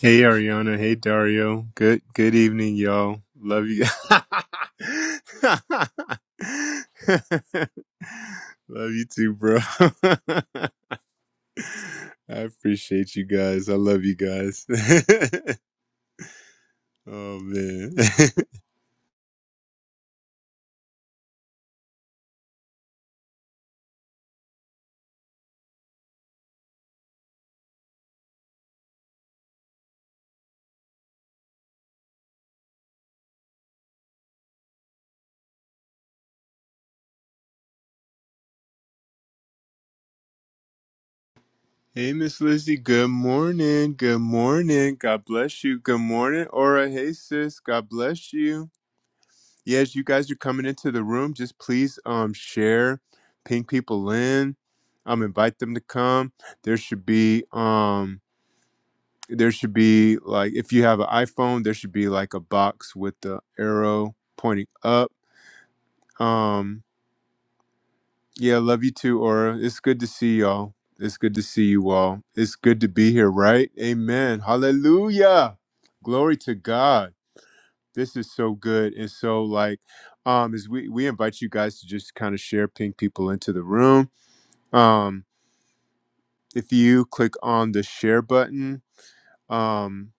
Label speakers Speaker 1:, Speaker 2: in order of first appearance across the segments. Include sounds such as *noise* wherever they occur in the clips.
Speaker 1: Hey Ariana, hey Dario. Good good evening, y'all. Love you. *laughs* love you too, bro. *laughs* I appreciate you guys. I love you guys. *laughs* oh man. *laughs* hey Miss Lizzie, good morning. Good morning. God bless you. Good morning, Aura. Hey sis, God bless you. yeah, as you guys are coming into the room, just please um share, ping people in, um invite them to come. There should be um there should be like if you have an iPhone, there should be like a box with the arrow pointing up. Um yeah, love you too, Aura. It's good to see y'all. It's good to see you all. It's good to be here, right? Amen. Hallelujah. Glory to God. This is so good. And so like um is we we invite you guys to just kind of share ping people into the room. Um if you click on the share button, um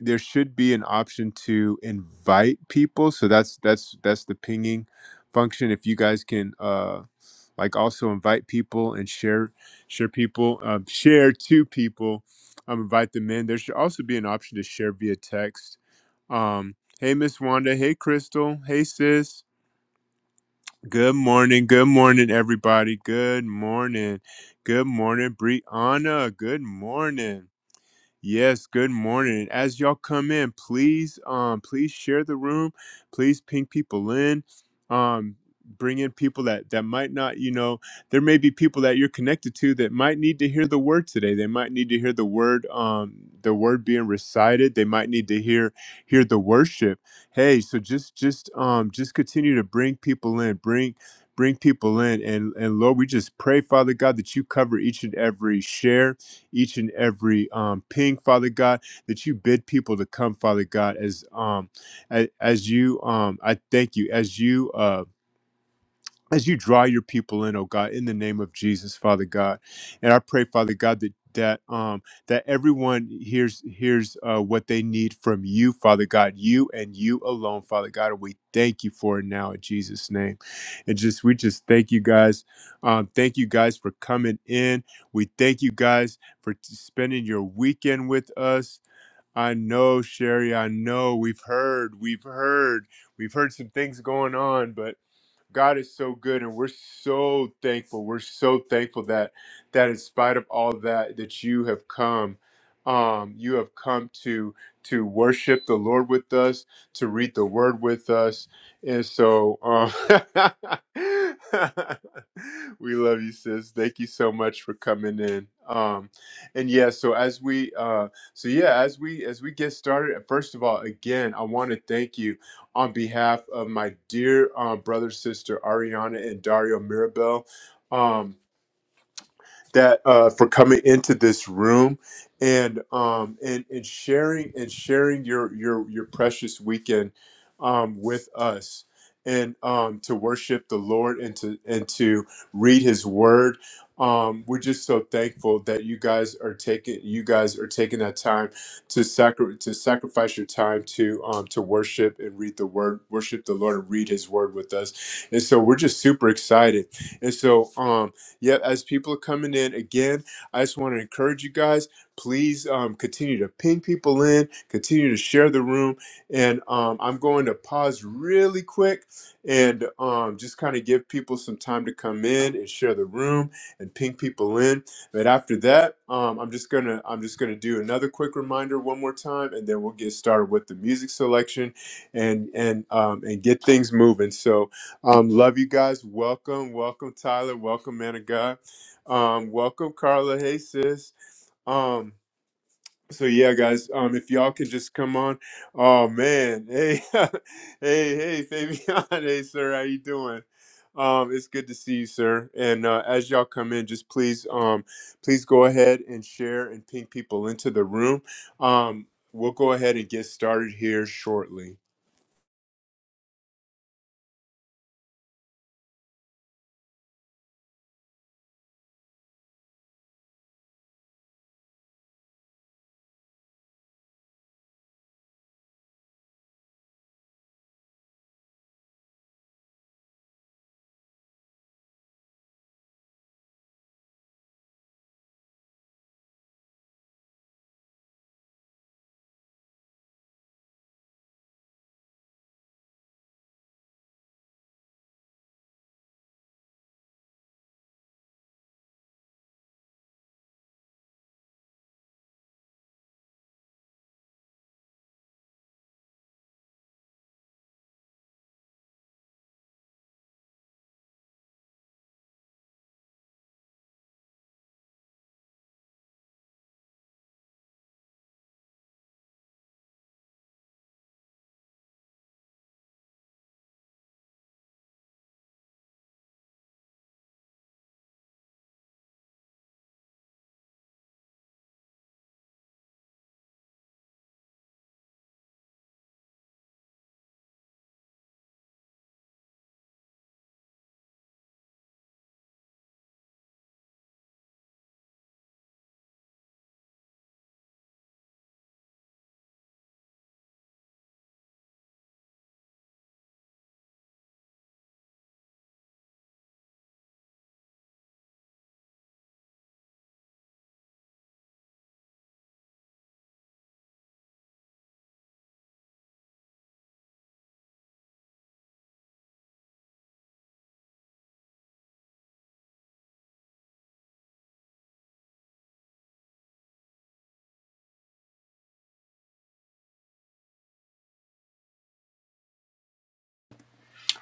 Speaker 1: there should be an option to invite people. So that's that's that's the pinging function. If you guys can uh like also invite people and share share people um, share to people um, invite them in there should also be an option to share via text um Hey, Miss Wanda. Hey, Crystal. Hey, sis. Good morning. Good morning, everybody. Good morning. Good morning, Brianna. Good morning. Yes, good morning. As y'all come in, please um please share the room. Please ping people in. Um bring in people that that might not, you know, there may be people that you're connected to that might need to hear the word today. They might need to hear the word um the word being recited. They might need to hear hear the worship. Hey, so just just um just continue to bring people in. Bring bring people in and and Lord, we just pray Father God that you cover each and every share each and every um, ping, Father God, that you bid people to come, Father God, as um, as, as you um, I thank you as you. uh, as you draw your people in, oh God, in the name of Jesus, Father God, and I pray, Father God, that that um that everyone hears hears uh, what they need from you, Father God, you and you alone, Father God, and we thank you for it now in Jesus' name, and just we just thank you guys, um, thank you guys for coming in. We thank you guys for t- spending your weekend with us. I know, Sherry. I know we've heard, we've heard, we've heard some things going on, but God is so good and we're so thankful. We're so thankful that that in spite of all that that you have come um you have come to to worship the Lord with us, to read the word with us. And so um *laughs* we love you sis. Thank you so much for coming in. Um and yeah, so as we uh so yeah, as we as we get started, first of all, again, I want to thank you on behalf of my dear um, brother, sister Ariana, and Dario Mirabel. Um, that uh, for coming into this room and um, and and sharing and sharing your your your precious weekend um, with us and um, to worship the Lord and to and to read His Word. Um, we're just so thankful that you guys are taking you guys are taking that time to sacri- to sacrifice your time to um, to worship and read the Word, worship the Lord and read His Word with us. And so we're just super excited. And so um, Yep, as people are coming in again, I just want to encourage you guys. Please um, continue to ping people in, continue to share the room, and um, I'm going to pause really quick and um, just kind of give people some time to come in and share the room and ping people in. But after that, um, I'm just gonna I'm just gonna do another quick reminder one more time, and then we'll get started with the music selection and and um, and get things moving. So. Um, love you guys. Welcome, welcome, Tyler. Welcome, man of God. Um, welcome, Carla. Hey, sis. Um, so yeah, guys. Um, if y'all could just come on. Oh man. Hey, *laughs* hey, hey, Fabian. *laughs* Hey, sir. How you doing? Um, it's good to see you, sir. And uh, as y'all come in, just please, um, please go ahead and share and ping people into the room. Um, we'll go ahead and get started here shortly.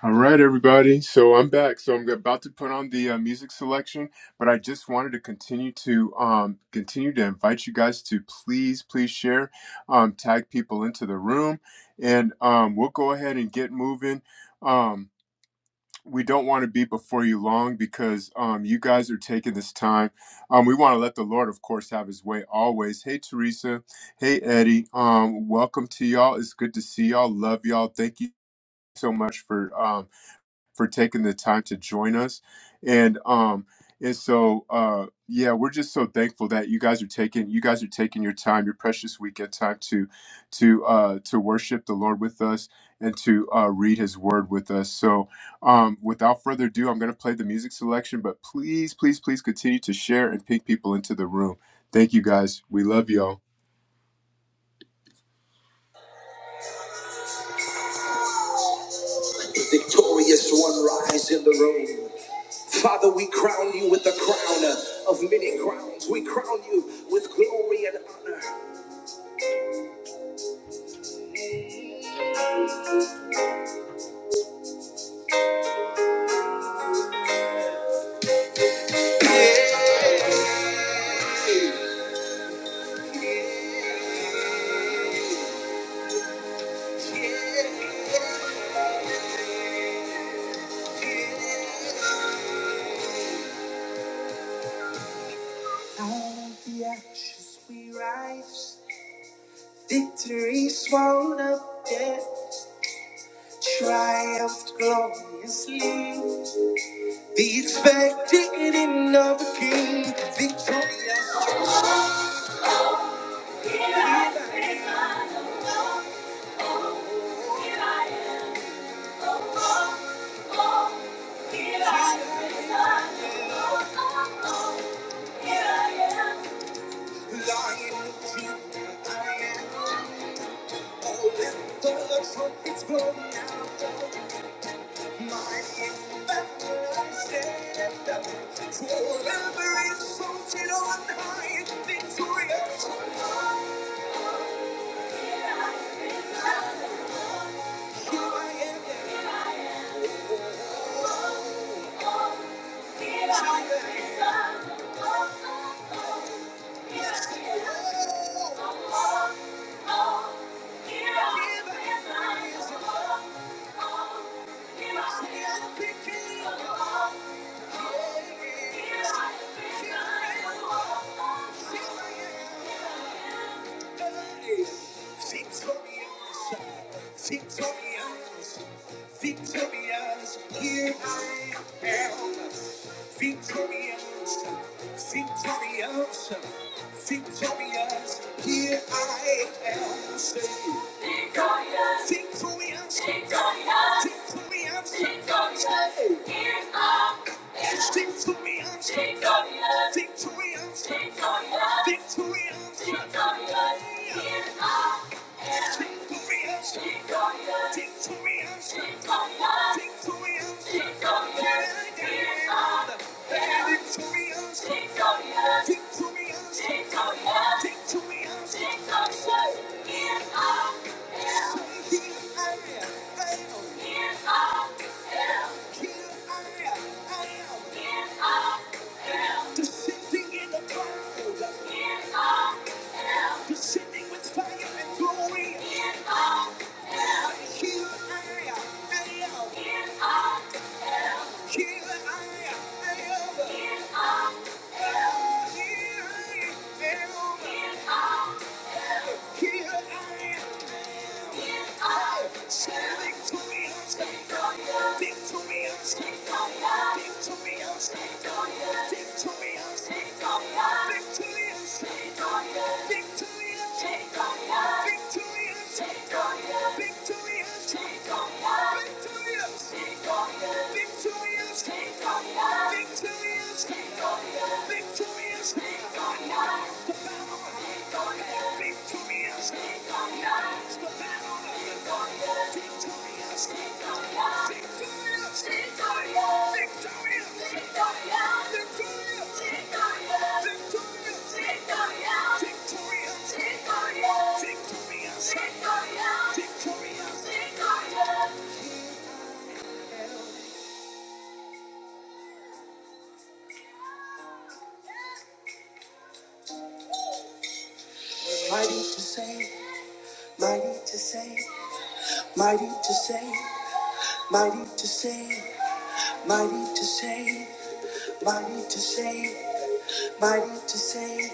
Speaker 1: All right, everybody. So I'm back. So I'm about to put on the uh, music selection, but I just wanted to continue to um, continue to invite you guys to please, please share, um, tag people into the room, and um, we'll go ahead and get moving. Um, we don't want to be before you long because um, you guys are taking this time. Um, we want to let the Lord, of course, have His way always. Hey, Teresa. Hey, Eddie. Um, welcome to y'all. It's good to see y'all. Love y'all. Thank you so much for. Um, for taking the time to join us. And um and so uh yeah, we're just so thankful that you guys are taking you guys are taking your time, your precious weekend time to to uh to worship the Lord with us and to uh read his word with us. So um without further ado, I'm gonna play the music selection, but please, please, please continue to share and ping people into the room. Thank you guys. We love y'all. The Victorious one rise in the room. Father, we crown you with the crown of many crowns. We crown you with glory and honor. Out of the ashes we rise. Victory swallowed up death. Triumphed gloriously. The expected end of a king. Victorious. Here I am, oh, oh, oh. Here I am, oh, oh, oh. Here I am. Lion of Judah, I am. Oh, let the trumpets blow now. Mighty in battle I stand up. Forever exalted on high, and victorious. Here I am. Oh, oh, oh. Here I am. Victorious, victorious, here I am. Victorious, victorious, victorious, here I am. Say, Victorious. Victorious. Victorious. Victorious. Victorious. Here's our victorious. Victorious. Victorious. Victorious. Victorious. Victorious. Here's our Descending in the cloud, descending with fire and glory. Here I am. Here I am. Here I am. Standing to me, I'm Victoria. Victoria. Victoria. Victoria. Victoria. Victoria. Victoria. Victoria. Victoria. Victoria. Victoria. Victoria. Victoria. Victoria. Victoria. Victoria. Victoria. Victoria. Victoria. Victorious, victorious, the battle, victorious, victorious, the battle, victorious, victorious, victorious, victorious, victorious, victorious, victorious, victorious, victorious. Mighty to save, mighty to save, mighty to save. Mighty to save, mighty to save, mighty to save, mighty to save,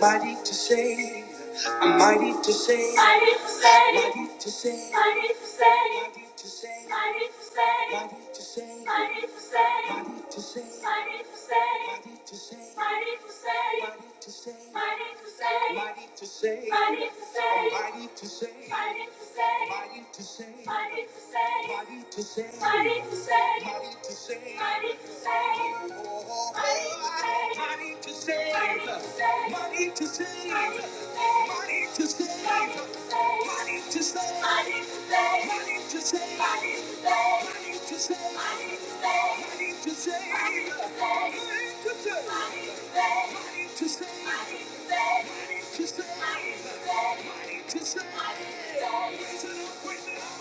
Speaker 1: mighty to save. I'm mighty to save, mighty to save, mighty to save, mighty to save, mighty to save, mighty to save, mighty to save, mighty to save, mighty to save, mighty to save, mighty to save, mighty to save, mighty to save, mighty to save, mighty to save, mighty to save, mighty to save, mighty to save, mighty to save, mighty to save. Mighty to save. Mighty to save. Mighty to save. Mighty to save. Oh, mighty to save. Mighty to save. Mighty to save. Mighty to save. Mighty to save. Mighty to save. Mighty to save. Mighty to save. Mighty to save. Mighty to save. Mighty to save. Mighty to save. Mighty to save. Mighty to save. Mighty to save. Mighty to save. Mighty to save. Raise it up, raise it up.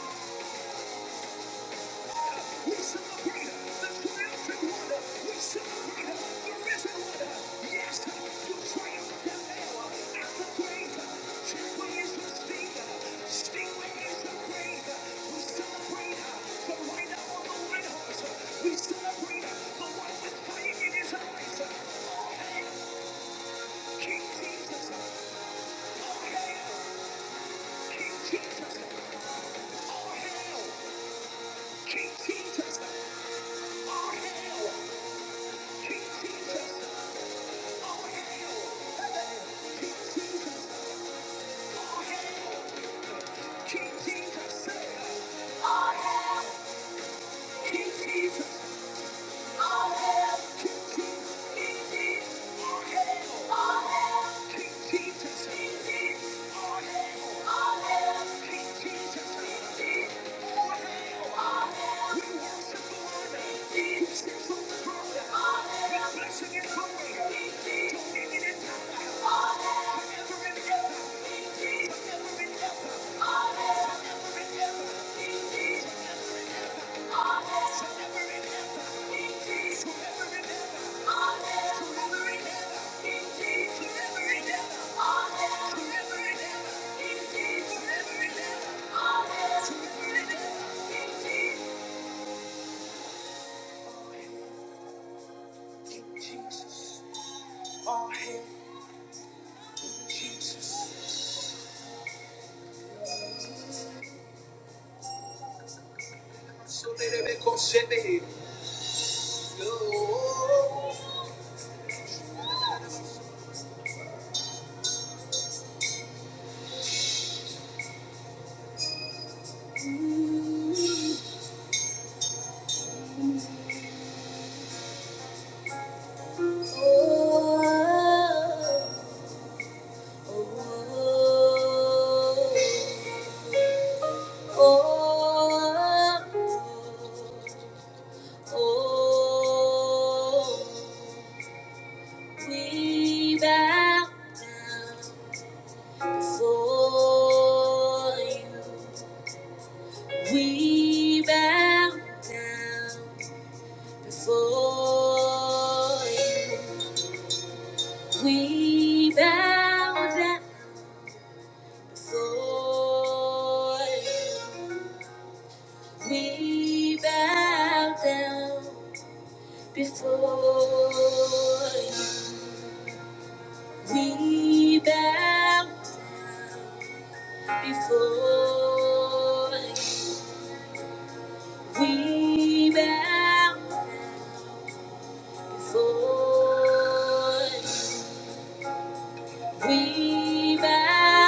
Speaker 1: We celebrate the triumphant one. We celebrate the risen one. Yes, the triumph of hell and the grave. Trembling is the Stinging is the grave. We celebrate the rider on the white horse. We celebrate the one with fire in his eyes. All hail King Jesus. All hail King Jesus. All hail King Jesus. All hail. Jesus, Blessing and glory, dominion and power, forever and Jesus. Jesus, So they they make us shake. Yo. We bow down before you. We bow down before you. We bow down before you. We bow down Before you, we bow down. before you. We bow down. before you. We bow down before you. We bow down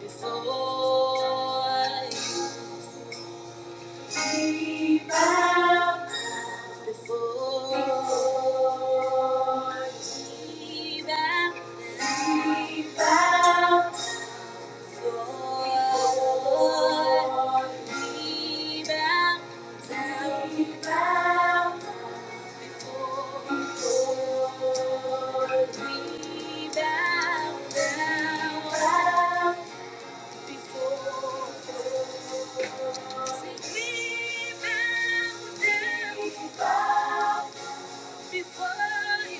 Speaker 1: before you. we bow down. Before. we bow down, before you,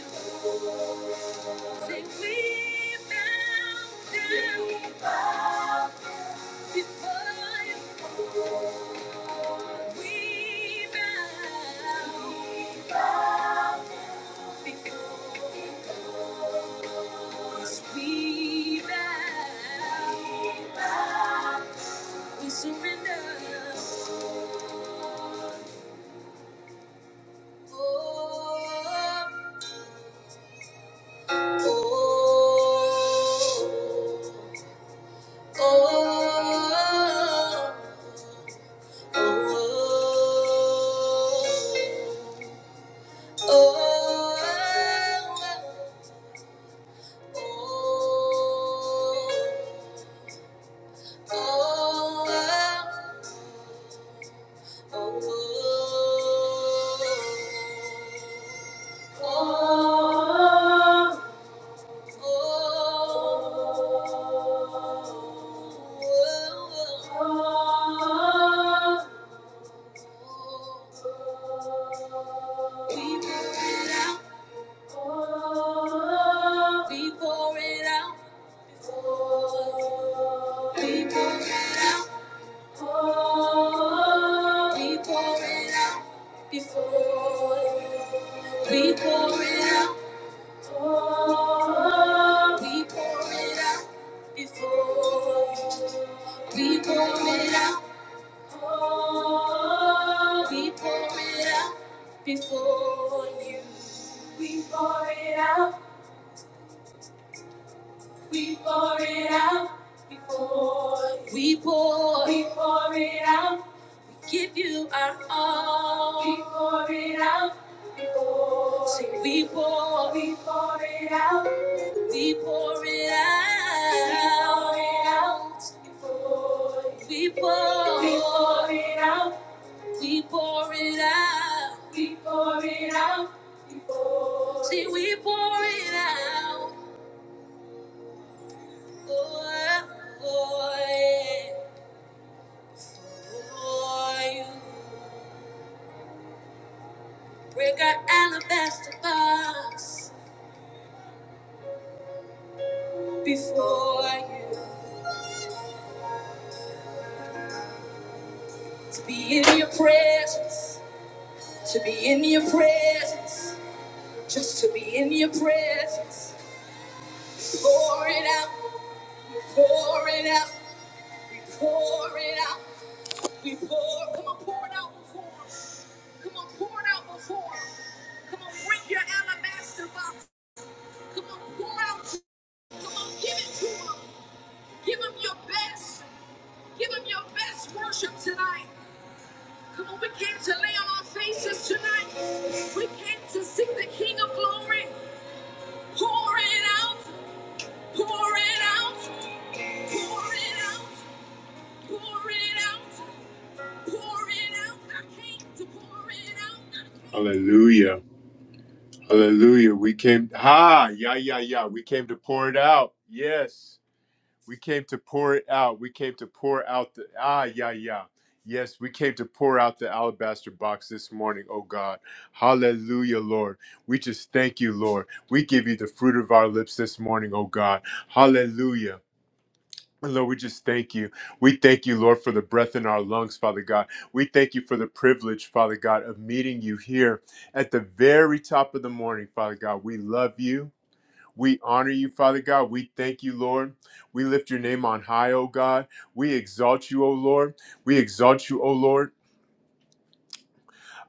Speaker 1: say we bow down. We bow Before you, we bow. We bow Before yes, we bow. We bow. We surrender. Oh, Oh, oh, oh, oh. Before We pour it out. Oh, We pour it out before you. We pour it out. Oh, We pour it out before you. We pour it out. We pour it out before you. We pour. We pour it out. Give you our all. We pour it out before. Say we pour. We pour it out. We pour it out. We pour it out. We pour it out. We pour it out. We pour it out. See, we pour it out for, for, you, for you. Break our alabaster box before you. To be in your presence. To be in your presence. Just to be in your presence. Pour it out, pour it out. We pour it out, we pour. Come on, pour it out before him. Come on, pour it out before him. Come on, bring your alabaster box. Come on, pour out. Come on, give it to him. Give him your best. Give him your best worship tonight. Come on, we came to lay on our faces tonight. We came to seek the King of Glory. Pour it out, pour it out, pour it out. Hallelujah. Hallelujah. We came. Ha. Yeah, yeah, yeah. We came to pour it out. Yes. We came to pour it out. We came to pour out the. Ah, yeah, yeah. Yes, we came to pour out the alabaster box this morning, oh God. Hallelujah, Lord. We just thank you, Lord. We give you the fruit of our lips this morning, oh God. Hallelujah. Lord, we just thank you. We thank you, Lord, for the breath in our lungs, Father God. We thank you for the privilege, Father God, of meeting you here at the very top of the morning, Father God. We love you. We honor you, Father God. We thank you, Lord. We lift your name on high, O God. We exalt you, O Lord. We exalt you, O Lord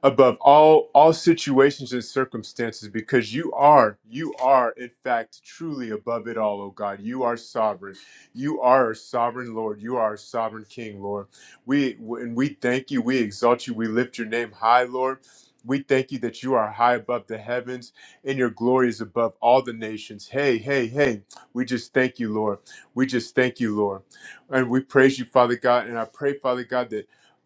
Speaker 1: above all all situations and circumstances because you are you are in fact truly above it all oh god you are sovereign you are our sovereign lord you are our sovereign king lord we and we thank you we exalt you we lift your name high lord we thank you that you are high above the heavens and your glory is above all the nations hey hey hey we just thank you lord we just thank you lord and we praise you father god and i pray father god that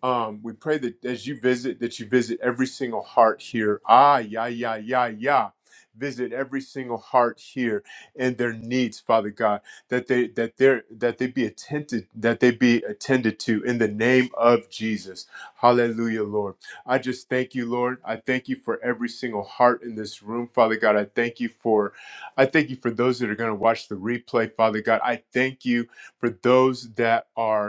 Speaker 1: um, we pray that as you visit, that you visit every single heart here. Ah, yeah, yeah, yeah, yeah. Visit every single heart here and their needs, Father God. That they that they that they be attended that they be attended to in the name of Jesus. Hallelujah, Lord. I just thank you, Lord. I thank you for every single heart in this room, Father God. I thank you for I thank you for those that are going to watch the replay, Father God. I thank you for those that are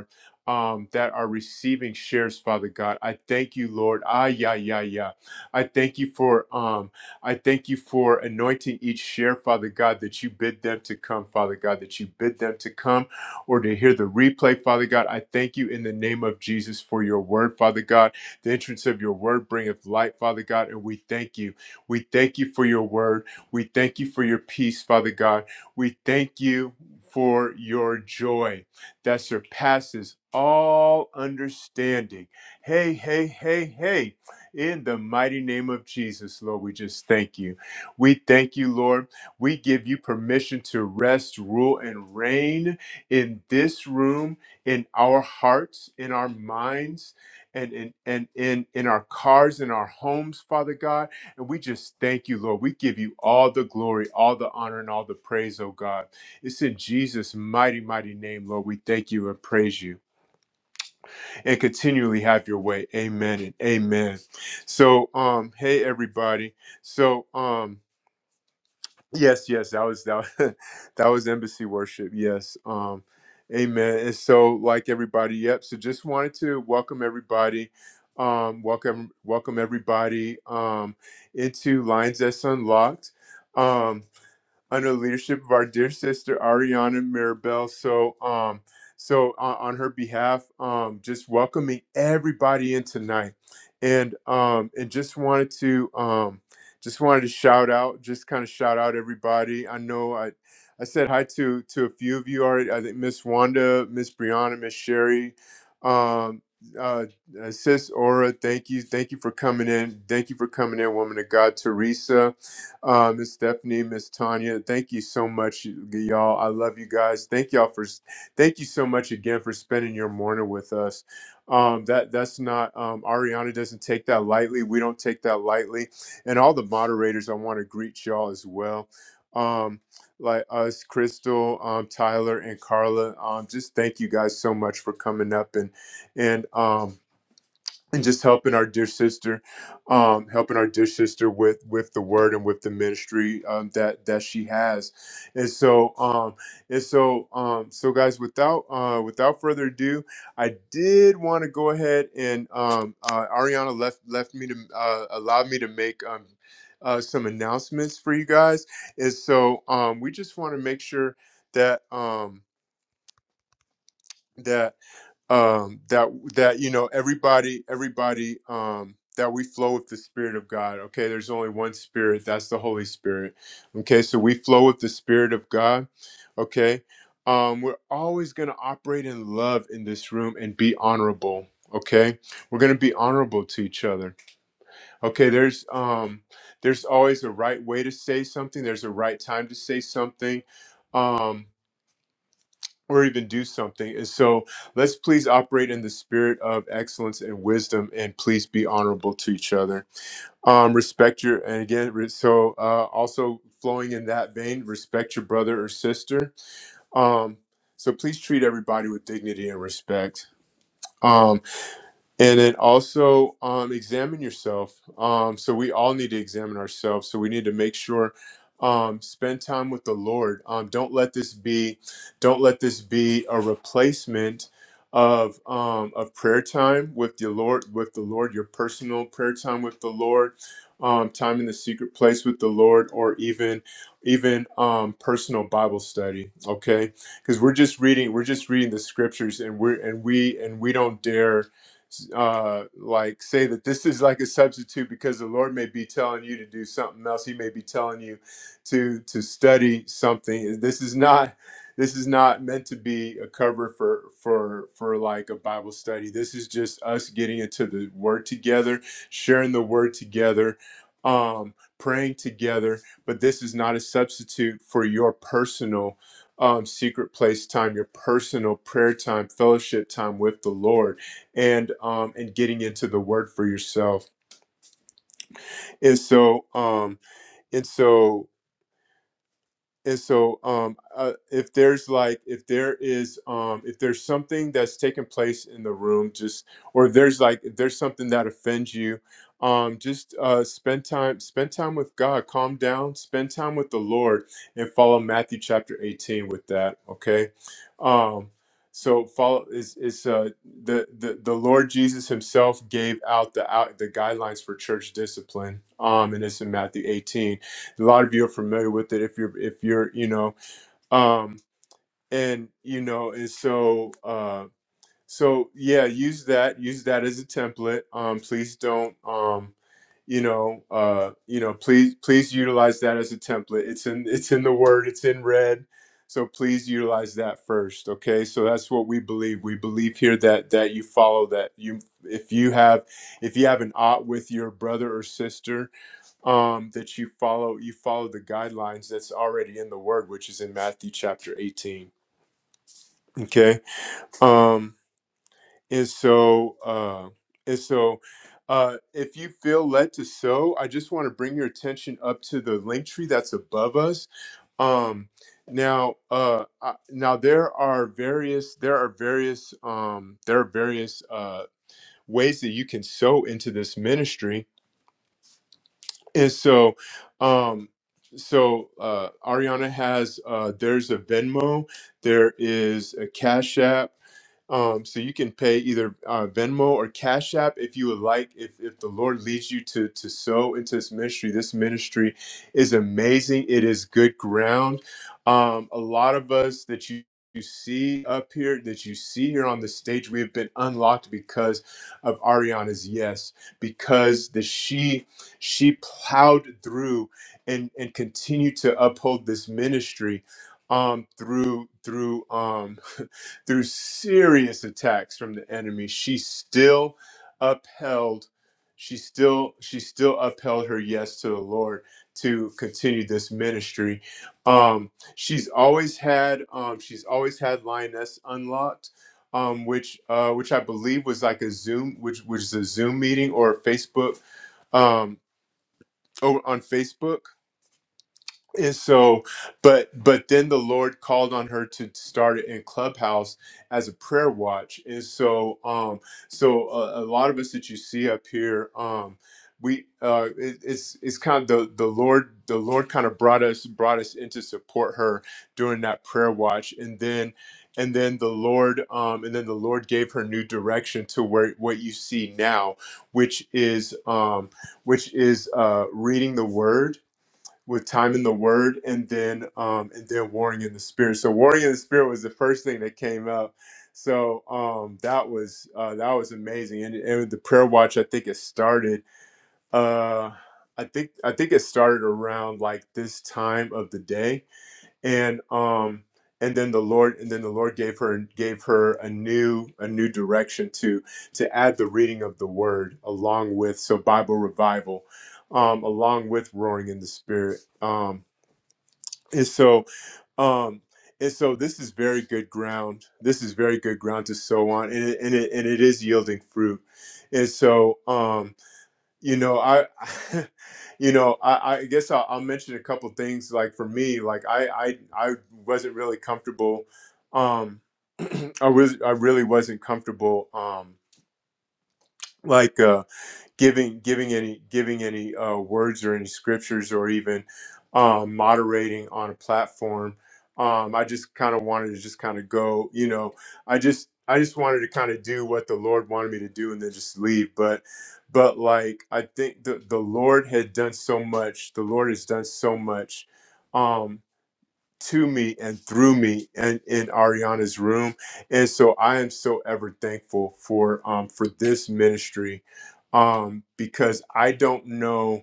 Speaker 1: um, that are receiving shares, Father God. I thank you, Lord. Ah, yeah, yeah, yeah. I thank you for um, I thank you for anointing each share, Father God, that you bid them to come, Father God, that you bid them to come or to hear the replay, Father God. I thank you in the name of Jesus for your word, Father God. The entrance of your word bringeth light, Father God, and we thank you. We thank you for your word. We thank you for your peace, Father God. We thank you for your joy that surpasses all understanding. Hey, hey, hey, hey. In the mighty name of Jesus, Lord, we just thank you. We thank you, Lord. We give you permission to rest, rule, and reign in this room, in our hearts, in our minds, and in and in, in our cars, in our homes, Father God. And we just thank you, Lord. We give you all the glory, all the honor, and all the praise, oh God. It's in Jesus' mighty, mighty name, Lord. We thank you and praise you and continually have your way. Amen and amen. So, um, hey everybody. So, um, yes, yes, that was that, was- *laughs* that was embassy worship. Yes. Um, amen. And so, like everybody, yep. So just wanted to welcome everybody. Um, welcome, welcome everybody um into Lines That's Unlocked. Um, under the leadership of our dear sister Ariana Mirabel. So, um, so on, on her behalf, um, just welcoming everybody in tonight, and um, and just wanted to um, just wanted to shout out, just kind of shout out everybody. I know I. I said hi to to a few of you already. I think Miss Wanda, Miss Brianna, Miss Sherry, um, uh, uh, Sis Aura. Thank you, thank you for coming in. Thank you for coming in, woman of God, Teresa uh, Miss Stephanie, Miss Tanya. Thank you so much, y- y'all. I love you guys. Thank y'all for, s- thank you so much again for spending your morning with us. Um, that that's not um, Ariana doesn't take that lightly. We don't take that lightly, and all the moderators. I want to greet y'all as well. Um, like us, Crystal, um, Tyler, and Carla. Um, just thank you guys so much for coming up and and um, and just helping our dear sister, um, helping our dear sister with with the word and with the ministry um, that that she has, and so um, and so um, so guys, without uh, without further ado, I did want to go ahead and um, uh, Ariana left left me to uh, allow me to make um, uh, some announcements for you guys, and so um, we just want to make sure that um, that um that that you know everybody everybody um that we flow with the spirit of god okay there's only one spirit that's the holy spirit okay so we flow with the spirit of god okay um we're always going to operate in love in this room and be honorable okay we're going to be honorable to each other okay there's um there's always a right way to say something there's a right time to say something um, or even do something. And so let's please operate in the spirit of excellence and wisdom and please be honorable to each other. Um, respect your, and again, re- so uh, also flowing in that vein, respect your brother or sister. Um, so please treat everybody with dignity and respect. Um, and then also um, examine yourself um, so we all need to examine ourselves so we need to make sure um, spend time with the lord um, don't let this be don't let this be a replacement of um, of prayer time with the lord with the lord your personal prayer time with the lord um, time in the secret place with the lord or even even um, personal bible study okay because we're just reading we're just reading the scriptures and we're and we and we don't dare uh, like say that this is like a substitute because the Lord may be telling you to do something else. He may be telling you to to study something. This is not this is not meant to be a cover for for for like a Bible study. This is just us getting into the Word together, sharing the Word together, um, praying together. But this is not a substitute for your personal. Um, secret place time, your personal prayer time, fellowship time with the Lord and um and getting into the word for yourself and so um and so and so um uh, if there's like if there is um if there's something that's taking place in the room just or if there's like if there's something that offends you um just uh spend time spend time with god calm down spend time with the lord and follow matthew chapter 18 with that okay um so follow is is uh the, the the lord jesus himself gave out the out the guidelines for church discipline um and it's in matthew 18 a lot of you are familiar with it if you're if you're you know um, and you know and so uh, so yeah, use that use that as a template. Um, please don't um, you know uh, you know please please utilize that as a template. It's in it's in the word. It's in red. So please utilize that first, okay? So that's what we believe. We believe here that that you follow that you if you have if you have an ought with your brother or sister um, that you follow you follow the guidelines that's already in the word which is in matthew chapter 18 okay um and so uh and so uh if you feel led to sow i just want to bring your attention up to the link tree that's above us um now uh I- now there are various there are various um there are various uh ways that you can sow into this ministry And so, um, so uh, Ariana has uh, there's a Venmo, there is a Cash App, um, so you can pay either uh, Venmo or Cash App if you would like. If, if the Lord leads you to to sow into this ministry, this ministry is amazing. It is good ground. Um, a lot of us that you you see up here, that you see here on the stage, we have been unlocked because of Ariana's yes, because the she she plowed through and and continued to uphold this ministry um, through through. Um, *laughs* Through serious attacks from the enemy, she still upheld she still she still upheld her yes to the Lord to continue this ministry. Um, she's always had um, she's always had Lioness Unlocked, um, which uh, which I believe was like a Zoom, which which is a Zoom meeting or a Facebook um, over on Facebook and so but but then the lord called on her to start it in clubhouse as a prayer watch and so um so a, a lot of us that you see up here um we uh it, it's it's kind of the the lord the lord kind of brought us brought us in to support her during that prayer watch and then and then the lord um and then the lord gave her new direction to where what you see now which is um which is uh reading the word with time in the word and then um and then warring in the spirit so warring in the spirit was the first thing that came up so um that was uh that was amazing and, and the prayer watch i think it started uh i think i think it started around like this time of the day and um and then the lord and then the lord gave her gave her a new a new direction to to add the reading of the word along with so bible revival um along with roaring in the spirit Um, and so, um, and so this is very good ground. This is very good ground to sow on, and it, and it, and it is yielding fruit. And so, um, you know, I, *laughs* you know, I, I guess I'll, I'll mention a couple things. Like for me, like I, I, I wasn't really comfortable. Um, *clears throat* I was, I really wasn't comfortable. Um, like. uh, giving giving any giving any uh, words or any scriptures or even um, moderating on a platform. Um, I just kind of wanted to just kind of go, you know, I just I just wanted to kind of do what the Lord wanted me to do and then just leave. But but like I think the the Lord had done so much. The Lord has done so much. Um, to me and through me and in Ariana's room. And so I am so ever thankful for um for this ministry um because I don't know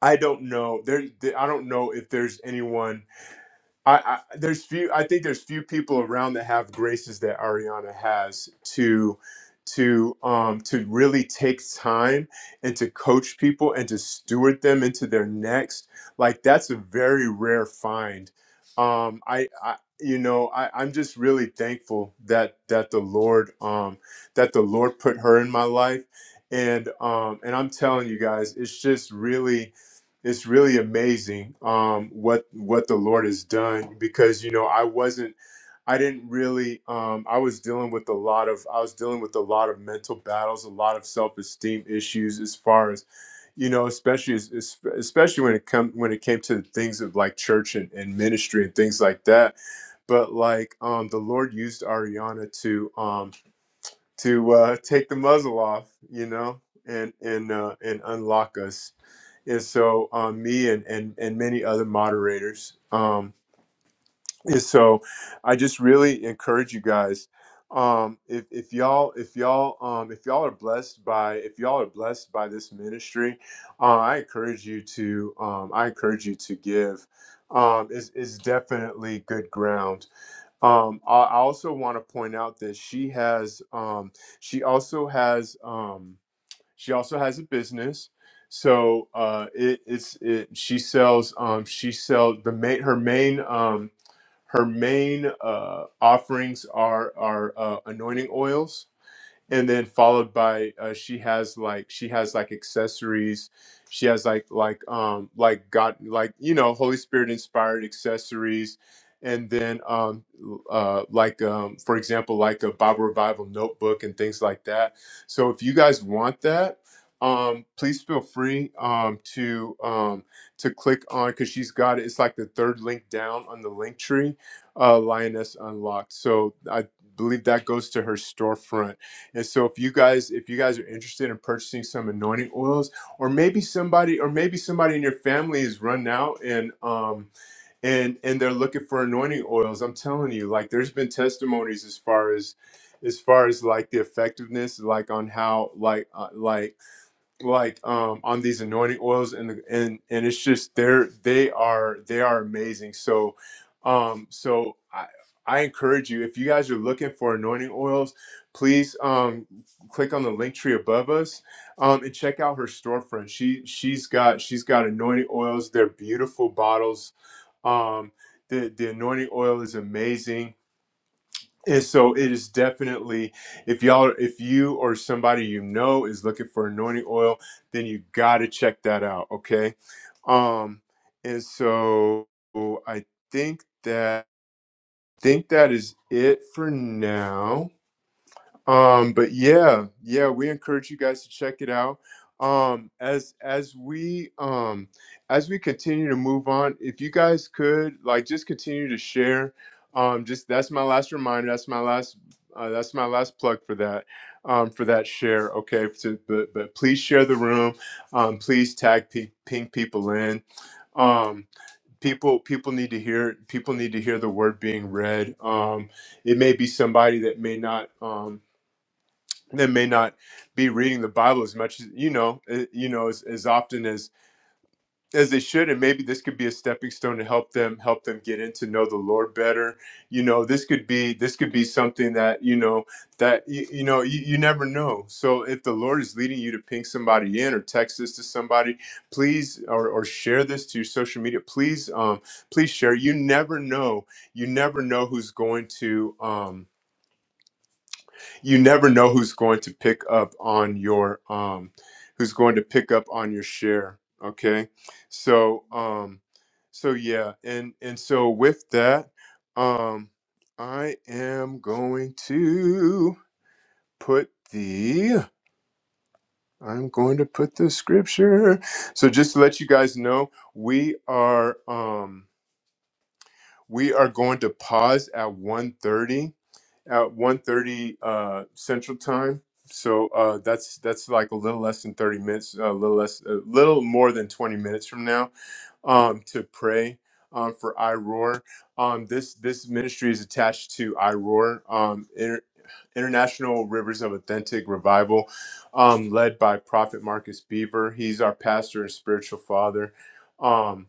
Speaker 1: I don't know there I don't know if there's anyone I, I there's few I think there's few people around that have graces that Ariana has to to um to really take time and to coach people and to steward them into their next like that's a very rare find um I I you know I I'm just really thankful that that the Lord um that the Lord put her in my life and um and I'm telling you guys it's just really it's really amazing um, what what the Lord has done because you know I wasn't I didn't really um, I was dealing with a lot of I was dealing with a lot of mental battles, a lot of self esteem issues as far as you know, especially as, as- especially when it come when it came to things of like church and, and ministry and things like that. But like um, the Lord used Ariana to um, to uh, take the muzzle off, you know, and and uh, and unlock us and so um, me and, and and many other moderators um, and so i just really encourage you guys um, if, if y'all if y'all um, if y'all are blessed by if y'all are blessed by this ministry uh, i encourage you to um, i encourage you to give um, is is definitely good ground. Um, I, I also want to point out that she has um, she also has um, she also has a business. So uh, it, it's it, she sells um, she sells the main her main um, her main uh, offerings are are uh, anointing oils and then followed by uh, she has like she has like accessories she has like like um like god like you know holy spirit inspired accessories and then um uh like um for example like a bible revival notebook and things like that so if you guys want that um please feel free um to um to click on because she's got it it's like the third link down on the link tree uh lioness unlocked so i believe that goes to her storefront and so if you guys if you guys are interested in purchasing some anointing oils or maybe somebody or maybe somebody in your family is run out and um and and they're looking for anointing oils, I'm telling you like there's been testimonies as far as as far as like the effectiveness like on how like uh, like like um on these anointing oils and the and and it's just they're they are they are amazing so um so i i encourage you if you guys are looking for anointing oils please um click on the link tree above us um and check out her storefront she she's got she's got anointing oils they're beautiful bottles um the the anointing oil is amazing and so it is definitely if y'all if you or somebody you know is looking for anointing oil, then you gotta check that out. Okay. Um and so I think that think that is it for now um but yeah yeah we encourage you guys to check it out um as as we um as we continue to move on if you guys could like just continue to share um just that's my last reminder that's my last uh, that's my last plug for that um for that share okay to, but but please share the room um please tag pe- ping people in um people people need to hear people need to hear the word being read um it may be somebody that may not um that may not be reading the Bible as much as you know, eh, you know, as, as often as as they should, and maybe this could be a stepping stone to help them help them get in to know the Lord better. You know, this could be this could be something that you know that you, you know you, you never know. So if the Lord is leading you to ping somebody in or text this to somebody, please or, or share this to your social media. Please, um, please share. You never know. You never know who's going to. Um, you never know who's going to pick up on your um who's going to pick up on your share okay so um so yeah and and so with that um i am going to put the i'm going to put the scripture so just to let you guys know we are um we are going to pause at one thirty. at one thirty, uh, Central Time. So uh, that's that's like a little less than 30 minutes, a little less, a little more than 20 minutes from now, um, to pray um, for iRoar. Um, this this ministry is attached to iRoar, um, Inter- International Rivers of Authentic Revival, um, led by Prophet Marcus Beaver. He's our pastor and spiritual father. Um,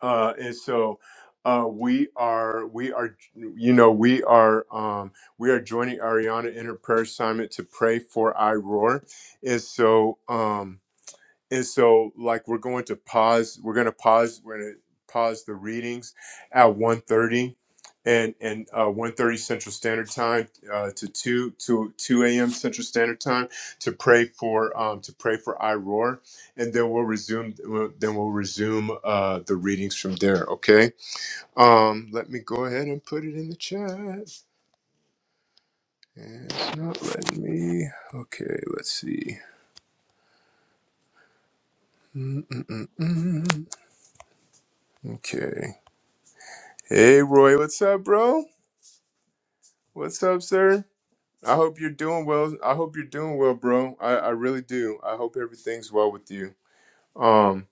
Speaker 1: uh, and so uh, we are we are you know we are um, we are joining Ariana in her prayer assignment to pray for I Roar, and so. Um, and so like we're going to pause we're going to pause we're going to pause the readings at one thirty, and and uh, 1.30 central standard time uh, to 2 to 2 a.m central standard time to pray for um, to pray for iroar and then we'll resume we'll- then we'll resume uh, the readings from there okay um let me go ahead and put it in the chat it's not letting me okay let's see Mm-mm-mm. okay Hey, Roy, what's up, bro? What's up, sir? I hope you're doing well. I hope you're doing well, bro. I, I really do. I hope everything's well with you. Um.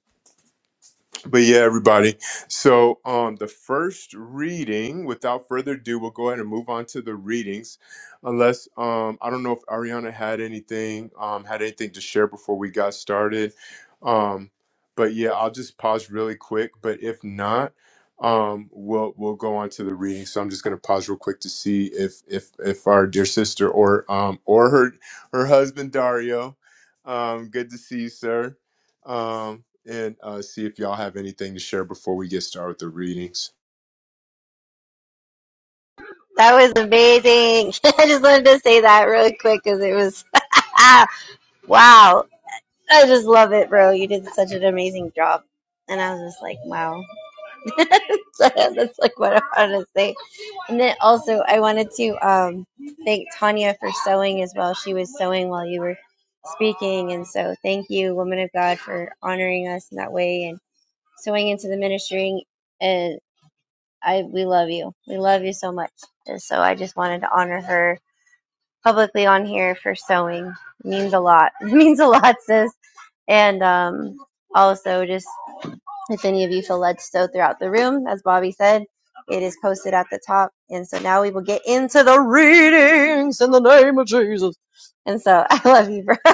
Speaker 1: but yeah, everybody. So, um, the first reading, without further ado, we'll go ahead and move on to the readings. Unless, um, I don't know if Ariana had anything, um, had anything to share before we got started. Um, but yeah, I'll just pause really quick. But if not, um, we'll we'll go on to the reading. So I'm just gonna pause real quick to see if if if our dear sister or um or her her husband Dario, um, good to see you, sir. Um, and uh, see if y'all have anything to share before we get started with the readings.
Speaker 2: That was amazing. *laughs* I just wanted to say that really quick because it was *laughs* wow. I just love it, bro. You did such an amazing job. And I was just like, wow. *laughs* so that's like what I wanted to say. And then also, I wanted to um, thank Tanya for sewing as well. She was sewing while you were speaking. And so, thank you, woman of God, for honoring us in that way and sewing into the ministry. And I, we love you. We love you so much. And so, I just wanted to honor her publicly on here for sewing. It means a lot. *laughs* It means a lot, sis. And um, also, just if any of you feel led to sew throughout the room, as Bobby said, it is posted at the top. And so now we will get into the reading. And so *laughs* I love you, bro. *laughs*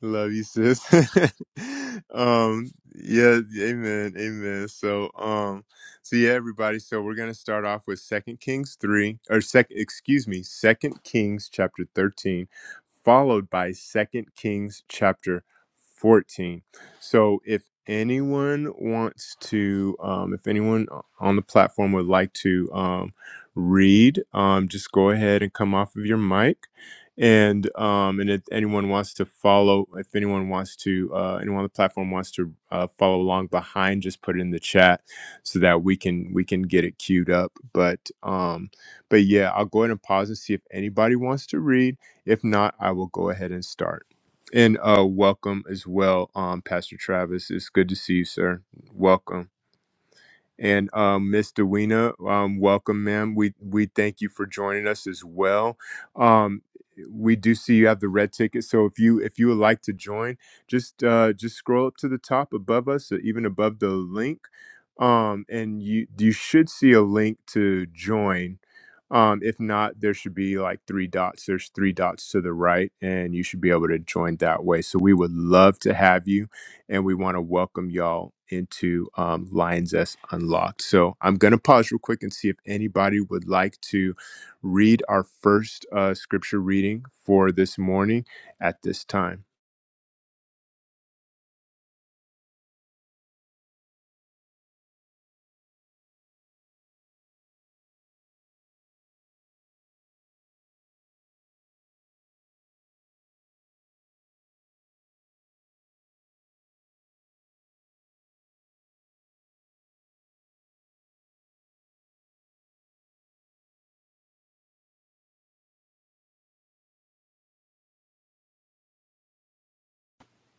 Speaker 1: Love you, sis. *laughs* um, yeah, amen, amen. So, um, so yeah, everybody. So we're gonna start off with Second Kings three, or second, excuse me, Second Kings chapter thirteen, followed by Second Kings chapter fourteen. So, if anyone wants to, um, if anyone on the platform would like to, um, read, um, just go ahead and come off of your mic and um and if anyone wants to follow if anyone wants to uh anyone on the platform wants to uh, follow along behind just put it in the chat so that we can we can get it queued up but um but yeah i'll go ahead and pause and see if anybody wants to read if not i will go ahead and start and uh welcome as well um pastor travis it's good to see you sir welcome and um, Ms. Dewena, um, welcome, ma'am. We we thank you for joining us as well. Um, we do see you have the red ticket, so if you if you would like to join, just uh, just scroll up to the top above us, or even above the link, um, and you you should see a link to join. Um, if not, there should be like three dots. There's three dots to the right, and you should be able to join that way. So we would love to have you and we want to welcome y'all into um, Lions S Unlocked. So I'm going to pause real quick and see if anybody would like to read our first uh, scripture reading for this morning at this time.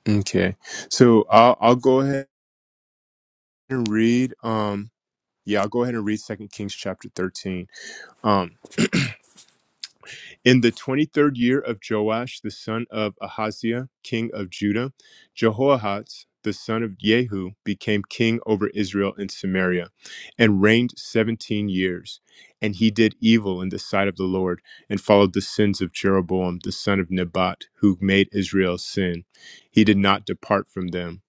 Speaker 1: Okay, so I'll, I'll go ahead and read. Um, yeah, I'll go ahead and read Second Kings chapter 13. Um, In the 23rd year of Joash, the son of Ahaziah, king of Judah, Jehoahaz, the son of Jehu, became king over Israel and Samaria and reigned 17 years. And he did evil in the sight of the Lord and followed the sins of Jeroboam, the son of Nebat, who made Israel sin. He did not depart from them.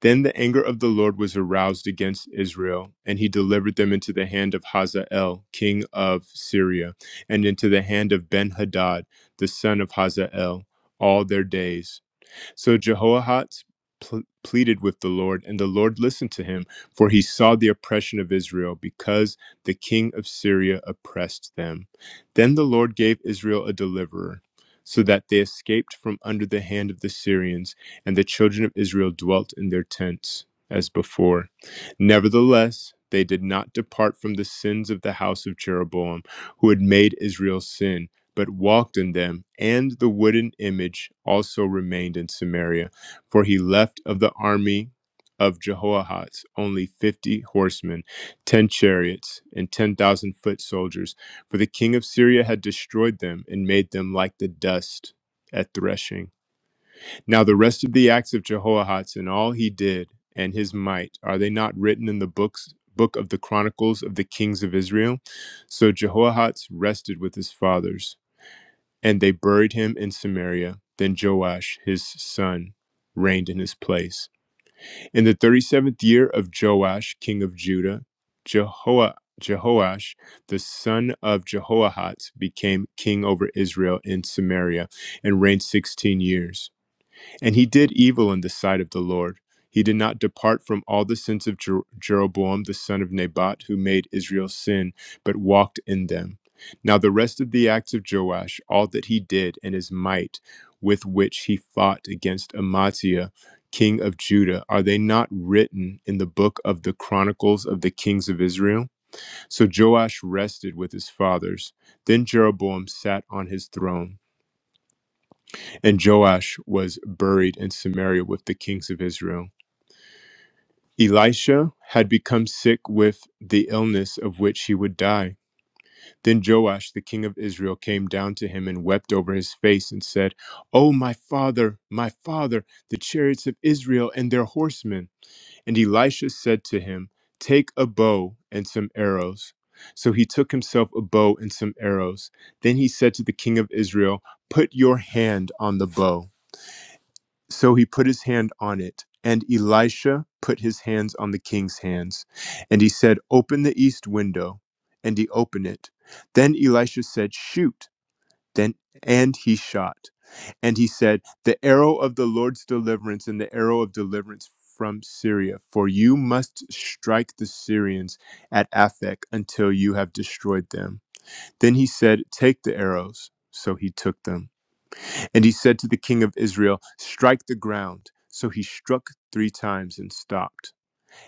Speaker 1: Then the anger of the Lord was aroused against Israel, and he delivered them into the hand of Hazael, king of Syria, and into the hand of Benhadad, the son of Hazael, all their days. So Jehoahaz pl- pleaded with the Lord, and the Lord listened to him, for he saw the oppression of Israel, because the king of Syria oppressed them. Then the Lord gave Israel a deliverer, so that they escaped from under the hand of the Syrians, and the children of Israel dwelt in their tents as before. Nevertheless, they did not depart from the sins of the house of Jeroboam, who had made Israel sin but walked in them, and the wooden image also remained in Samaria. For he left of the army of Jehoahaz only fifty horsemen, ten chariots, and ten thousand foot soldiers, for the king of Syria had destroyed them and made them like the dust at threshing. Now the rest of the acts of Jehoahaz and all he did and his might, are they not written in the books? Book of the Chronicles of the Kings of Israel. So Jehoahaz rested with his fathers. And they buried him in Samaria. Then Joash, his son, reigned in his place. In the 37th year of Joash, king of Judah, Jeho- Jehoash, the son of Jehoahaz, became king over Israel in Samaria and reigned 16 years. And he did evil in the sight of the Lord. He did not depart from all the sins of Jer- Jeroboam the son of Nebat, who made Israel sin, but walked in them. Now, the rest of the acts of Joash, all that he did, and his might with which he fought against Amaziah, king of Judah, are they not written in the book of the Chronicles of the kings of Israel? So Joash rested with his fathers. Then Jeroboam sat on his throne and Joash was buried in Samaria with the kings of Israel. Elisha had become sick with the illness of which he would die. Then Joash, the king of Israel, came down to him and wept over his face and said, Oh, my father, my father, the chariots of Israel and their horsemen. And Elisha said to him, Take a bow and some arrows. So he took himself a bow and some arrows. Then he said to the king of Israel, Put your hand on the bow. So he put his hand on it, and Elisha put his hands on the king's hands. And he said, Open the east window. And he opened it. Then Elisha said, Shoot. Then and he shot. And he said, The arrow of the Lord's deliverance and the arrow of deliverance from Syria, for you must strike the Syrians at Aphek until you have destroyed them. Then he said, Take the arrows. So he took them. And he said to the king of Israel, Strike the ground. So he struck three times and stopped.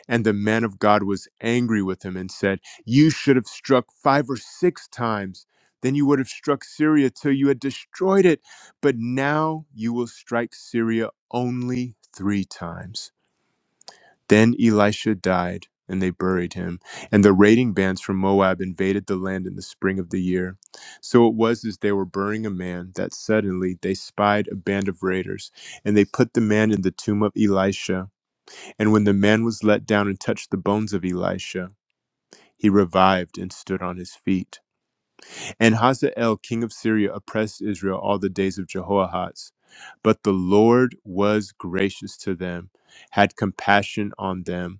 Speaker 1: And the man of God was angry with him and said, You should have struck five or six times. Then you would have struck Syria till you had destroyed it. But now you will strike Syria only three times. Then Elisha died, and they buried him. And the raiding bands from Moab invaded the land in the spring of the year. So it was as they were burying a man that suddenly they spied a band of raiders, and they put the man in the tomb of Elisha. And when the man was let down and touched the bones of Elisha, he revived and stood on his feet. And Hazael, king of Syria, oppressed Israel all the days of Jehoahaz. But the Lord was gracious to them, had compassion on them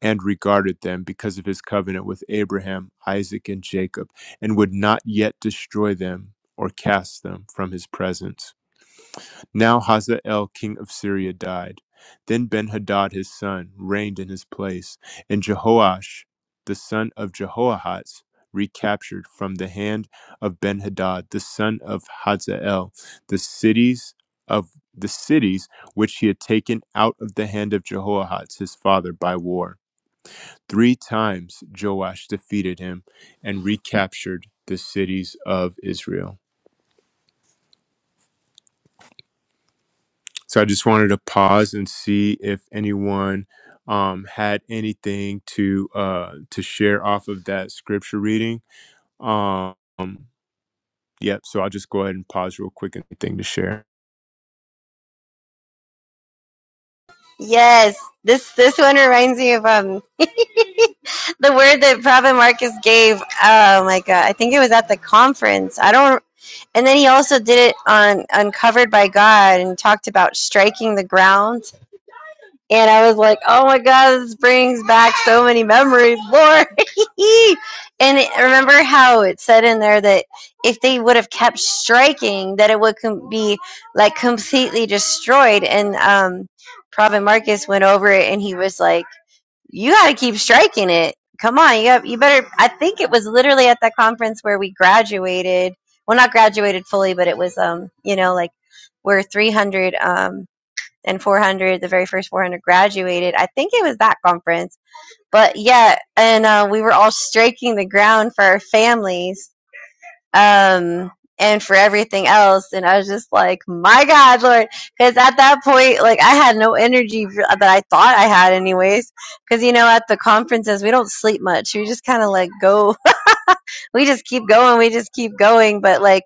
Speaker 1: and regarded them because of his covenant with Abraham, Isaac, and Jacob, and would not yet destroy them or cast them from his presence. Now Hazael, king of Syria, died. Then Benhadad his son reigned in his place, and Jehoash, the son of Jehoahaz, recaptured from the hand of Benhadad, the son of Hazael, the cities of the cities which he had taken out of the hand of Jehoahaz his father by war. Three times Joash defeated him and recaptured the cities of Israel. So I just wanted to pause and see if anyone um, had anything to uh, to share off of that scripture reading. Um, yep. So I'll just go ahead and pause real quick. Anything to share?
Speaker 2: Yes, this this one reminds me of um *laughs* the word that Prophet Marcus gave. Oh my god, I think it was at the conference. I don't and then he also did it on Uncovered by God and talked about striking the ground. And I was like, oh my God, this brings back so many memories, Lord. *laughs* and it, remember how it said in there that if they would have kept striking, that it would com- be like completely destroyed. And um, Prophet Marcus went over it and he was like, you got to keep striking it. Come on, you, got, you better. I think it was literally at that conference where we graduated. Well, not graduated fully, but it was, um, you know, like we're 300. Um, and 400, the very first 400 graduated. I think it was that conference. But yeah, and uh, we were all striking the ground for our families um, and for everything else. And I was just like, my God, Lord. Because at that point, like, I had no energy that I thought I had, anyways. Because, you know, at the conferences, we don't sleep much. We just kind of like go, *laughs* we just keep going, we just keep going. But like,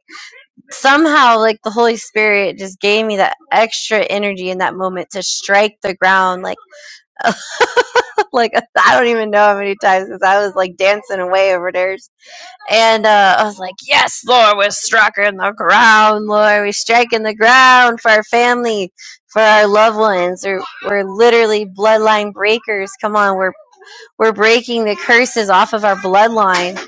Speaker 2: somehow like the holy spirit just gave me that extra energy in that moment to strike the ground like like *laughs* I don't even know how many times because I was like dancing away over there, And uh, I was like, Yes, Lord, we're striking the ground, Lord. We're striking the ground for our family, for our loved ones. We're, we're literally bloodline breakers. Come on, we're we're breaking the curses off of our bloodline.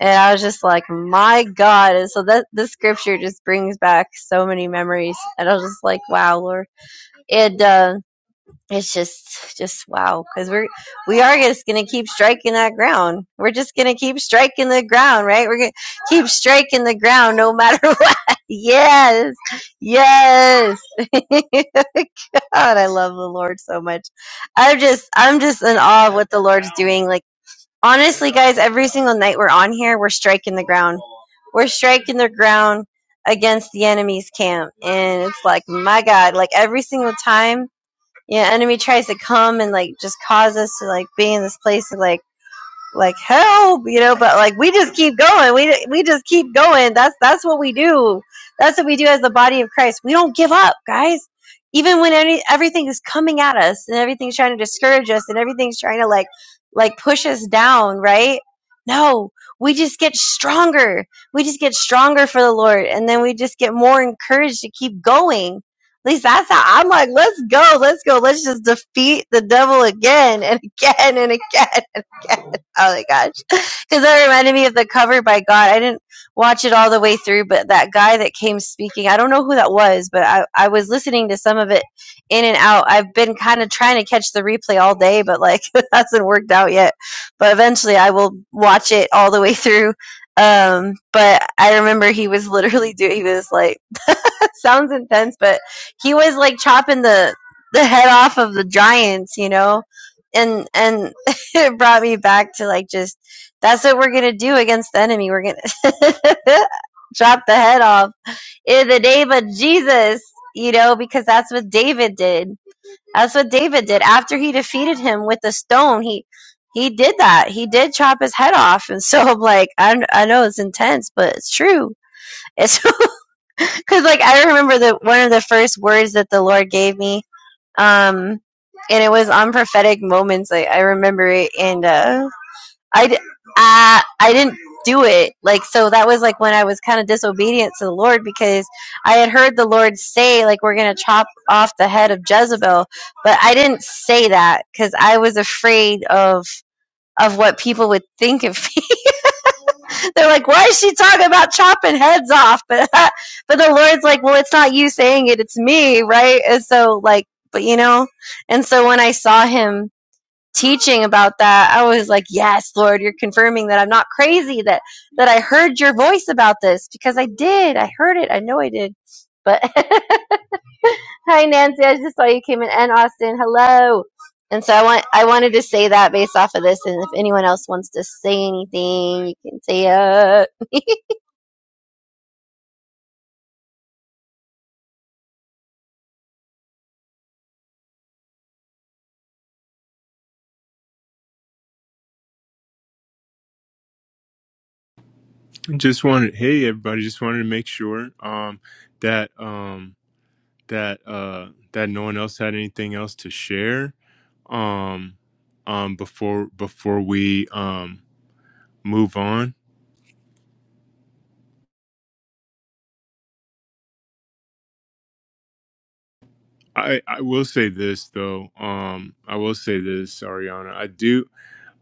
Speaker 2: And I was just like, My God. And so that this scripture just brings back so many memories. And I was just like, Wow, Lord. And uh it's just just wow because we're we are just gonna keep striking that ground we're just gonna keep striking the ground right we're gonna keep striking the ground no matter *laughs* what yes yes *laughs* god i love the lord so much i'm just i'm just in awe of what the lord's doing like honestly guys every single night we're on here we're striking the ground we're striking the ground against the enemy's camp and it's like my god like every single time yeah enemy tries to come and like just cause us to like be in this place of like like help you know but like we just keep going we we just keep going that's that's what we do that's what we do as the body of christ we don't give up guys even when any everything is coming at us and everything's trying to discourage us and everything's trying to like like push us down right no we just get stronger we just get stronger for the lord and then we just get more encouraged to keep going at least that's how i'm like let's go let's go let's just defeat the devil again and again and again *laughs* oh my gosh because that reminded me of the cover by God. I didn't watch it all the way through, but that guy that came speaking, I don't know who that was, but I, I was listening to some of it in and out. I've been kind of trying to catch the replay all day, but like *laughs* it hasn't worked out yet. But eventually I will watch it all the way through. Um, but I remember he was literally doing, he was like, sounds intense, but he was like chopping the the head off of the giants, you know, and and *laughs* it brought me back to like just that's what we're gonna do against the enemy. We're gonna *laughs* chop the head off in the name of Jesus, you know, because that's what David did. That's what David did after he defeated him with the stone. He he did that. He did chop his head off, and so I'm like, I I know it's intense, but it's true. It's *laughs* Because like I remember the one of the first words that the Lord gave me, um, and it was on prophetic moments. Like I remember it, and uh, I d- I I didn't do it. Like so that was like when I was kind of disobedient to the Lord because I had heard the Lord say like we're gonna chop off the head of Jezebel, but I didn't say that because I was afraid of of what people would think of they're like, why is she talking about chopping heads off? *laughs* But but the Lord's like, well, it's not you saying it, it's me, right? And so like, but you know, and so when I saw him teaching about that, I was like, yes, Lord, you're confirming that I'm not crazy that that I heard your voice about this because I did, I heard it, I know I did. But *laughs* hi, Nancy, I just saw you came in, and Austin, hello. And so I want I wanted to say that based off of this, and if anyone else wants to say anything, you can say it. *laughs*
Speaker 1: Just wanted, hey everybody, just wanted to make sure um, that um, that uh, that no one else had anything else to share um um before before we um move on i i will say this though um i will say this ariana i do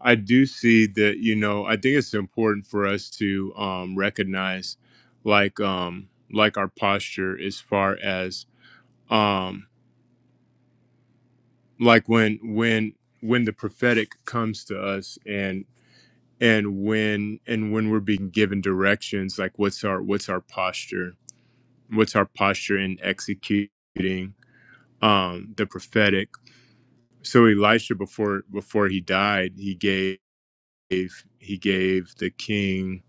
Speaker 1: i do see that you know i think it's important for us to um recognize like um like our posture as far as um like when when when the prophetic comes to us and and when and when we're being given directions like what's our what's our posture what's our posture in executing um, the prophetic so elisha before before he died he gave he gave the king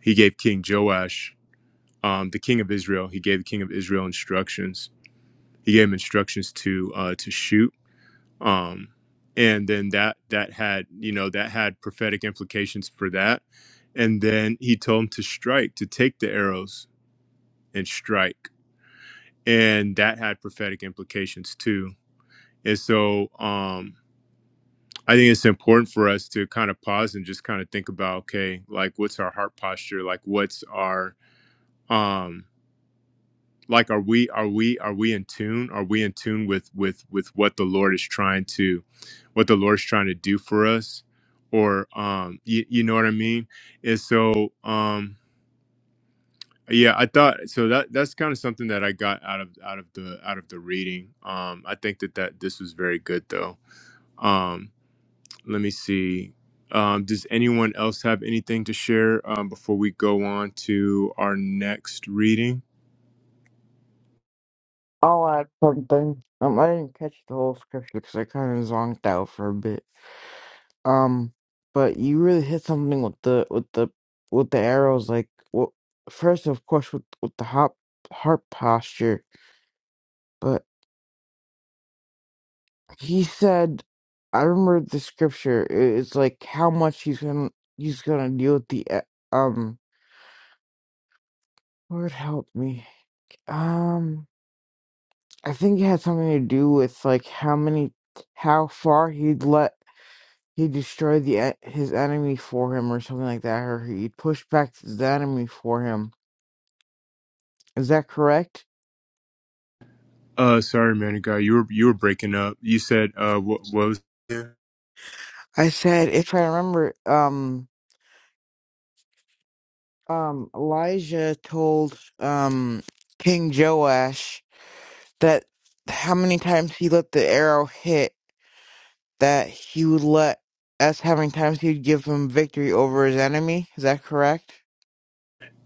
Speaker 1: he gave king joash um, the king of israel he gave the king of israel instructions he gave him instructions to uh, to shoot um, and then that that had you know that had prophetic implications for that and then he told him to strike to take the arrows and strike and that had prophetic implications too And so um, I think it's important for us to kind of pause and just kind of think about, okay, like what's our heart posture? Like what's our um like are we are we are we in tune? Are we in tune with with with what the Lord is trying to what the Lord's trying to do for us? Or um you, you know what I mean? And so um yeah, I thought so that that's kind of something that I got out of out of the out of the reading. Um I think that that this was very good though. Um, let me see. Um, does anyone else have anything to share um, before we go on to our next reading?
Speaker 3: I'll add something. Um, I didn't catch the whole scripture because I kind of zonked out for a bit. Um, but you really hit something with the with the with the arrows. Like, well, first of course with with the hop heart posture. But he said, I remember the scripture. i- It's like how much he's gonna he's gonna deal with the e- um. Lord help me. Um, I think it had something to do with like how many how far he'd let. He destroyed the e- his enemy for him, or something like that, or he pushed back the enemy for him. Is that correct?
Speaker 1: Uh, sorry, man, of God, you were you were breaking up. You said uh, what what was
Speaker 3: I said, if I remember, um, um, Elijah told um King Joash that how many times he let the arrow hit that he would let that's how many times he'd give him victory over his enemy. Is that correct?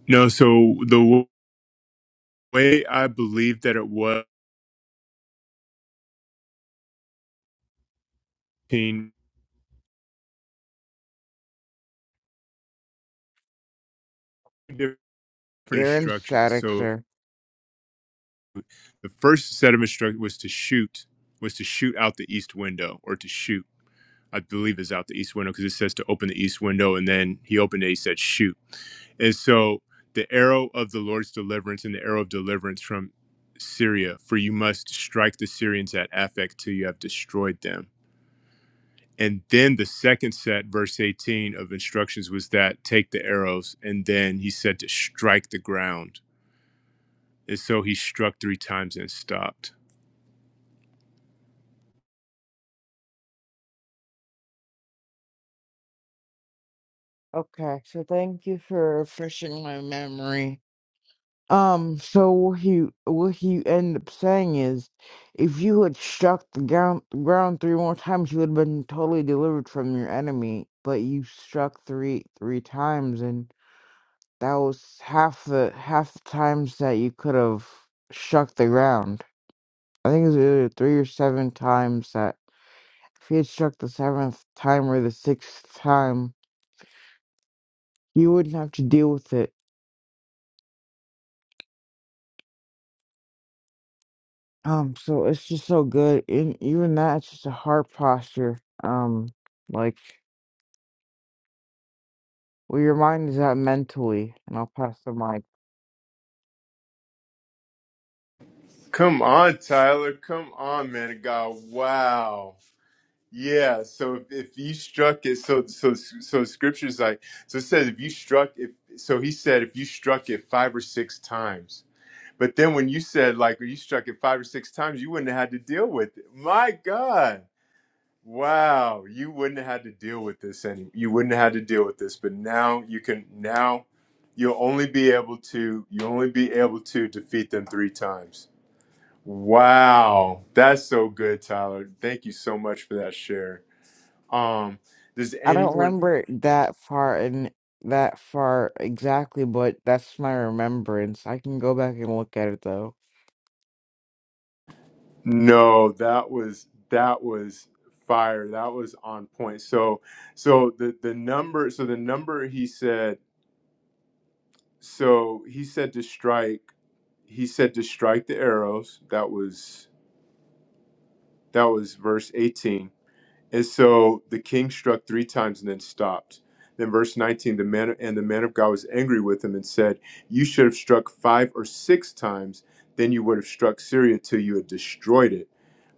Speaker 1: no? So the w- way I believe that it was in different
Speaker 3: You're in
Speaker 1: instructions.
Speaker 3: static,
Speaker 1: So
Speaker 3: sir.
Speaker 1: the first set of instructions was to shoot, was to shoot out the east window or to shoot. I believe is out the east window because it says to open the east window, and then he opened it. He said shoot. And so the arrow of the Lord's deliverance and the arrow of deliverance from Syria, for you must strike the Syrians at Aphek till you have destroyed them. And then the second set, verse 18 of instructions was that take the arrows. And then he said to strike the ground. And so he struck three times and stopped.
Speaker 3: Okay, so thank you for refreshing my memory. Um, so what he what he ended up saying is, if you had struck the ground ground three more times, you would have been totally delivered from your enemy. But you struck three three times, and that was half the half the times that you could have struck the ground. I think it was either three or seven times that if you had struck the seventh time or the sixth time, you wouldn't have to deal with it. Um, so it's just so good. And even that, it's just a heart posture. Um, like where your mind is at mentally. And I'll pass the mic.
Speaker 1: Come on, Tyler. Come on, man of God. Wow. Yeah, so if, if you struck it, so so so scripture's like so it says if you struck it, so he said if you struck it five or six times. But then when you said like you struck it five or six times, you wouldn't have had to deal with it. My God, wow, you wouldn't have had to deal with this, and you wouldn't have had to deal with this. But now you can now you'll only be able to you only be able to defeat them three times. Wow, that's so good, Tyler. Thank you so much for that share. Um, does
Speaker 3: I don't
Speaker 1: anyone?
Speaker 3: remember
Speaker 1: Yeah.
Speaker 3: that far and that far exactly, but that's my remembrance. I can go back and look at it though.
Speaker 1: No, that was that was fire. That was on point. So, so the the number. So the number he said. So he said to strike. He said to strike the arrows. That was that was verse eighteen And so the king struck three times and then stopped. Then verse 19, the man and the man of God was angry with him and said, You should have struck five or six times, then you would have struck Syria till you had destroyed it.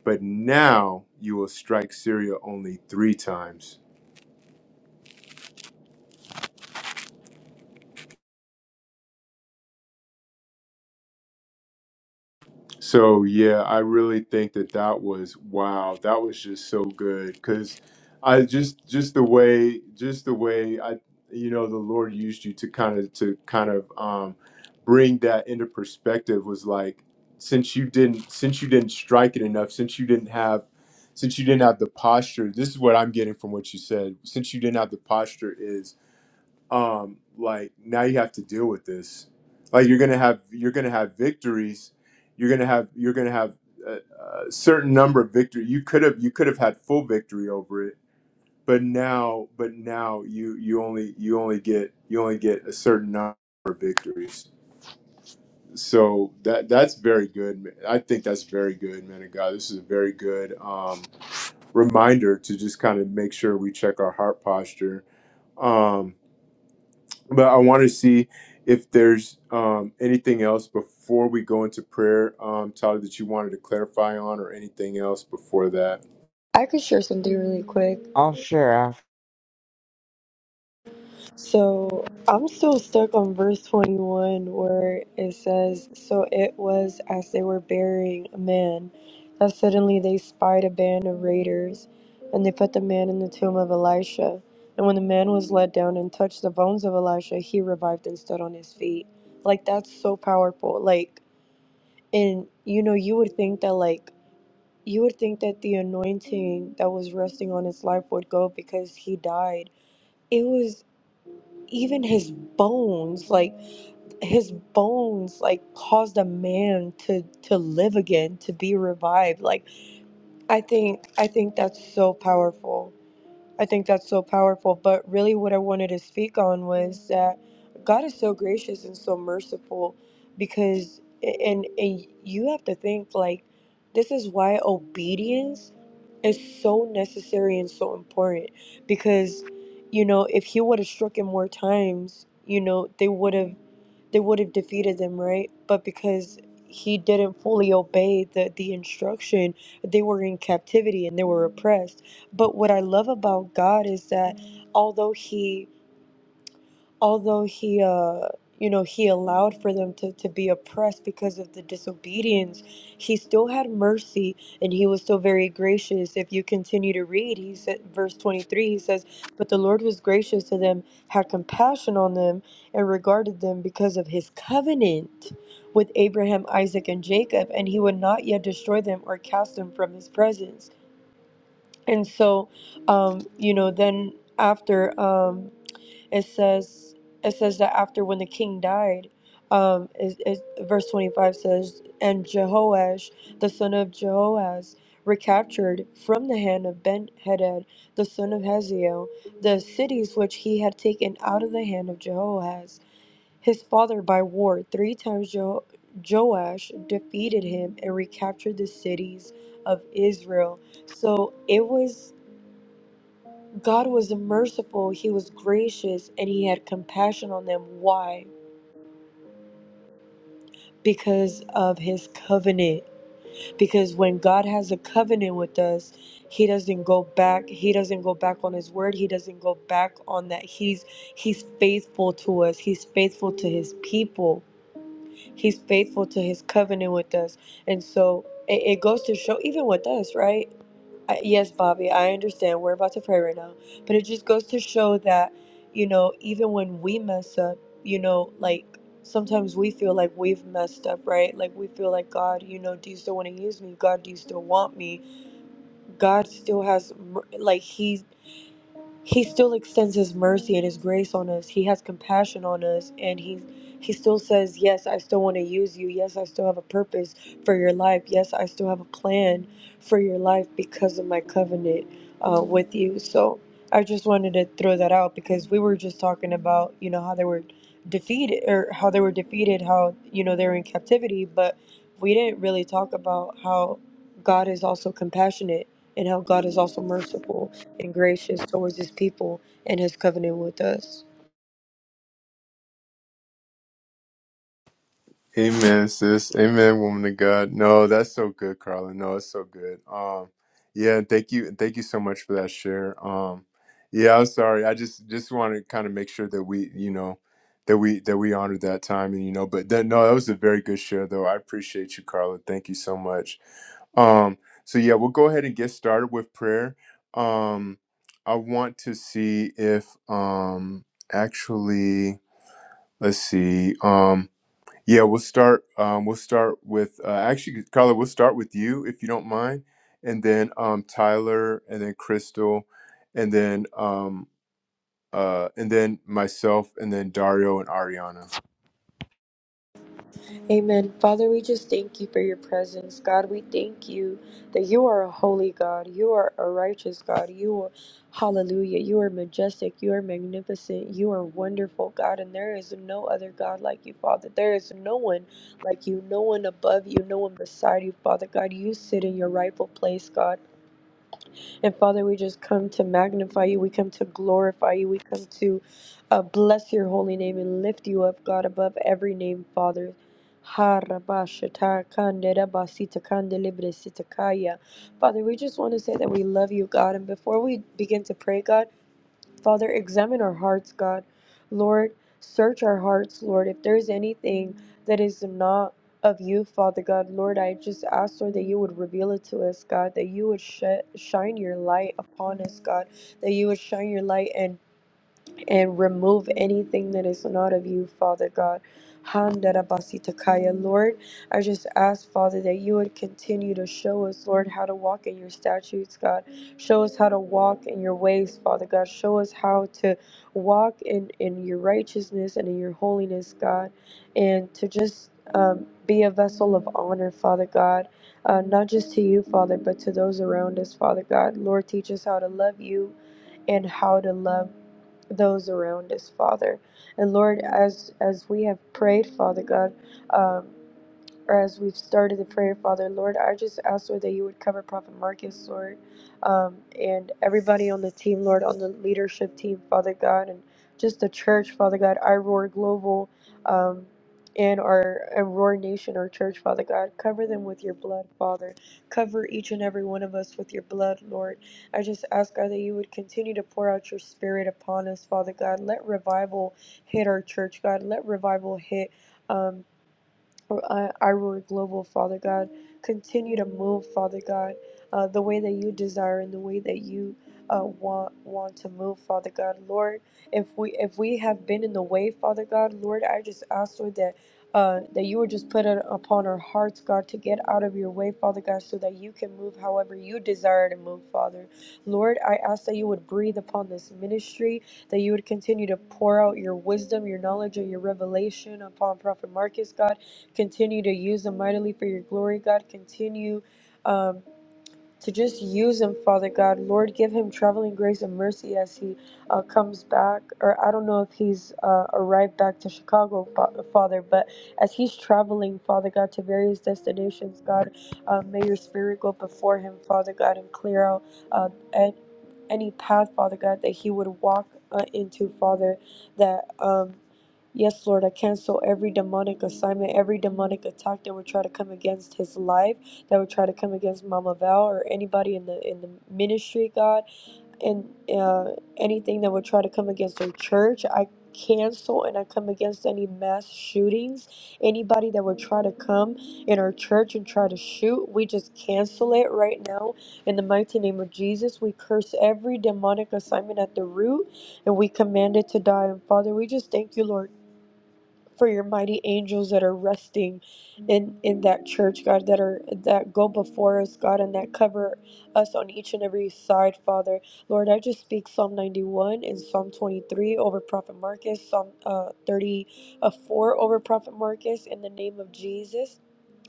Speaker 1: But now you will strike Syria only three times. So yeah, I really think that that was wow. That was just so good because I just just the way just the way I you know the Lord used you to kind of to kind of um, bring that into perspective was like since you didn't since you didn't strike it enough since you didn't have since you didn't have the posture. This is what I'm getting from what you said. Since you didn't have the posture is um like now you have to deal with this like you're gonna have you're gonna have victories you're gonna have you're gonna have a, a certain number of victory you could have you could have had full victory over it but now but now you you only you only get you only get a certain number of victories so that that's very good man. i think that's very good man of god this is a very good um reminder to just kind of make sure we check our heart posture Um. but I want to see if there's um, anything else before we go into prayer, um, Tyler, that you wanted to clarify on, or anything else before that.
Speaker 4: I could share something really quick.
Speaker 3: I'll share
Speaker 4: So I'm still stuck on verse 21 where it says, So it was as they were burying a man that suddenly they spied a band of raiders, and they put the man in the tomb of Elisha. And when the man was let down and touched the bones of Elisha, he revived and stood on his feet. Like that's so powerful. Like, and you know, you would think that, like, you would think that the anointing that was resting on his life would go because he died it was even his bones like his bones like caused a man to to live again to be revived like i think i think that's so powerful I think that's so powerful. But really, what I wanted to speak on was that God is so gracious and so merciful because, and, and you have to think like, this is why obedience is so necessary and so important because, you know, if He would have struck him more times, you know, they would have they would have defeated them, right? But because he didn't fully obey the, the instruction, they were in captivity and they were oppressed. But what I love about God is that although he although he uh you know he allowed for them to, to be oppressed because of the disobedience he still had mercy and he was still very gracious if you continue to read he said verse 23 he says but the lord was gracious to them had compassion on them and regarded them because of his covenant with abraham isaac and jacob and he would not yet destroy them or cast them from his presence and so um you know then after um it says it says that after when the king died um is, is verse 25 says and jehoash the son of jehoaz recaptured from the hand of ben-hadad the son of haziel the cities which he had taken out of the hand of jehoaz his father by war three times jo- joash defeated him and recaptured the cities of israel so it was God was merciful, He was gracious, and He had compassion on them. Why? Because of His covenant. Because when God has a covenant with us, He doesn't go back. He doesn't go back on His word. He doesn't go back on that. He's He's faithful to us. He's faithful to His people. He's faithful to His covenant with us. And so it, it goes to show, even with us, right? I, yes, Bobby, I understand. We're about to pray right now. But it just goes to show that, you know, even when we mess up, you know, like sometimes we feel like we've messed up, right? Like we feel like, God, you know, do you still want to use me? God, do you still want me? God still has, mer- like, He. He still extends his mercy and his grace on us. He has compassion on us and he he still says, "Yes, I still want to use you. Yes, I still have a purpose for your life. Yes, I still have a plan for your life because of my covenant uh, with you." So, I just wanted to throw that out because we were just talking about, you know, how they were defeated or how they were defeated, how, you know, they were in captivity, but we didn't really talk about how God is also compassionate and how God is also merciful and gracious towards his people and his covenant with us.
Speaker 1: Amen, sis. Amen, woman of God. No, that's so good, Carla. No, it's so good. Um, yeah, thank you, thank you so much for that share. Um, yeah, I'm sorry. I just just want to kind of make sure that we, you know, that we that we honored that time, and you know, but that, no, that was a very good share, though. I appreciate you, Carla. Thank you so much. Um, so yeah, we'll go ahead and get started with prayer. Um, I want to see if um actually let's see. Um yeah, we'll start. Um, we'll start with uh, actually, Carla. We'll start with you if you don't mind, and then um, Tyler, and then Crystal, and then um, uh, and then myself, and then Dario and Ariana.
Speaker 4: Amen. Father, we just thank you for your presence. God, we thank you that you are a holy God. You are a righteous God. You are, hallelujah, you are majestic. You are magnificent. You are wonderful, God. And there is no other God like you, Father. There is no one like you, no one above you, no one beside you, Father. God, you sit in your rightful place, God. And Father, we just come to magnify you. We come to glorify you. We come to uh, bless your holy name and lift you up, God, above every name, Father. Ha, rabba, shata, kande, rabba, sita, kande, libre, sita, kaya. Father, we just want to say that we love you, God. And before we begin to pray, God, Father, examine our hearts, God. Lord, search our hearts, Lord. If there's anything that is not of you, Father God, Lord, I just ask, Lord, that you would reveal it to us, God, that you would sh- shine your light upon us, God, that you would shine your light and and remove anything that is not of you, Father God. Handarabasitakaya. Lord, I just ask, Father, that you would continue to show us, Lord, how to walk in your statutes, God. Show us how to walk in your ways, Father God. Show us how to walk in, in your righteousness and in your holiness, God, and to just um, be a vessel of honor, Father God, uh, not just to you, Father, but to those around us, Father God. Lord, teach us how to love you and how to love those around us, Father. And Lord, as as we have prayed, Father God, um, or as we've started the prayer, Father, Lord, I just ask, Lord, that you would cover Prophet Marcus, Lord, um, and everybody on the team, Lord, on the leadership team, Father God, and just the church, Father God, iRoar Global, um, and our Roar Nation, our church, Father God. Cover them with your blood, Father. Cover each and every one of us with your blood, Lord. I just ask, God, that you would continue to pour out your spirit upon us, Father God. Let revival hit our church, God. Let revival hit. Um, for uh, Iroy Global, Father God. Continue to move, Father God, uh, the way that you desire and the way that you uh, want want to move, Father God. Lord, if we if we have been in the way, Father God, Lord, I just ask Lord that. Uh, that you would just put it upon our hearts, God, to get out of your way, Father God, so that you can move however you desire to move, Father. Lord, I ask that you would breathe upon this ministry, that you would continue to pour out your wisdom, your knowledge, and your revelation upon Prophet Marcus, God Continue to use them mightily for your glory, God. Continue. Um, to just use him, Father God. Lord, give him traveling grace and mercy as he uh, comes back. Or I don't know if he's uh, arrived back to Chicago, Fa- Father, but as he's traveling, Father God, to various destinations, God, uh, may your spirit go before him, Father God, and clear out uh, a- any path, Father God, that he would walk uh, into, Father, that. Um, Yes, Lord, I cancel every demonic assignment, every demonic attack that would try to come against his life that would try to come against Mama Val or anybody in the in the ministry, God, and uh, anything that would try to come against their church. I cancel and I come against any mass shootings. Anybody that would try to come in our church and try to shoot, we just cancel it right now in the mighty name of Jesus. We curse every demonic assignment at the root and we command it to die. And Father, we just thank you, Lord for your mighty angels that are resting in in that church god that are that go before us god and that cover us on each and every side father lord i just speak psalm 91 and psalm 23 over prophet marcus psalm uh, 34 over prophet marcus in the name of jesus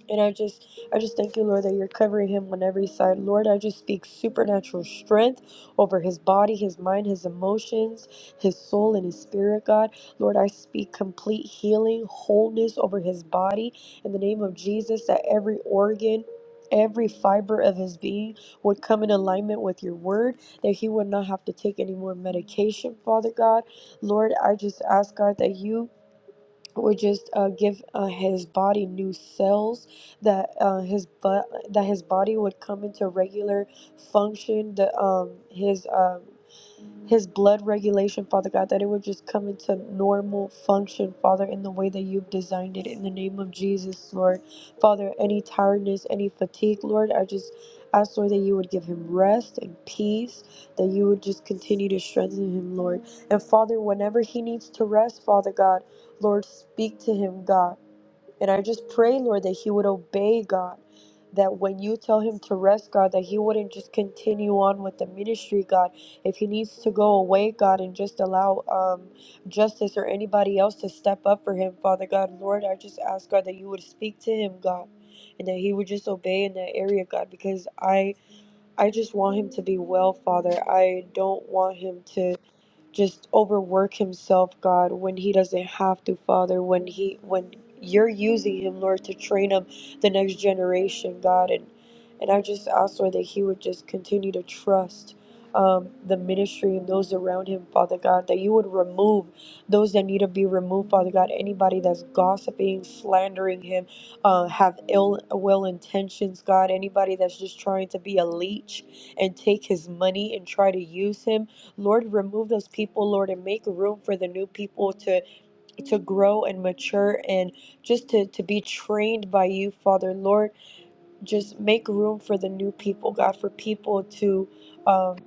Speaker 4: and I just I just thank you, Lord, that you're covering him on every side. Lord, I just speak supernatural strength over his body, his mind, his emotions, his soul, and his spirit, God. Lord, I speak complete healing, wholeness over his body. In the name of Jesus, that every organ Every fiber of his being would come in alignment with your word, that he would not have to take any more medication, Father God. Lord, I just ask God that you or just uh, give uh, his body new cells that uh, his but that his body would come into regular function. The um his um his blood regulation, Father God, that it would just come into normal function, Father, in the way that you've designed it. In the name of Jesus, Lord. Father, any tiredness, any fatigue, Lord, I just ask, Lord, that you would give him rest and peace, that you would just continue to strengthen him, Lord. And Father, whenever he needs to rest, Father God, Lord, speak to him, God. And I just pray, Lord, that he would obey God. That when you tell him to rest, God, that he wouldn't just continue on with the ministry, God. If he needs to go away, God, and just allow um, justice or anybody else to step up for him, Father God, Lord, I just ask, God, that you would speak to him, God, and that he would just obey in that area, God, because I I just want him to be well, Father. I don't want him to just overwork himself, God, when he doesn't have to, Father, when he when you're using him, Lord, to train up the next generation, God, and and I just ask, Lord, that he would just continue to trust um, the ministry and those around him, Father God, that you would remove those that need to be removed, Father God, anybody that's gossiping, slandering him, uh, have ill will intentions, God, anybody that's just trying to be a leech and take his money and try to use him. Lord, remove those people, Lord, and make room for the new people to to grow and mature and just to, to be trained by you, Father. Lord, just make room for the new people, God, for people to um,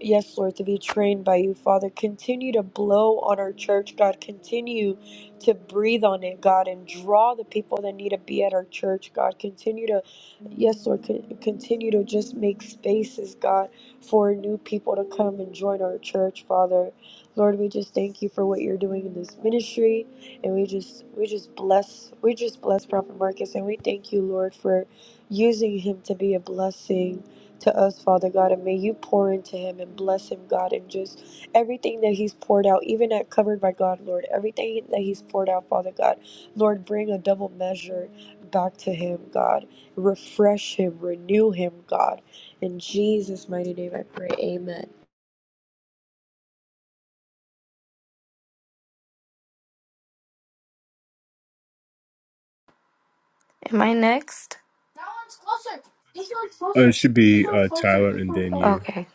Speaker 4: Yes, Lord, to be trained by you, Father. Continue to blow on our church, God. Continue to breathe on it, God, and draw the people that need to be at our church, God. Continue to, yes, Lord, con- continue to just make spaces, God, for new people to come and join our church, Father. Lord, we just thank you for what you're doing in this ministry, and we just, we just bless, we just bless Prophet Marcus, and we thank you, Lord, for using him to be a blessing to us, Father God, and may you pour into him and bless him, God, and just everything that he's poured out, even at Covered by God, Lord, everything that he's poured out, Father God, Lord, bring a double measure back to him, God. Refresh him, renew him, God. In Jesus' mighty name, I pray. Amen.
Speaker 5: Am I next?
Speaker 1: Uh, it should
Speaker 5: This
Speaker 1: be
Speaker 5: one's
Speaker 1: uh,
Speaker 5: closer.
Speaker 1: Tyler,
Speaker 5: This
Speaker 1: and
Speaker 5: one's
Speaker 1: then
Speaker 5: closer.
Speaker 1: you.
Speaker 5: Okay.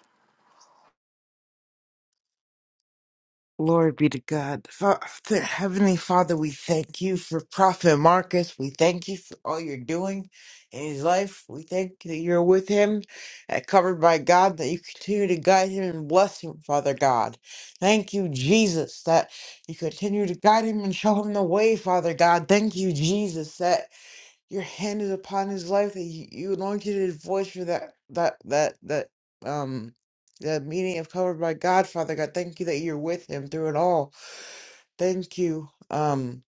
Speaker 3: Glory be to God. Fa- Fa- Heavenly Father, we thank you for Prophet Marcus. We thank you for all you're doing in his life. We thank you that you're with him and covered by God, that you continue to guide him and bless him, Father God. Thank you, Jesus, that you continue to guide him and show him the way, Father God. Thank you, Jesus, your hand is upon his life that you, you anointed his voice for that that that that um that meeting of covered by God, Father God. Thank you that you're with him through it all. Thank you, um,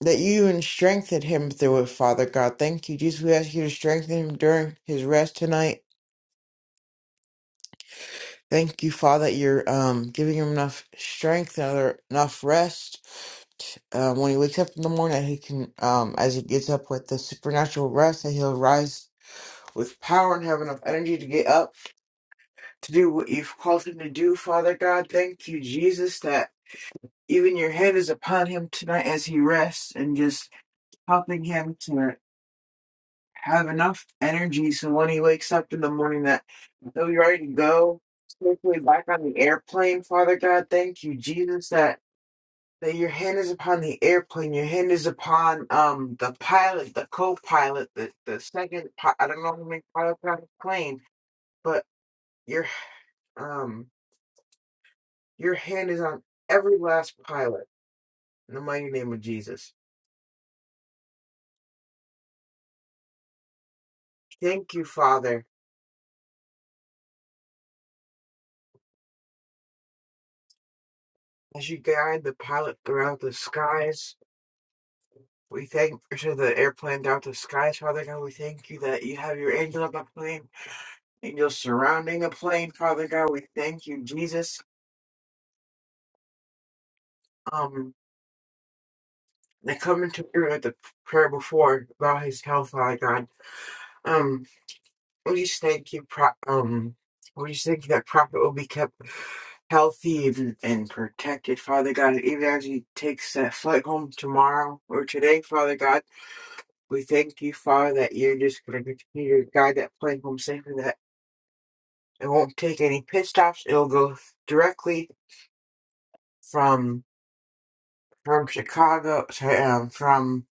Speaker 3: that you even strengthened him through it, Father God. Thank you, Jesus. We ask you to strengthen him during his rest tonight. Thank you, Father, that you're um giving him enough strength and other- enough rest um, when he wakes up in the morning, that he can, um, as he gets up with the supernatural rest, that he'll rise with power and have enough energy to get up to do what you've called him to do, Father God. Thank you, Jesus, that even your hand is upon him tonight as he rests and just helping him to have enough energy so when he wakes up in the morning that he'll be ready to go safely back on the airplane, Father God. Thank you, Jesus, that that your hand is upon the airplane, your hand is upon um the pilot, the co-pilot, the the second pi- I don't know how many pilots are on the plane, but your um Your hand is on every last pilot. In the mighty name of Jesus. Thank you, Father, as you guide the pilot throughout the skies. We thank for the airplane throughout the skies, Father God. We thank you that you have your angels on the plane, angels surrounding the plane, Father God. We thank you, Jesus. Um, they come into agreement with the prayer before about his health, Father God. Um, we just thank you, pro- um, we just thank you that prophet will be kept healthy and, and protected, Father God. Even as he takes that flight home tomorrow or today, Father God, we thank you, Father, that you're just going to continue to guide that plane home safely, that it won't take any pit stops. It'll go directly from from Chicago, sorry, um, from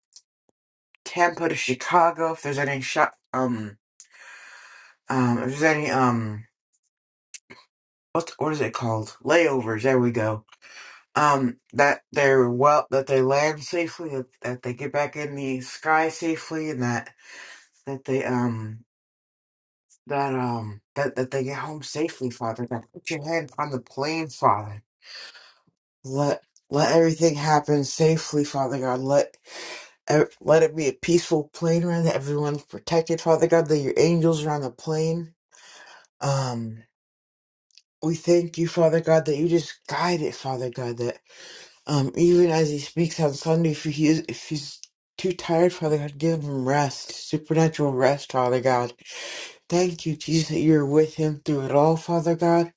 Speaker 3: Tampa to Chicago. If there's any shot, um, um, if there's any, um, what, what is it called? Layovers. There we go um that they're well that they land safely that, that they get back in the sky safely and that that they um that um that, that they get home safely father god put your hand on the plane father let let everything happen safely father god let ev- let it be a peaceful plane ride that everyone's protected father god that your angels are on the plane um we thank you father god that you just guide it father god Um, even as he speaks on Sunday, if he is, if he's too tired, Father God, give him rest, supernatural rest, Father God. Thank you, Jesus, that you're with him through it all, Father God.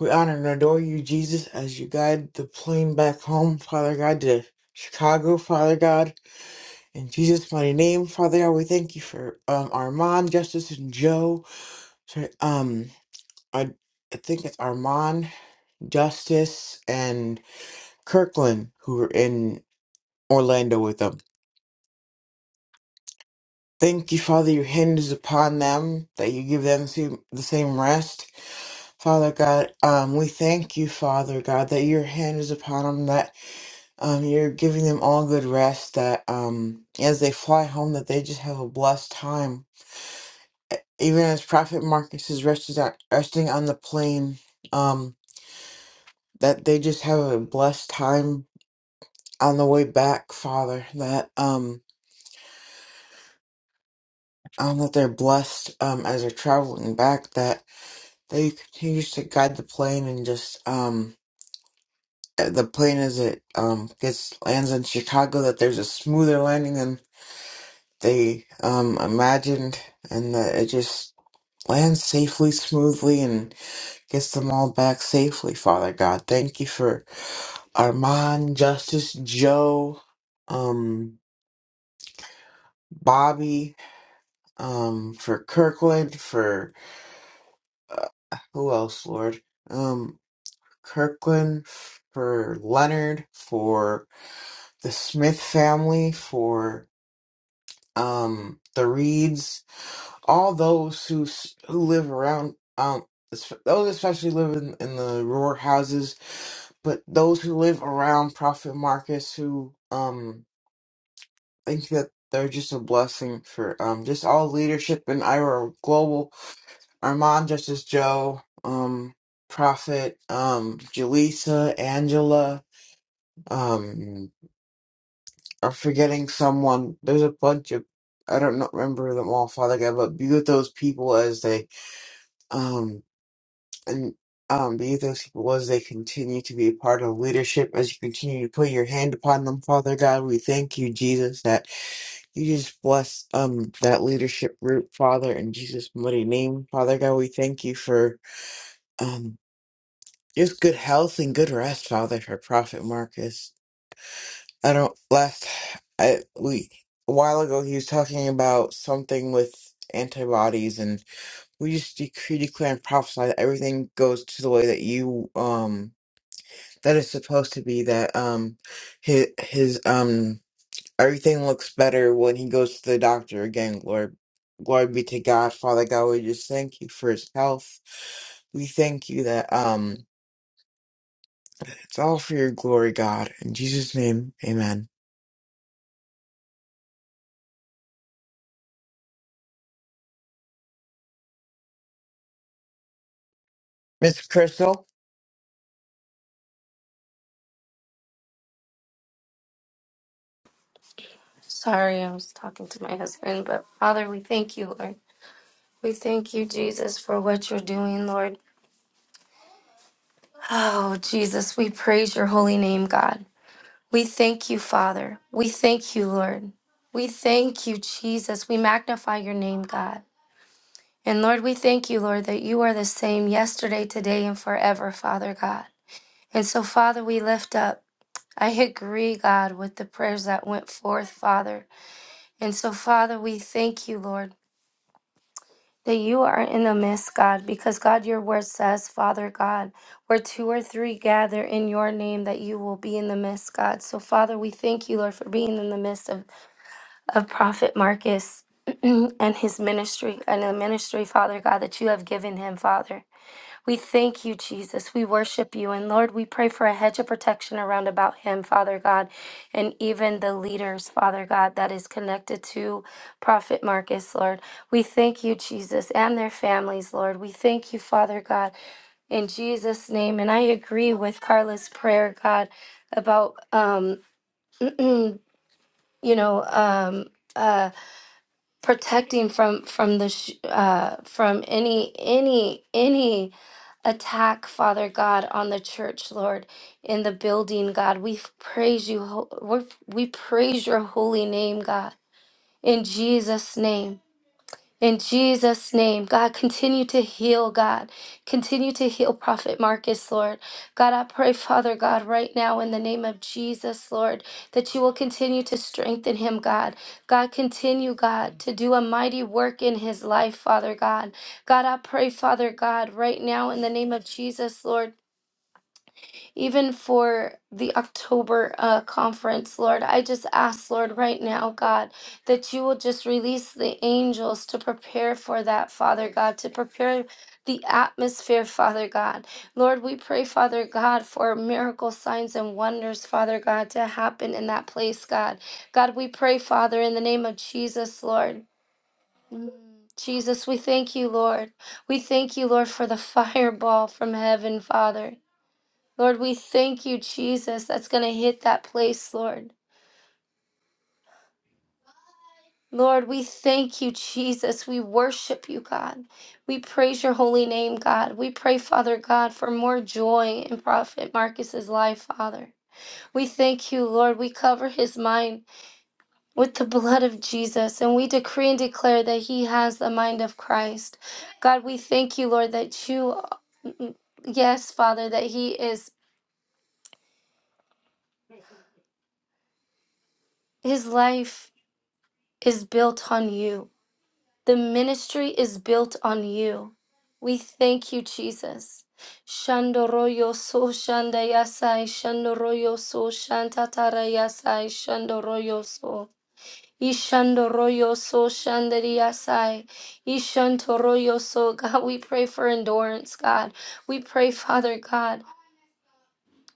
Speaker 3: We honor and adore you, Jesus, as you guide the plane back home, Father God, to Chicago, Father God. In Jesus' mighty name, Father God, we thank you for um Armand, Justice, and Joe. Sorry, um, I, I think it's Armand, Justice, and Kirkland who are in Orlando with them. Thank you, Father, your hand is upon them, that you give them same- the same rest. Father God, um, we thank you, Father God, that your hand is upon them, that um, you're giving them all good rest, that um, as they fly home, that they just have a blessed time. Even as Prophet Marcus is rested on, resting on the plane, um, that they just have a blessed time on the way back, Father, that um, um, that they're blessed um, as they're traveling back, That. that he continues to guide the plane and just um eh, the plane as it um gets lands in Chicago that there's a smoother landing than they um imagined and that it just lands safely, smoothly and gets them all back safely, Father God. Thank you for Armand, Justice, Joe, um Bobby, um for Kirkland, for uh, who else, Lord? Um Kirkland for Leonard, for the Smith family, for um, the Reeds, all those who s- who live around um, es- those especially live in, in the rural houses, but those who live around Prophet Marcus who um think that they're just a blessing for um just all leadership in Ira Global, Armand Justice Joe, um Prophet, um Jaleesa, Angela, um, I'm forgetting someone. There's a bunch of I don't not remember them all, Father God, but be with those people as they um and um be with those people as they continue to be a part of leadership, as you continue to put your hand upon them, Father God. We thank you, Jesus, that you just bless um that leadership group, Father, in Jesus' mighty name. Father God, we thank you for um just good health and good rest, Father, for Prophet Marcus. I don't last I we a while ago he was talking about something with antibodies and we just decree declare and prophesy that everything goes to the way that you um that is supposed to be that um his his um everything looks better when he goes to the doctor again glory glory be to God Father God we just thank you for his health we thank you that um it's all for your glory God in Jesus name amen Miss Crystal
Speaker 5: Sorry, I was talking to my husband, but Father, we thank you, Lord. We thank you, Jesus, for what you're doing, Lord. Oh, Jesus, we praise your holy name, God. We thank you, Father. We thank you, Lord. We thank you, Jesus. We magnify your name, God. And Lord, we thank you, Lord, that you are the same yesterday, today, and forever, Father God. And so, Father, we lift up. I agree, God, with the prayers that went forth, Father. And so, Father, we thank you, Lord, that you are in the midst, God, because, God, your word says, Father God, where two or three gather in your name, that you will be in the midst, God. So, Father, we thank you, Lord, for being in the midst of, of Prophet Marcus. *clears throat* and his ministry and the ministry, Father God, that you have given him, Father. We thank you, Jesus. We worship you. And Lord, we pray for a hedge of protection around about him, Father God, and even the leaders, Father God, that is connected to Prophet Marcus, Lord. We thank you, Jesus, and their families, Lord. We thank you, Father God, in Jesus' name. And I agree with Carla's prayer, God, about, um, *clears throat* you know, um, uh, protecting from from the sh- uh from any any any attack, Father God, on the church, Lord, in the building, God. We f- praise you. ho- We f- we praise your holy name, God. In Jesus' name. In Jesus' name, God, continue to heal, God. Continue to heal Prophet Marcus, Lord. God, I pray, Father God, right now in the name of Jesus, Lord, that you will continue to strengthen him, God. God, continue, God, to do a mighty work in his life, Father God. God, I pray, Father God, right now in the name of Jesus, Lord even for the October uh, conference, Lord. I just ask, Lord, right now, God, that you will just release the angels to prepare for that, Father God, to prepare the atmosphere, Father God. Lord, we pray, Father God, for miracle signs and wonders, Father God, to happen in that place, God. God, we pray, Father, in the name of Jesus, Lord. Mm, Jesus, we thank you, Lord. We thank you, Lord, for the *laughs* fireball from heaven, Father. Lord, we thank you, Jesus. That's going to hit that place, Lord. Lord, we thank you, Jesus. We worship you, God. We praise your holy name, God. We pray, Father God, for more joy in Prophet Marcus's life, Father. We thank you, Lord. We cover his mind with the blood of Jesus, and we decree and declare that he has the mind of Christ. God, we thank you, Lord, that you, mm, mm, yes, Father, that he is, his life is built on you. The ministry is built on you. We thank you, Jesus. Shandoroyo so shandayasai, shandoroyo so shantatarayasai, shandoroyo so. Ishandoroyo so shandariyasai, ishantoroyo so. God, we pray for endurance, God. We pray, Father God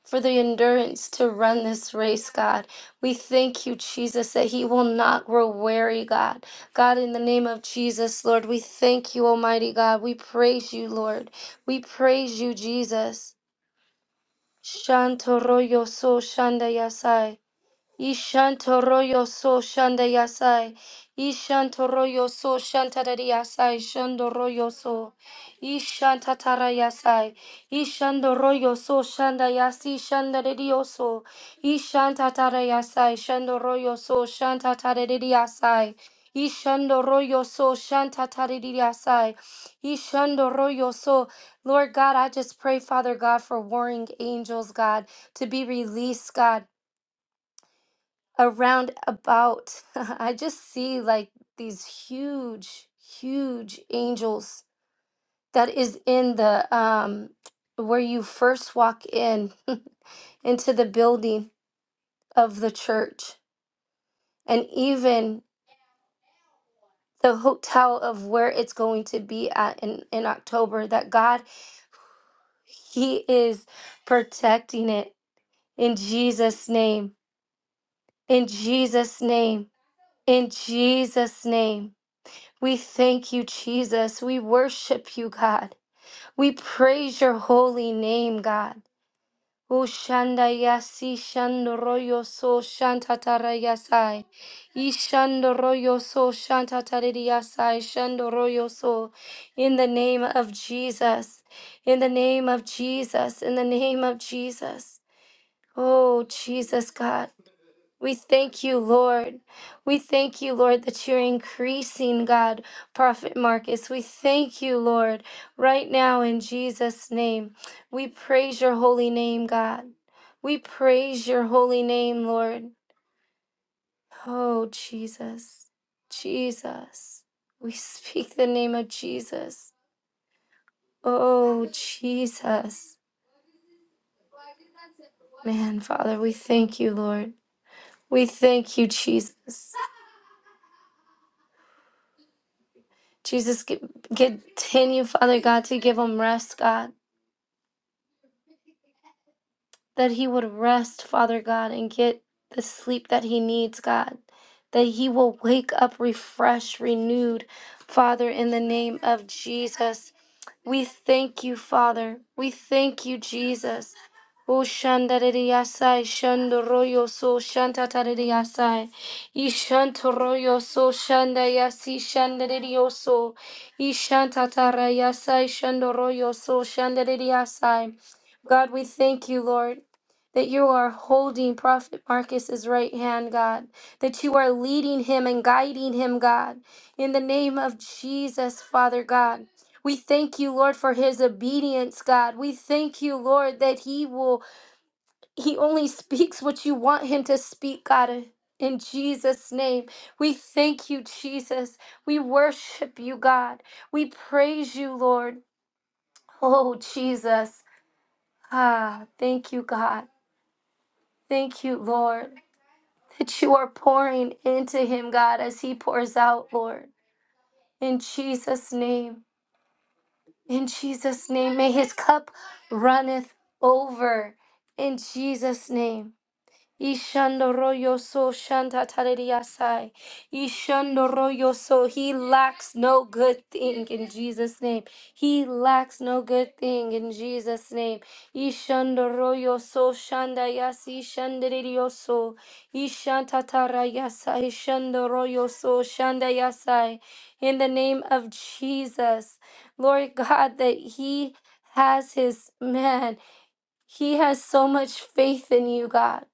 Speaker 5: for the endurance to run this race, God. We thank you, Jesus, that he will not grow weary, God. God, in the name of Jesus, Lord, we thank you, Almighty God. We praise you, Lord. We praise you, Jesus. Shanto royo so shanda yasai. Ishantoroyo so shanda yasai. Ishantoroyo so shantadari yasai. Shandoroyo so. Ishantatara yasai. Ishandoroyo so shanda yasi shandadari yoso. Ishantatara yasai. Shandoroyo so shantatadari yasai. Ishandoroyo so shantatadari yasai. Ishandoroyo so. Lord God, I just pray, Father God, for warring angels, God, to be released, God around about *laughs* i just see like these huge huge angels that is in the um where you first walk in *laughs* into the building of the church and even the hotel of where it's going to be at in, in october that god he is protecting it in jesus name in jesus name in jesus name We thank you, Jesus. We worship you, God. We praise your holy name, God. O shanda yasi shandoroyo so shantatarayasai. Ishandoroyo so shantatarayasai shandoroyo so. In the name of Jesus. In the name of Jesus. In the name of Jesus. Oh, Jesus, God. We thank you, Lord. We thank you, Lord, that you're increasing, God, Prophet Marcus. We thank you, Lord, right now in Jesus' name. We praise your holy name, God. We praise your holy name, Lord. Oh, Jesus. Jesus. We speak the name of Jesus. Oh, Jesus. Man, Father, we thank you, Lord. We thank you, Jesus. Jesus, g- continue, Father God, to give him rest, God, that he would rest, Father God, and get the sleep that he needs, God, that he will wake up refreshed, renewed, Father, in the name of Jesus. We thank you, Father. We thank you, Jesus. Ushandariyasai shandoroyo so shantatariyasai. Ishantoroyo so shandayasi shandariyo so. Ishantatarayasai shandoroyo so shandariyasai. God, we thank you, Lord. That you are holding Prophet Marcus's right hand, God. That you are leading him and guiding him, God. In the name of Jesus, Father God. We thank you, Lord, for his obedience, God. We thank you, Lord, that he will he only speaks what you want him to speak, God. In Jesus' name, we thank you, Jesus. We worship you, God. We praise you, Lord. Oh, Jesus. Ah, thank you, God. Thank you, Lord, that you are pouring into him, God, as he pours out, Lord. In Jesus' name, in Jesus' name, may his cup runneth over. In Jesus' name. Ishandoroyo so shantatariyasai. Ishandoroyo so he lacks no good thing in Jesus' name. He lacks no good thing in Jesus' name. Ishandoroyo so shandayasi shandiriyo so. Ishantatarayasa ishandoroyo so shandayasai. In the name of Jesus, Lord God, that he has his man. He has so much faith in you, God.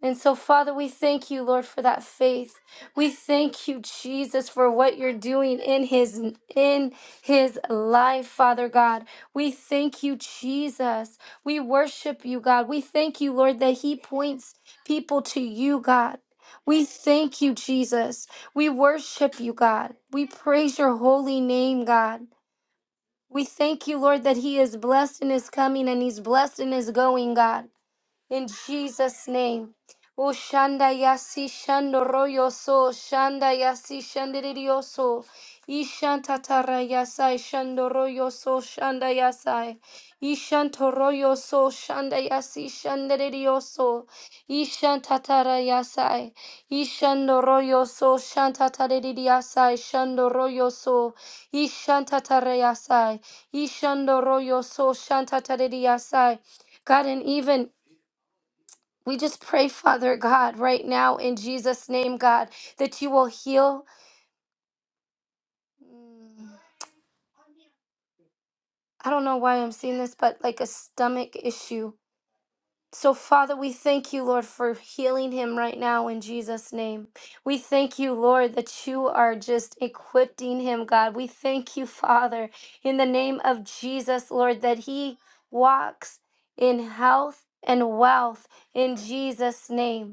Speaker 5: And so, Father, we thank you, Lord, for that faith. We thank you, Jesus, for what you're doing in his in his life, Father God. We thank you, Jesus. We worship you, God. We thank you, Lord, that he points people to you, God. We thank you, Jesus. We worship you, God. We praise your holy name, God. We thank you, Lord, that he is blessed in his coming and he's blessed in his going, God in Jesus' name. O shanda yasi shando royo so shanda yasi shandirio so ishanta tara yasai shando royo so shanda yasai Ishantoroyoso shanda yasi shandirio so ishanta tara yasai Ishandoroyoso royo so shanta tara yasai shando royo so ishanta tara yasai Ishandoroyoso royo so shanta tara God and even we just pray, Father God, right now in Jesus' name, God, that you will heal. mm, I don't know why I'm seeing this, but like a stomach issue. So, Father, we thank you, Lord, for healing him right now in Jesus' name. We thank you, Lord, that you are just equipping him, God. We thank you, Father, in the name of Jesus, Lord, that he walks in health and wealth in Jesus' name.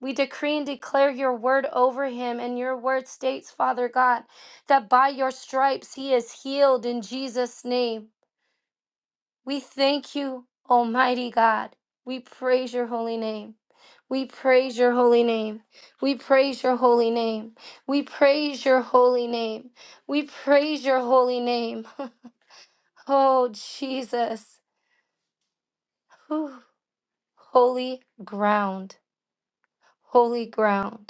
Speaker 5: We decree and declare your word over him, and your word states, Father God, that by your stripes he is healed in Jesus' name. We thank you, Almighty God. We praise your holy name. We praise your holy name. We praise your holy name. We praise your holy name. We praise your holy name. *laughs* Oh, Jesus. Whew. Holy ground. Holy ground.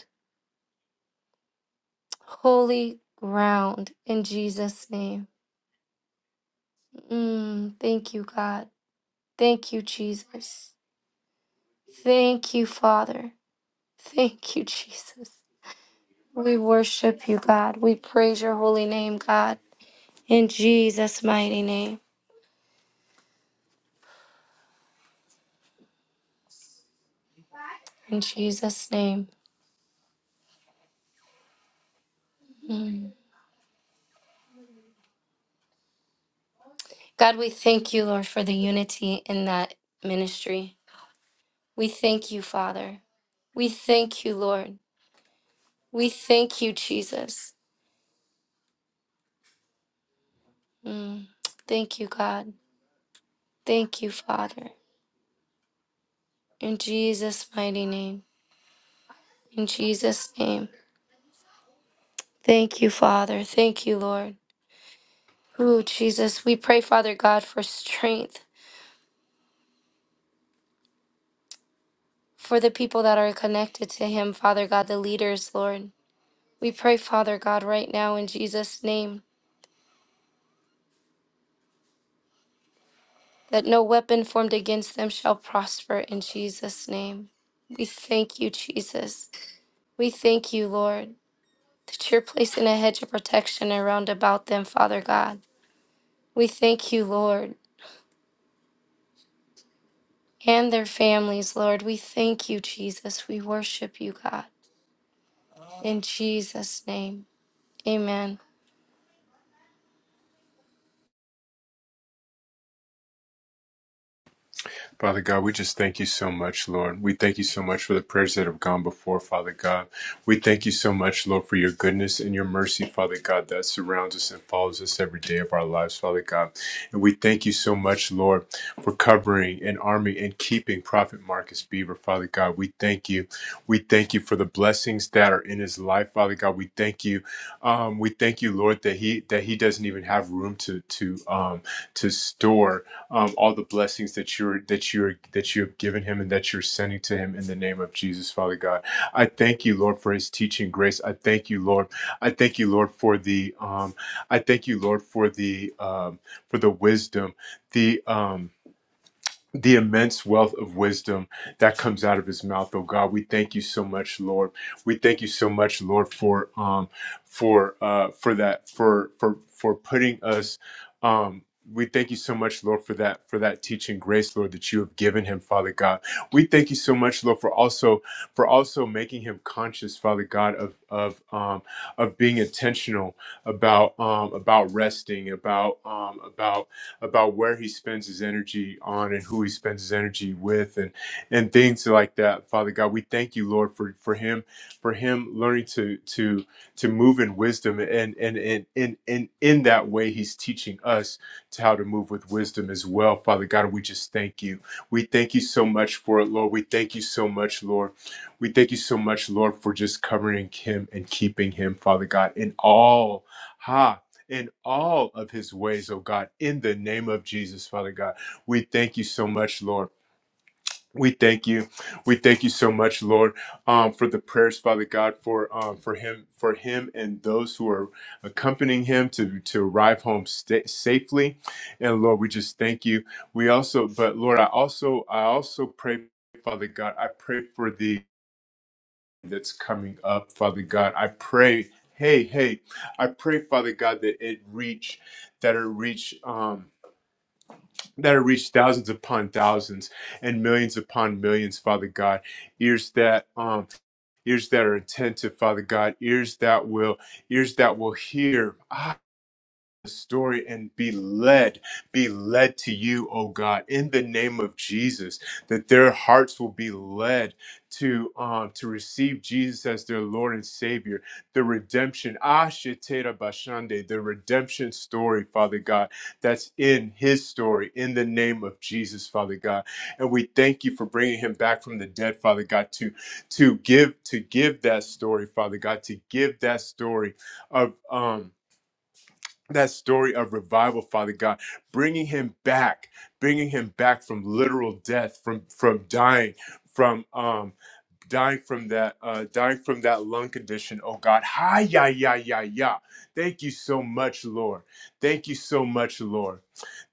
Speaker 5: holy ground in Jesus' name. Mm, thank you, God. Thank you, Jesus. Thank you, Father. Thank you, Jesus. We worship you, God. We praise your holy name, God. In Jesus' mighty name. In Jesus' name. Mm. God, we thank you, Lord, for the unity in that ministry. We thank you, Father. We thank you, Lord. We thank you, Jesus. Mm. Thank you, God. Thank you, Father. In Jesus' mighty name. In Jesus' name. Thank you, Father. Thank you, Lord. Ooh, Jesus, we pray, Father God, for strength for the people that are connected to Him, Father God, the leaders, Lord. We pray, Father God, right now in Jesus' name, that no weapon formed against them shall prosper in Jesus' name. We thank you, Jesus. We thank you, Lord, that you're placing a hedge of protection around about them, Father God. We thank you, Lord. and their families, Lord. We thank you, Jesus. We worship you, God. In Jesus' name, amen.
Speaker 1: Father God, we just thank you so much, Lord. We thank you so much for the prayers that have gone before, Father God. We thank you so much, Lord, for your goodness and your mercy, Father God, that surrounds us and follows us every day of our lives, Father God. And we thank you so much, Lord, for covering and arming and keeping Prophet Marcus Beaver, Father God. We thank you. We thank you for the blessings that are in his life, Father God. We we thank you. Um, we thank you, Lord, that he that he doesn't even have room to to um, to store um, all the blessings that you're that you're that you have given him and that you're sending to him in the name of Jesus, Father God. I thank you, Lord, for his teaching grace. I thank you, Lord. I thank you, Lord, for the um, I thank you, Lord, for the um, for the wisdom, the um, the immense wealth of wisdom that comes out of his mouth oh god we thank you so much lord we thank you so much lord for um for uh for that for for for putting us um we thank you so much lord for that for that teaching grace lord that you have given him father god we thank you so much lord for also for also making him conscious father god of of um of being intentional about um about resting about um about about where he spends his energy on and who he spends his energy with and and things like that father god we thank you lord for for him for him learning to to to move in wisdom and and and and, and in that way he's teaching us to how to move with wisdom as well father god we just thank you we thank you so much for it lord we thank you so much lord we thank you so much lord for just covering him and keeping him father god in all ha in all of his ways, oh God, in the name of Jesus, Father God. We thank you so much, Lord. We thank you. We thank you so much, Lord, um, for the prayers, Father God, for um, for him, for him, and those who are accompanying him to to arrive home sta safely. And Lord, we just thank you. We also, but Lord, I also, I also pray, Father God, I pray for the that's coming up, Father God. I pray, hey, hey, I pray, Father God, that it reach, that it reach, um, that it reach thousands upon thousands and millions upon millions, Father God. Ears that, um, ears that are attentive, Father God. Ears that will, ears that will hear. Ah, the story and be led, be led to you, oh God, in the name of Jesus, that their hearts will be led to um to receive Jesus as their Lord and Savior, the redemption, Ashetera Bashande, the redemption story, Father God, that's in his story, in the name of Jesus, Father God. And we thank you for bringing him back from the dead, Father God, to to give to give that story, Father God, to give that story of um that story of revival father god bringing him back bringing him back from literal death from from dying from um dying from that uh dying from that lung condition oh god hi ya ya ya ya thank you so much lord thank you so much lord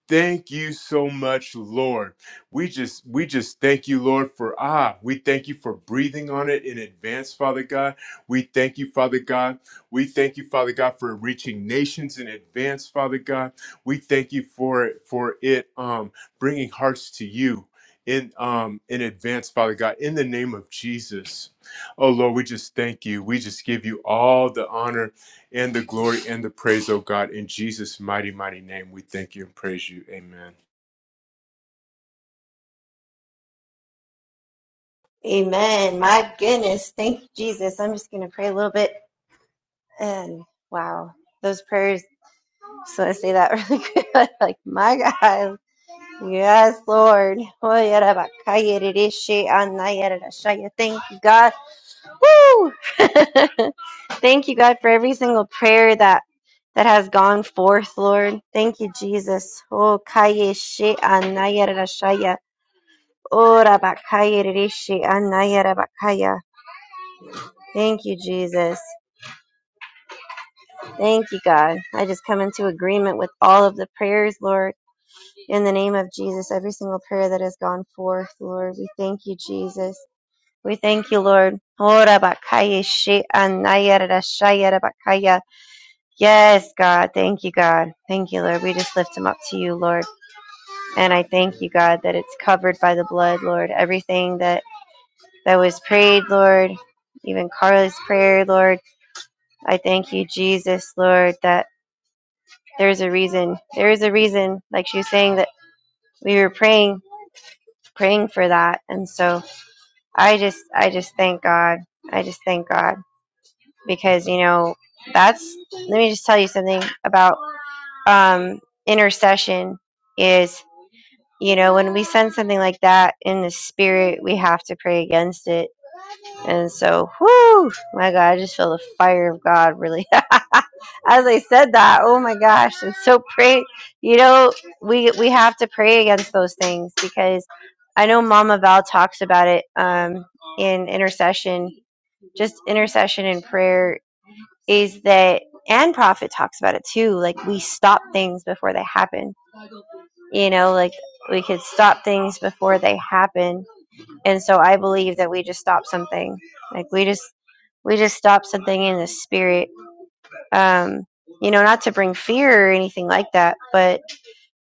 Speaker 1: Thank you so much, Lord. We just we just thank you, Lord, for ah, we thank you for breathing on it in advance, Father God. We thank you, Father God. We thank you, Father God, for reaching nations in advance, Father God. We thank you for it for it um bringing hearts to you in um in advance, Father God, in the name of Jesus. Oh Lord, we just thank you. We just give you all the honor and the glory and the praise, oh God. In Jesus' mighty, mighty name, we thank you and praise you. Amen.
Speaker 2: Amen. My goodness. Thank you, Jesus. I'm just going to pray a little bit. And wow, those prayers. So I say that really quick. *laughs* like, my God. Yes, Lord. Oh, yada ba kaya de de she ana yada da shaya. Thank you, God. Woo! *laughs* Thank you, God, for every single prayer that that has gone forth, Lord. Thank you, Jesus. Oh, kaya she ana yada da shaya. Ora ba kaya de de she ana yada ba kaya. Thank you, Jesus. Thank you, God. I just come into agreement with all of the prayers, Lord, in the name of Jesus. Every single prayer that has gone forth, Lord, we thank you, Jesus. We thank you, Lord. Yes, God. Thank you, God. Thank you, Lord. We just lift him up to you, Lord. And I thank you, God, that it's covered by the blood, Lord. Everything that, that was prayed, Lord, even Carla's prayer, Lord. I thank you, Jesus, Lord, that there's a reason there is a reason like she was saying that we were praying praying for that and so i just i just thank god i just thank god because you know that's let me just tell you something about um intercession is you know when we send something like that in the spirit we have to pray against it And so, whoo, my God, I just feel the fire of God really. *laughs* As I said that, oh my gosh, and so pray. You know, we we have to pray against those things because I know Mama Val talks about it um, in intercession. Just intercession and prayer is that, and Prophet talks about it too. Like we stop things before they happen. You know, like we could stop things before they happen and so I believe that we just stop something. Like we just we just stop something in the spirit. Um, you know, not to bring fear or anything like that, but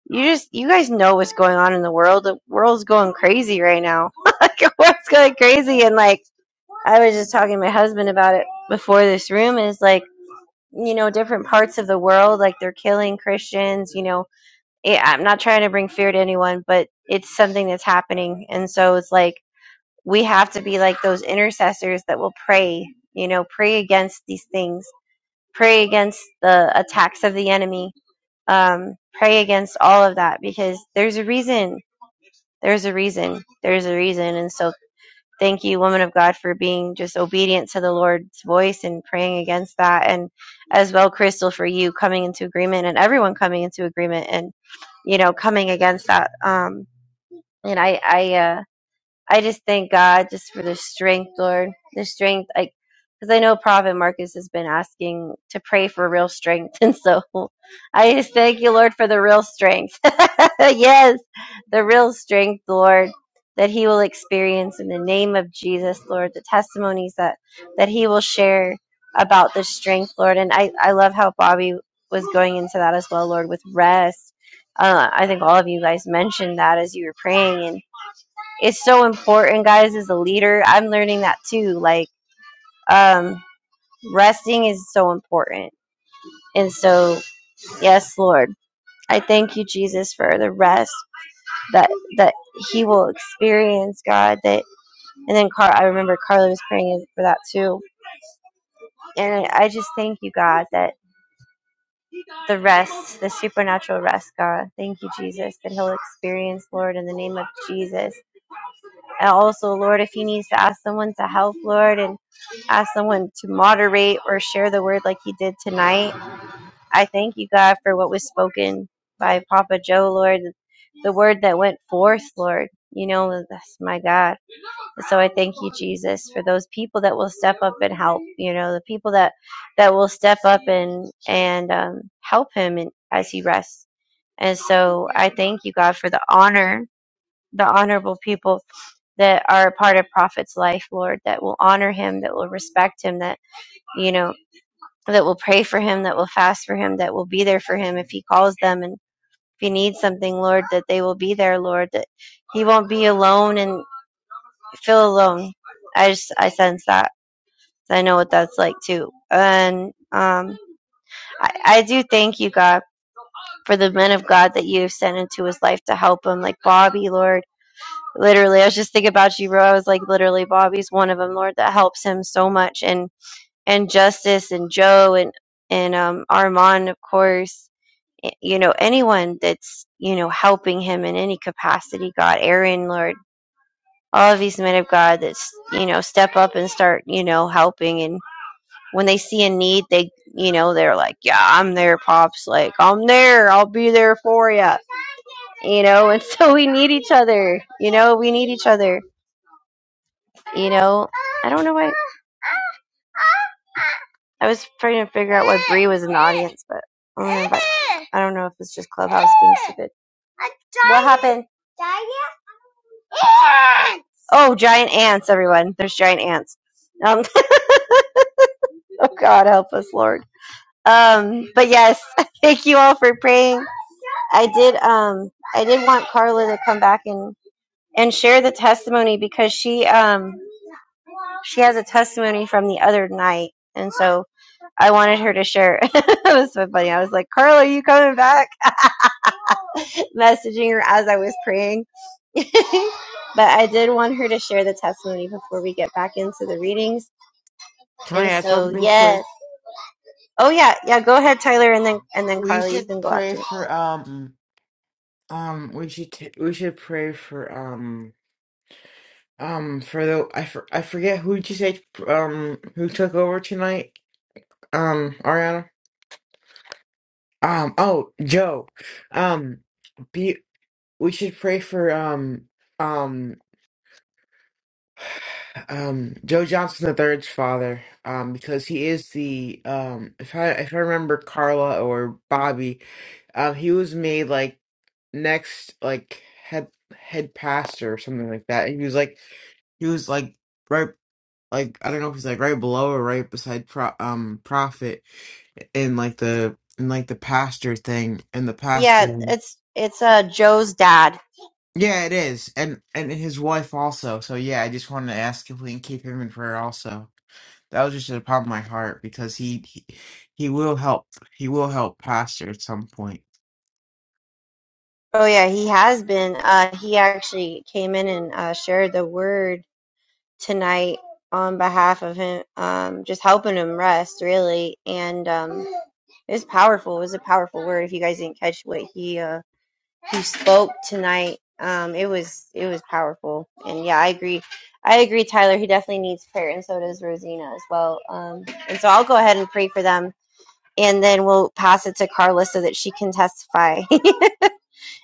Speaker 2: you just you guys know what's going on in the world. The world's going crazy right now. *laughs* like what's going crazy and like I was just talking to my husband about it before this room and it's like, you know, different parts of the world, like they're killing Christians, you know. Yeah, I'm not trying to bring fear to anyone, but it's something that's happening. And so it's like we have to be like those intercessors that will pray, you know, pray against these things, pray against the attacks of the enemy, um, pray against all of that because there's a reason. There's a reason. There's a reason. And so thank you, woman of God, for being just obedient to the Lord's voice and praying against that. And as well, Crystal, for you coming into agreement and everyone coming into agreement and, you know, coming against that. Um, and I, I, uh, I just thank God just for the strength, Lord, the strength. I because I know Prophet Marcus has been asking to pray for real strength, *laughs* and so I just thank you, Lord, for the real strength. *laughs* yes, the real strength, Lord, that he will experience in the name of Jesus, Lord. The testimonies that that he will share about the strength, Lord, and I I love how Bobby was going into that as well, Lord, with rest. Uh, I think all of you guys mentioned that as you were praying, and it's so important guys as a leader i'm learning that too like um resting is so important and so yes lord i thank you jesus for the rest that that he will experience god that and then Car- i remember carla was praying for that too and i just thank you god that the rest the supernatural rest god thank you jesus that he'll experience lord in the name of jesus And also, Lord, if he needs to ask someone to help, Lord, and ask someone to moderate or share the word like he did tonight, I thank you, God, for what was spoken by Papa Joe, Lord, the word that went forth, Lord. You know, that's my God. So I thank you, Jesus, for those people that will step up and help. You know, the people that that will step up and and um, help him and as he rests. And so I thank you, God, for the honor, the honorable people that are a part of Prophet's life, Lord, that will honor him, that will respect him, that, you know, that will pray for him, that will fast for him, that will be there for him if he calls them and if he needs something, Lord, that they will be there, Lord, that he won't be alone and feel alone. I just, I sense that. I know what that's like too. And, um, I, I do thank you, God, for the men of God that you have sent into his life to help him, like Bobby, Lord literally i was just thinking about you bro i was like literally bobby's one of them lord that helps him so much and and justice and joe and and um armand of course y- you know anyone that's you know helping him in any capacity god aaron lord all of these men of god that's you know step up and start you know helping and when they see a need they you know they're like yeah i'm there pops like i'm there i'll be there for you you know and *laughs* so we need each other you know we need each other You know, I don't know why. I was trying to figure out why Bree was in the audience, but I don't know. If I, I don't know if it's just Clubhouse being stupid. What happened? Oh, giant ants, everyone. There's giant ants. Um, *laughs* oh God, help us, Lord. Um, but yes, *laughs* thank you all for praying. I did. Um, I did want Carla to come back and and share the testimony because she um she has a testimony from the other night, and so I wanted her to share. *laughs* it was so funny. I was like, Carla, are you coming back? messaging her as I was praying. *laughs* but I did want her to share the testimony before we get back into the readings.
Speaker 3: Can I
Speaker 2: And
Speaker 3: add
Speaker 2: so,
Speaker 3: something quick?
Speaker 2: yes. Oh yeah, yeah, go ahead Tyler and then and then
Speaker 3: We
Speaker 2: Carly you
Speaker 3: should
Speaker 2: can go
Speaker 3: pray
Speaker 2: after.
Speaker 3: for um um we should t- we should pray for um um for the I for, I forget who did you say um who took over tonight um Ariana um oh Joe um be we should pray for um um, Um, Joe Johnson the third's father, um, because he is the um, if I if I remember Carla or Bobby, um, he was made like next like head head pastor or something like that. And he was like he was like right like I don't know if he's like right below or right beside pro- um prophet in like the in like the pastor thing and the
Speaker 2: Yeah,
Speaker 3: pastor.
Speaker 2: it's it's uh Joe's dad.
Speaker 3: Yeah, it is, and and his wife also. So yeah, I just wanted to ask if we can keep him in prayer also. that was just upon my heart because he, he he will help he will help pastor at some point
Speaker 2: Oh yeah, he has been uh he actually came in and uh shared the word tonight on behalf of him um just helping him rest really and um it was powerful. It was a powerful word if you guys didn't catch what he uh who spoke tonight. Um, it was it was powerful, and yeah, I agree. I agree, Tyler. He definitely needs prayer, and so does Rosina as well. Um, and so I'll go ahead and pray for them, and then we'll pass it to Carla so that she can testify. *laughs*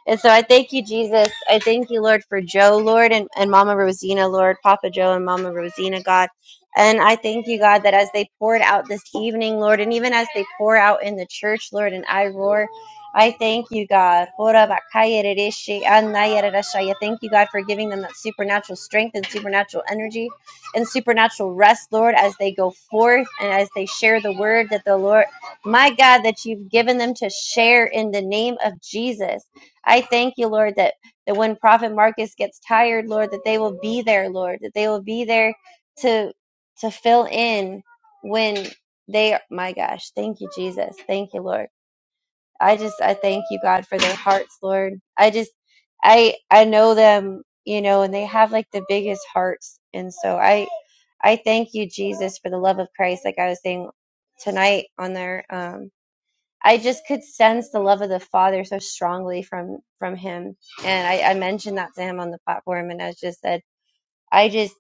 Speaker 2: And so I thank you, Jesus. I thank you, Lord, for Joe, Lord, and, and Mama Rosina, Lord, Papa Joe and Mama Rosina, God. And I thank you, God, that as they poured out this evening, Lord, and even as they pour out in the church, Lord, and I roar, I thank you, God. Ora bakaya rereshi anaya rerashaya. Thank you, God, for giving them that supernatural strength and supernatural energy and supernatural rest, Lord, as they go forth and as they share the word that the Lord, my God, that you've given them to share in the name of Jesus. I thank you, Lord, that, that when Prophet Marcus gets tired, Lord, that they will be there, Lord, that they will be there to to fill in when they are my gosh, thank you, Jesus. Thank you, Lord. I just I thank you, God, for their hearts, Lord. I just I I know them, you know, and they have like the biggest hearts. And so I I thank you, Jesus, for the love of Christ, like I was saying tonight on there. I just could sense the love of the Father so strongly from from him, and I, I mentioned that to him on the platform, and I just said, I just,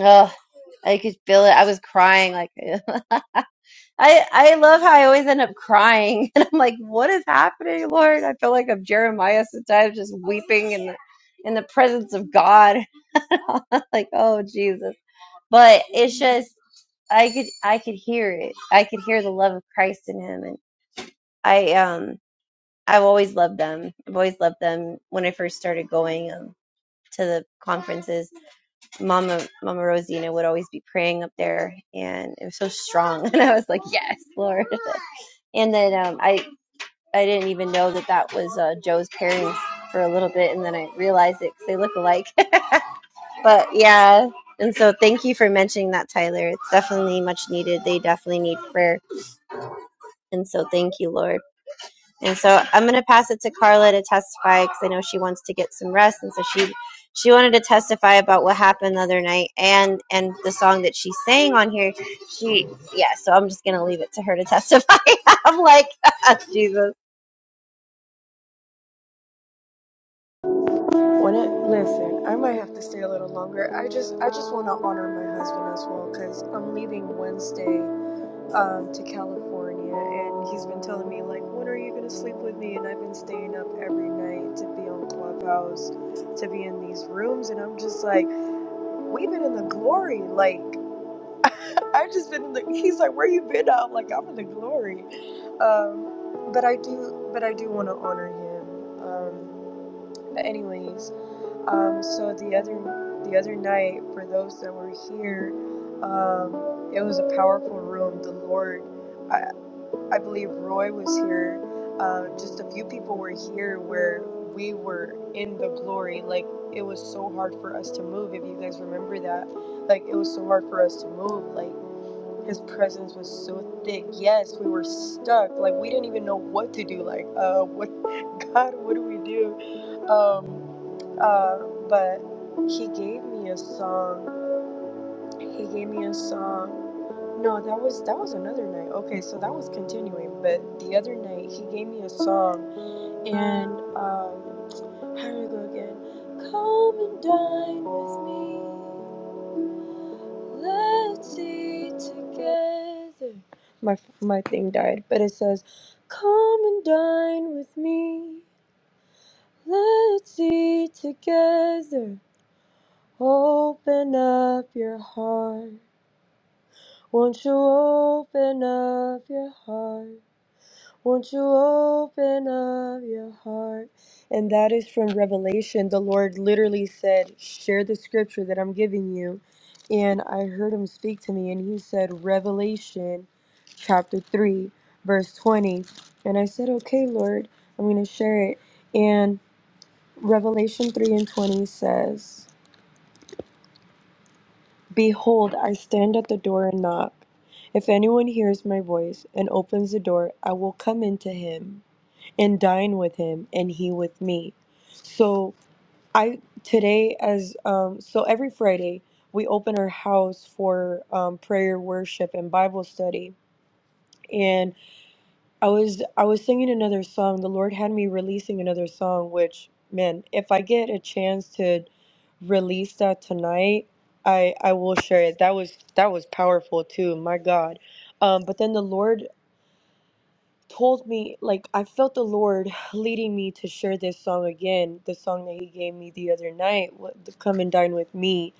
Speaker 2: oh, I could feel it. I was crying, like *laughs* I I love how I always end up crying, *laughs* and I'm like, what is happening, Lord? I feel like I'm Jeremiah sometimes, just weeping in the in the presence of God, *laughs* like oh Jesus. But it's just I could I could hear it. I could hear the love of Christ in him, and I um I've always loved them. I've always loved them. When I first started going um, to the conferences, Mama Mama Rosina would always be praying up there, and it was so strong. *laughs* And I was like, "Yes, Lord." *laughs* And then um, I I didn't even know that that was uh, Joe's parents for a little bit, and then I realized it because they look alike. *laughs* but yeah, and so thank you for mentioning that, Tyler. It's definitely much needed. They definitely need prayer, and so thank you, Lord. And so I'm going to pass it to Carla to testify because I know she wants to get some rest, and so she she wanted to testify about what happened the other night and and the song that she sang on here. She yeah. So I'm just going to leave it to her to testify. *laughs* I'm like *laughs* Jesus.
Speaker 4: When I, listen, I might have to stay a little longer. I just, I just want to honor my husband as well, cause I'm leaving Wednesday um, to California, and he's been telling me like, when are you gonna sleep with me? And I've been staying up every night to be on Clubhouse, to be in these rooms, and I'm just like, we've been in the glory. Like, *laughs* I've just been in the. He's like, where you been? I'm like, I'm in the glory. Um, but I do, but I do want to honor him. Um, but anyways, um, so the other the other night, for those that were here, um, it was a powerful room. The Lord. I, I believe Roy was here. Uh, just a few people were here where we were in the glory. Like it was so hard for us to move. If you guys remember that, like it was so hard for us to move. Like his presence was so thick. Yes, we were stuck. Like we didn't even know what to do. Like uh, what, *laughs* God, what do we do? Um, uh, but he gave me a song he gave me a song. No, that was that was another night. Okay, so that was continuing, but the other night he gave me a song and um how do we go again? Come and dine with me. Let's eat together. My my thing died, but it says, "Come and dine with me. Let's eat together. Open up your heart." Won't you open up your heart? Won't you open up your heart? And that is from Revelation. The Lord literally said, Share the scripture that I'm giving you. And I heard him speak to me, and he said, Revelation chapter 3, verse 20. And I said, Okay, Lord, I'm going to share it. And Revelation 3 and 20 says, Behold, I stand at the door and knock. If anyone hears my voice and opens the door, I will come into him and dine with him and he with me. So I today as um so every Friday we open our house for um prayer, worship and Bible study. and. I was I was singing another song. The Lord had me releasing another song, which man, if I get a chance to release that tonight, I I will share it. That was that was powerful too. My God. Um, but then the Lord told me, like I felt the Lord *sighs* leading me to share this song again. The song that He gave me the other night, what- the "Come and Dine with Me."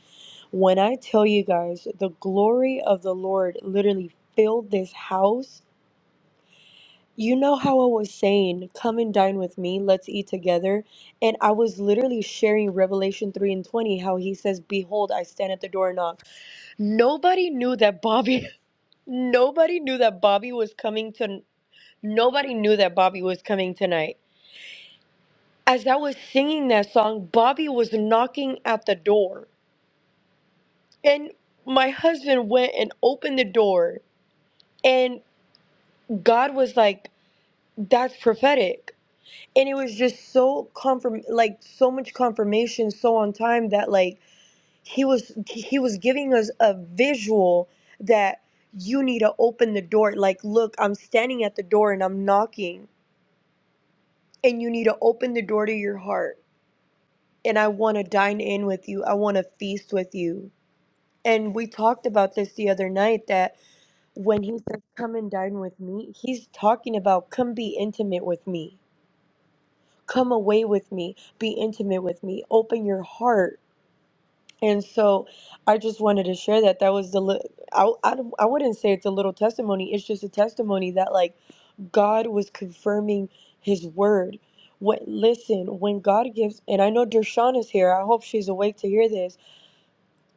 Speaker 4: When I tell you guys, the glory of the Lord literally filled this house you know how I was saying, come and dine with me, let's eat together. And I was literally sharing Revelation 3 and 20, how he says, Behold, I stand at the door and knock. Nobody knew that Bobby, *laughs* nobody knew that Bobby was coming to, nobody knew that Bobby was coming tonight. As I was singing that song, Bobby was knocking at the door. And my husband went and opened the door. And God was like, that's prophetic and it was just so confirm like so much confirmation so on time that like he was he was giving us a visual that you need to open the door like look i'm standing at the door and i'm knocking and you need to open the door to your heart and i want to dine in with you i want to feast with you and we talked about this the other night that when he says come and dine with me he's talking about come be intimate with me come away with me, be intimate with me, open your heart. And so I just wanted to share that. That was the, li- I, I, don't- I wouldn't say it's a little testimony. It's just a testimony that, like, God was confirming his word. What, listen, when God gives, and I know Dershawn is here. I hope she's awake to hear this.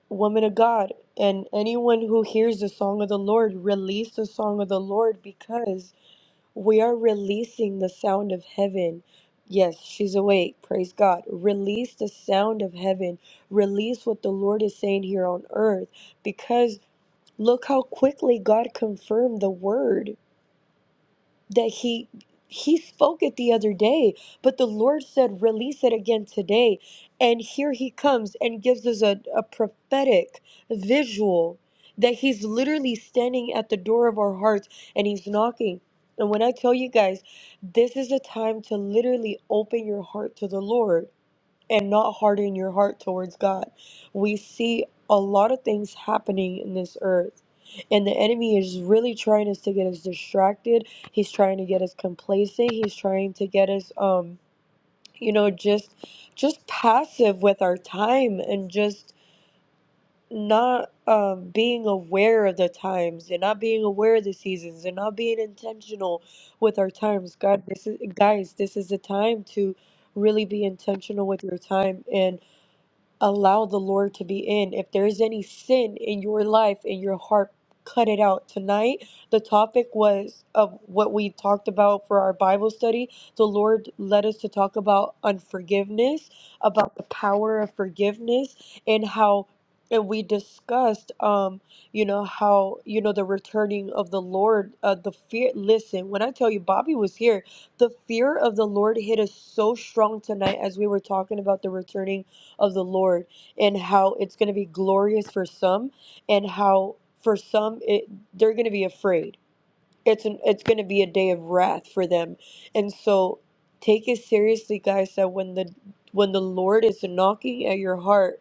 Speaker 4: Woman of God, and anyone who hears the song of the Lord, release the song of the Lord because we are releasing the sound of heaven. Yes, she's awake. Praise God. Release the sound of heaven. Release what the Lord is saying here on earth because look how quickly God confirmed the word that he he spoke it the other day but the lord said release it again today and here he comes and gives us a, a prophetic visual that he's literally standing at the door of our hearts and he's knocking and when i tell you guys this is a time to literally open your heart to the lord and not harden your heart towards God. We see a lot of things happening in this earth. And the enemy is really trying us to get us distracted. He's trying to get us complacent. He's trying to get us um you know just just passive with our time and just not um being aware of the times and not being aware of the seasons and not being intentional with our times. God, this is guys, this is the time to really be intentional with your time and allow the Lord to be in. If there's any sin in your life, in your heart, cut it out. Tonight, the topic was of what we talked about for our Bible study. The Lord led us to talk about unforgiveness, about the power of forgiveness, and how and we discussed um you know how you know the returning of the lord uh the fear listen when i tell you bobby was here the fear of the lord hit us so strong tonight as we were talking about the returning of the Lord and how it's going to be glorious for some and how for some it, they're going to be afraid. It's an it's going to be a day of wrath for them. And so take it seriously guys that when the when the Lord is knocking at your heart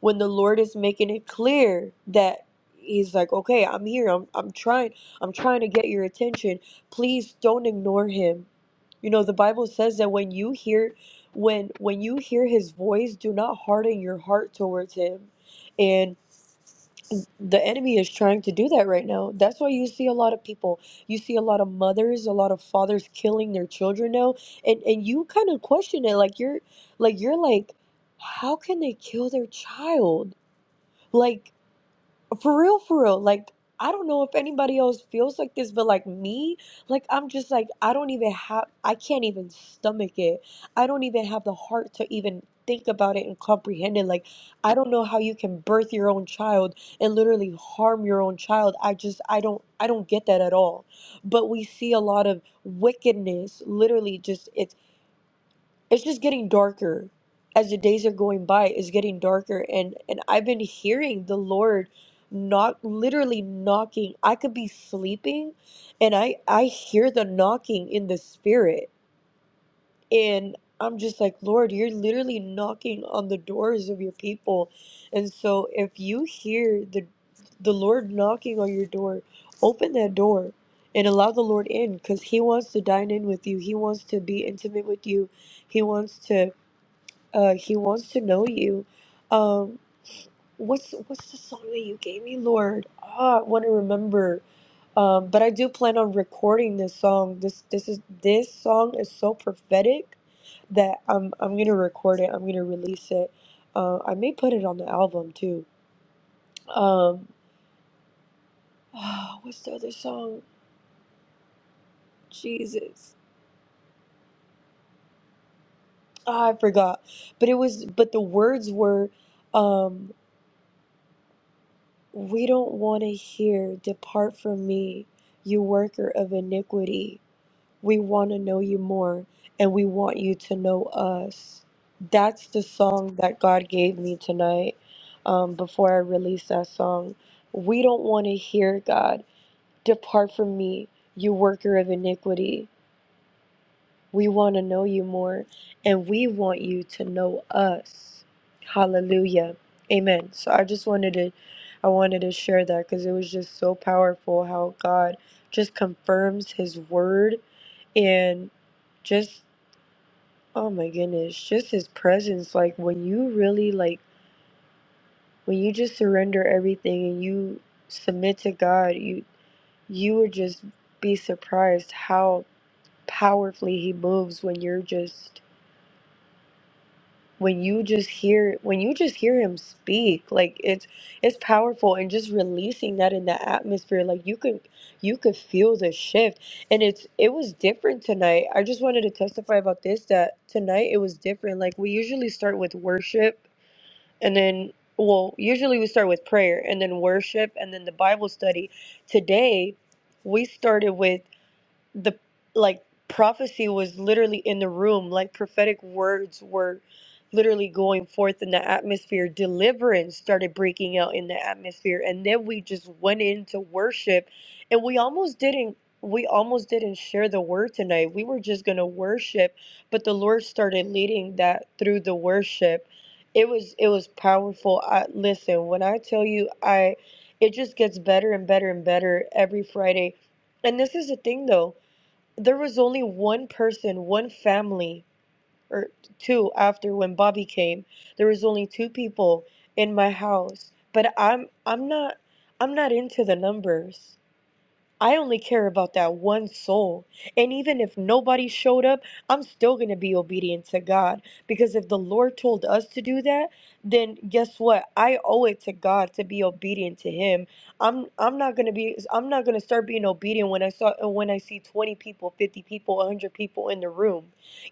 Speaker 4: when the Lord is making it clear that he's like, "Okay, I'm here. I'm I'm trying. I'm trying to get your attention. Please don't ignore him." You know, the Bible says that when you hear when when you hear his voice, do not harden your heart towards him. And the enemy is trying to do that right now. That's why you see a lot of people. You see a lot of mothers, a lot of fathers killing their children now. And and you kind of question it like you're like you're like how can they kill their child? Like, for real, for real. Like, I don't know if anybody else feels like this, but like me, like, I'm just like, I don't even have, I can't even stomach it. I don't even have the heart to even think about it and comprehend it. Like, I don't know how you can birth your own child and literally harm your own child. I just, I don't, I don't get that at all. But we see a lot of wickedness, literally just it's just getting darker as the days are going by it's getting darker and and i've been hearing the lord knock literally knocking i could be sleeping and i i hear the knocking in the spirit and i'm just like lord you're literally knocking on the doors of your people and so if you hear the the lord knocking on your door open that door and allow the lord in because he wants to dine in with you he wants to be intimate with you he wants to uh, he wants to know you. Um, what's what's the song that you gave me, Lord? Ah, I want to remember. Um, but I do plan on recording this song. This this is this song is so prophetic that I'm I'm gonna record it. I'm gonna release it. Uh, I may put it on the album too. Um, ah, what's the other song? Jesus, ah, I forgot. But it was but the words were. Um, We don't want to hear, Depart from me, you worker of iniquity. We want to know you more, and we want you to know us. That's the song that God gave me tonight um, before I release that song. We don't want to hear, God, Depart from me, you worker of iniquity. We want to know you more and we want you to know us. Hallelujah. Amen. So I just wanted to I wanted to share that cuz it was just so powerful how God just confirms his word and just oh my goodness, just his presence like when you really like when you just surrender everything and you submit to God, you you would just be surprised how powerfully he moves when you're just when you just hear when you just hear him speak like it's it's powerful and just releasing that in the atmosphere like you could you could feel the shift and it's it was different tonight i just wanted to testify about this that tonight it was different like we usually start with worship and then well usually we start with prayer and then worship and then the bible study today we started with the like prophecy was literally in the room like prophetic words were literally going forth in the atmosphere deliverance started breaking out in the atmosphere and then we just went into worship and we almost didn't we almost didn't share the word tonight we were just going to worship but the lord started leading that through the worship it was it was powerful I, listen when i tell you i it just gets better and better and better every friday and this is the thing though there was only one person, one family, or two after when Bobby came. There was only two people in my house, but I'm I'm not I'm not into the numbers. I only care about that one soul. And even if nobody showed up, I'm still going to be obedient to God. Because if the Lord told us to do that, then guess what? I owe it to God to be obedient to him. I'm I'm not going to be I'm not going to start being obedient when I saw uh, when I see 20 people, 50 people, 100 people in the room.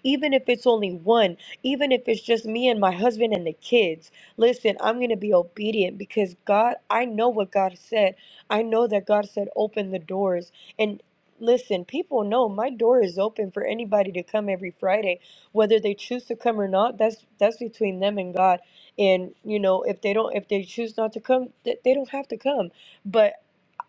Speaker 4: Even if it's only one, even if it's just me and my husband and the kids. Listen, I'm going to be obedient because God, I know what God said. I know that God said, open the doors. And listen, people know my door is open for anybody to come every Friday. Whether they choose to come or not, that's that's between them and God. And you know, if they don't if they choose not to come, th- they don't have to come. But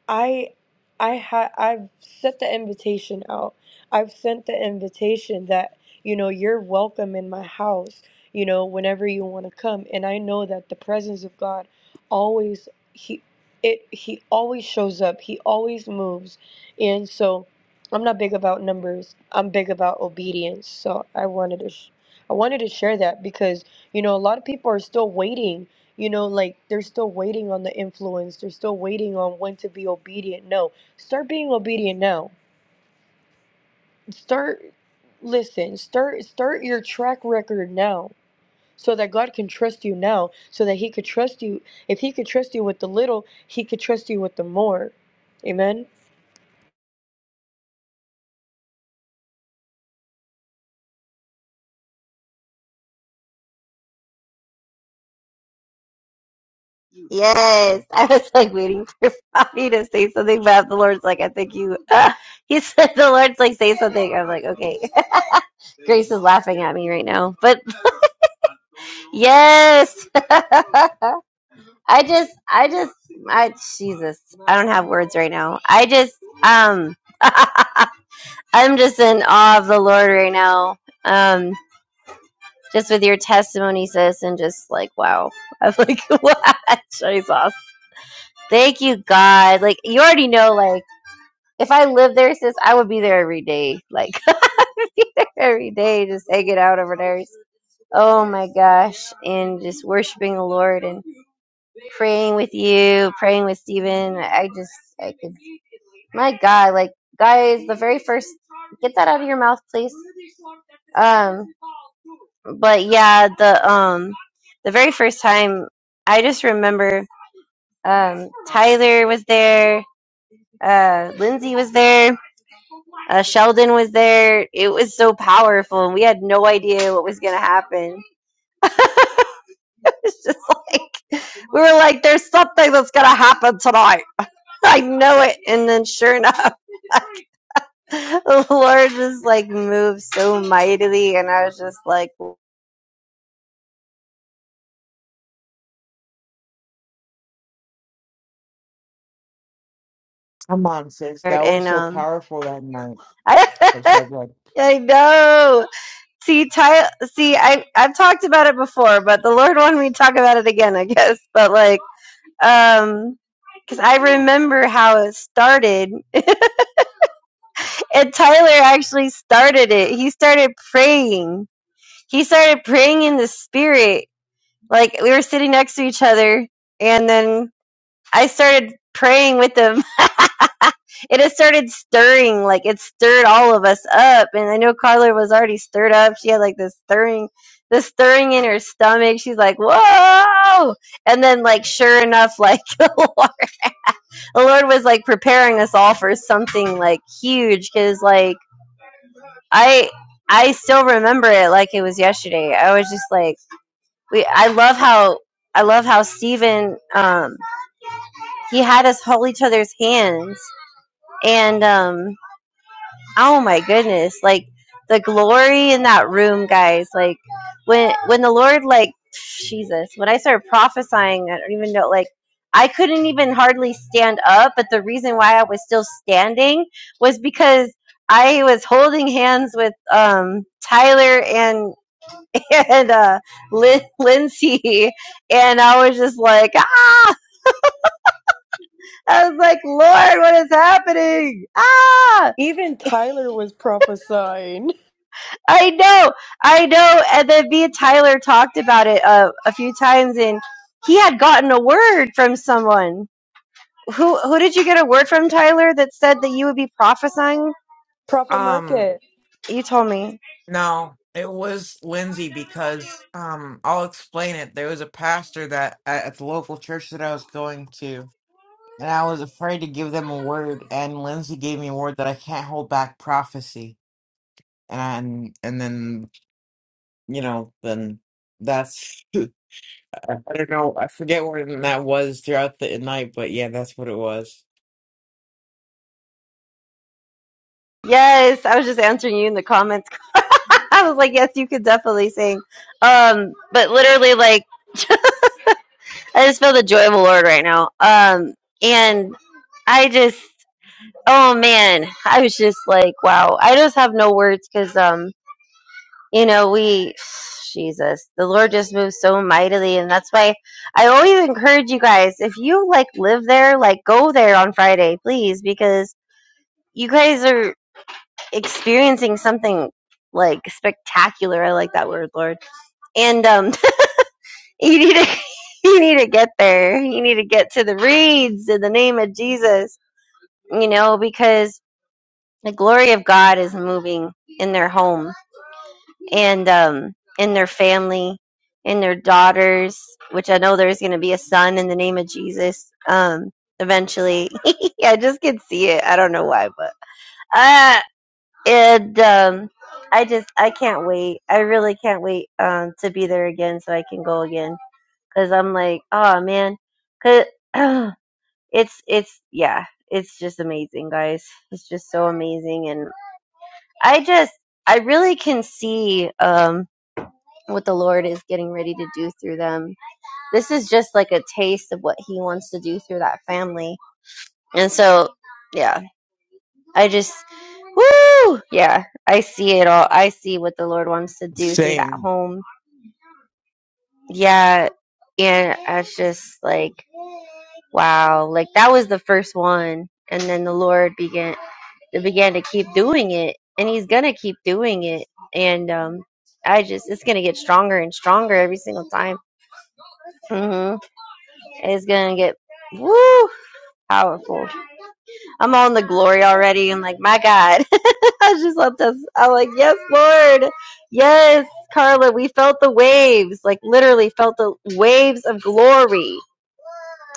Speaker 4: I I ha I've set the invitation out. I've sent the invitation that, you know, you're welcome in my house, you know, whenever you want to come. And I know that the presence of God always he it he always shows up. He always moves. And so I'm not big about numbers. I'm big about obedience. So I wanted to sh- I wanted to share that because, you know, a lot of people are still waiting you know, like they're still waiting on the influence. They're still waiting on when to be obedient. No, start being obedient now. Start, listen, start, start your track record now so that God can trust you now, so that He could trust you. If He could trust you with the little, He could trust you with the more. Amen.
Speaker 2: Yes, I was like waiting for Bobby to say something, but the Lord's like, I think you. *laughs* he said the Lord's like, say something. I'm like, okay. *laughs* Grace is laughing at me right now, but yes. *laughs* I just, I just, I Jesus, I don't have words right now. I just, um, *laughs* I'm just in awe of the Lord right now. Um, just with your testimony, sis, and just like wow, I'm like *laughs* wow, Jesus, thank you, God. Like you already know, like if I lived there, sis, I would be there every day. Like *laughs* I would be there every day, just hanging out over there. Oh my gosh, and just worshiping the Lord and. praying with you, praying with Steven. I just, I could, my God, like, guys, the very first, get that out of your mouth, please. Um, but yeah, the, um, the very first time, I just remember, um, Tyler was there, uh, Lindsay was there, uh, Sheldon was there. It was so powerful, and we had no idea what was going to happen. *laughs* It's just like, we were like, there's something that's going to happen tonight. I know it. And then sure enough, *laughs* the Lord just like moved so mightily, and I was just like,
Speaker 3: come on sis
Speaker 2: Lord,
Speaker 3: that was
Speaker 2: and
Speaker 3: so
Speaker 2: um,
Speaker 3: powerful that night i'm
Speaker 2: I,
Speaker 3: sorry go ahead.
Speaker 2: *laughs* I know. See, Ty, see, I I've talked about it before, but the Lord wanted me to talk about it again, I guess. *laughs* But like, um, because I remember how it started, *laughs* and Tyler actually started it. He started praying. He started praying in the spirit. Like we were sitting next to each other, and then I started praying with him. *laughs* it has started stirring, like it stirred all of us up. And I know Carla was already stirred up. She had like this stirring, this stirring in her stomach. She's like, whoa! And then, like, sure enough, like *laughs* the Lord, the Lord was like preparing us all for something like huge. Because like I, I still remember it like it was yesterday. I was just like, we. I love how. I love how Stephen, um, he had us hold each other's hands, and um, Oh my goodness. Like the glory in that room, guys. Like when when the Lord like Jesus, when I started prophesying, I don't even know like I couldn't even hardly stand up, but the reason why I was still standing was because I was holding hands with um Tyler and *laughs* and uh Lin- Lindsay and I was just like ah I was like Lord what is happening ah
Speaker 4: Even Tyler was prophesying.
Speaker 2: I know, I know. And then me and Tyler talked about it uh, a few times, and he had gotten a word from someone. Who who did you get a word from, Tyler, that said that you would be prophesying?
Speaker 4: *laughs* Prophet
Speaker 3: Um,
Speaker 4: Market,
Speaker 2: You told me.
Speaker 3: no, it was Lindsay because um, I'll explain it. There was a pastor that at at the local church that I was going to, and I was afraid to give them a word, and Lindsay gave me a word that I can't hold back prophecy, and and then you know then that's *laughs* I I don't know. I forget where that was throughout the night, but yeah, that's what it was.
Speaker 2: Yes, I was just answering you in the comments. *laughs* I was like, yes, you could definitely sing. Um, but literally, like, *laughs* I just feel the joy of the Lord right now. Um, and I just, oh man, I was just like, wow. I just have no words because you know, we, Jesus, the Lord just moves so mightily. And that's why I always encourage you guys, if you like live there, like go there on Friday, please, because you guys are experiencing something like spectacular. I like that word, Lord. And, um, *laughs* you need to, *laughs* you need to get there. You need to get to the reeds in the name of Jesus, you know, because the glory of God is moving in their home. and um and their family in their daughters, which I know there's going to be a son in the name of Jesus. Um, eventually, *laughs* I just can see it. I don't know why, but uh, and um, I just I can't wait. I really can't wait um to be there again so I can go again because I'm like, oh man, cause *clears throat* it's it's yeah, it's just amazing, guys. It's just so amazing, and I just I really can see um what the Lord is getting ready to do through them. This is just like a taste of what He wants to do through that family. And so, yeah, I just, woo! Yeah, I see it all. I see what the Lord wants to do through that
Speaker 3: Same.
Speaker 2: home. Yeah. And I was just like, wow, like that was the first one. And then the Lord began, began to keep doing it. And He's going to keep doing it. And, um, I just, it's going to get stronger and stronger every single time. hmm It's gonna get woo powerful. I'm on the glory already. I'm like, my God. *laughs* I just love this. I'm like, yes, Lord. Yes, Carla, we felt the waves. Like literally felt the waves of glory.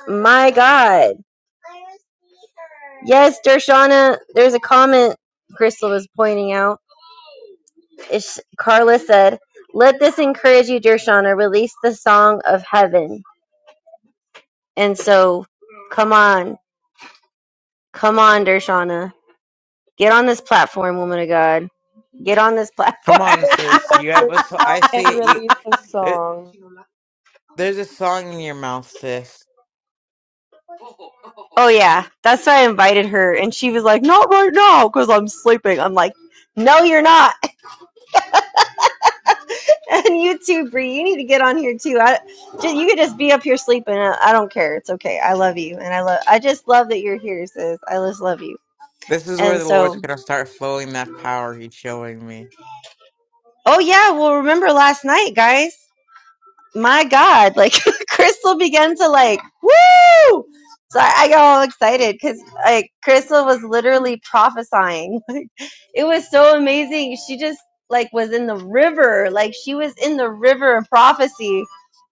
Speaker 2: My God. Yes, Dershana, there's a comment Crystal was pointing out. It's, Carla said, Let this encourage you, Dershana. Release the song of heaven. And so, come on. Come on, Dershana. Get on this platform, woman of God. Get on this platform.
Speaker 3: Come on,
Speaker 4: get,
Speaker 2: *laughs*
Speaker 4: get
Speaker 3: sis.
Speaker 4: up
Speaker 3: You have
Speaker 4: here
Speaker 3: a. so- I
Speaker 4: now and
Speaker 3: see it. You.
Speaker 4: release the
Speaker 3: There,
Speaker 4: song.
Speaker 3: there's a song in your mouth, sis.
Speaker 2: oh, yeah. That's why I invited her. And she was like, not right now because I'm sleeping. I'm like, no, you're not. *laughs* and you too, Bree. You need to get on here too. I, just, you could just be up here sleeping. I, I don't care. It's okay. I love you. And I love, I just love that you're here, sis. I just love you.
Speaker 3: This is where
Speaker 2: And
Speaker 3: the Lord's
Speaker 2: so,
Speaker 3: gonna start flowing that power He's showing me.
Speaker 2: oh, yeah. Well, remember last night, guys. my God, like *laughs* Crystal began to like, woo! So I, I got all excited because like Crystal was literally prophesying. *laughs* It was so amazing. She just like was in the river, like she was in the river of prophecy.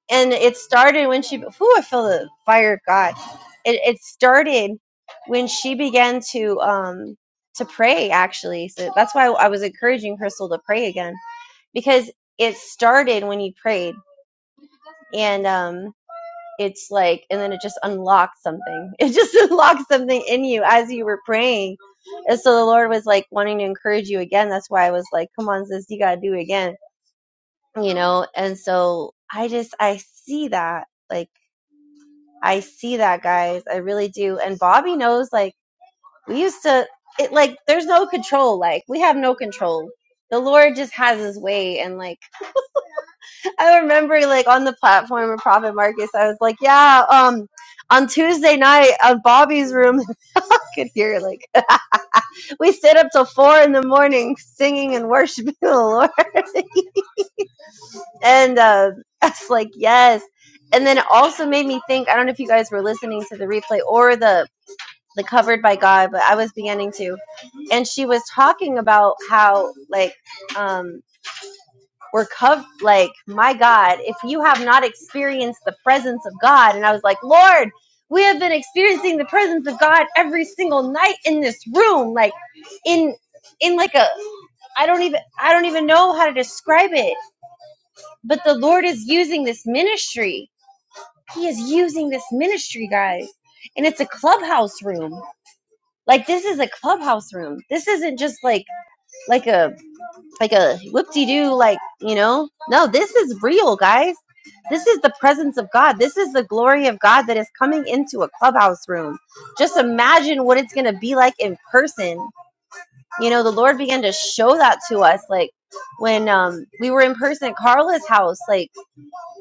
Speaker 2: And it started when she, whoo, I feel the fire of God. It, it started when she began to, um, to pray actually. So that's why I was encouraging Crystal to pray again because it started when you prayed. And, um, it's like and then it just unlocked something it just *laughs* unlocked something in you as you were praying and so the lord was like wanting to encourage you again that's why i was like come on sis you gotta do it again you know and so i just i see that like i see that guys i really do and bobby knows like we used to it like there's no control like we have no control the lord just has his way and like I remember like on the platform of Prophet Marcus, I was like, yeah, um, on Tuesday night on Bobby's room, *laughs* I could hear like *laughs* we stayed up till four in the morning singing and worshiping the Lord. *laughs* And uh, I was like, yes. And then it also made me think, I don't know if you guys were listening to the replay or the the covered by God, but I was beginning to. And she was talking about how like um were covered. Like, my God, if you have not experienced the presence of God, and I was like, Lord, we have been experiencing the presence of God every single night in this room, like in in like a I don't even I don't even know how to describe it. But the Lord is using this ministry. He is using this ministry, guys. And it's a clubhouse room. Like this is a clubhouse room. This isn't just like like a like a whoop-de-doo like you know no this is real guys this is the presence of god this is the glory of god that is coming into a clubhouse room just imagine what it's going to be like in person you know the lord began to show that to us like when um, we were in person at carla's house like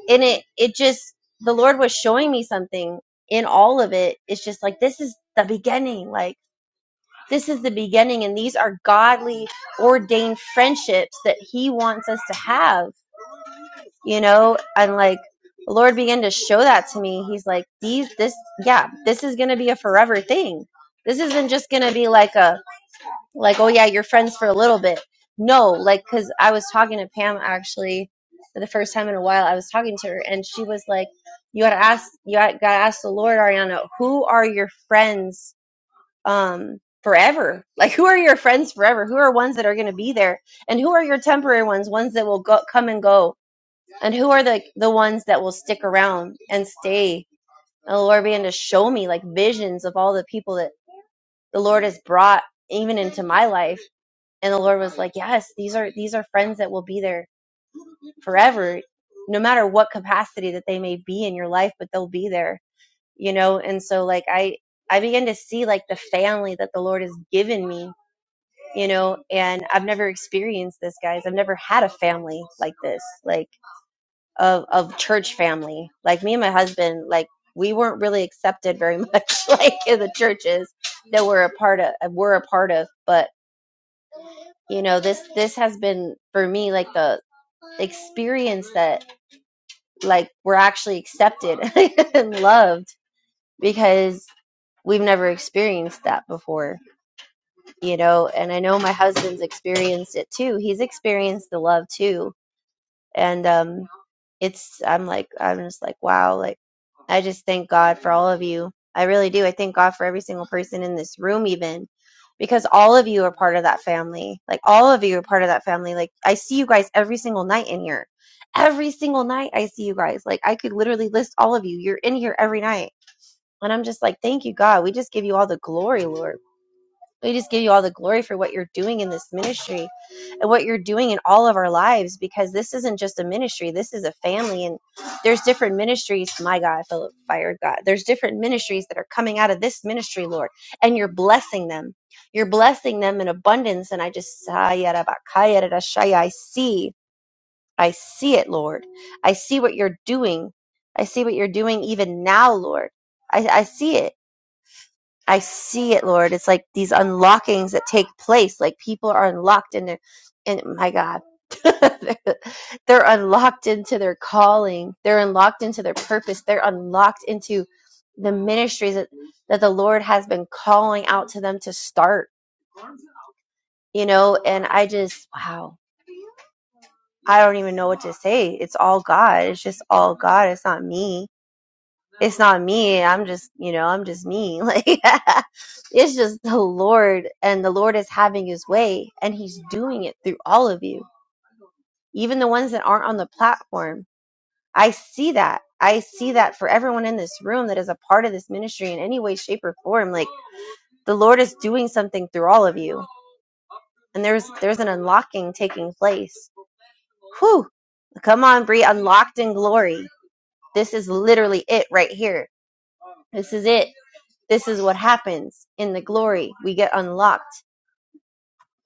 Speaker 2: and it it just the lord was showing me something in all of it it's just like this is the beginning like this is the beginning, and these are godly ordained friendships that He wants us to have, you know? And like, the Lord began to show that to me. He's like, these, this, yeah, this is going to be a forever thing. This isn't just going to be like a, like, oh yeah, you're friends for a little bit. No, like, cause I was talking to Pam actually for the first time in a while. I was talking to her, and she was like, you gotta ask, you gotta ask the Lord, Ariana, who are your friends um, forever. Like, who are your friends forever? Who are ones that are going to be there? And who are your temporary ones, ones that will go, come and go? And who are the, the ones that will stick around and stay? And the Lord began to show me like visions of all the people that the Lord has brought even into my life. And the Lord was like, yes, these are, these are friends that will be there forever, no matter what capacity that they may be in your life, but they'll be there, you know? And so like, I, I began to see like the family that the Lord has given me you know and i've never experienced this guys i've never had a family like this like of of church family like me and my husband like we weren't really accepted very much *laughs* like in the churches that we're a part of uh, we're a part of but you know this this has been for me like the experience that like we're actually accepted *laughs* and loved because we've never experienced that before you know and i know my husband's experienced it too he's experienced the love too and um it's i'm like i'm just like wow like i just thank god for all of you i really do i thank god for every single person in this room even because all of you are part of that family like all of you are part of that family like i see you guys every single night in here every single night i see you guys like i could literally list all of you you're in here every night and i'm just like thank you god we just give you all the glory lord we just give you all the glory for what you're doing in this ministry and what you're doing in all of our lives because this isn't just a ministry, this is a family. And there's different ministries. My God, I feel fired, God. There's different ministries that are coming out of this ministry, Lord, and you're blessing them. You're blessing them in abundance. And I just, I see, I see it, Lord. I see what you're doing. I see what you're doing even now, Lord. I, I see it. I see it, Lord. It's like these unlockings that take place. Like people are unlocked into, and my God, *laughs* they're they're unlocked into their calling. They're unlocked into their purpose. They're unlocked into the ministries that, that the Lord has been calling out to them to start, you know? And I just, wow, I don't even know what to say. It's all God. It's just all God. It's not me it's not me. I'm just, you know, I'm just me. *laughs* Like, it's just the Lord, and the Lord is having his way, and he's doing it through all of you, even the ones that aren't on the platform. I see that. I see that for everyone in this room that is a part of this ministry in any way, shape, or form. Like, the Lord is doing something through all of you, and there's there's an unlocking taking place. Whew! Come on, Bree, unlocked in glory. This is literally it right here. This is it This is what happens in the glory. We get unlocked,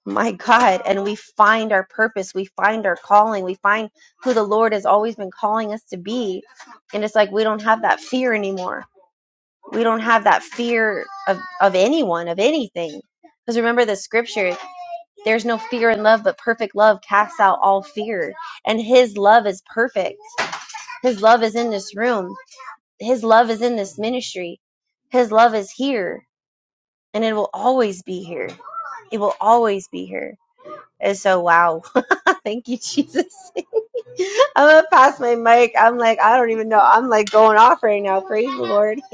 Speaker 2: my God, and we find our purpose. We find our calling. We find who the Lord has always been calling us to be. And it's like we don't have that fear anymore. We don't have that fear of, of anyone, of anything. Because remember the scripture there's no fear in love, but perfect love casts out all fear. And his love is perfect. His love is in this room. His love is in this ministry. His love is here. and it will always be here. It will always be here. And so, wow. *laughs* Thank you, Jesus. *laughs* I'm going to pass my mic. I'm like, I don't even know. I'm like going off right now. Praise the Lord. *laughs*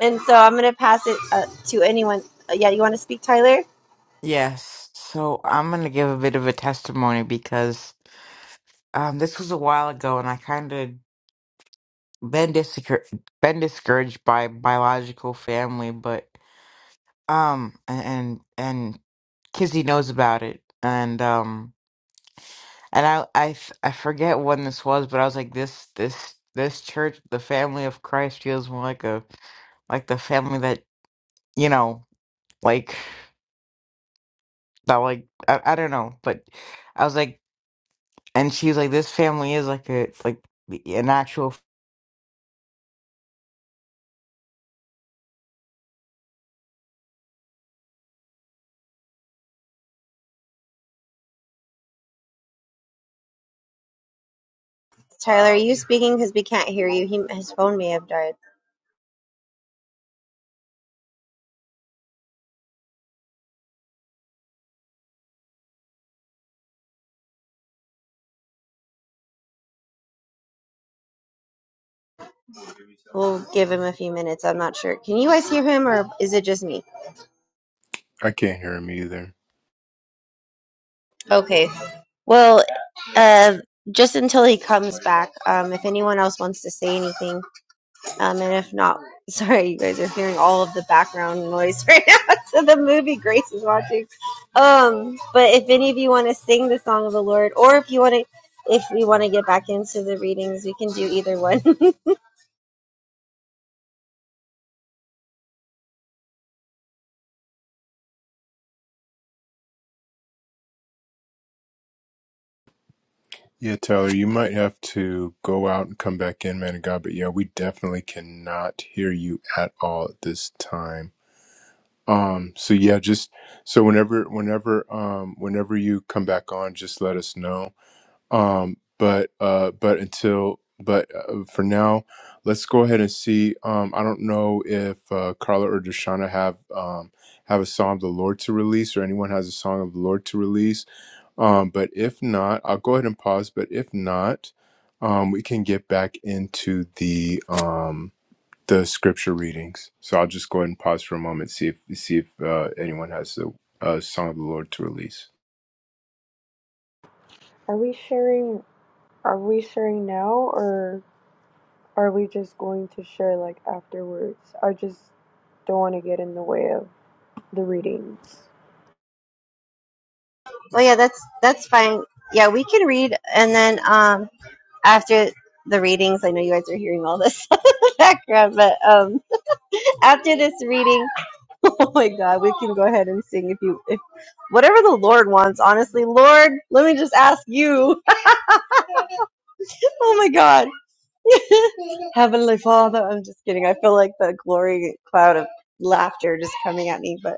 Speaker 2: and so I'm going to pass it uh, to anyone. Uh, yeah, you want to speak, Tyler?
Speaker 3: Yes. So I'm gonna give a bit of a testimony because um, this was a while ago, and I kind of been discour- been discouraged by biological family, but. Um, and and Kizzy knows about it, and um, and I I f- I forget when this was, but I was like this this this church, the family of Christ, feels more like a like the family that you know, like that, like I, I don't know, but I was like, and she was like, this family is like a like an actual. f-
Speaker 2: Tyler, are you speaking? Because we can't hear you. He, his phone may have died. We'll give him a few minutes. I'm not sure. Can you guys hear him or is it just me?
Speaker 1: I can't hear him either.
Speaker 2: Okay. Well, uh, just until he comes back, um, if anyone else wants to say anything, Um, and if not, *laughs* sorry, you guys are hearing all of the background noise right now *laughs* to the movie Grace is watching. Um, but if any of you want to sing the song of the Lord, or if you want to, if we want to get back into the readings, we can do either one. *laughs*
Speaker 1: Yeah, Tyler, you might have to go out and come back in, man of God. But yeah, we definitely cannot hear you at all at this time. Um, so yeah, just so whenever, whenever, um, whenever you come back on, just let us know um but uh but until but uh, for now let's go ahead and see um i don't know if uh carla or Deshauna have um have a song of the lord to release or anyone has a song of the lord to release um but if not i'll go ahead and pause but if not um we can get back into the um the scripture readings so i'll just go ahead and pause for a moment see if see if uh, anyone has a, a song of the lord to release
Speaker 4: Are we sharing? Are we sharing now or? Are we just going to share like afterwards? I just don't want to get in the way of the readings.
Speaker 2: well, yeah, that's that's fine. Yeah, we can read, and then um, after the readings, I know you guys are hearing all this *laughs* background, but um, *laughs* after this reading. *laughs* Oh my God, we can go ahead and sing if you, if whatever the Lord wants. Honestly, Lord, let me just ask you. *laughs* oh my God, *laughs* Heavenly Father. I'm just kidding. I feel like the glory cloud of laughter just coming at me. But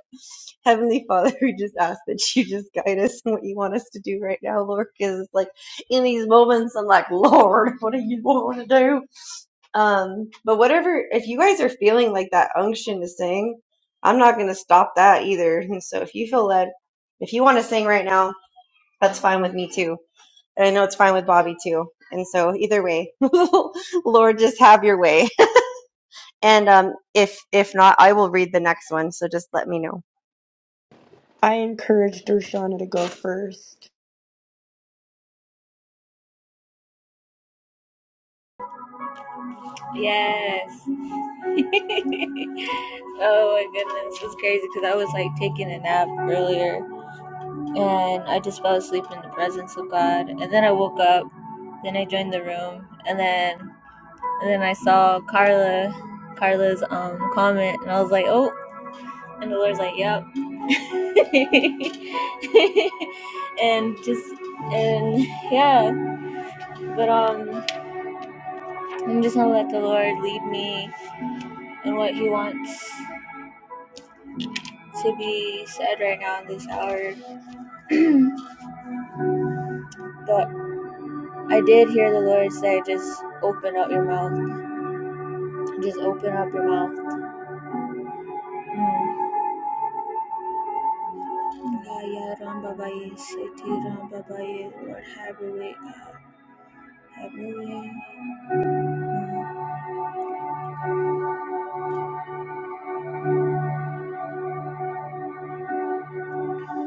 Speaker 2: Heavenly Father, *laughs* we just ask that you just guide us in what you want us to do right now, Lord. Because it's like in these moments, I'm like, Lord, what do you want to do? Um, but whatever, if you guys are feeling like that unction to sing, I'm not going to stop that either. *laughs* And so if you feel led, if you want to sing right now, that's fine with me too. And I know it's fine with Bobby too. And so either way, *laughs* Lord, just have your way. *laughs* And um, if if not, I will read the next one. So just let me know.
Speaker 4: I encouraged Dershana to go first.
Speaker 6: Yes. *laughs* oh my goodness, it's crazy because I was like taking a nap earlier and I just fell asleep in the presence of God. And then I woke up, then I joined the room, and then and then I saw Carla Carla's um comment and I was like, Oh and the Lord's like, Yep. *laughs* and just and yeah. But um I'm just gonna let the Lord lead me in what he wants to be said right now in this hour. But I did hear the Lord say, just open up your mouth. Just open up your mouth. Mm. Lord, have your way, God. Have your way. Mm.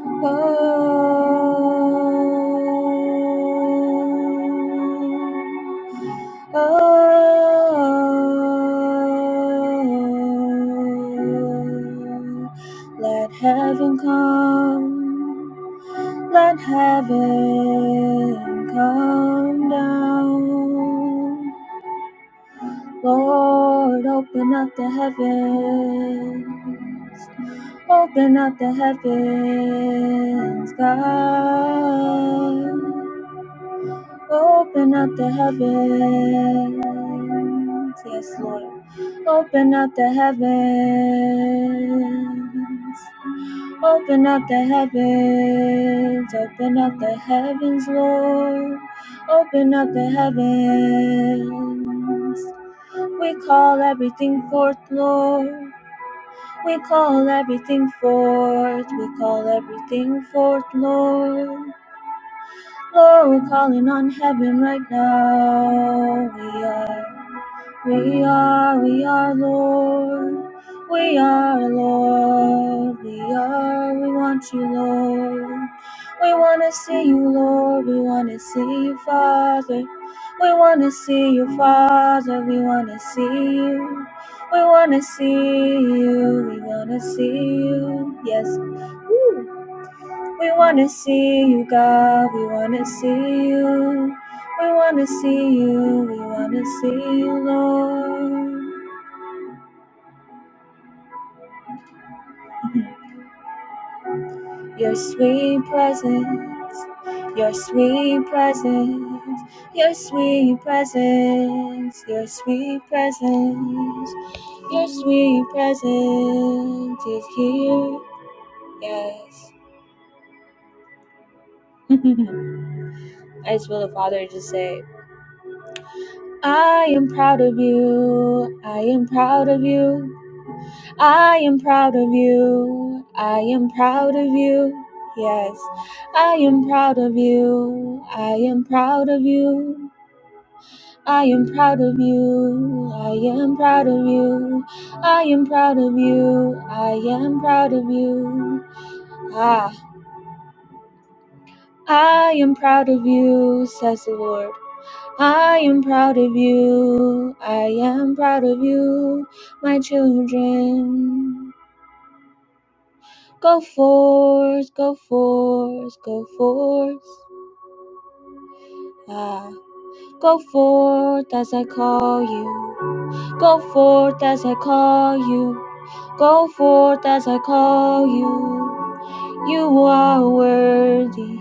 Speaker 6: oh. oh. Let heaven come. Let heaven come down. Lord, open up the heavens. Open up the heavens, God. Open up the heavens. Yes, Lord. Open up the heavens. Open up the heavens, open up the heavens, Lord. Open up the heavens. We call everything forth, Lord. We call everything forth. We call everything forth, Lord. Lord, we're calling on heaven right now. We are, we are, we are, Lord. We are, Lord. We are, we want you, Lord. We want to see you, Lord. We want to see you, Father. We want to see you, Father. We want to see you. We want to see you. We want to see you. Yes. Woo. We wanna see you, God. We wanna see you. We wanna see you. We wanna see you, Lord. Your sweet presence. Your sweet presence. Your sweet presence. Your sweet presence. Your sweet presence is here. Yes. *laughs* I just feel the Father just say, I am proud of you. I am proud of you. I am proud of you. I am proud of you. Yes, I am proud of you. I am proud of you. I am proud of you. I am proud of you. I am proud of you. I am proud of you. Ah, I am proud of you, says the Lord. I am proud of you. I am proud of you, my children. Go forth, go forth, go forth. Ah, go forth as I call you. Go forth as I call you. Go forth as I call you. You are worthy.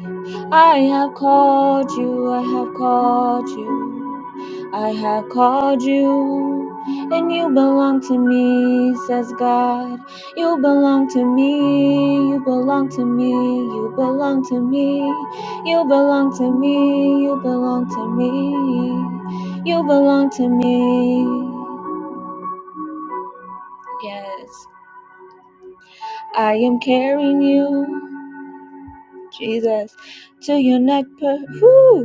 Speaker 6: I have called you, I have called you, I have called you, and you belong to me, says God. You belong to me, you belong to me, you belong to me, you belong to me, you belong to me, you belong to me. Yes, I am carrying you, Jesus, to your neck. Per- Whew.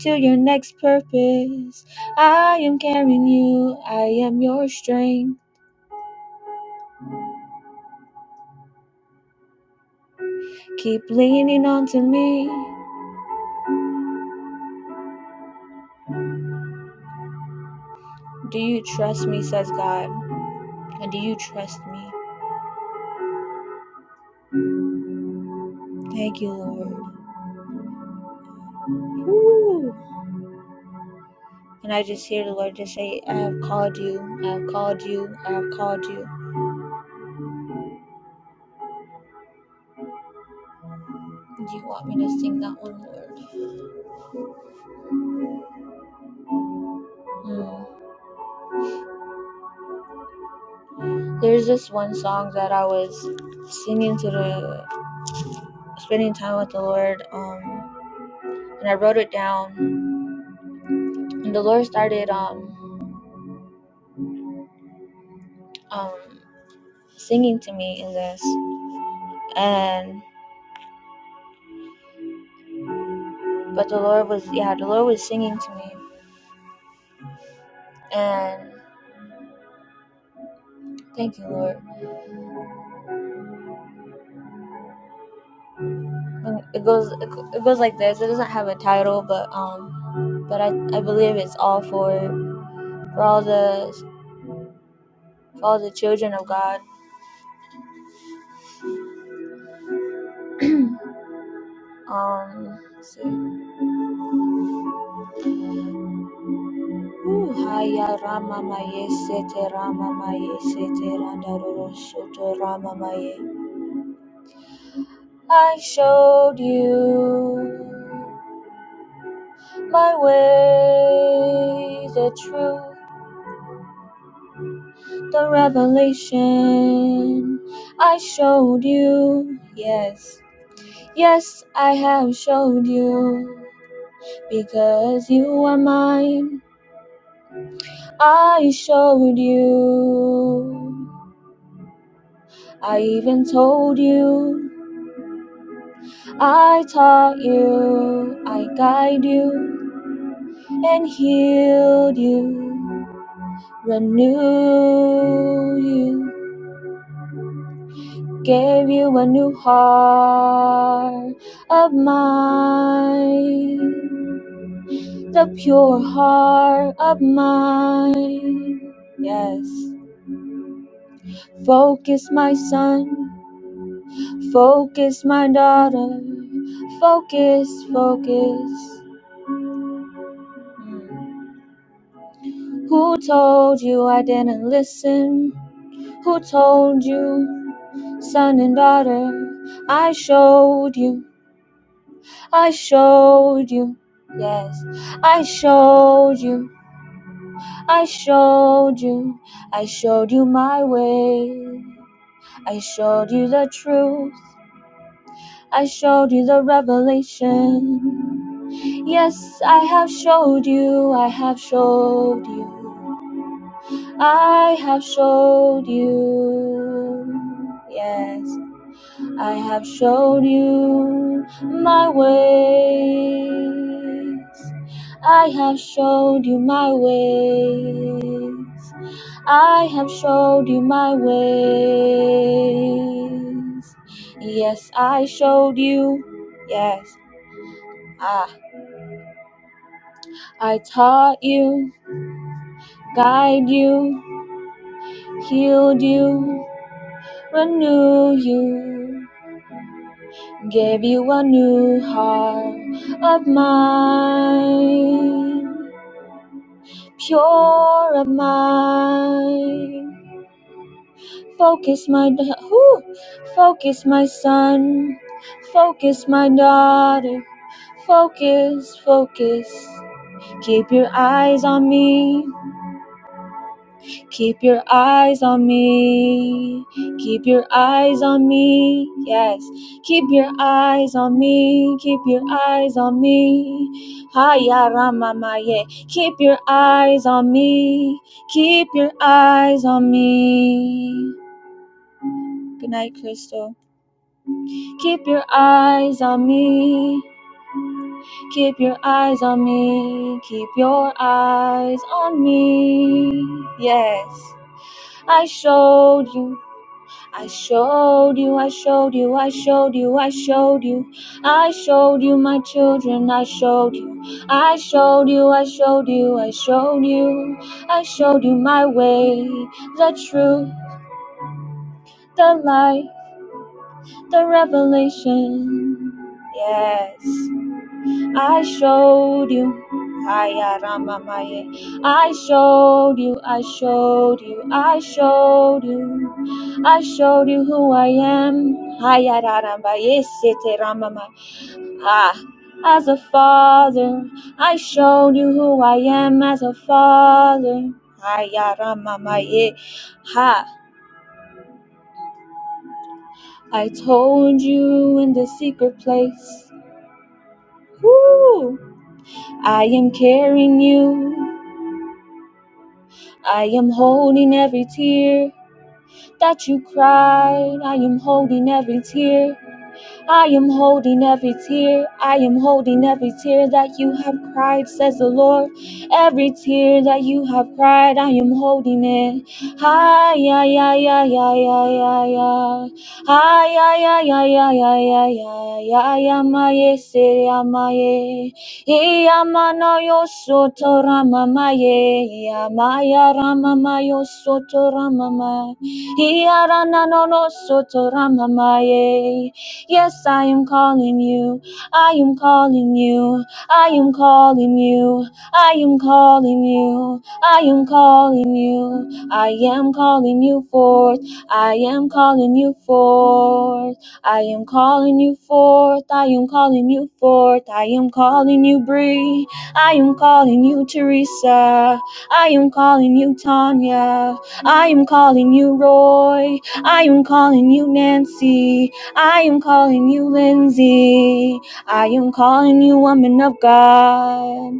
Speaker 6: to your next purpose. I am carrying you, I am your strength. Keep leaning onto me. Do you trust me, says God? And do you trust me? Thank you, Lord. Woo. And I just hear the Lord just say, I have called you, I have called you, I have called you. Do you want me to sing that one, Lord? Mm. There's this one song that I was singing to the, spending time with the Lord, um, and I wrote it down. And the Lord started um, um singing to me in this and but the lord was yeah the lord was singing to me and thank you lord it goes it goes like this it doesn't have a title but um but i i believe it's all for for all the for all the children of god *clears throat* um let rama maye sete rama maye sete randa roro rama maye. I showed you my way, the truth, the revelation. I showed you, yes, yes, I have showed you, because you are mine. I showed you, I even told you, I taught you, I guide you, and healed you, renew you. gave you a new heart of mine, the pure heart of mine. Yes, focus, my son, focus, my daughter, focus, focus. Hmm. Who told you I didn't listen? Who told you, son and daughter, I showed you? I showed you. Yes, I showed you. I showed you. I showed you my way. I showed you the truth. I showed you the revelation. Yes, I have showed you. I have showed you. I have showed you. Yes. I have showed you my ways. I have showed you my ways. I have showed you my ways. Yes, I showed you. Yes. Ah, I taught you, guide you, healed you, renew you. Gave you a new heart of mine, pure of mine. Focus my, da- focus my son, focus my daughter, focus, focus. Keep your eyes on me, Keep your eyes on me. Keep your eyes on me. Yes. Keep your eyes on me. Keep your eyes on me. Haya Ramamaye. Keep your eyes on me. Keep your eyes on me. Good night, Crystal. Keep your eyes on me. Keep your eyes on me. Keep your eyes on me. Yes. I showed you. I showed you, I showed you, I showed you, I showed you. I showed you my children, I showed you. I showed you, I showed you, I showed you. I showed you my way, the truth, the light, the revelation. Yes. I showed you. Aya Ramamaye. I showed you, I showed you, I showed you, I showed you who I am. Aya Rarambaye Sete Ramama. Ah, as a father, I showed you who I am as a father. Aya Ramamaye. Ha, I told you in the secret place. Woo, I am carrying you. I am holding every tear that you cried. I am holding every tear I am holding every tear. I am holding every tear that you have cried, says the Lord. Every tear that you have cried, I am holding it. Hi, ya, ya, ya, ya, ya, ya, ya. Hi, ya, ya, ya, ya, ya, ya, ya, ya, ya, ma, ye, se, ya, ma, ye. Ye, ya, ma, no, yo, so, to, ra, ma, ma, ye. Ya, ma, ya, ra, ma, ma, yo, so, to, ra, ma, ma. Ye, ya, ra, na, no, no, so, to, ra, ma, ma, ye. Yes, I am calling you. I am calling you. I am calling you. I am calling you. I am calling you. I am calling you forth. I am calling you forth. I am calling you forth. I am calling you forth. I am calling you Bree. I am calling you Teresa. I am calling you Tanya. I am calling you Roy. I am calling you Nancy. I am calling you Lindsay. I am calling you woman of God.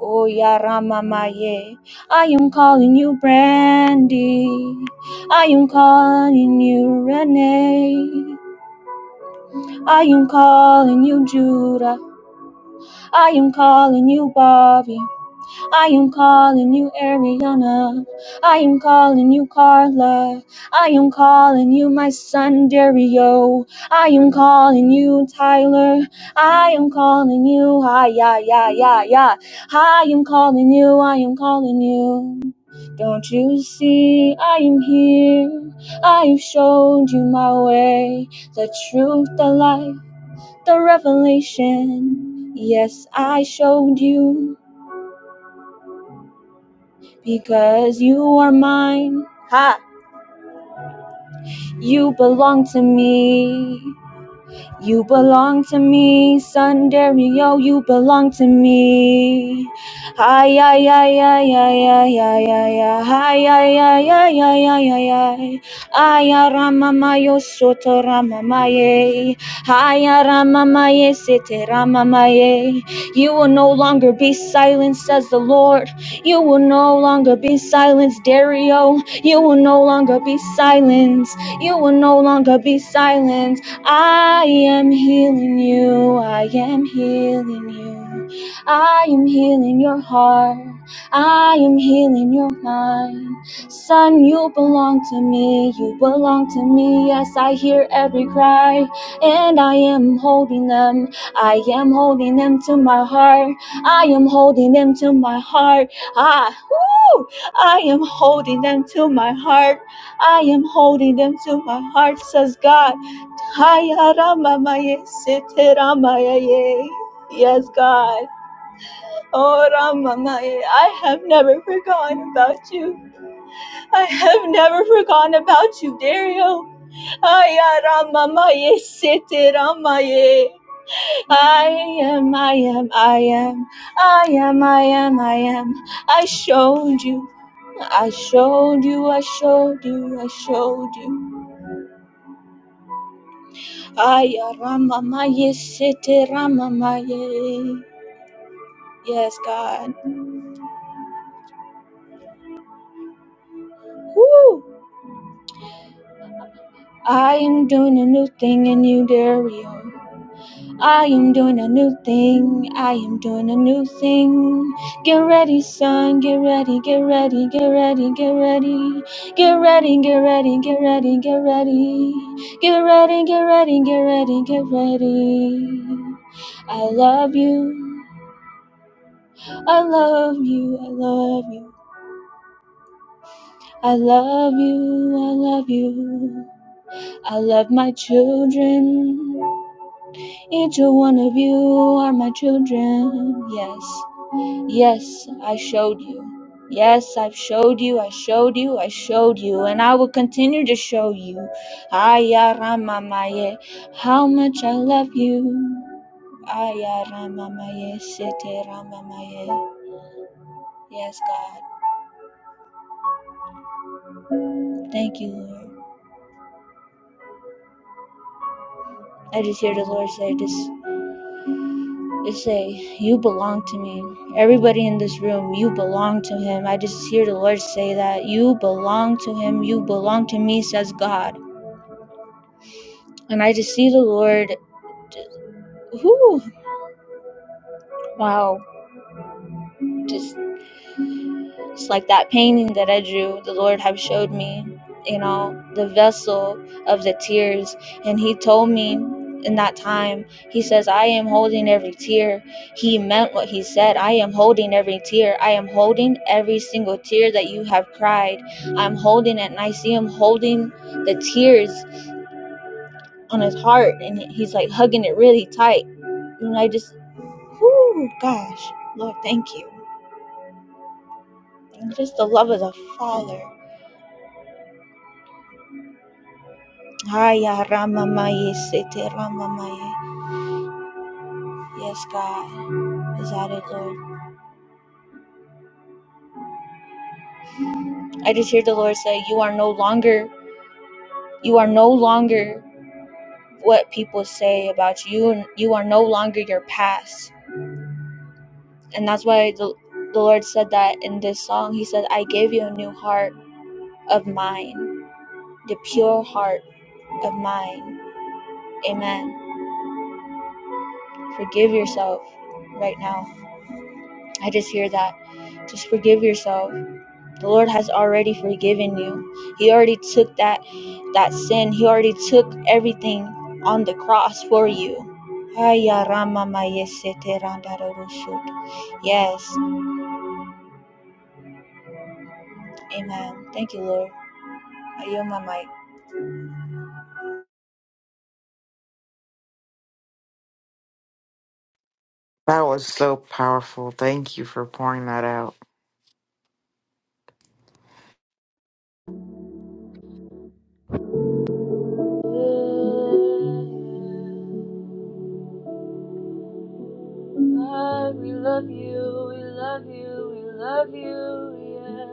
Speaker 6: Oh Yarama Maye. I am calling you Brandy. I am calling you Renee. I am calling you Judah. I am calling you Bobby. I am calling you Ariana. I am calling you Carla. I am calling you my son Dario. I am calling you Tyler. I am calling you. Hi, yeah, yeah, yeah, yeah. I am calling you. I am calling you. Don't you see I am here? I've showed you my way, the truth, the life, the revelation. Yes, I showed you because you are mine. Ha! You belong to me. You belong to me, Sun Dario, you belong to me. Hi, ay ay ay ay ay ay ay ay, hi, ay ay ay ay ay ay ay Aya ramamayo soto ramamaye. Aya ramamaye sete ramamaye. You will no longer be silenced, says the Lord. You will no longer be silenced, Dario. You will no longer be silenced. You will no longer be silenced. I am healing you. I am healing you. I am healing your heart. I am healing your mind. Son, you belong to me. You belong to me. Yes, I hear every cry. And I am holding them. I am holding them to my heart. I am holding them to my heart. Ah, woo! I am holding them to my heart. I am holding them to my heart, says God. Haya Ramamaye Sete Ramayaye. Yes, God. Oh Ramamaye, I have never forgotten about you. I have never forgotten about you, Dario. Haya Ramamaye Sete Ramaye. I am, I am, I am, I am, I am, I am. I showed you. I showed you, I showed you, I showed you. Aya Ramamaye Sete Ramamaye. Yes, God. Woo! I am doing a new thing in you, Dario. I am doing a new thing. I am doing a new thing. Get ready, son. Get ready. Get ready. Get ready. Get ready. Get ready. Get ready. Get ready. Get ready. Get ready. Get ready. Get ready. Get ready. I love you. I love you. I love you. I love you. I love you. I love my children. Each one of you are my children. Yes. Yes, I showed you. Yes, I've showed you, I showed you, I showed you, and I will continue to show you. Aya Ayaramamaye, how much I love you. Aya Ayaramamaye, sete ramamaye. Yes, God. Thank you, Lord. I just hear the Lord say, just They say, You belong to me. Everybody in this room, you belong to him. I just hear the Lord say that. You belong to him. You belong to me, says God. And I just see the Lord. just, Whoo! Wow. just It's like that painting that I drew, the Lord have showed me, you know, the vessel of the tears. And he told me in that time, he says, I am holding every tear. He meant what he said. I am holding every tear. I am holding every single tear that you have cried. I'm holding it and I see him holding the tears on his heart and he's like hugging it really tight. And I just, whoo, gosh, Lord, thank you. And just the love of the Father. Haya Ramamaye Sete Ramamaye. Yes, God. Is that it, Lord? I just hear the Lord say, You are no longer, you are no longer what people say about you, and you are no longer your past. And that's why the, the Lord said that in this song. He said, I gave you a new heart of mine, the pure heart of mine. Amen. Forgive yourself right now. I just hear that. Just forgive yourself. The Lord has already forgiven you. He already took that that sin. He already took everything on the cross for you. Yes. Amen. Thank you, Lord. I yield my mic.
Speaker 3: That was so powerful. Thank you for pouring that out.
Speaker 4: God, we love you, we love you, we love you, yeah.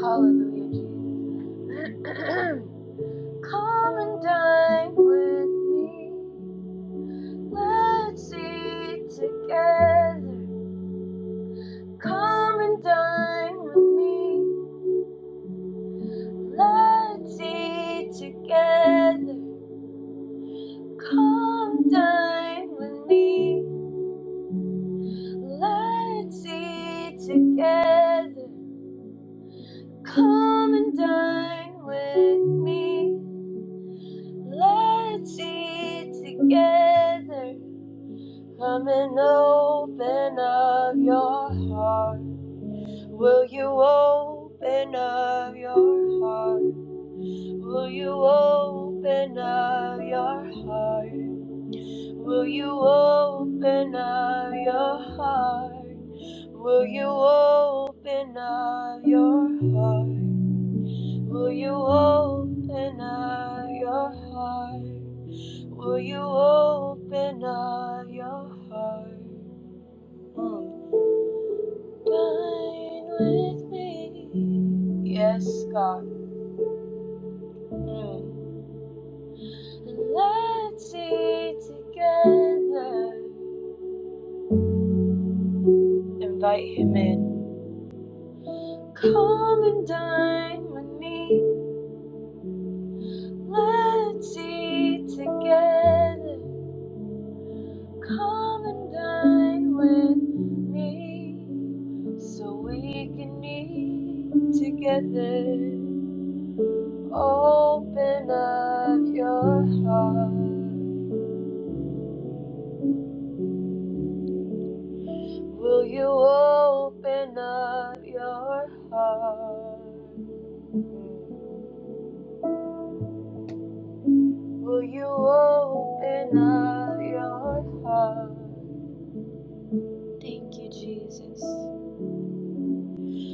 Speaker 4: Hallelujah, Jesus. *clears throat* Come and dine with me. Let's eat together. Come and dine with me. Let's eat together. Come dine with me. Let's eat together. Come and dine with me. Let's eat together. Come and open up your heart. Will you open up your heart? Will you open up your heart? Will you open up your heart? Will you open up your heart? Will you open up your heart? Will you open up your heart? Mm. Dine with me. Yes, God. Mm. And Let's eat together. Invite him in. Come and dine with me. Let's eat together. Come and dine with me so we can eat together. Open up your heart. Will you open up your heart? Will you open up your heart? Thank you, Jesus.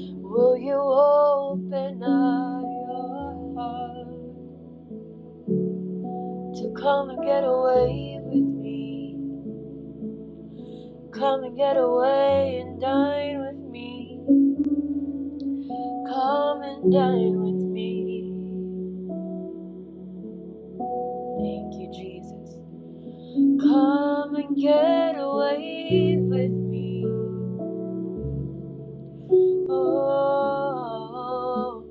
Speaker 4: Will you open up your heart to come and get away with me? Come and get away and dine with me. Come and dine with me. Thank you, Jesus. Come and get away with me. Oh,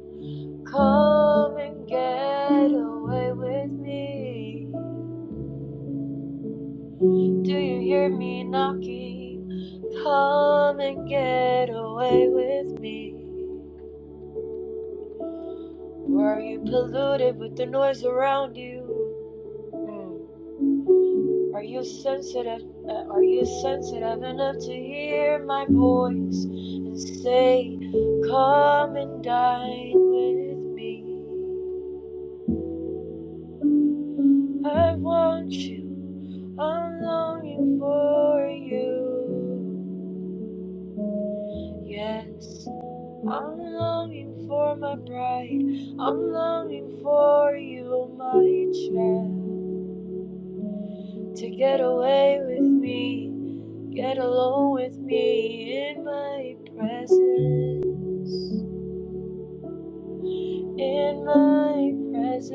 Speaker 4: come and get away with me. Do you hear me knocking? Come and get away with me. Or are you polluted with the noise around you? Mm. Are you sensitive? uh, Are you sensitive enough to hear my voice and say, Come and dine with me? I want you. I'm longing for you. Yes, I'm longing for my bride. I'm longing for you, my child. To get away with me, get alone with me in my presence. In my presence.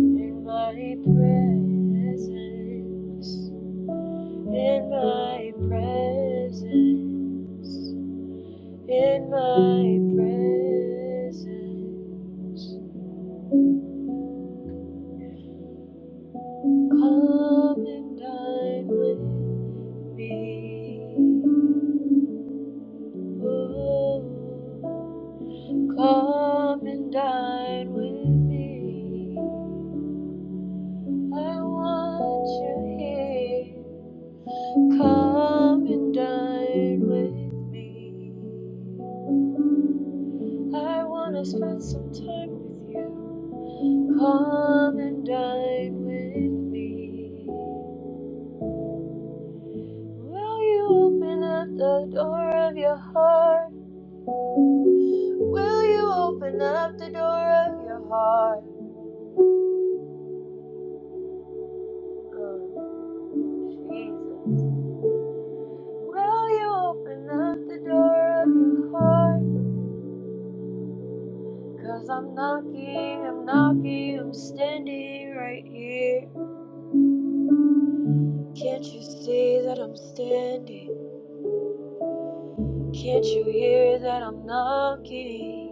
Speaker 4: In my presence. In my presence. In my presence. Come and dine with me. Oh, come and dine with me. I want you here. Come and dine with me. I want to spend some time with you. Come and dine with me. Will you open up the door of your heart? Will you open up the door of your heart? Oh, Jesus. Will you open up the door of your heart? Cause I'm knocking, I'm knocking, I'm standing right here. Can't you see that I'm standing? Can't you hear that I'm knocking?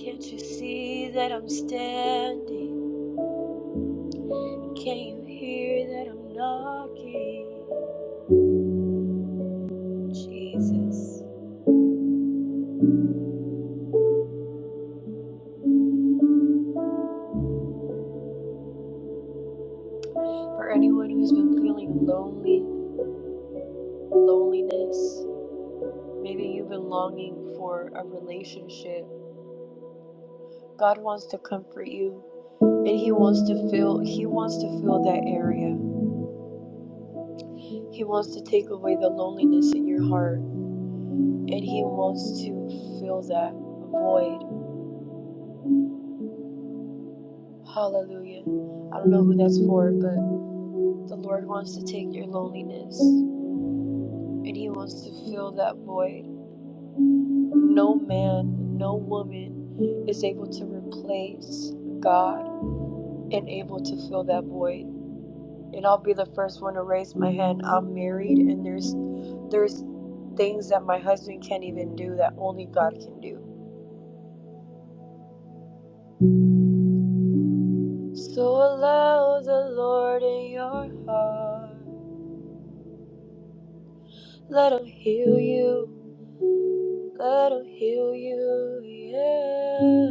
Speaker 4: Can't you see that I'm standing? Can you hear that I'm knocking? Jesus. For anyone who's been feeling lonely, loneliness, maybe you've been longing for a relationship, God wants to comfort you and he wants to fill he wants to fill that area. He wants to take away the loneliness in your heart and he wants to fill that void. Hallelujah. I don't know who that's for, but the Lord wants to take your loneliness and he wants to fill that void. No man, no woman is able to replace God and able to fill that void. And I'll be the first one to raise my hand. I'm married and there's there's things that my husband can't even do that only God can do. So allow the Lord in your heart. Let him heal you. Let him heal you. Yeah.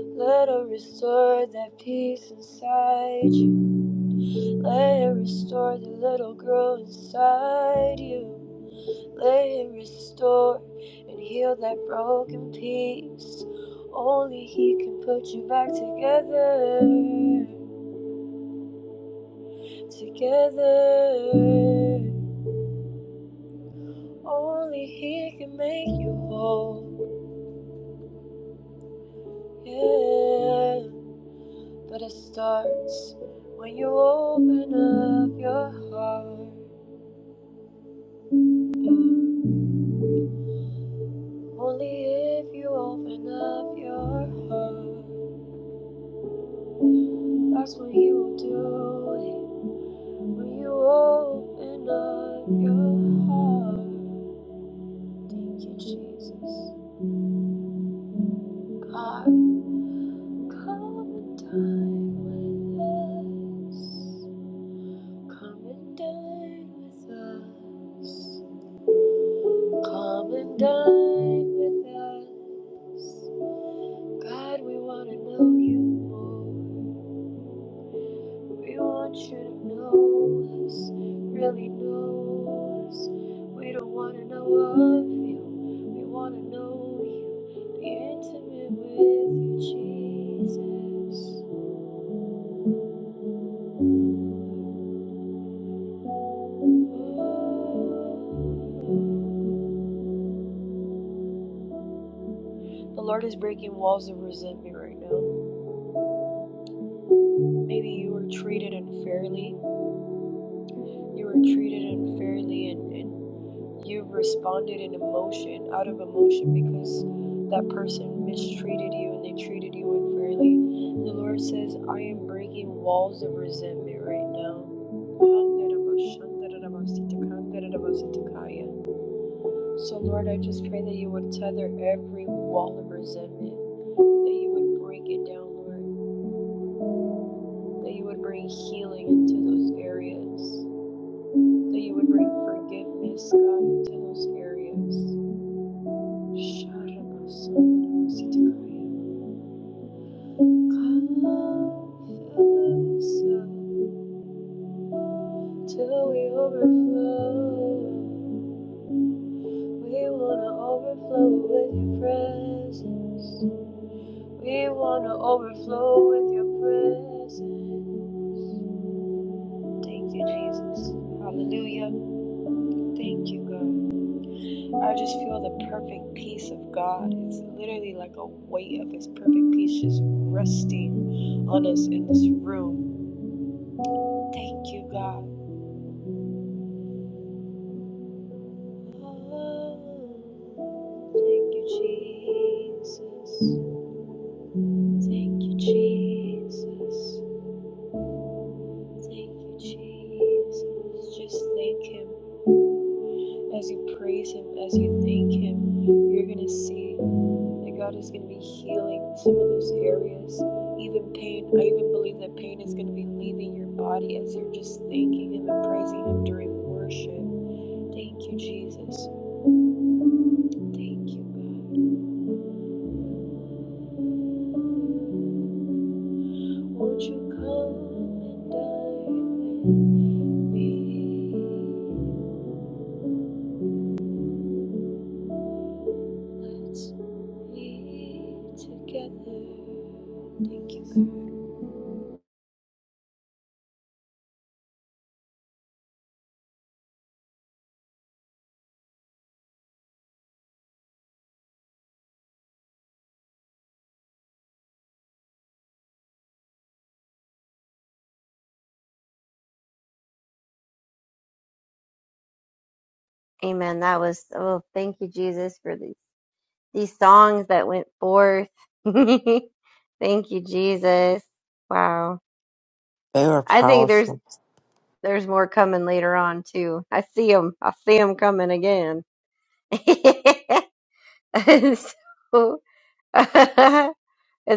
Speaker 4: Let him restore that peace inside you. Lay and restore the little girl inside you. Lay and restore and heal that broken piece. Only He can put you back together. Together. Only He can make you whole. Yeah. But it starts when you open up your heart. Only if you open up your heart, that's what He will do When you open up your heart, thank you, Jesus. God, come and dine with us. Come and dine with us. Come and dine with us. God, we want to know you more. We want you to know us, really know us. We don't want to know of you, we want to know you. Be intimate with you, Jesus. Oh. The Lord is breaking walls of resentment right now. Maybe you were treated unfairly. You were treated unfairly, and and. you have responded in emotion out of emotion because that person mistreated you and they treated you unfairly the lord says i am breaking walls of resentment right now so lord i just pray that you would tether every wall of resentment that you would break it down lord that you would bring healing into those areas that you would bring forgiveness god into those areas Till we overflow, we wanna overflow with your presence. We wanna overflow with your presence. Thank you, Jesus. Hallelujah. Thank you, God. I just feel the perfect peace of God. It's literally like a weight of His perfect peace just resting on us in this room. Thank you, God. Oh, thank you, Jesus. Thank you, Jesus. Thank you, Jesus. Just thank Him. As you praise Him, as you thank Him, you're going to see that God is going to be healing some of those areas. Even pain, I even believe that pain is going to be leaving your body as you're just thanking Him and praising Him during worship. Thank you, Jesus. Thank you, God. Won't you come and dine with me? Let's be together. Thank you, God.
Speaker 2: Amen. That was oh, thank you, Jesus, for these these songs that went forth. *laughs* thank you, Jesus. Wow.
Speaker 3: They were
Speaker 2: I think there's.
Speaker 3: powerful.
Speaker 2: There's more coming later on too. I see them. I see them coming again. *laughs* and so, *laughs* and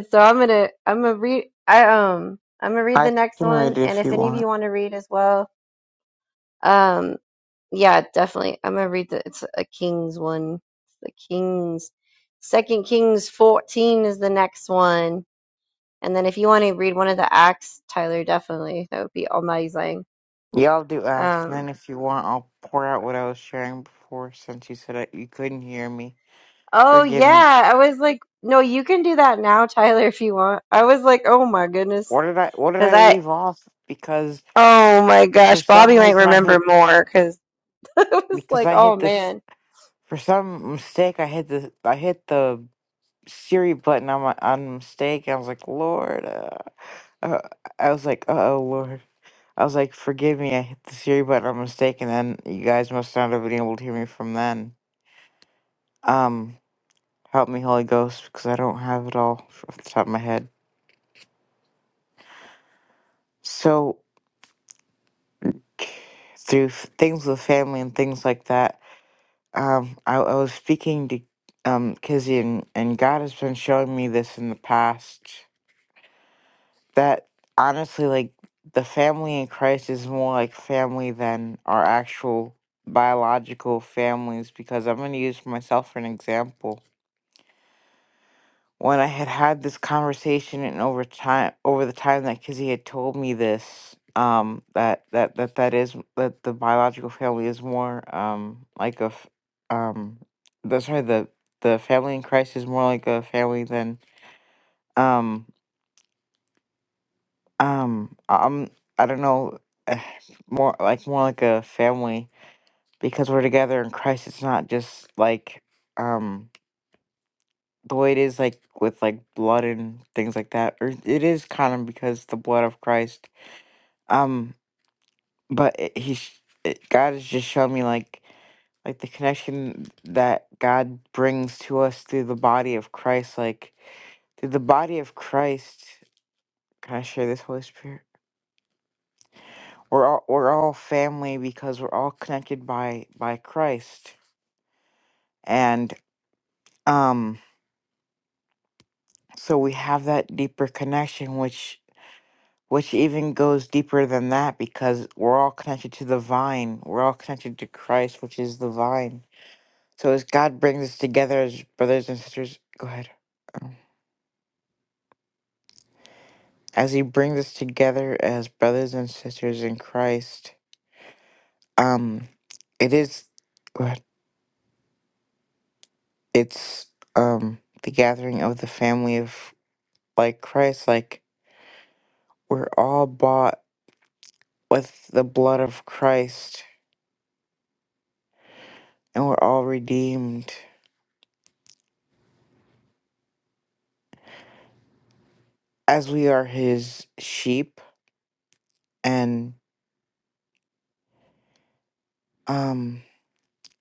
Speaker 2: so I'm gonna I'm gonna read. I um I'm gonna read the
Speaker 3: I
Speaker 2: next
Speaker 3: can
Speaker 2: one.
Speaker 3: read it
Speaker 2: And
Speaker 3: if
Speaker 2: if
Speaker 3: you
Speaker 2: any of
Speaker 3: want.
Speaker 2: you want to read as well, um yeah, definitely. I'm gonna read the it's a Kings one. It's the Kings. Second Kings 14 is the next one. And then if you want to read one of the acts, Tyler, definitely that would be amazing.
Speaker 3: Y'all do ask, and
Speaker 2: Um,
Speaker 3: then if you want, I'll pour out what I was sharing before, since you said that you couldn't hear me.
Speaker 2: Oh
Speaker 3: Forgive me.
Speaker 2: yeah, I was like, no, you can do that now, Tyler, if you want. I was like, oh my goodness,
Speaker 3: What did I? What did
Speaker 2: because
Speaker 3: I
Speaker 2: I,
Speaker 3: leave off? Because
Speaker 2: oh my
Speaker 3: for
Speaker 2: gosh,
Speaker 3: some
Speaker 2: Bobby might
Speaker 3: reason I
Speaker 2: remember
Speaker 3: hit.
Speaker 2: more because *laughs* I was
Speaker 3: Because
Speaker 2: like,
Speaker 3: I
Speaker 2: oh
Speaker 3: hit this.
Speaker 2: man,
Speaker 3: For some mistake, I hit the. I hit the Siri button on my on mistake. I was like, Lord. Uh, uh, I was like, uh oh, Lord. I was like, forgive me. I hit the Siri button on mistake, and then you guys must not have been able to hear me from then. Um. Help me, Holy Ghost, because I don't have it all off the top of my head. So, through f- things with family and things like that, um, I, I was speaking to um, Kizzy, and, and God has been showing me this in the past that honestly, like, the family in Christ is more like family than our actual biological families, because I'm going to use myself for an example. when I had had this conversation and over time over the time that Kizzy had told me this um that that that that is that the biological family is more um like a f- um the sorry the the family in Christ is more like a family than um um um I don't know eh, more like more like a family because we're together in Christ it's not just like um the way it is like with like blood and things like that or it is kind of because the blood of christ um but it, he sh- it, god has just shown me like like the connection that god brings to us through the body of christ like through the body of christ can i share this holy spirit we're all we're all family because we're all connected by by christ and um so we have that deeper connection which which even goes deeper than that because we're all connected to the vine. We're all connected to Christ, which is the vine. So as God brings us together as brothers and sisters, go ahead. Um, As He brings us together as brothers and sisters in Christ, um, it is, go ahead. It's um the gathering of the family of like Christ. Like we're all bought with the blood of Christ, and we're all redeemed as we are His sheep And um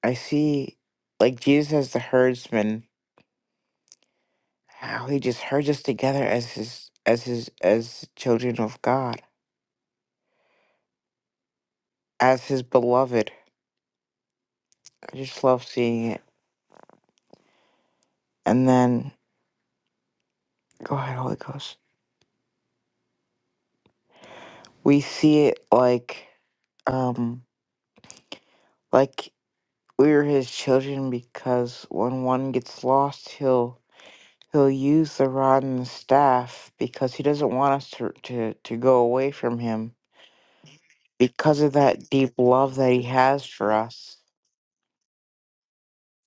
Speaker 3: I see like Jesus as the herdsman, how he just herds us together as his as his as children of God, as his beloved. I just love seeing it. And then go ahead, Holy Ghost. We see it like um like we are his children because when one gets lost he'll he'll use the rod and the staff because he doesn't want us to to, to go away from him because of that deep love that he has for us.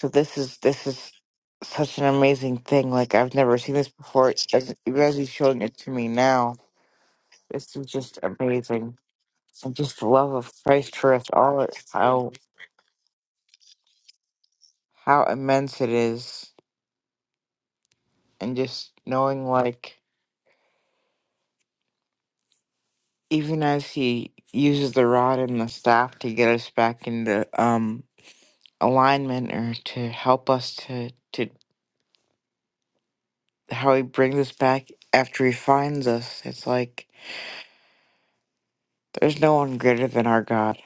Speaker 3: So this is this is such an amazing thing. Like I've never seen this before. As, even as he's showing it to me now, this is just amazing. And just the love of Christ for us all, how how immense it is, and just knowing like even as he uses the rod and the staff to get us back into um alignment or to help us to to how he brings us back after he finds us. It's like there's no one greater than our God.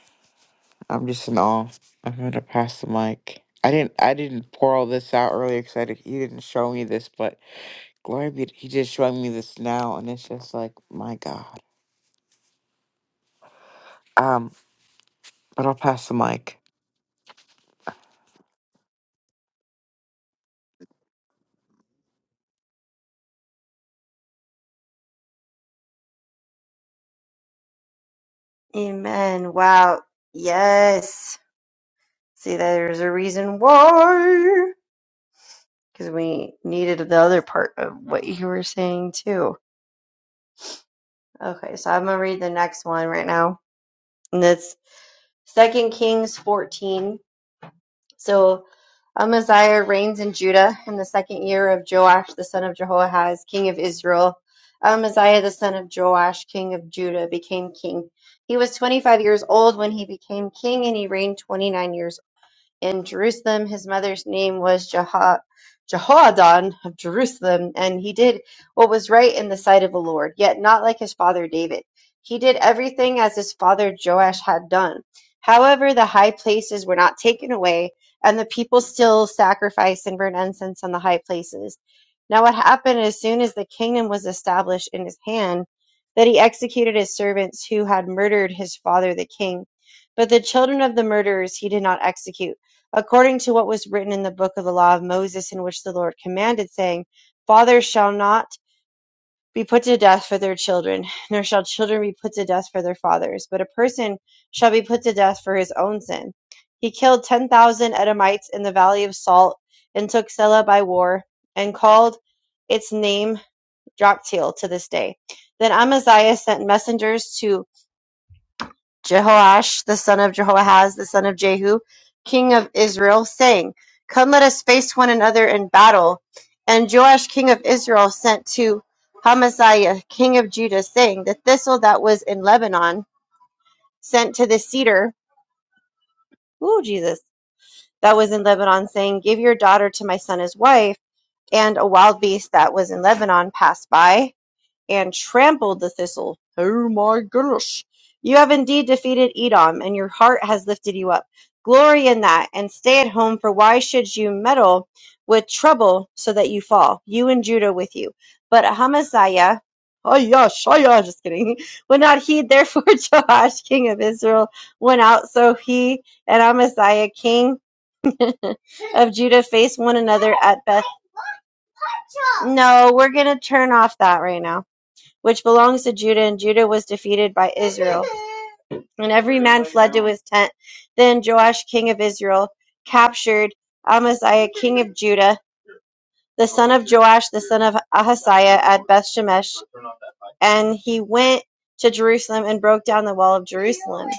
Speaker 3: I'm just in awe. I'm gonna pass the mic. I didn't I didn't pour all this out earlier because I did, he didn't show me this, but glory be he just showing me this now, and it's just like my God. Um, but I'll pass the mic.
Speaker 2: amen, wow, yes. See, there's a reason why, because we needed the other part of what you were saying too. Okay, so I'm gonna read the next one right now, and it's Second Kings 14. So Amaziah reigns in Judah in the second year of Joash the son of Jehoahaz, king of Israel. Amaziah the son of Joash, king of Judah, became king. He was 25 years old when he became king, and he reigned 29 years. In Jerusalem, his mother's name was Jeho- Jehoadon of Jerusalem, and he did what was right in the sight of the Lord, yet not like his father David. He did everything as his father Joash had done. However, the high places were not taken away, and the people still sacrificed and burned incense on the high places. Now, what happened as soon as the kingdom was established in his hand, that he executed his servants who had murdered his father the king. But the children of the murderers he did not execute according to what was written in the book of the law of Moses, in which the Lord commanded, saying, Fathers shall not be put to death for their children, nor shall children be put to death for their fathers, but a person shall be put to death for his own sin. He killed 10,000 Edomites in the valley of Salt and took Selah by war and called its name Joktiel to this day. Then Amaziah sent messengers to Jehoash the son of Jehoahaz the son of Jehu, king of Israel, saying, Come, let us face one another in battle. And Joash king of Israel sent to Amaziah king of Judah, saying, The thistle that was in Lebanon sent to the cedar, ooh, Jesus, that was in Lebanon, saying, Give your daughter to my son as wife. And a wild beast that was in Lebanon passed by and trampled the thistle. Oh my goodness! You have indeed defeated Edom, and your heart has lifted you up. Glory in that, and stay at home, for why should you meddle with trouble so that you fall, you and Judah with you? But Amaziah, oh yeah, yeah, just kidding, *laughs* would not heed. Therefore, *laughs* Joash, king of Israel, went out. So he and Amaziah, king *laughs* of Judah, faced one another at Beth. No, we're gonna turn off that right now which belongs to Judah, and Judah was defeated by Israel. And every man fled to his tent. Then Joash, king of Israel, captured Amaziah, king of Judah, the son of Joash, the son of Ahaziah, at Bethshemesh. And he went to Jerusalem and broke down the wall of Jerusalem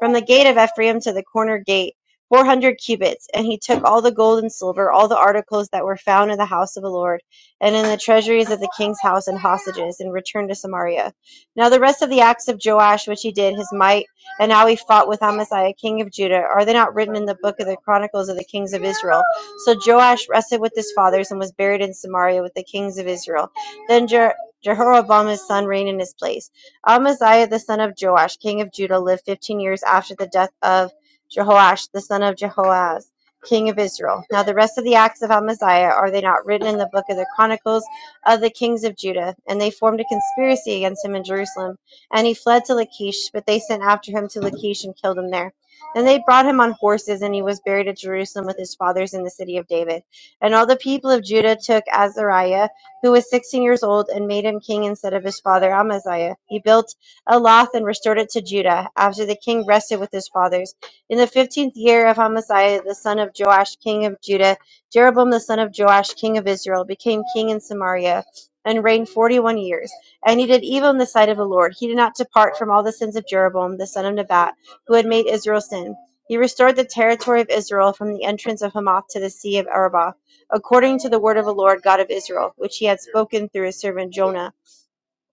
Speaker 2: from the gate of Ephraim to the corner gate, four hundred cubits. And he took all the gold and silver, all the articles that were found in the house of the Lord, and in the treasuries of the king's house and hostages, and returned to Samaria. Now the rest of the acts of Joash, which he did, his might, and how he fought with Amaziah, king of Judah, are they not written in the book of the chronicles of the kings of Israel? So Joash rested with his fathers and was buried in Samaria with the kings of Israel. Then Je- Jehoram his son reigned in his place. Amaziah the son of Joash, king of Judah, lived fifteen years after the death of Jehoash the son of Jehoaz, king of Israel. Now the rest of the acts of Amaziah are they not written in the book of the chronicles of the kings of Judah? And they formed a conspiracy against him in Jerusalem, and he fled to Lachish, but they sent after him to Lachish and killed him there. Then they brought him on horses, and he was buried at Jerusalem with his fathers in the city of David. And all the people of Judah took Azariah who was 16 years old, and made him king instead of his father Amaziah. He built Elath and restored it to Judah, after the king rested with his fathers. In the 15th year of Amaziah, the son of Joash, king of Judah, Jeroboam the son of Joash, king of Israel, became king in Samaria and reigned 41 years. And he did evil in the sight of the Lord. He did not depart from all the sins of Jeroboam, the son of Nebat, who had made Israel sin. He restored the territory of Israel from the entrance of Hamath to the sea of Arabah according to the word of the Lord God of Israel, which he had spoken through his servant Jonah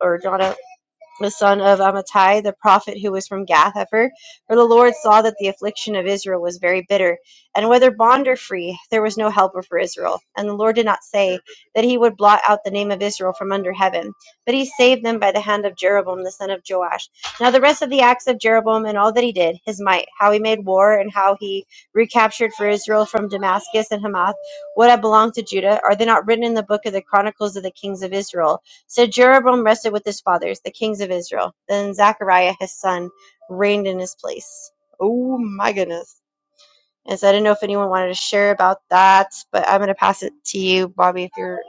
Speaker 2: or Jonah the son of Amittai, the prophet who was from Gath Hepher. For the Lord saw that the affliction of Israel was very bitter, and whether bond or free, there was no helper for Israel. And the Lord did not say that he would blot out the name of Israel from under heaven, but he saved them by the hand of Jeroboam the son of Joash. Now the rest of the acts of Jeroboam and all that he did, his might, how he made war, and how he recaptured for Israel from Damascus and Hamath what had belonged to Judah, are they not written in the book of the Chronicles of the Kings of Israel? So Jeroboam rested with his fathers, the kings of Israel. Then Zechariah his son reigned in his place. Oh my goodness. And so I didn't know if anyone wanted to share about that, but I'm gonna pass it to you, Bobby, if you're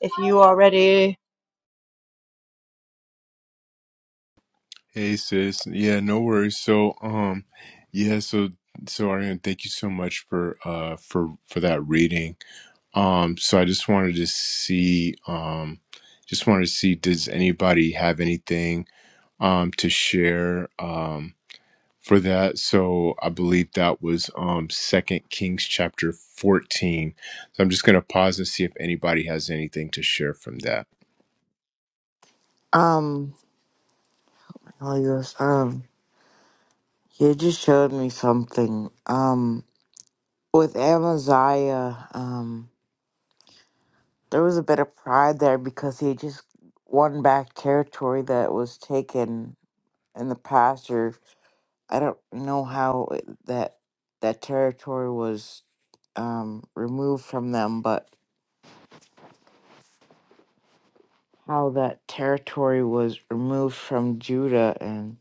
Speaker 2: if you are ready.
Speaker 1: Hey sis, yeah, no worries. So, um, yeah, so so Ariane, thank you so much for uh for for that reading. Um, so I just wanted to see, um, just wanted to see, does anybody have anything um to share um for that? So I believe that was um Second Kings chapter fourteen. So I'm just gonna pause and see if anybody has anything to share from that.
Speaker 3: Um, Holy Ghost, um, you just showed me something. Um, with Amaziah, Um. There was a bit of pride there because he just won back territory that was taken in the past, or I don't know how it- that that territory was um, removed from them, but how that territory was removed from Judah, and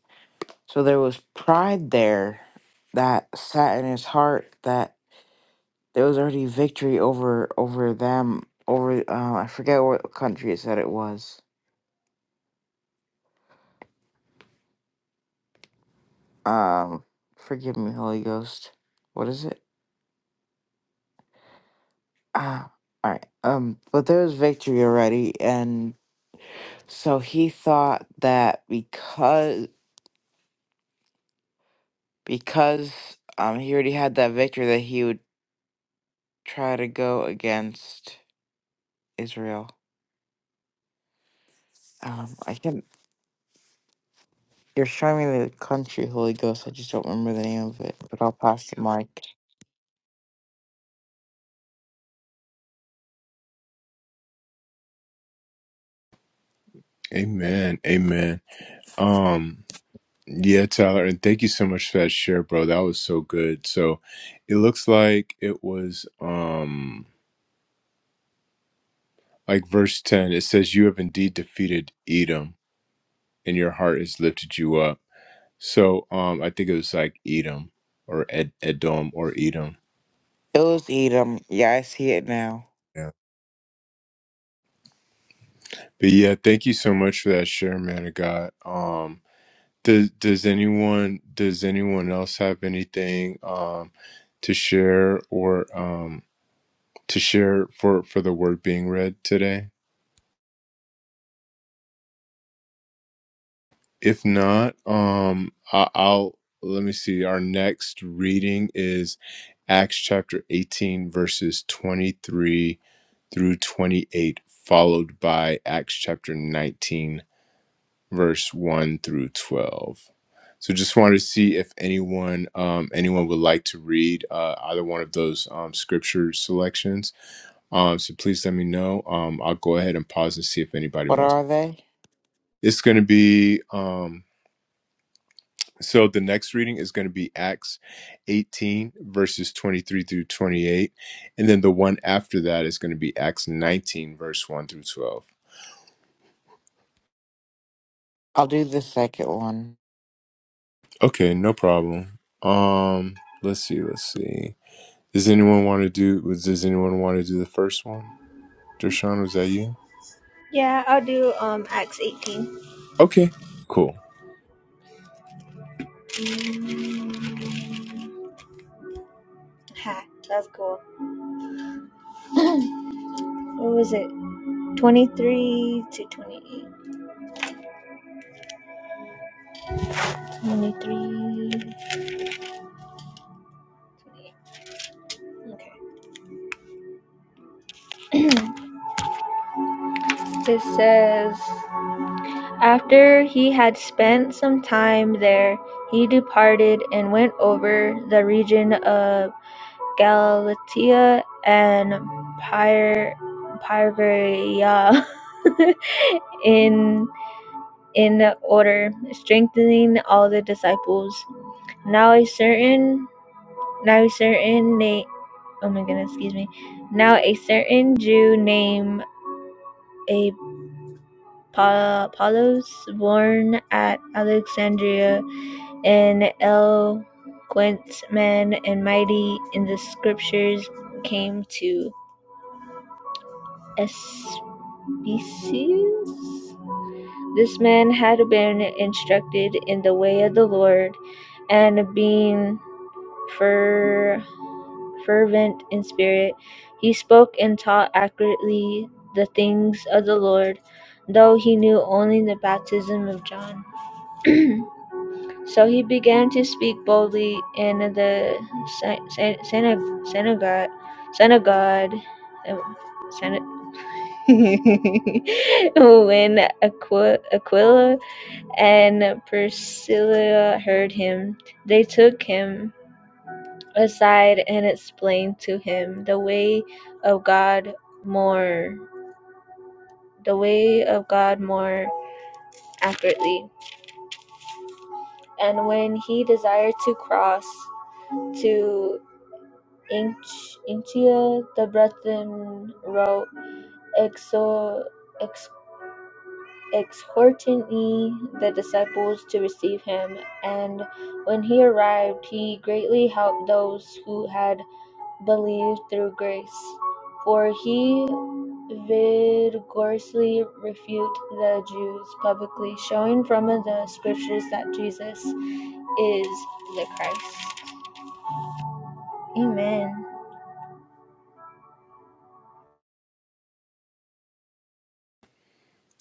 Speaker 3: so there was pride there that sat in his heart that there was already victory over over them over uh, I forget what country it said it was um forgive me holy ghost what is it ah all right um but there was victory already and so he thought that because because um he already had that victory that he would try to go against israel um i can you're showing me the country holy ghost i just don't remember the name of it but i'll pass the mic
Speaker 1: Amen. Amen. Um. Yeah, Tyler, and thank you so much for that share, bro. That was so good. So it looks like it was um like verse 10, it says, You have indeed defeated Edom, and your heart has lifted you up. So um I think it was like Edom or Ed Edom or Edom.
Speaker 3: it was edom yeah i see it now
Speaker 1: Yeah. But yeah, thank you so much for that share, man of God. Um does does anyone does anyone else have anything um to share or um to share for for the word being read today? If not, um, I, I'll let me see. Our next reading is Acts chapter 18, verses 23 through 28, followed by Acts chapter 19, verse 1 through 12. So, just wanted to see if anyone um, anyone would like to read uh, either one of those um, scripture selections. Um, so, please let me know. Um, I'll go ahead and pause and see if anybody
Speaker 3: what
Speaker 1: wants.
Speaker 3: are they
Speaker 1: It's going to be. Um, So the next reading is going to be Acts 18, verses 23 through 28. And then the one after that is going to be Acts 19, verse 1 through 12.
Speaker 3: i'll do the second one
Speaker 1: Okay, no problem. Um, let's see, let's see. Does anyone want to do was does anyone want to do the first one? Dershawn, was that you?
Speaker 6: Yeah, I'll do um Acts 18.
Speaker 1: Okay, cool.
Speaker 6: Ha, that's cool. *clears throat* *laughs* What was it? 23 to 28. 23. 28. Okay. *clears throat* it says. After he had spent some time there, he departed and went over the region of Galatia and Parvaria *laughs* in in order, strengthening all the disciples. Now a certain now a certain name oh my goodness, excuse me. Now a certain Jew named Apollos born at Alexandria An eloquent man and mighty in the Scriptures came to Ephesus. This man had been instructed in the way of the Lord, and being fer- fervent in spirit, he spoke and taught accurately the things of the Lord, though he knew only the baptism of John. *clears throat* So he began to speak boldly in the sy- sy- syna- synagogue, synagogue, uh, syna- *laughs* when Aqu- Aquila and Priscilla heard him, they took him aside and explained to him the way of God more, the way of God more accurately. And when he desired to cross to Ignatius the Brethren wrote, exhor- ex- exhorting the disciples to receive him, and when he arrived, he greatly helped those who had believed through grace. For he vigorously refuted the Jews publicly, showing from the scriptures that Jesus is the Christ. Amen.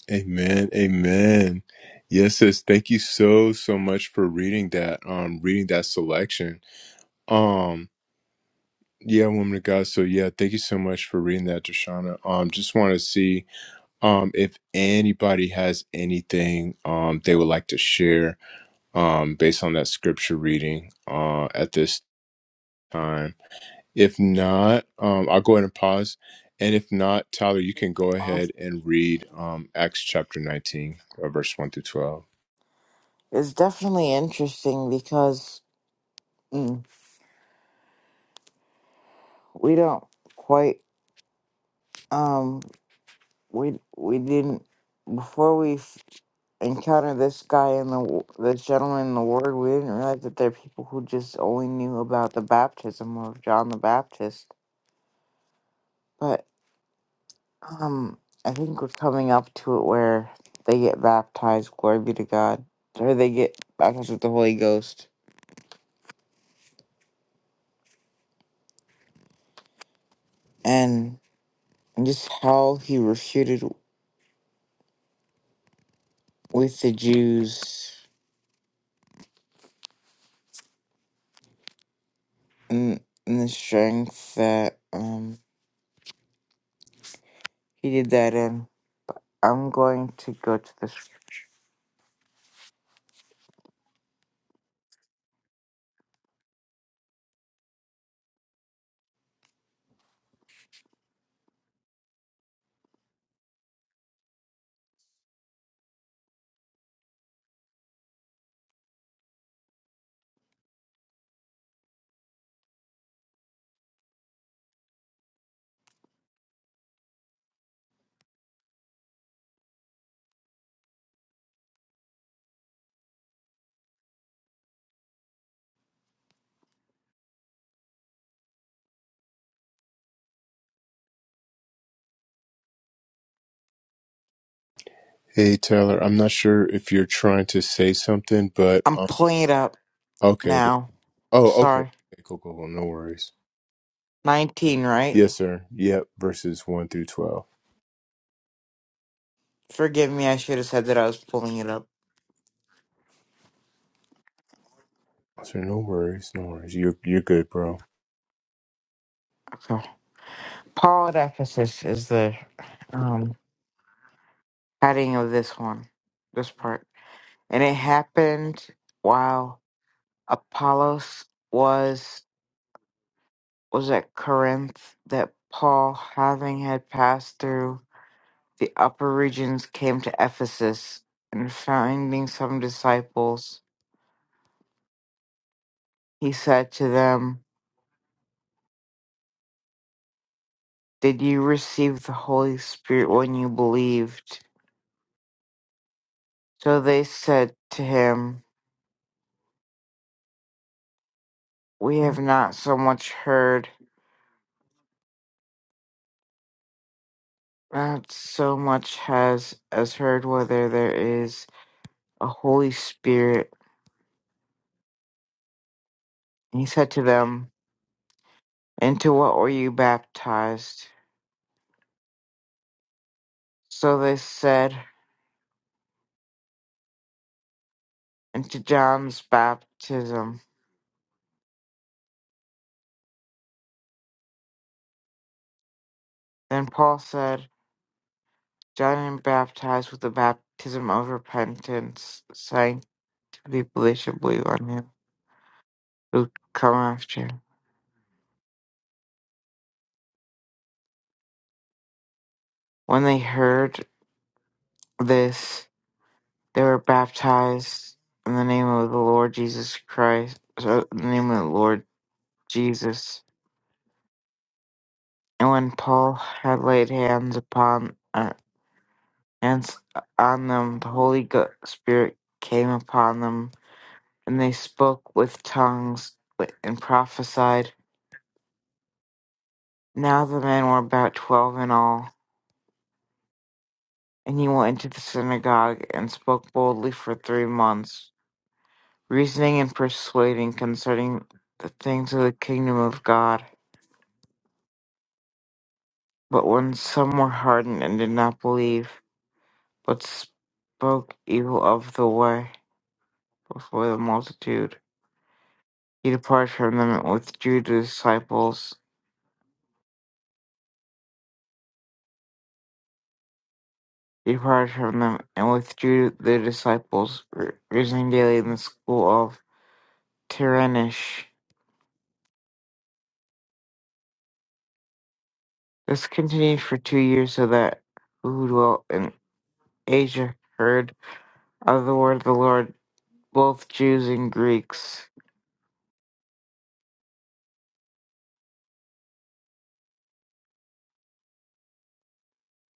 Speaker 1: Amen. Amen. Yes, sis. Thank you so so much for reading that, um, reading that selection. Um, Yeah, woman of God. So yeah, thank you so much for reading that, Deshauna. Um, just want to see um if anybody has anything um they would like to share um based on that scripture reading uh at this time. If not, um I'll go ahead and pause. And if not, Tyler, you can go ahead and read um Acts chapter 19, uh, verse 1 through 12.
Speaker 3: It's definitely interesting because mm, we don't quite um we we didn't before we f- encountered this guy in the w- this gentleman in the ward we didn't realize that there are people who just only knew about the baptism of John the Baptist but um I think we're coming up to it where they get baptized glory be to God or they get baptized with the Holy Ghost and just how he refuted with the Jews in, in the strength that um he did that in. I'm going to go to this.
Speaker 1: Hey Tyler, I'm not sure if you're trying to say something, but
Speaker 3: I'm
Speaker 1: um,
Speaker 3: pulling it up
Speaker 1: okay. there-
Speaker 3: now.
Speaker 1: Oh, okay.
Speaker 3: Sorry,
Speaker 1: Cool, cool, cool. No worries.
Speaker 3: nineteen, right?
Speaker 1: Yes, sir. Yep. Verses one through twelve.
Speaker 3: Forgive me. I should have said that I was pulling it up.
Speaker 1: Sir, no worries, no worries. You're you're good, bro.
Speaker 3: Okay. Paul at Ephesus is the um heading of this one, this part, and it happened while Apollos was was at Corinth that Paul, having had passed through. the upper regions came to Ephesus, and finding some disciples, he said to them, Did you receive the Holy Spirit when you believed? So they said to him, We have not so much heard, not so much has as heard whether there is a Holy Spirit. And he said to them, Into what were you baptized? So they said, Into John's baptism. Then Paul said, John baptized with the baptism of repentance, saying to people they should believe on him who would come after him. When they heard this, they were baptized in the name of the Lord Jesus Christ, so in the name of the Lord Jesus. And when Paul had laid hands upon uh, hands on them, the Holy Go- Spirit came upon them, and they spoke with tongues and prophesied. Now the men were about twelve in all. And he went into the synagogue and spoke boldly for three months, reasoning and persuading concerning the things of the kingdom of God. But when some were hardened and did not believe, but spoke evil of the way before the multitude, he departed from them and withdrew the disciples. He departed from them and withdrew the disciples, re- reasoning daily in the school of Tyrannish. This continued for two years, so that who dwelt in Asia heard of the word of the Lord, both Jews and Greeks.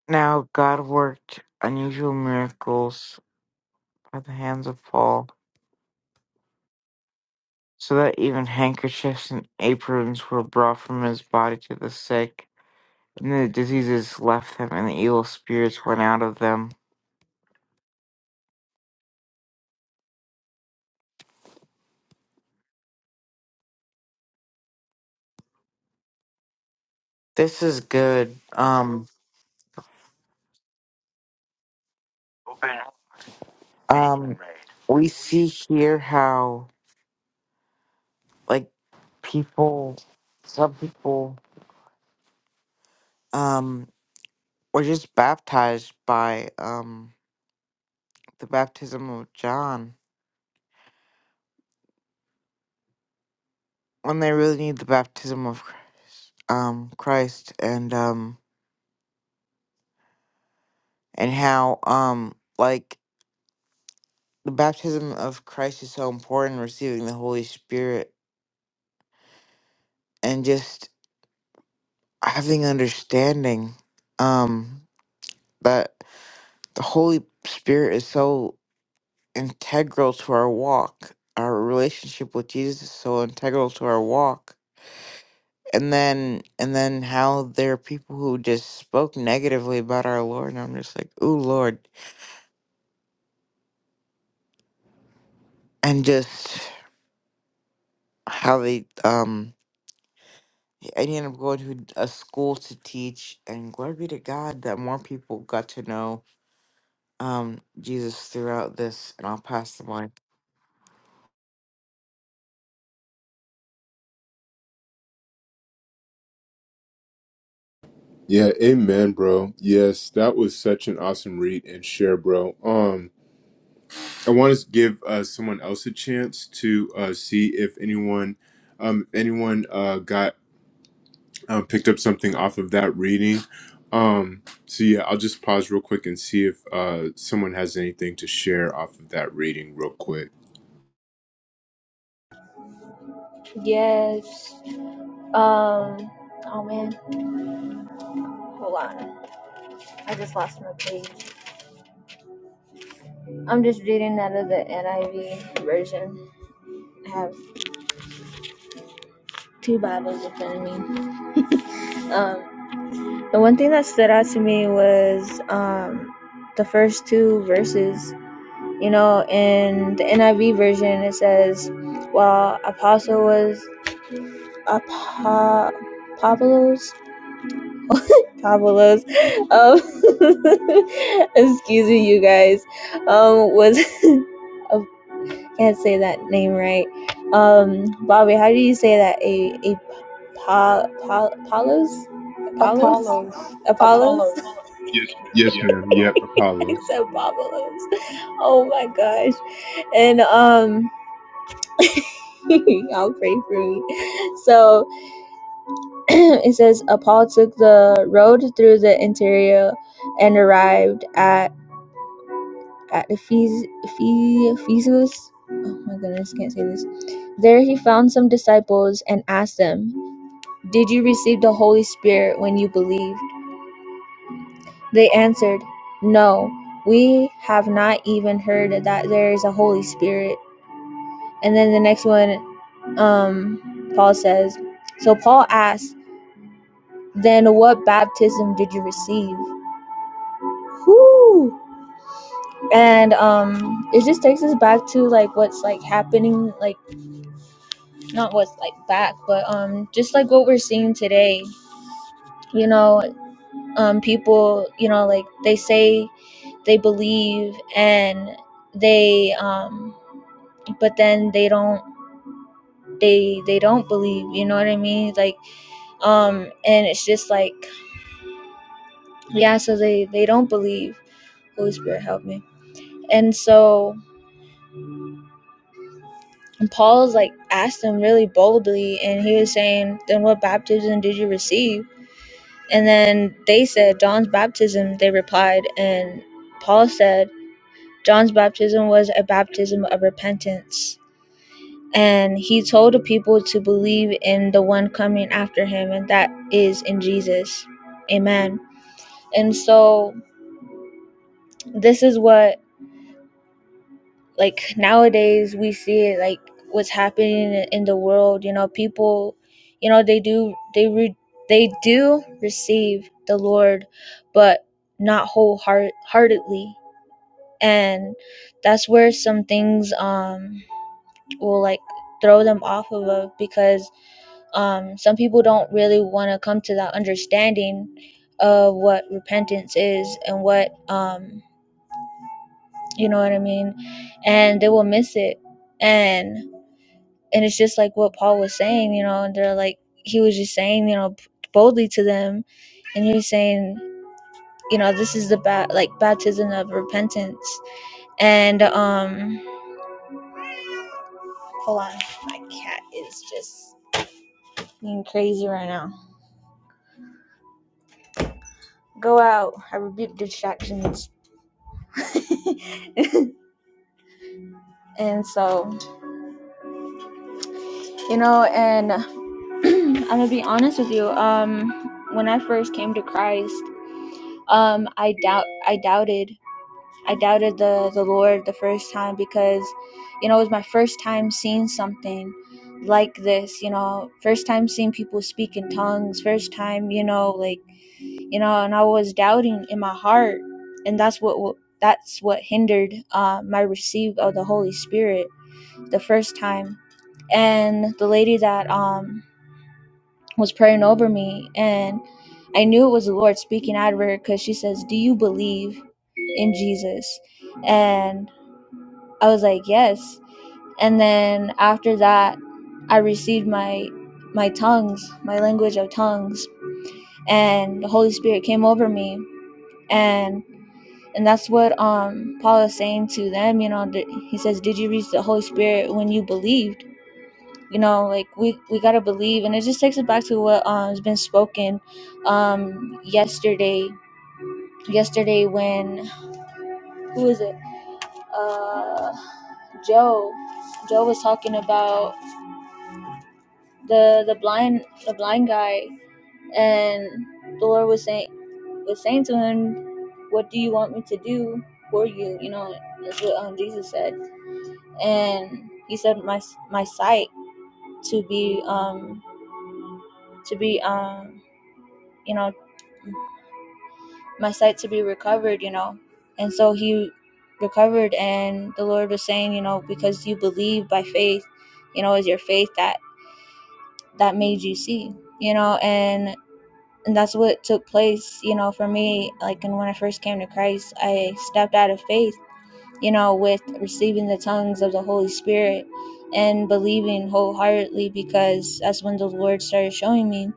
Speaker 3: Now God worked unusual miracles by the hands of Paul, so that even handkerchiefs and aprons were brought from his body to the sick, and the diseases left them, and the evil spirits went out of them. This is good. Um, um, we see here how like people, some people, um, were just baptized by um the baptism of John when they really need the baptism of um Christ and um and how um like the baptism of Christ is so important receiving the Holy Spirit and just having understanding um that the Holy Spirit is so integral to our walk our relationship with Jesus is so integral to our walk and then and then how there are people who just spoke negatively about our Lord, and I'm just like, ooh, Lord, and just how they um and he ended up going to a school to teach, and glory be to God that more people got to know um Jesus throughout this, and I'll pass the mic.
Speaker 1: Yeah, amen, bro. Yes, that was such an awesome read and share, bro. Um, I want to give uh someone else a chance to uh see if anyone, um, anyone uh got um picked up something off of that reading. Um, so yeah, I'll just pause real quick and see if uh someone has anything to share off of that reading real quick.
Speaker 6: Yes. Um, oh man, hold on. I just lost my page. I'm just reading out of the NIV version. I have two Bibles in front of me. Um, the one thing that stood out to me was um, the first two verses. You know, in the NIV version, it says, while Apostle was Apo- Pablos, Pablos, *laughs* um, *laughs* excuse me, you guys, um, was *laughs* of can't say that name right. Um, Bobby, how do you say that? A a pa, pa, Apollos, Apollos,
Speaker 4: Apollos.
Speaker 6: Apollos. *laughs*
Speaker 4: Apollos.
Speaker 6: Yes,
Speaker 1: Yes,
Speaker 6: yeah.
Speaker 1: ma'am.
Speaker 6: Um,
Speaker 1: Yep,
Speaker 6: *laughs* I
Speaker 1: Apollo.
Speaker 6: said Apollos. Oh my gosh! And um, *laughs* I'll pray for me. So *clears throat* it says, Paul took the road through the interior and arrived at At Ephes- Ephe- Ephesus, oh my goodness, can't say this. There he found some disciples and asked them, Did you receive the Holy Spirit when you believed? They answered, No, we have not even heard that there is a Holy Spirit. And then the next one, um, Paul says, So Paul asked, Then what baptism did you receive? Whoo! And um, it just takes us back to like what's like happening like not what's like back, but um, just like what we're seeing today. You know, um, people, you know, like they say they believe and they um but then they don't they they don't believe you know what i mean like um and it's just like yeah so they they don't believe holy spirit help me and so paul's like asked them really boldly and he was saying then what baptism did you receive And then they said, John's baptism, they replied. And Paul said, John's baptism was a baptism of repentance. And he told the people to believe in the one coming after him, and that is in Jesus. Amen. And so this is what, like, nowadays we see it, like, what's happening in the world. You know, people, you know, they do, they, re- they do receive the Lord, but not wholeheartedly and that's where some things um will like throw them off of it because um some people don't really want to come to that understanding of what repentance is and what um you know what I mean and they will miss it and and it's just like what Paul was saying you know and they're like he was just saying you know boldly to them and he was saying you know this is the ba- like baptism of repentance and um Hold on. My cat is just being crazy right now. Go out. I rebuke distractions. *laughs* and so, you know, and *clears throat* I'm gonna be honest with you. Um, when I first came to Christ, um, I doubt, I doubted, I doubted the the Lord the first time because, you know, it was my first time seeing something like this. You know, first time seeing people speak in tongues. First time, you know, like you know and i was doubting in my heart and that's what that's what hindered uh, my receive of the holy spirit the first time and the lady that um was praying over me and i knew it was the lord speaking out of her because she says do you believe in jesus and i was like yes and then after that i received my my tongues my language of tongues and the holy spirit came over me and and that's what um paul is saying to them you know that he says did you receive the holy spirit when you believed you know like we we got to believe and it just takes us back to what um has been spoken um yesterday yesterday when who is it uh joe joe was talking about the the blind the blind guy and the lord was saying was saying to him what do you want me to do for you you know that's what um, jesus said and he said my my sight to be um to be um you know my sight to be recovered you know and so he recovered and the lord was saying you know because you believe by faith you know is your faith that that made you see you know and and that's what took place you know for me like and when i first came to christ i stepped out of faith you know, with receiving the tongues of the Holy Spirit and believing wholeheartedly because that's when the Lord started showing me.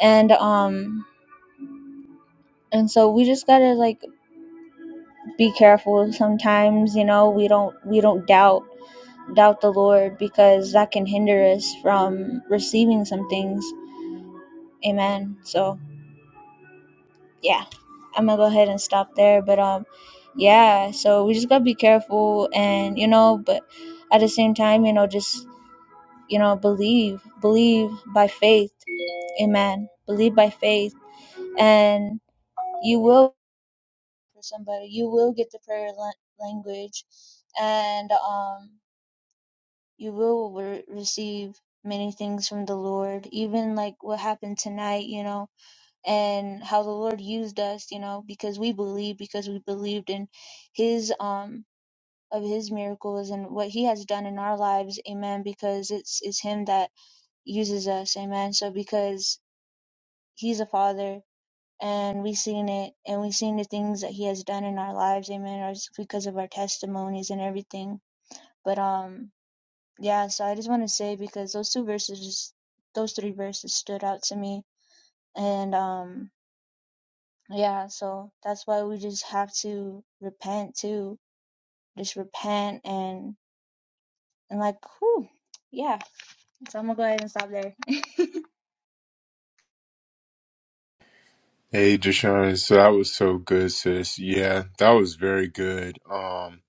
Speaker 6: And um and so we just gotta like be careful sometimes, you know, we don't we don't doubt doubt the Lord because that can hinder us from receiving some things. Amen. So yeah. I'm gonna go ahead and stop there. But um yeah, so we just gotta be careful and you know, but at the same time, you know, just you know believe believe by faith amen believe by faith and you will for somebody you will get the prayer la- language and um you will re- receive many things from the lord even like what happened tonight you know and how the lord used us you know because we believe because we believed in his um of his miracles and what he has done in our lives amen because it's it's him that uses us amen so because He's a father, and we've seen it, and we've seen the things that He has done in our lives, amen, or because of our testimonies and everything. But um, yeah. So I just want to say because those two verses, just, those three verses, stood out to me, and um, yeah. So that's why we just have to repent too, just repent and and like, whew, yeah. So I'm gonna go ahead and stop there.
Speaker 1: Hey, Deshaun, so that was so good, sis. Yeah, that was very good. Um,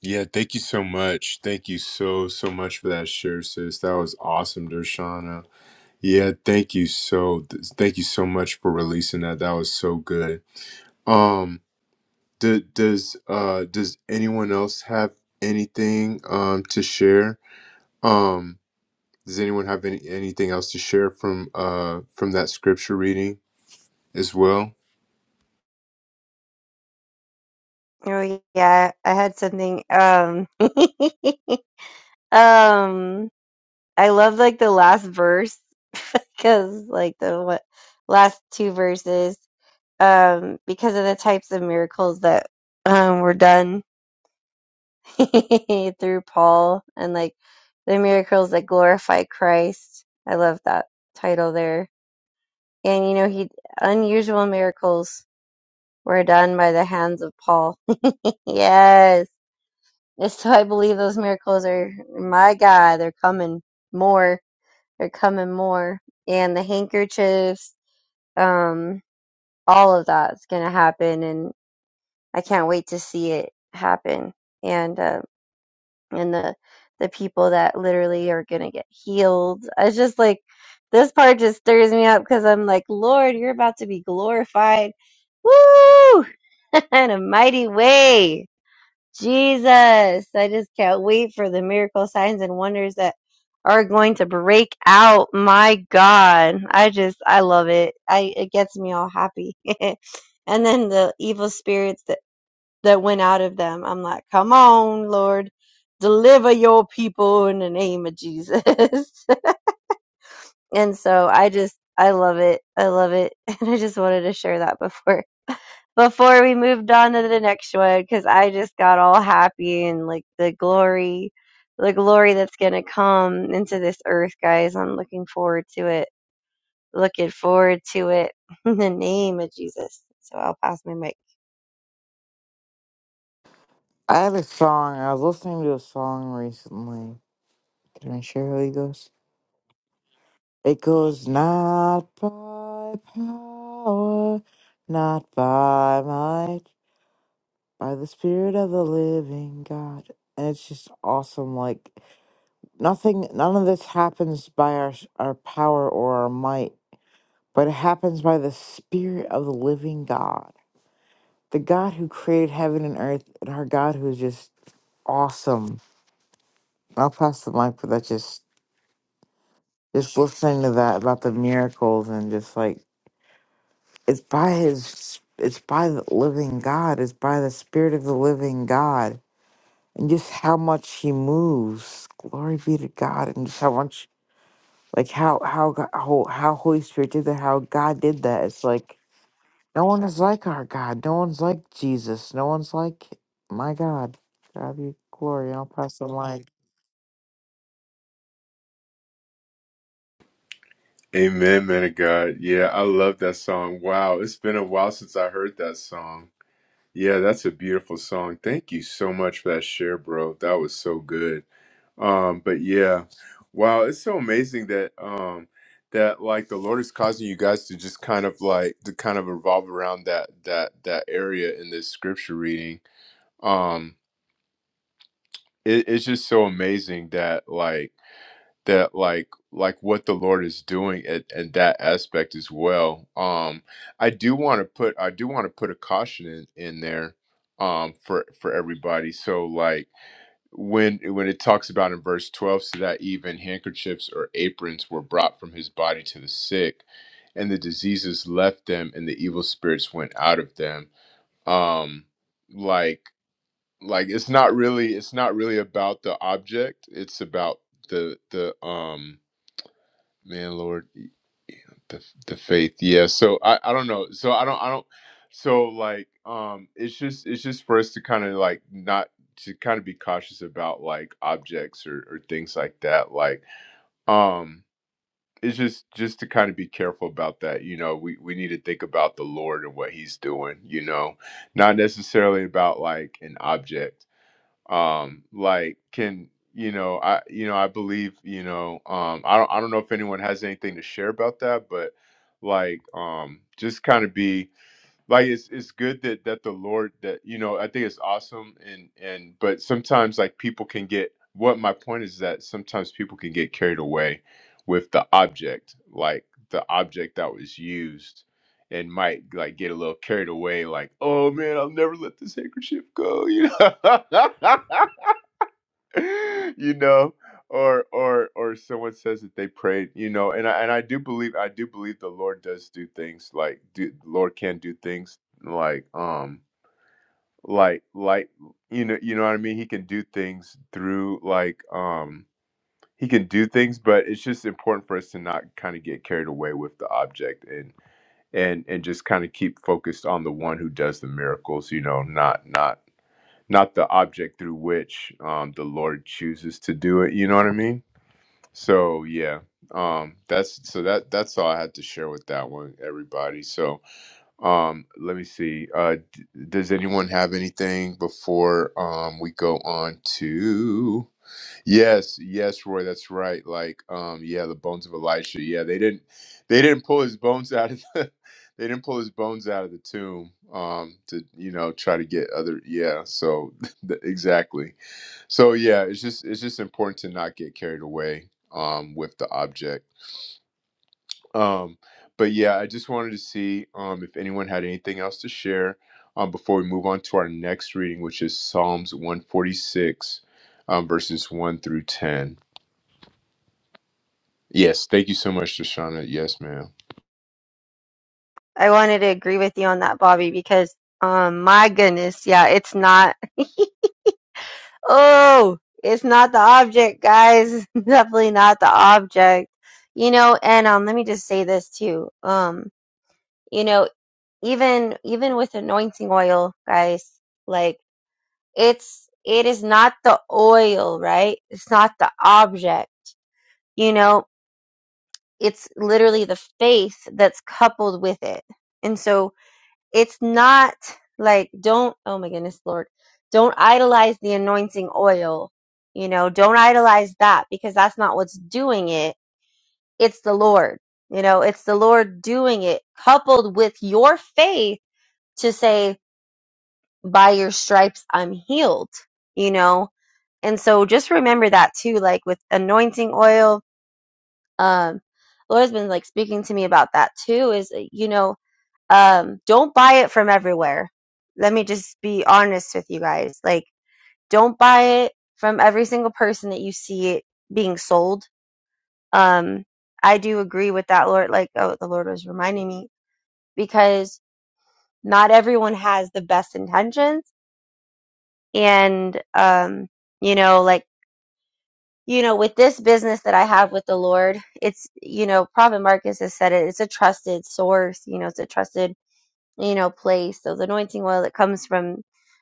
Speaker 1: yeah, thank you so much. Thank you so, so much for that share, sis. That was awesome, Deshauna. Yeah, thank you so, th- thank you so much for releasing that. That was so good. Um, d- does uh does anyone else have anything um to share? Um, does anyone have any anything else to share from uh from that scripture reading as well?
Speaker 2: Oh yeah, I had something. Um *laughs* Um I love like the last verse *laughs* because like the what last two verses um because of the types of miracles that um were done *laughs* through Paul and like the miracles that glorify Christ. I love that title there. And you know, he unusual miracles were done by the hands of Paul. *laughs* yes. And so I believe those miracles are my God, they're coming more. They're coming more. And the handkerchiefs, um, all of that's gonna happen and I can't wait to see it happen. And uh, and the the people that literally are going to get healed. I was just like this part just stirs me up cuz I'm like, "Lord, you're about to be glorified." Woo! *laughs* in a mighty way. Jesus, I just can't wait for the miracle signs and wonders that are going to break out. My God, I just I love it. I it gets me all happy. *laughs* and then the evil spirits, the that went out of them. I'm like, come on, Lord, deliver your people in the name of Jesus. *laughs* and so I just, I love it. I love it. *laughs* And I just wanted to share that before. Before we moved on to the next one, because I just got all happy and like the glory, the glory that's going to come into this earth, guys. I'm looking forward to it. Looking forward to it *laughs* in the name of Jesus. So I'll pass my mic.
Speaker 3: I have a song. I was listening to a song recently. Can I share how it goes? It goes not by power, not by might. by the spirit of the living god and it's just awesome like nothing none of this happens by our our power or our might but it happens by the spirit of the living god the god who created heaven and earth and our god who is just awesome i'll pass the mic but that just just listening to that about the miracles and just like it's by his it's by the living god it's by the spirit of the living god and just how much he moves. Glory be to God, and just how much, like how how God, how, how Holy Spirit did that, how God did that. It's like no one is like our God. No one's like Jesus. No one's like my God. God be glory. I'll pass the mic.
Speaker 1: Amen, man of God. Yeah, I love that song. Wow, it's been a while since I heard that song. Yeah, that's a beautiful song. Thank you so much for that share, bro. That was so good. Um, but yeah, wow, it's so amazing that um that like the Lord is causing you guys to just kind of like to kind of revolve around that that that area in this scripture reading. Um, it, it's just so amazing that like that like like what the lord is doing at, in that aspect as well um i do want to put i do want to put a caution in in there um for for everybody so like when when it talks about in verse 12 so that even handkerchiefs or aprons were brought from his body to the sick and the diseases left them and the evil spirits went out of them um like like it's not really it's not really about the object it's about the the um man lord the, the faith yeah so I, I don't know so i don't i don't so like um it's just it's just for us to kind of like not to kind of be cautious about like objects or, or things like that like um it's just just to kind of be careful about that you know we we need to think about the lord and what he's doing you know not necessarily about like an object um like can you know i you know i believe you know um i don't i don't know if anyone has anything to share about that but like um just kind of be like it's it's good that that the lord that you know i think it's awesome and and but sometimes like people can get what my point is that sometimes people can get carried away with the object like the object that was used and might like get a little carried away, like, oh man, I'll never let this handkerchief go, you know. *laughs* *laughs* you know or or or someone says that they prayed you know and i and i do believe i do believe the lord does do things like do the lord can do things like um like like you know you know what i mean he can do things through like um he can do things but it's just important for us to not kind of get carried away with the object and and and just kind of keep focused on the one who does the miracles you know not not not the object through which um, the Lord chooses to do it. You know what I mean? So yeah, um, that's so that that's all I had to share with that one, everybody. So um, let me see. Uh, d- does anyone have anything before um, we go on to? Yes, yes, Roy, that's right. Like, um, yeah, the bones of Elisha. Yeah, they didn't, they didn't pull his bones *laughs* out of the, *laughs* they didn't pull his bones out of the tomb, um, to you know try to get other. Yeah, so *laughs* th- exactly. So yeah, it's just it's just important to not get carried away, um, with the object. Um, but yeah, I just wanted to see, um, if anyone had anything else to share, um, before we move on to our next reading, which is Psalms one forty six, um, verses one through ten. Yes, thank you so much, Deshauna. Yes, ma'am.
Speaker 2: I wanted to agree with you on that, Bobby, because um my goodness, yeah, it's not *laughs* oh, it's not the object, guys. *laughs* It's Definitely not the object. You know, and um let me just say this too. Um, you know, even even with anointing oil, guys, like it's it is not the oil, right? It's not the object. You know, it's literally the faith that's coupled with it. And so it's not like don't oh my goodness lord don't idolize the anointing oil you know don't idolize that because that's not what's doing it it's the lord you know it's the lord doing it coupled with your faith to say by your stripes i'm healed you know and so just remember that too like with anointing oil um lord's been like speaking to me about that too is you know um don't buy it from everywhere let me just be honest with you guys like don't buy it from every single person that you see it being sold um i do agree with that lord like oh the lord was reminding me because not everyone has the best intentions and um you know like you know with this business that i have with the lord it's you know prophet marcus has said it it's a trusted source you know it's a trusted you know place so the anointing oil that comes from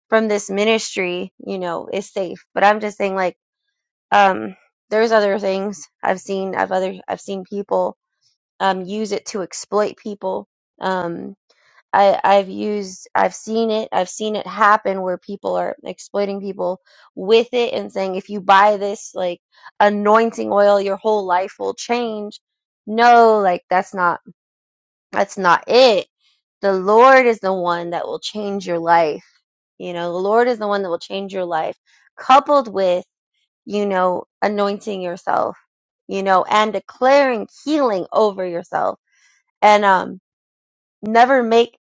Speaker 2: from this ministry you know is safe but i'm just saying like um there's other things i've seen i've other i've seen people um use it to exploit people um i i've used i've seen it i've seen it happen where people are exploiting people with it and saying if you buy this like anointing oil your whole life will change no like that's not that's not it. The Lord is the one that will change your life. You know, the Lord is the one that will change your life, coupled with, you know, anointing yourself, you know, and declaring healing over yourself. And um never make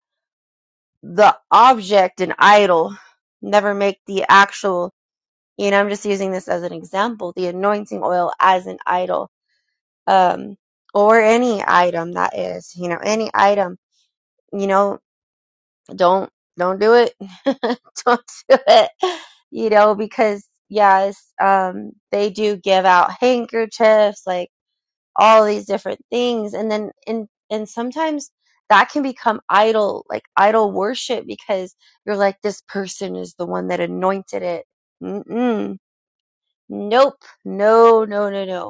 Speaker 2: the object an idol. Never make the actual, you know, I'm just using this as an example, the anointing oil as an idol. Um or any item that is, you know, any item, you know, don't don't do it *laughs* don't do it you know because yes um they do give out handkerchiefs like all these different things and then and and sometimes that can become idol like idol worship because you're like this person is the one that anointed it Mm-mm. nope no no no no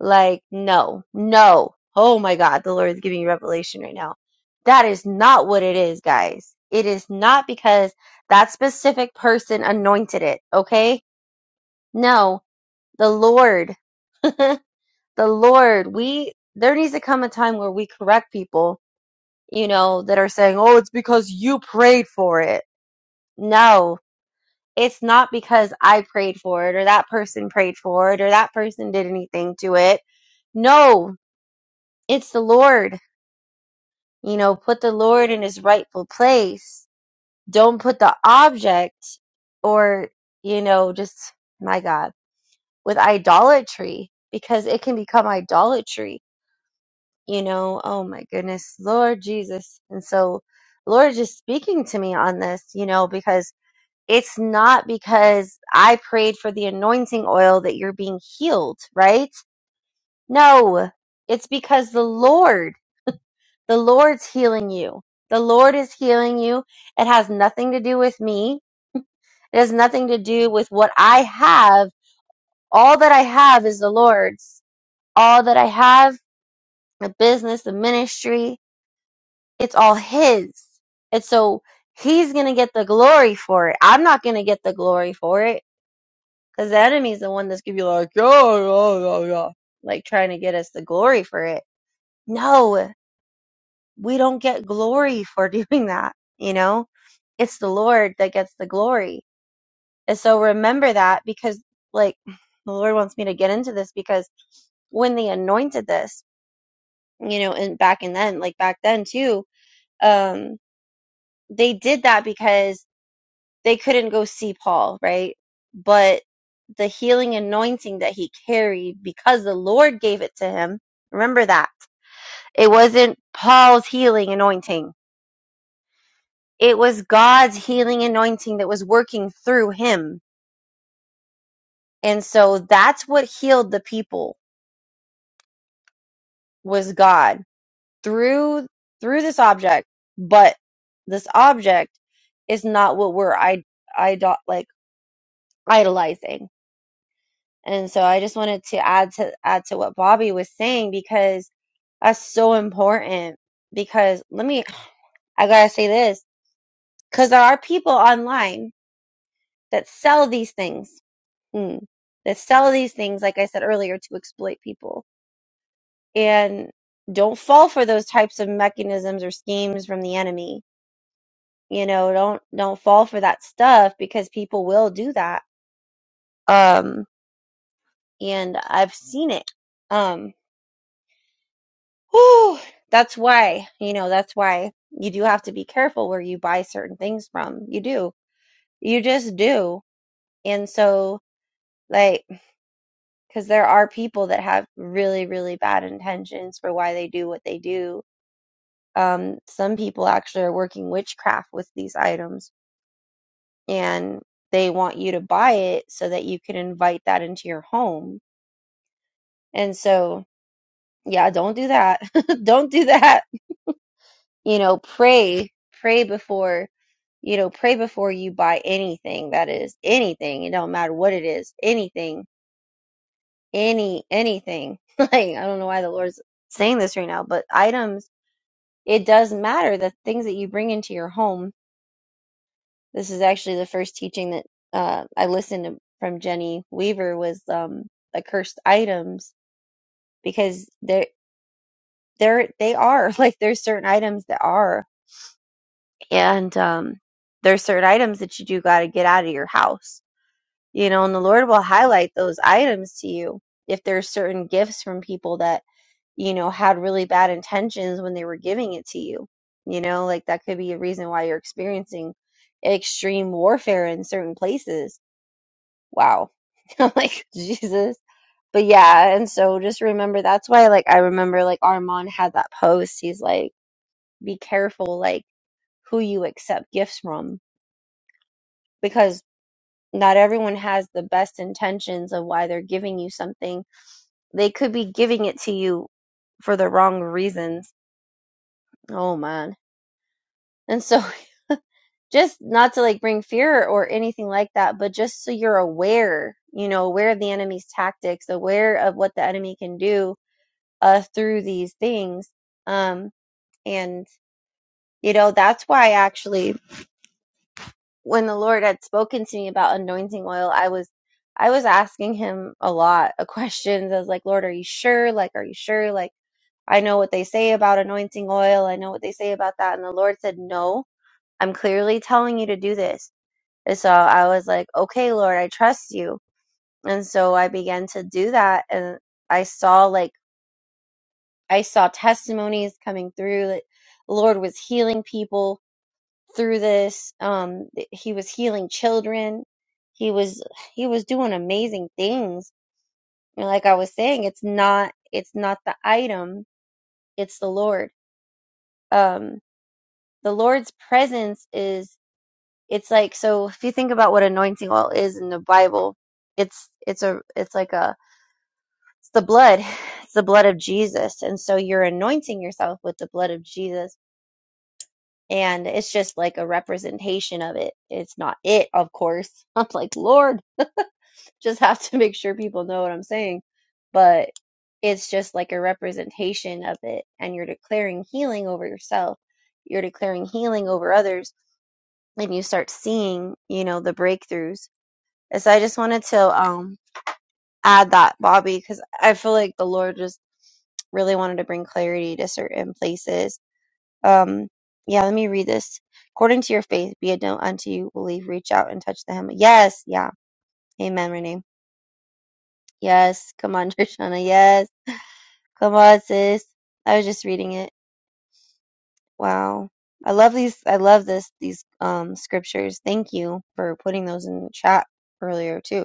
Speaker 2: like, no, no. Oh my God, the Lord is giving you revelation right now. That is not what it is, guys. It is not because that specific person anointed it, okay? No, the Lord, *laughs* the Lord, we, there needs to come a time where we correct people, you know, that are saying, oh, it's because you prayed for it. No, it's not because I prayed for it or that person prayed for it or that person did anything to it. No, it's the Lord. You know, put the Lord in his rightful place. Don't put the object or, you know, just, my God, with idolatry because it can become idolatry, you know. Oh my goodness, Lord Jesus. And so, Lord is just speaking to me on this, you know, because it's not because I prayed for the anointing oil that you're being healed, right? No, it's because the Lord. The Lord's healing you. The Lord is healing you. It has nothing to do with me. It has nothing to do with what I have. All that I have is the Lord's. All that I have, the business, the ministry, it's all His. And so He's going to get the glory for it. I'm not going to get the glory for it because the enemy's the one that's going to be like, yeah, yeah, yeah, yeah, like trying to get us the glory for it. No, we don't get glory for *laughs* doing that. You know, it's the Lord that gets the glory. And so remember that because, like, *sighs* the Lord wants me to get into this because when they anointed this, you know, and back in then, like back then too, um, they did that because they couldn't go see Paul, right? But the healing anointing that he carried because the Lord gave it to him, remember that. It wasn't Paul's healing anointing It was God's healing anointing that was working through him. And so that's what healed the people was God through through this object. But this object is not what we're I idol like idolizing. And so I just wanted to add to add to what Bobby was saying because that's so important. Because let me I gotta say this because there are people online that sell these things mm, that sell these things, like I said earlier, to exploit people. And don't fall for those types of mechanisms or schemes from the enemy. You know, don't don't fall for that stuff because people will do that. Um, and I've seen it. Um, whew, that's why you know that's why you do have to be careful where you buy certain things from. You do, you just do. And so, like, because there are people that have really, really bad intentions for why they do what they do, um, some people actually are working witchcraft with these items and they want you to buy it so that you can invite that into your home. And so, yeah, don't do that. *laughs* don't do that. You know, pray, pray before, you know, pray before you buy anything that is anything. It don't matter what it is, anything, any, anything. *laughs* like, I don't know why the Lord's saying this right now, but items, it does matter the things that you bring into your home This is actually the first teaching that uh, I listened to from Jenny Weaver was um, the cursed items because they're they're they are *laughs* like there's certain items that are and um, there's certain items that you do got to get out of your house, you know, and the Lord will highlight those items to you if there's certain gifts from people that you know had really bad intentions when they were giving it to you, you know, like that could be a reason why you're experiencing extreme warfare in certain places wow. *laughs* I'm like, Jesus. But yeah, and so just remember that's why like I remember like Armand had that post. He's like, be careful like who you accept gifts from because not everyone has the best intentions of why they're giving you something. They could be giving it to you for the wrong reasons. Oh man. And so *laughs* just not to like bring fear or anything like that, but just so you're aware, you know, aware of the enemy's tactics, aware of what the enemy can do uh, through these things. Um, and, you know, that's why actually when the Lord had spoken to me about anointing oil, I was, I was asking him a lot of *laughs* questions. I was like, Lord, are you sure? Like, are you sure? Like, I know what they say about anointing oil. I know what they say about that. And the Lord said, no, I'm clearly telling you to do this. And so I was like, okay, Lord, I trust you. And so I began to do that. And I saw like, I saw testimonies coming through that the Lord was healing people through this. Um, that he was healing children. He was he was doing amazing things. And like I was saying, it's not it's not the item, it's the Lord. Um, the Lord's presence is it's like so if you think about what anointing oil is in the Bible, it's it's a it's like a it's the blood. *sighs* It's the blood of Jesus. And so you're anointing yourself with the blood of Jesus and it's just like a representation of it. It's not it, of course. *laughs* I'm like, Lord, just have to make sure people know what I'm saying. But it's just like a representation of it, and you're declaring healing over yourself. You're declaring healing over others, and you start seeing, you know, the breakthroughs. And so I just wanted to um add that, Bobby, because I feel like the Lord just really wanted to bring clarity to certain places Um, yeah, let me read this. According to your faith, be it known unto you. Believe, reach out and touch the hem. Yes, yeah. Amen, Renee. Yes. Come on, *laughs* Trishana. Yes. Come on, sis. I was just reading it. Wow. I love these. I love this. These um scriptures. Thank you for putting those in the chat earlier too.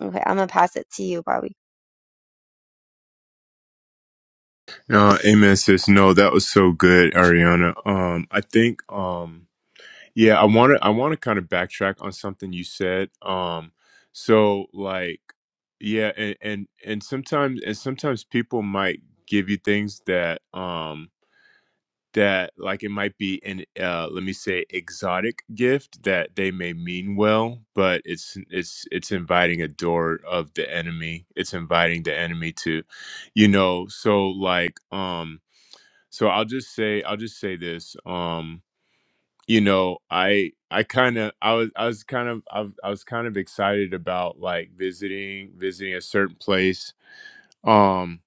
Speaker 2: Okay, I'm gonna pass it to you, Bobby.
Speaker 1: No, amen, sis. No, that was so good, Ariana. Um, I think, um, yeah, I want to, I want to kind of backtrack on something you said. Um, so like, yeah, and and and sometimes, and sometimes people might give you things that, um, that like it might be an uh let me say exotic gift that they may mean well but it's it's it's inviting a door of the enemy it's inviting the enemy to you know so like um so i'll just say i'll just say this um you know i i kind of i was i was kind of I, I was kind of excited about like visiting visiting a certain place um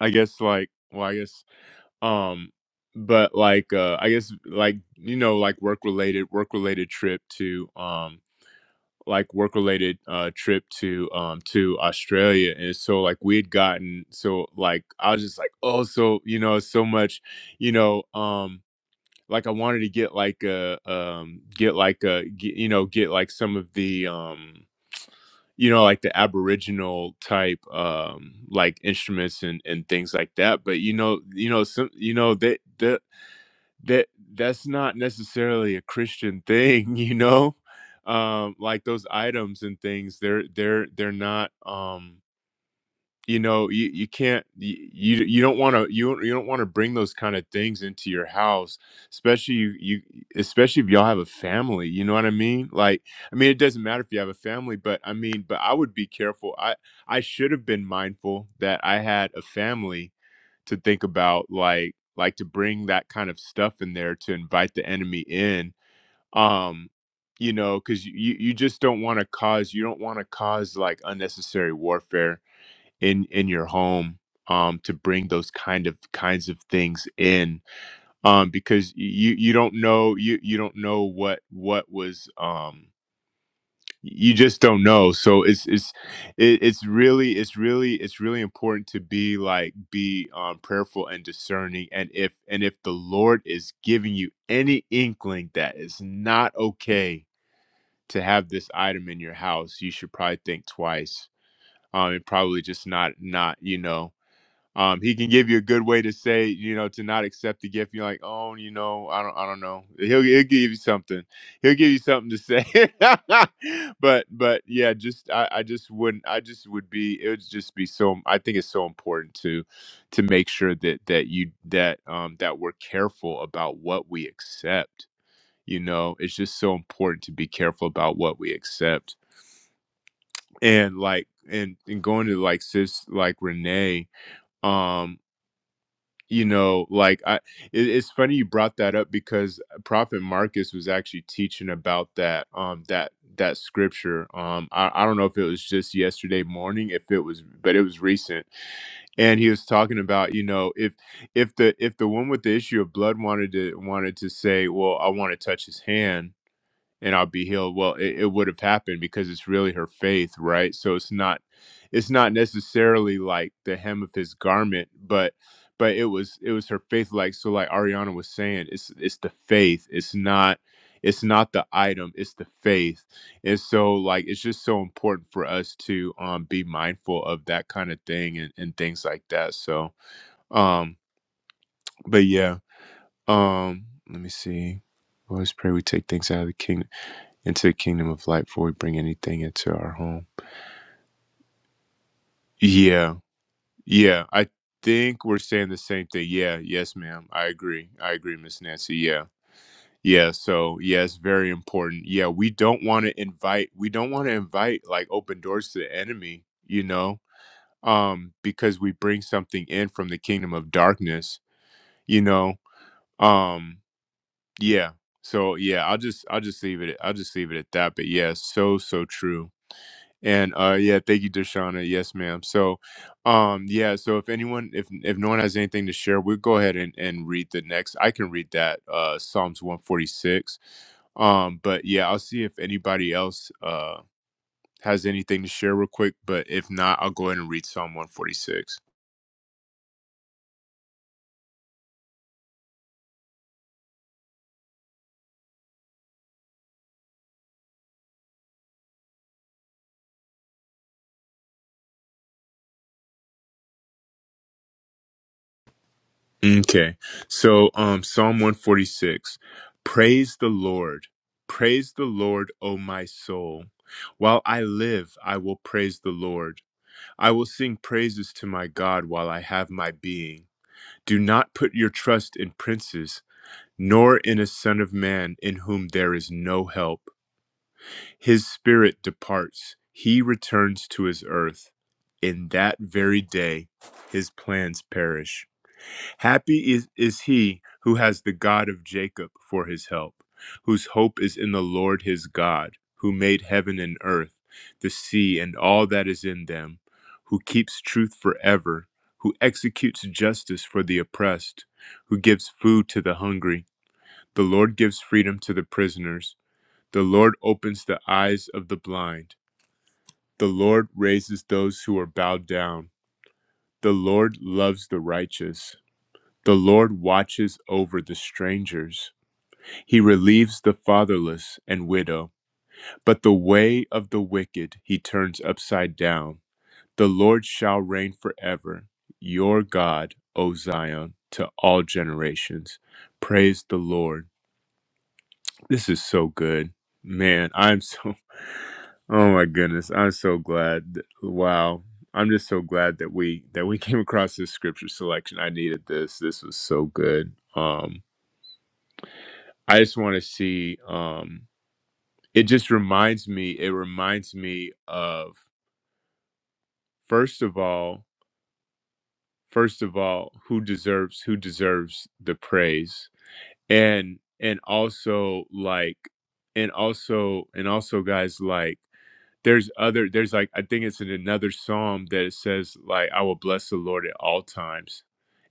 Speaker 1: i guess like well i guess um but like uh i guess like you know like work related work related trip to um like work related uh trip to um to australia and so like we had gotten so like i was just like oh so you know so much you know um like i wanted to get like a um get like a get, you know get like some of the um you know like the aboriginal type um like instruments and and things like that but you know you know some you know they the that that's not necessarily a christian thing *laughs* you know um like those items and things they're they're they're not um you know you, you can't you you you don't want to you, don't- you don't want to bring those kind of things into your house especially you, you especially if y'all have a family you know what i mean like i mean it doesn't matter if you have a family but i mean but i would be careful i i should have been mindful that i had a family to think about like like to bring that kind of stuff in there to invite the enemy in um you know because you you just don't want to cause you don't want to cause like unnecessary warfare in in your home um to bring those kind of kinds of things in um because y- you you don't know you you don't know what what was um you just don't know so it's it's it, it's really it's really it's really important to be like be um prayerful and discerning and if and if the lord is giving you any inkling that it's not okay to have this item in your house you should probably think twice um and probably just not not you know um, he can give you a good way to say, you know, to not accept the gift. You're like, oh, you know, I don't, I don't know. He'll, he'll give you something. He'll give you something to say. *laughs* but, but yeah, just I, I just wouldn't. I just would be. It would just be so. I think it's so important to, to make sure that that you that um that we're careful about what we accept. You know, it's just so important to be careful about what we accept. And like, and and going to like sis like Renee. um you know like i it, it's funny you brought that up because uh, prophet marcus was actually teaching about that um that that scripture um I, I don't know if it was just yesterday morning if it was but it was recent and he was talking about you know if if the if the one with the issue of blood wanted to wanted to say well i want to touch his hand and I'll be healed. Well, it, it would have happened because it's really her faith, right? So it's not it's not necessarily like the hem of his garment, but but it was it was her faith like so like Ariana was saying, it's it's the faith. It's not it's not the item, it's the faith. And so like it's just so important for us to um be mindful of that kind of thing and, and things like that. So um but yeah. Um let me see. Well, let's pray we take things out of the kingdom into the kingdom of light before we bring anything into our home. Yeah, yeah. I think we're saying the same thing. Yeah, yes, ma'am. I agree. I agree, Miss Nancy. Yeah. Yeah, so yeah, it's very important. Yeah, we don't want to invite we don't want to invite like open doors to the enemy, you know, um, because we bring something in from the kingdom of darkness, you know. Um, yeah. So yeah, I'll just I'll just leave it I'll just leave it at that. But yeah, so so true And uh yeah, thank you, Deshauna. Yes, ma'am. So um yeah, so if anyone if if no one has anything to share, we'll go ahead and, and read the next. I can read that, uh Psalms 146. Um, but yeah, I'll see if anybody else uh has anything to share real quick. But if not, I'll go ahead and read Psalm 146. Okay. So um Psalm 146. Praise the Lord. Praise the Lord, O my soul. While I live, I will praise the Lord. I will sing praises to my God while I have my being. Do not put your trust in princes, nor in a son of man in whom there is no help. His spirit departs, he returns to his earth. In that very day, his plans perish. Happy is, is he who has the God of Jacob for his help, whose hope is in the Lord his God, who made heaven and earth, the sea, and all that is in them, who keeps truth forever, who executes justice for the oppressed, who gives food to the hungry. The Lord gives freedom to the prisoners. The Lord opens the eyes of the blind. The Lord raises those who are bowed down. The Lord loves the righteous. The Lord watches over the strangers. He relieves the fatherless and widow, but the way of the wicked he turns upside down. The Lord shall reign forever, your God, O Zion, to all generations. Praise the Lord. This is so good. Man, I'm so, *laughs* oh my goodness, I'm so glad. that- Wow. I'm just so glad that we that we *laughs* came across this scripture selection. I needed this. This was so good. Um. I just want to see. Um, it just reminds me. It reminds me of first of all, first of all, who deserves who deserves the praise, and and also like, and also and also guys like. There's other. There's like I think it's in another psalm that it says like I will bless the Lord at all times,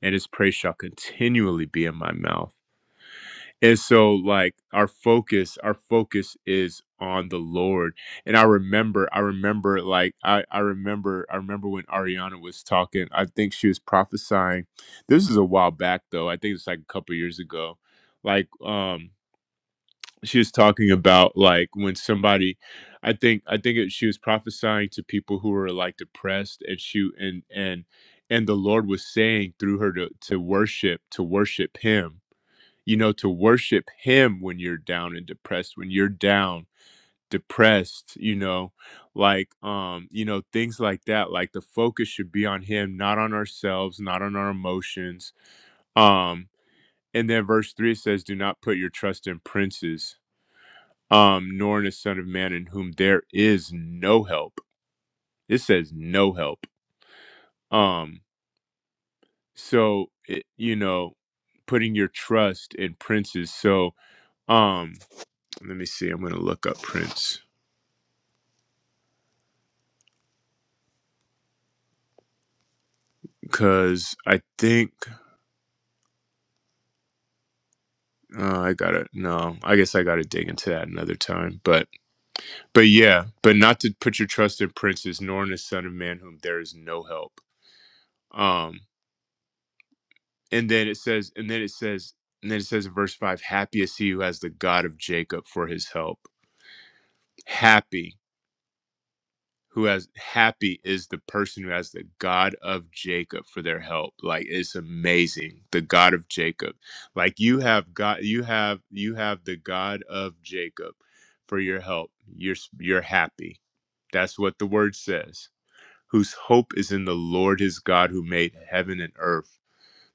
Speaker 1: and His praise shall continually be in my mouth and so like our focus our focus is on the lord and i remember i remember like i i remember i remember when ariana was talking i think she was prophesying this is a while back though i think it's like a couple years ago like um she was talking about like when somebody i think i think it, she was prophesying to people who were like depressed and she and and and the lord was saying through her to to worship to worship him you know, to worship him when you're down and depressed, when you're down, depressed, you know, like um, you know, things like that. Like the focus should be on him, not on ourselves, not on our emotions. Um, and then verse three says, Do not put your trust in princes, um, nor in a son of man in whom there is no help. It says no help. Um, so it, you know, putting your trust in princes. So um let me see i'm gonna look up prince Cause I think uh, I gotta no, I guess I gotta dig into that another time. But but yeah, but not to put your trust in princes, nor in the Son of Man, whom there is no help. Um, and then it says, and then it says, and then it says in verse five, happy is he who has the God of Jacob for his help. Happy who has happy is the person who has the God of Jacob for their help. Like it's amazing. The God of Jacob. Like you have God you have you have the God of Jacob for your help. You're you're happy. That's what the word says. Whose hope is in the Lord his God who made heaven and earth,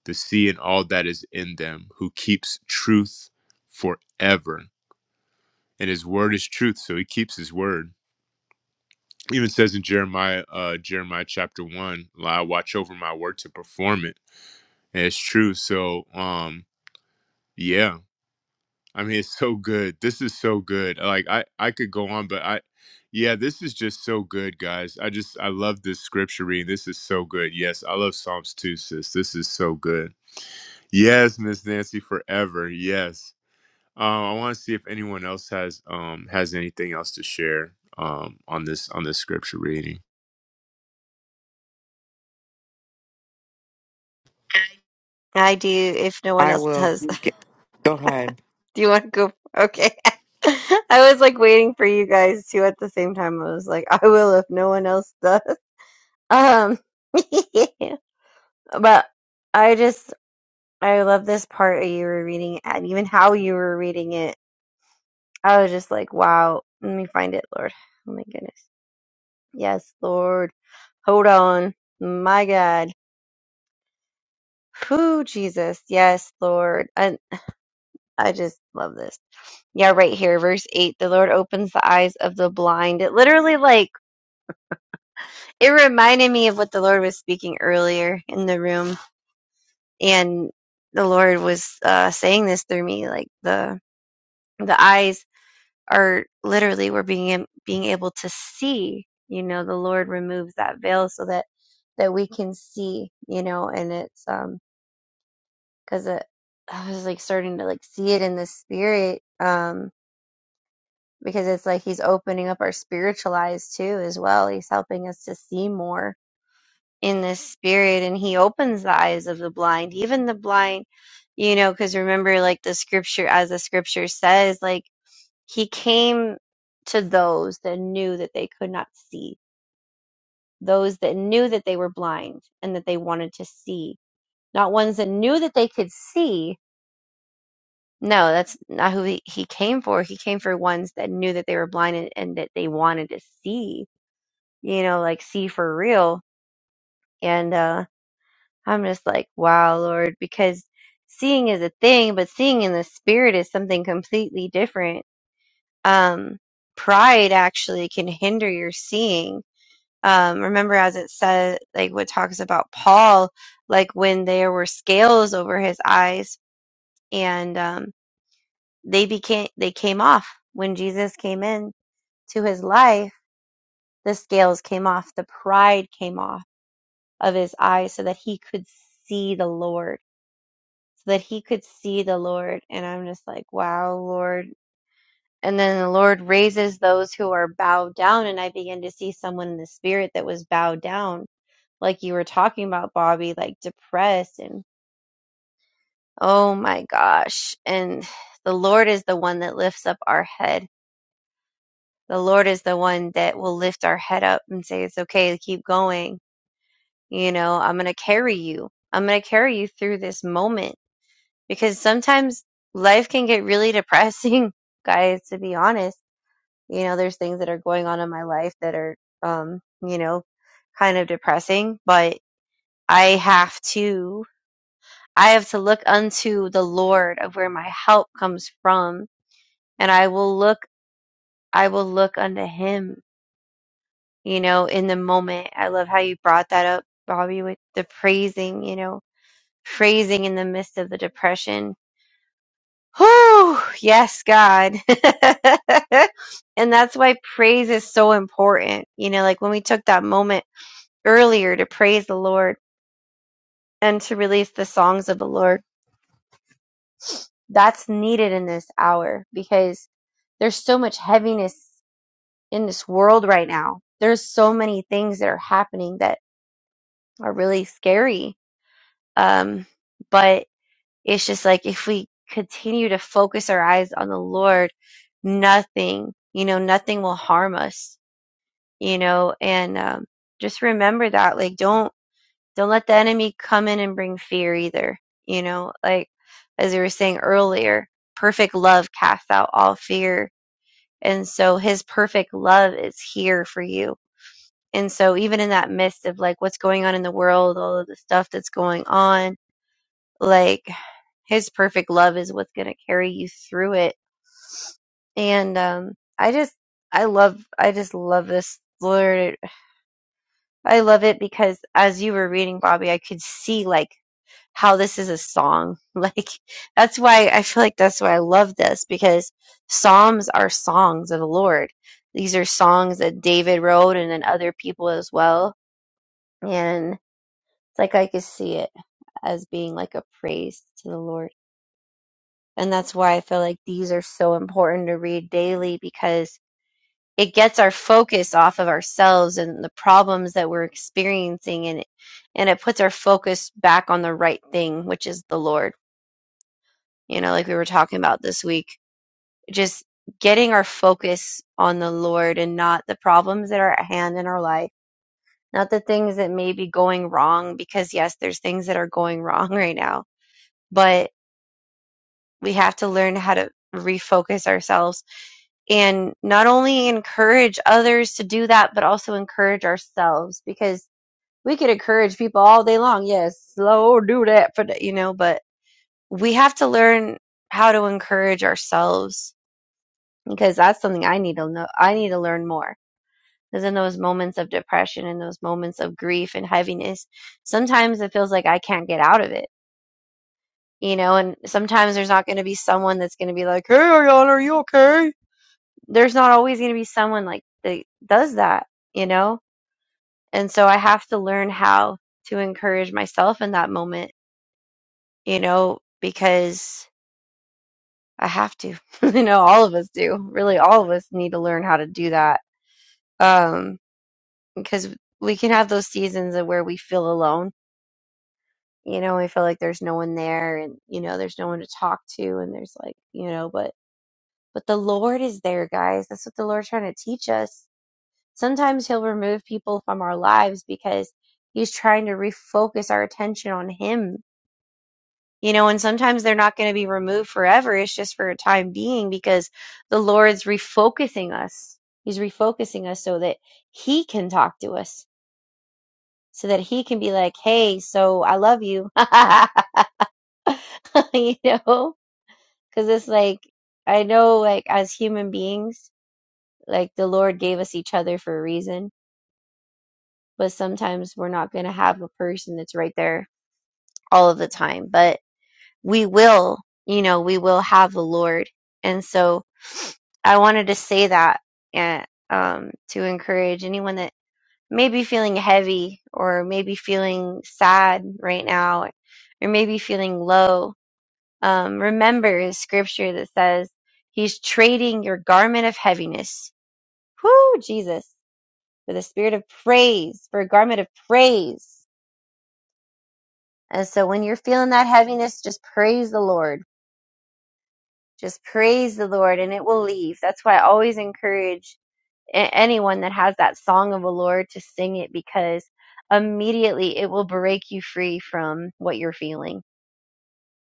Speaker 1: the sea and all that is in them, who keeps truth forever. And his word is truth, so he keeps his word even says in Jeremiah, uh, Jeremiah chapter one, I watch over my word to perform it. And it's true. So, um, yeah, I mean, it's so good. This is so good. Like I, I could go on, but I, yeah, this is just so good, guys. I just, I love this scripture reading. This is so good. Yes. I love Psalms too, sis. This is so good. Yes. Miss Nancy forever. Yes. Um, I want to see if anyone else has, um, has anything else to share, um, on this, on this scripture reading.
Speaker 2: I do. If no one
Speaker 3: I
Speaker 2: else
Speaker 3: will.
Speaker 2: does,
Speaker 3: Get, go ahead.
Speaker 2: *laughs* do you want to go? Okay. *laughs* I was like waiting for you guys too. At the same time, I was like, I will if no one else does. Um, *laughs* but I just I love this part you were reading it and even how you were reading it. I was just like, wow. Let me find it, Lord. Oh my goodness. Yes, Lord. Hold on. My God. Who Jesus. Yes, Lord. And I just love this. Yeah, right here, verse eight. The Lord opens the eyes of the blind. It literally like it reminded me of what the Lord was speaking earlier in the room and the lord was uh, saying this through me like the the eyes are literally we're being being able to see you know the lord removes that veil so that that we can see you know and it's um because it i was like starting to like see it in the spirit um because it's like he's opening up our spiritual eyes too as well he's helping us to see more in this spirit and he opens the eyes of the blind even the blind you know because remember like the scripture as the scripture says like he came to those that knew that they could not see those that knew that they were blind and that they wanted to see not ones that knew that they could see no that's not who he, he came for he came for ones that knew that they were blind and, and that they wanted to see you know like see for real and uh I'm just like, wow, Lord, because seeing is a thing, but seeing in the spirit is something completely different. Um, pride actually can hinder your seeing. Um, remember, as it said, like what talks about Paul, like when there were scales over his eyes and um, they became they came off when Jesus came in to his life. The scales came off, the pride came off of his eyes, so that he could see the Lord so that he could see the Lord. And I'm just like, wow, Lord. And then the Lord raises those who are bowed down. And I begin to see someone in the spirit that was bowed down, like you were talking about, Bobby, like depressed. And oh my gosh. And the Lord is the one that lifts up our head. The Lord is the one that will lift our head up and say, it's okay, keep going. You know, I'm going to carry you. I'm going to carry you through this moment because sometimes life can get really depressing, *laughs* guys, to be honest. You know, there's things that are going on in my life that are, um, you know, kind of depressing, but I have to, I have to look unto the Lord of where my help comes from. And I will look, I will look unto him, you know, in the moment. I love how you brought that up, Bobby, with the praising, you know, praising in the midst of the depression Whew, yes, God. *laughs* and that's why praise is so important. You know, like when we took that moment earlier to praise the Lord and to release the songs of the Lord, that's needed in this hour because there's so much heaviness in this world right now. There's so many things that are happening that are really scary. Um, but it's just like if we continue to focus our eyes on the Lord, nothing, you know, nothing will harm us you know and um, just remember that like don't don't let the enemy come in and bring fear either you know like as we were saying earlier perfect love casts out all fear and so his perfect love is here for you and so even in that midst of like what's going on in the world all of the stuff that's going on like his perfect love is what's going to carry you through it and um i just i love i just love this lord I love it because as you were reading, Bobby, I could see like how this is a song. *laughs* Like that's why I feel like that's why I love this because Psalms are songs of the Lord. These are songs that David wrote and then other people as well. And it's like I could see it as being like a praise to the Lord. And that's why I feel like these are so important to read daily because. it gets our focus off of ourselves and the problems that we're experiencing and and it puts our focus back on the right thing which is the lord you know like we were talking about this week just getting our focus on the lord and not the problems that are at hand in our life not the things that may be going wrong because yes there's things that are going *laughs* wrong right now but we have to learn how to refocus ourselves and not only encourage others to do that but also encourage ourselves because we could encourage people all day long. Yes, slow do that for the, you know, but we have to learn how to encourage ourselves because that's something I need to know. I need to learn more because in those moments of depression and those moments of grief and heaviness, sometimes it feels like I can't get out of it, you know, and sometimes there's not going to be someone that's going to be like, Hey, Ariana, are you okay? There's not always going to be someone like that does that, you know? And so I have to learn how to encourage myself in that moment you know, because I have to. *laughs* you know, all of us do. Really, all of us need to learn how to do that. Um, because we can have those seasons of where we feel alone. You know, we feel like there's no one there, and you know, there's no one to talk to, and there's like, you know, but but the Lord is there, guys. That's what the Lord's trying to teach us. Sometimes He'll remove people from our lives because He's trying to refocus our attention on Him you know, and sometimes they're not going to be removed forever. It's just for a time being because the Lord's refocusing us. He's refocusing us so that He can talk to us, so that He can be like, hey, so I love you, *laughs* you know, because it's like, I know, like, as human beings, like the Lord gave us each other for a reason, but sometimes we're not going to have a person that's right there all of the time, but we will, you know, we will have the Lord. And so, I wanted to say that and um, to encourage anyone that may be feeling heavy or maybe feeling sad right now or maybe feeling low. Um, remember the scripture that says he's trading your garment of heaviness, whoo, Jesus, for the spirit of praise, for a garment of praise. And so when you're feeling that heaviness, just praise the Lord. Just praise the Lord and it will leave. That's why I always encourage anyone that has that song of the Lord to sing it because immediately it will break you free from what you're feeling.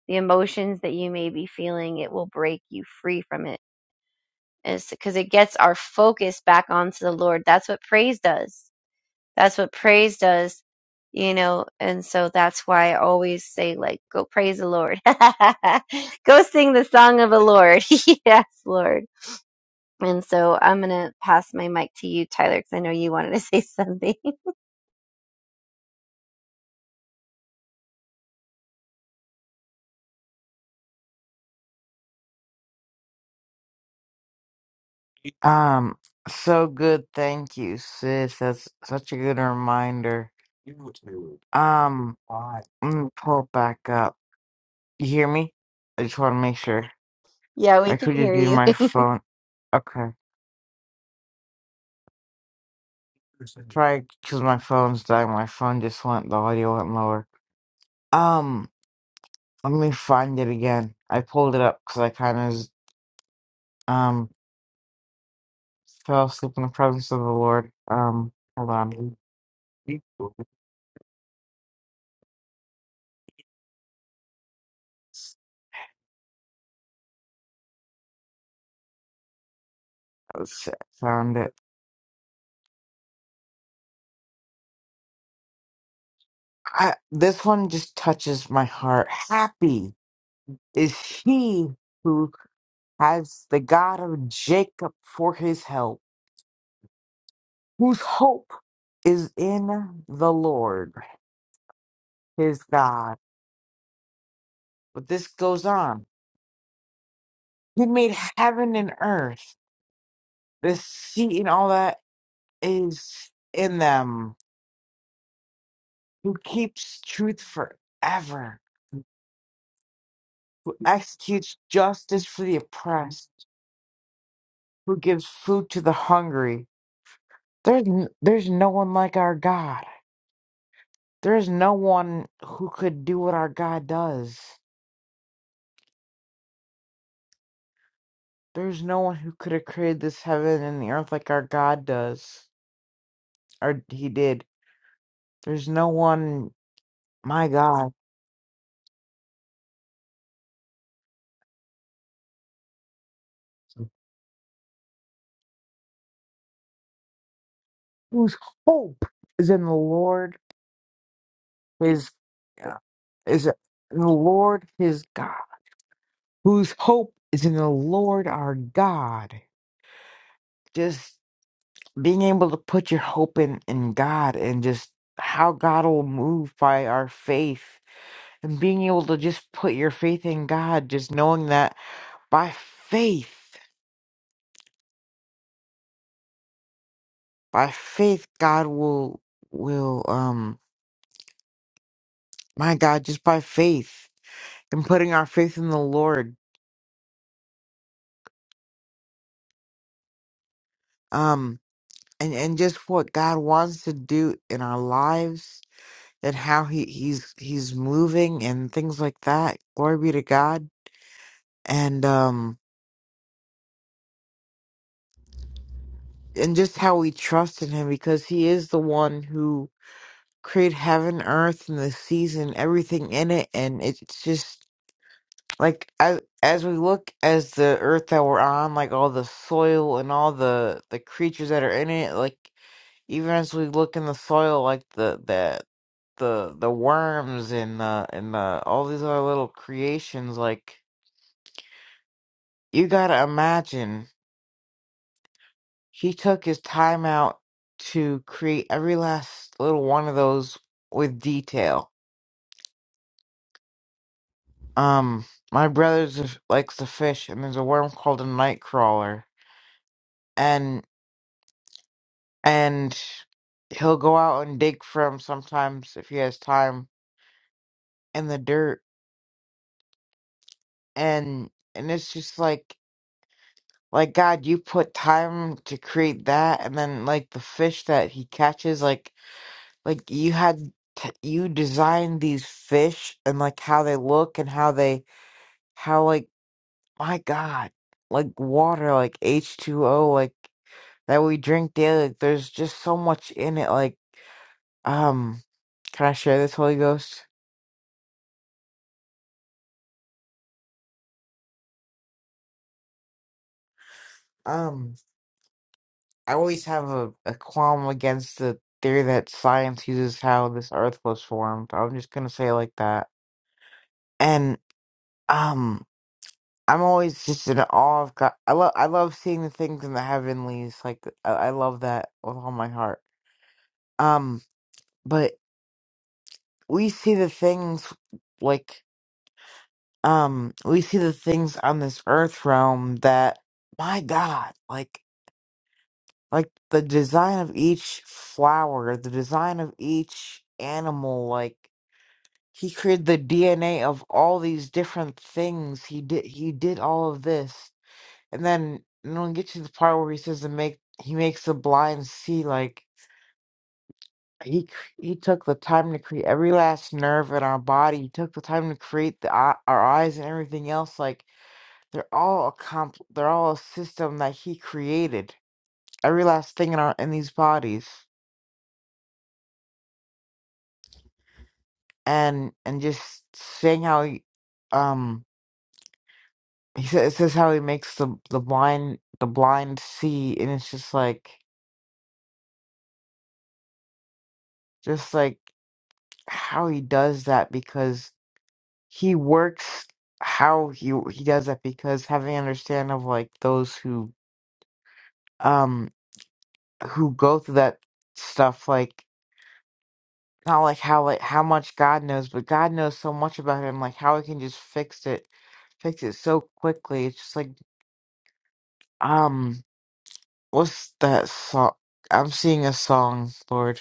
Speaker 2: The emotions that you may be feeling, it will break you free from it. Because it gets our focus back onto the Lord. That's what praise does. That's what praise does, you know. And so that's why I always say, like, go praise the Lord. *laughs* go sing the song of the Lord. *laughs* yes, Lord. And so I'm going to pass my mic to you, Tyler, because I know you wanted to *laughs* say something.
Speaker 3: Um. So good. Thank you, sis. That's such a good reminder. Um. Let me pull it back up. You hear me? I just want to make sure.
Speaker 2: Yeah, we
Speaker 3: I
Speaker 2: can
Speaker 3: could just
Speaker 2: hear
Speaker 3: be
Speaker 2: you.
Speaker 3: my
Speaker 2: *laughs*
Speaker 3: phone. Okay. Try because my phone's dying. My phone just went. The audio went lower. Um, let me find it again. I pulled it up because I kind of um fell asleep in the presence of the Lord. Um, hold on. Let's see. I Found it. I, this one just touches my heart. Happy is he who has the God of Jacob for his help, whose hope is in the Lord. his God. But this goes on. He made heaven and earth. The sea and all that is in them. Who keeps truth forever. Who executes justice for the oppressed. Who gives food to the hungry. There's, n- there's no one like our God. There's no one who could do what our God does. There's no one who could have created this heaven and the earth like our God does. Or he did. There's no one, my God. whose hope is in the Lord his uh, is in the Lord his God, whose hope is in the Lord our God. Just being able to put your hope in in God and just how God will move by our faith and being able to just put your faith in God, just knowing that by faith, by faith, God will will um my God, just by faith and putting our faith in the Lord. Um and and just what God wants to do in our lives and how he he's he's moving and things like that. Glory be to God. And um and just how we trust in him because he is the one who created heaven, earth and the seas and everything in it and it's just like as as we look as the earth that we're on, like all the soil and all the the creatures that are in it, like Even as we look in the soil, like the the the the worms and the and the all these other little creations, like you gotta imagine he took his time out to create every last little one of those with detail. Um, my brother just likes to fish, and there's a worm called a nightcrawler, and and he'll go out and dig for him sometimes if he has time in the dirt, and and it's just like Like God, you put time to create that, and then like the fish that he catches, like like you had t- you designed these fish and like how they look and how they how like my God, like water, like H two O, like that we drink daily. Like, there's just so much in it. Like um, can I share this Holy Ghost? Um, I always have a, a qualm against the theory that science uses how this earth was formed. I'm just gonna say it like that. Um, I'm always just in awe of God. I love I love seeing the things in the heavenlies. Like I, I love that with all my heart. Um, but we see the things like um we see the things on this earth realm that my God, like like the design of each flower, the design of each animal, like he created the DNA of all these different things. He did he did all of this And then and then we get to the part where he says to make he makes the blind see like he cr- he took the time to create every last nerve in our body. He took the time to create the eye- our eyes and everything else. Like they're all a comp they're all a system that he created. Every last thing in our in these bodies. And and just saying how he um he says it says how he makes the the blind the blind see and it's just like just like how he does that he works how he he does that because having understand of like those who um who go through that stuff like not like how like how much God knows, but God knows so much about him, like how he can just fix it fix it so quickly. It's just like um what's that song I'm seeing a song, Lord.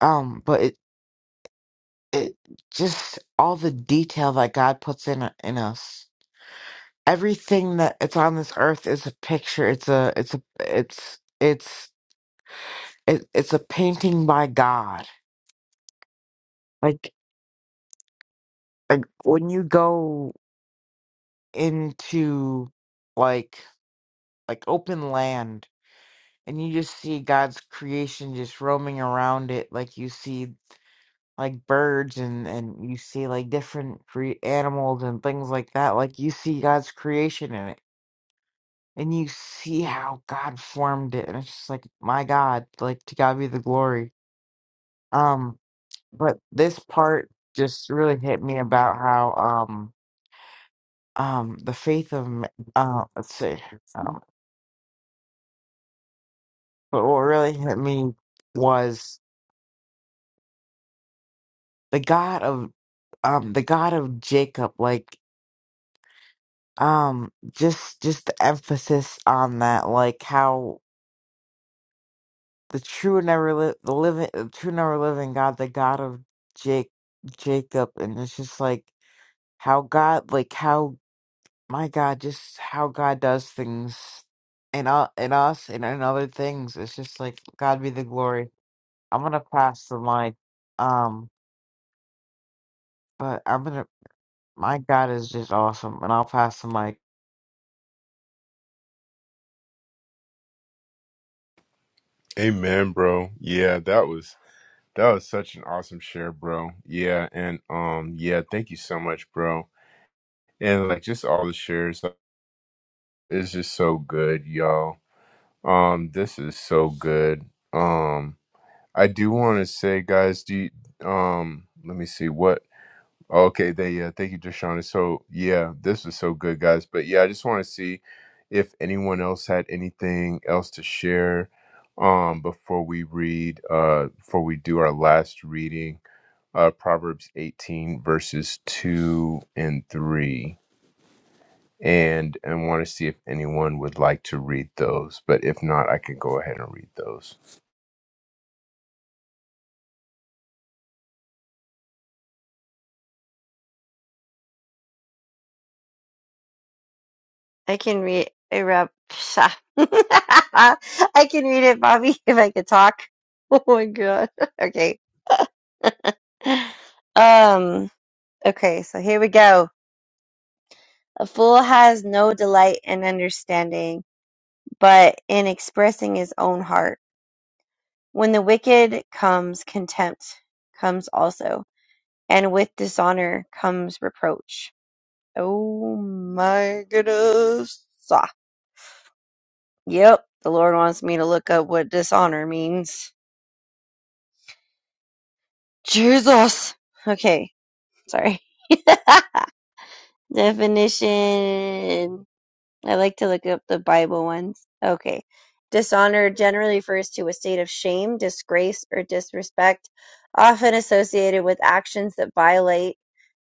Speaker 3: Um, but it it just all the detail that God puts in in us. everything that it's on this earth is a picture it's a it's a it's it's it, it's a painting by god like like when you go into like like open land and you just see god's creation just roaming around it like you see like birds and and you see like different cre- animals and things like that like you see god's creation in it and you see how god formed it and it's just like my god like to god be the glory Um, but this part just really hit me about how um um the faith of m- uh let's see um but what really hit me was the God of um the God of Jacob like um just just the emphasis on that like how the true and ever li- the living the true and ever living God the God of Jake Jacob and it's just like how God like how my God, just how God does things in, u- in us and in other things. It's just like, God be the glory. I'm going to pass the mic. Um, but I'm going to, my God is just awesome. And I'll pass the mic.
Speaker 1: Amen, bro. Yeah, that was that was such an awesome share, bro. Yeah, and um, yeah, thank you so much, bro. And like just all the shares is just so good, y'all. Um, this is so good. Um, I do want to say, guys, do you, um, let me see what. Okay, they. yeah, thank you, Deshauna. So yeah, this was so good, guys. But yeah, I just want to see if anyone else had anything else to share um before we read uh before we do our last reading, uh Proverbs 18 verses 2 and 3. And and want to see if anyone would like to read those. But if not, I can go ahead and read those.
Speaker 2: I can read eruption. *laughs* I can read it, Bobby, *laughs* if I could talk. *laughs* Oh my god. *laughs* Okay. Um, okay, so here we go. A fool has no delight in understanding, but in expressing his own heart. When the wicked comes contempt comes also, and with dishonor comes reproach. Oh my goodness. Yep, the Lord wants me to look up what dishonor means. Jesus! Okay, sorry. *laughs* Definition. I like to look up the Bible ones. Okay. Dishonor generally refers to a state of shame, disgrace, or disrespect, often associated with actions that violate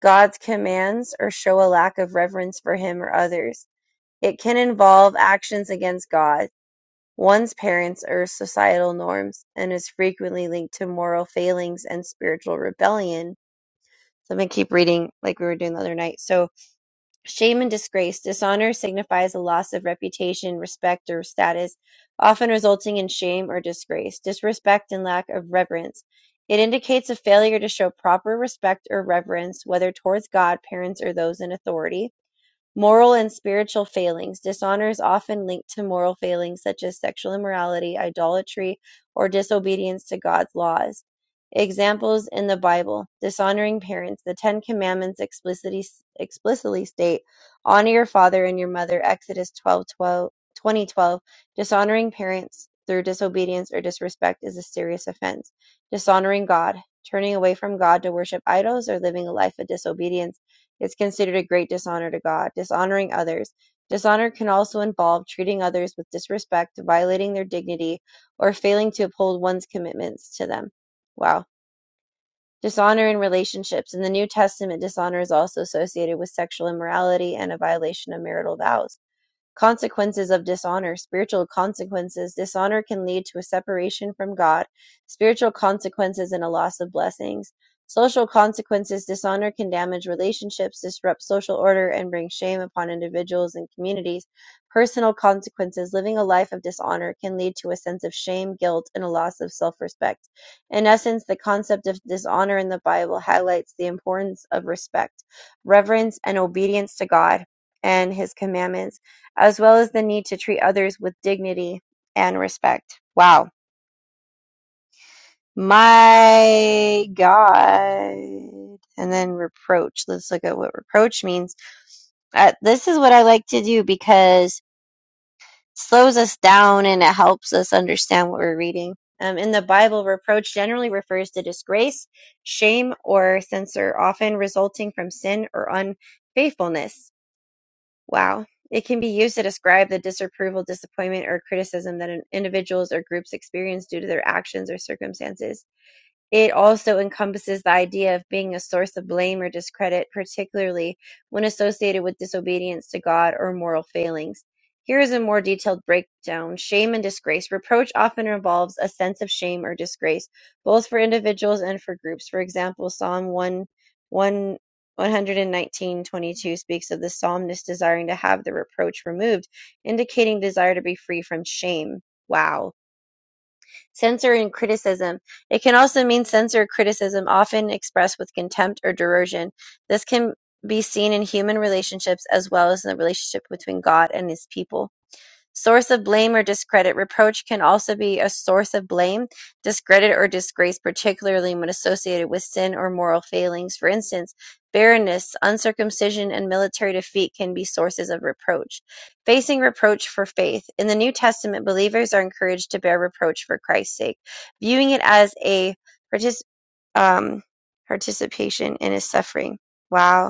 Speaker 2: God's commands or show a lack of reverence for Him or others. It can involve actions against God. One's parents or societal norms and is frequently linked to moral failings and spiritual rebellion. So I'm going to keep reading like we were doing the other night. So, shame and disgrace. Dishonor signifies a loss of reputation, respect, or status, often resulting in shame or disgrace, disrespect, and lack of reverence. It indicates a failure to show proper respect or reverence, whether towards God, parents, or those in authority. Moral and spiritual failings. Dishonor is often linked to moral failings such as sexual immorality, idolatry, or disobedience to God's laws. Examples in the Bible dishonoring parents. The Ten Commandments explicitly, explicitly state, Honor your father and your mother, Exodus 12, 12, 2012. Dishonoring parents through disobedience or disrespect is a serious offense. Dishonoring God, turning away from God to worship idols or living a life of disobedience. It's considered a great dishonor to God. Dishonoring others. Dishonor can also involve treating others with disrespect, violating their dignity, or failing to uphold one's commitments to them. Wow. Dishonor in relationships. In the New Testament, dishonor is also associated with sexual immorality and a violation of marital vows Consequences of dishonor, spiritual consequences. Dishonor can lead to a separation from God, spiritual consequences, and a loss of blessings. Social consequences. Dishonor can damage relationships, disrupt social order, and bring shame upon individuals and communities. Personal consequences. Living a life of dishonor can lead to a sense of shame, guilt, and a loss of self respect. In essence, the concept of dishonor in the Bible highlights the importance of respect, reverence, and obedience to God and His commandments as well as the need to treat others with dignity and respect. Wow. My God. And then reproach. Let's look at what reproach means. Uh, this is what I like to do because it slows us down and it helps us understand what we're reading. Um, in the Bible, reproach generally refers to disgrace, shame, or censure, often resulting from sin or unfaithfulness Wow. It can be used to describe the disapproval, disappointment, or criticism that an individuals or groups experience due to their actions or circumstances. It also encompasses the idea of being a source of blame or discredit, particularly when associated with disobedience to God or moral failings. Here is a more detailed breakdown. Shame and disgrace. Reproach often involves a sense of shame or disgrace, both for individuals and for groups. For example, Psalm one, one, one hundred and nineteen, twenty-two speaks of the psalmist desiring to have the reproach removed, indicating desire to be free from shame. Wow. Censor and criticism. It can also mean censor criticism, often expressed with contempt or derision. This can be seen in human relationships as well as in the relationship between God and his people. Source of blame or discredit. Reproach can also be a source of blame, discredit, or disgrace, particularly when associated with sin or moral failings. For instance, barrenness, uncircumcision, and military defeat can be sources of reproach. Facing reproach for faith. In the New Testament, believers are encouraged to bear reproach for Christ's sake, viewing it as a partic- um, participation in his suffering. Wow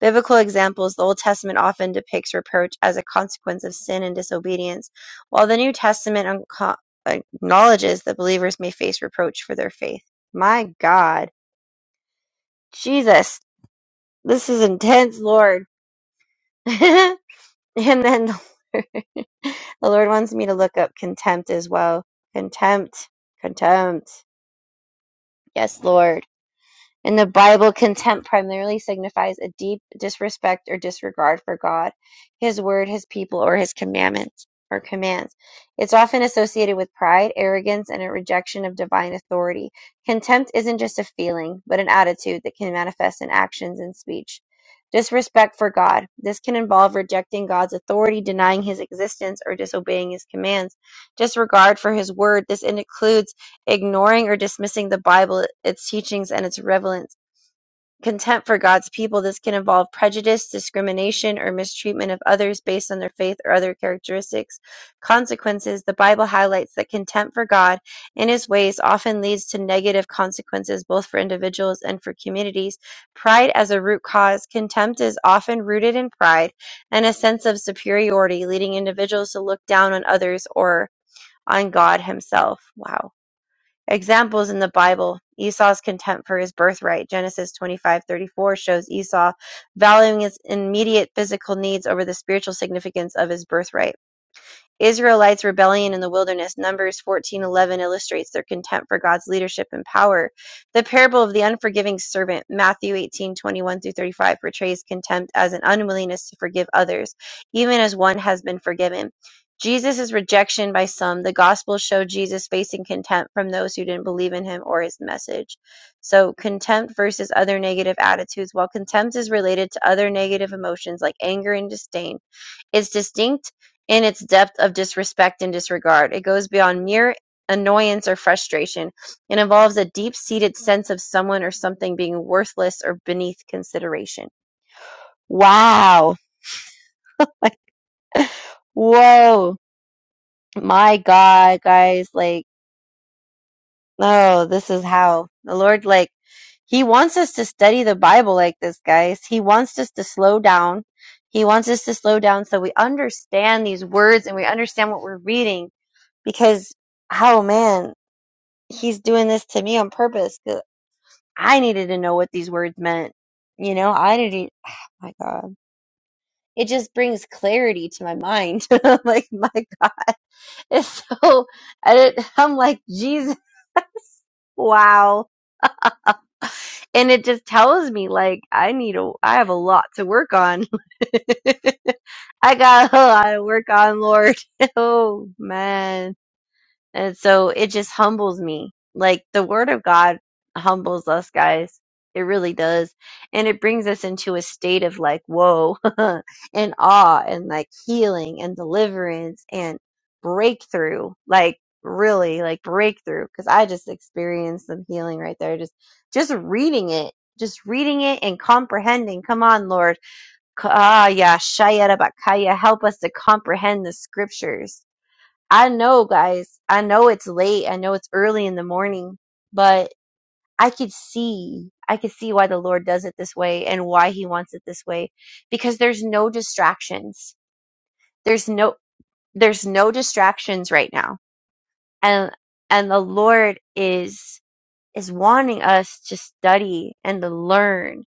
Speaker 2: Biblical examples The Old Testament often depicts reproach as a consequence of sin and disobedience, while the New Testament unco- acknowledges that believers may face reproach for their faith. My God. Jesus. This is intense, Lord. *laughs* and then the Lord, *laughs* the Lord wants me to look up contempt as well. Contempt. Contempt. Yes, Lord. In the Bible, contempt primarily signifies a deep disrespect or disregard for God, His word, His people, or His commandments or commands. It's often associated with pride, arrogance, and a rejection of divine authority. Contempt isn't just a feeling, but an attitude that can manifest in actions and speech. Disrespect for God. This can involve rejecting God's authority, denying his existence, or disobeying his commands. Disregard for his word. This includes ignoring or dismissing the Bible, its teachings, and its relevance. Contempt for God's people. This can involve prejudice, discrimination, or mistreatment of others based on their faith or other characteristics. Consequences. The Bible highlights that contempt for God and his ways often leads to negative consequences both for individuals and for communities. Pride as a root cause. Contempt is often rooted in pride and a sense of superiority, leading individuals to look down on others or on God himself. Wow Examples in the Bible: Esau's contempt for his birthright (Genesis 25:34) shows Esau valuing his immediate physical needs over the spiritual significance of his birthright. Israelites' rebellion in the wilderness, Numbers 14:11 illustrates their contempt for God's leadership and power. The parable of the unforgiving servant, Matthew 18:21 through 35, portrays contempt as an unwillingness to forgive others, even as one has been forgiven. Jesus' rejection by some, the Gospels show Jesus facing contempt from those who didn't believe in him or his message. So, contempt versus other negative attitudes. While contempt is related to other negative emotions like anger and disdain, it's distinct in its depth of disrespect and disregard. It goes beyond mere annoyance or frustration. It involves a deep-seated sense of someone or something being worthless or beneath consideration. Wow. Like, whoa. My God, guys. Like, oh, this is how the Lord, like, he wants us to study the Bible like this, guys. He wants us to slow down. He wants us to slow down so we understand these words and we understand what we're reading because oh man, he's doing this to me on purpose. 'cause I needed to know what these words meant. You know, I didn't. Oh *sighs* my god, it just brings clarity to my mind. *laughs* I'm like my god, *laughs* it's so. I didn't, I'm like Jesus, *laughs* wow, and it just tells me like I need a. I have a lot to work on. *laughs* I got a lot to work on, Lord. *laughs* Oh man And so it just humbles me. Like the word of God humbles us, guys. It really does. And it brings us into a state of like, whoa, *laughs* and awe, and like healing and deliverance and breakthrough. Like, really, like breakthrough. Cause I just experienced some healing right there. Just, just reading it, just reading it and comprehending. Come on, Lord. Ka- Ah, yeah. Shaya Rabakaya. Help us to comprehend the scriptures I know, guys. I know it's late. I know it's early in the morning, but I could see, I could see why the Lord does it this way and why he wants it this way because there's no distractions. There's no there's no distractions right now. And and the Lord is is wanting us to study and to learn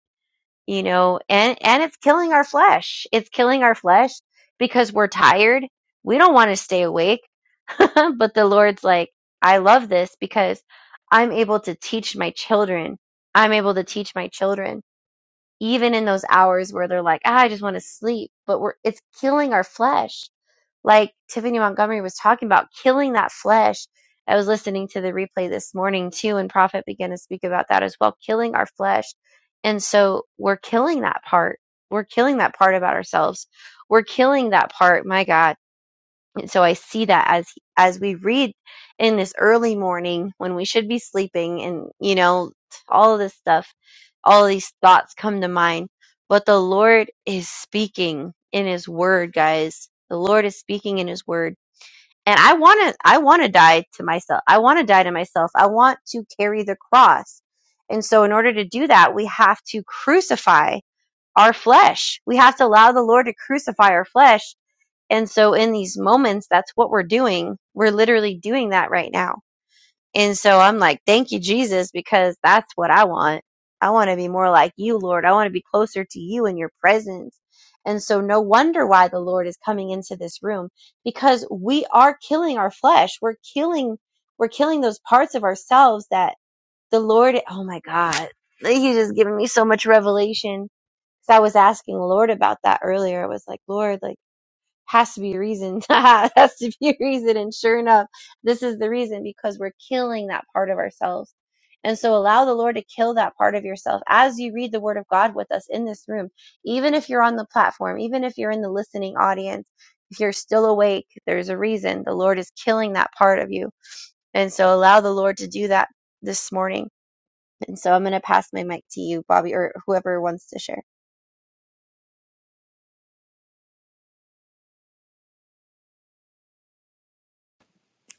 Speaker 2: you know and and it's killing our flesh it's killing our flesh because we're tired we don't want to stay awake *laughs* but the lord's like i love this because i'm able to teach my children i'm able to teach my children even in those hours where they're like ah, i just want to sleep but we're it's killing our flesh like Tiffany Montgomery was talking about, killing that flesh. I was listening to the replay this morning too, and Prophet began to speak about that as well, killing our flesh. And so we're killing that part. We're killing that part about ourselves. We're killing that part, my God and so I see that as as we read in this early morning when we should be sleeping and you know all of this stuff, all of these thoughts come to mind, but the Lord is speaking in his word, guys. The Lord is speaking in his word. And I want to I want to die to myself. I want to die to myself. I want to carry the cross. And so in order to do that, we have to crucify our flesh. We have to allow the Lord to crucify our flesh and so in these moments, that's what we're doing. We're literally doing that right now. And so I'm like, thank you, Jesus, because that's what I want. I want to be more like you, Lord. I want to be closer to you in your presence. And so no wonder why the Lord is coming into this room because we are killing our flesh. We're killing, we're killing those parts of ourselves that the Lord, oh my God, He's just giving me so much revelation. So I was asking the Lord about that earlier. I was like, Lord, like, has to be a reason. *laughs* has to be a reason. And sure enough, this is the reason because we're killing that part of ourselves. And so allow the Lord to kill that part of yourself as you read the word of God with us in this room. Even if you're on the platform, even if you're in the listening audience, if you're still awake, there's a reason. The Lord is killing that part of you. And so allow the Lord to do that this morning. And so I'm going to pass my mic to you, Bobby, or whoever wants to share.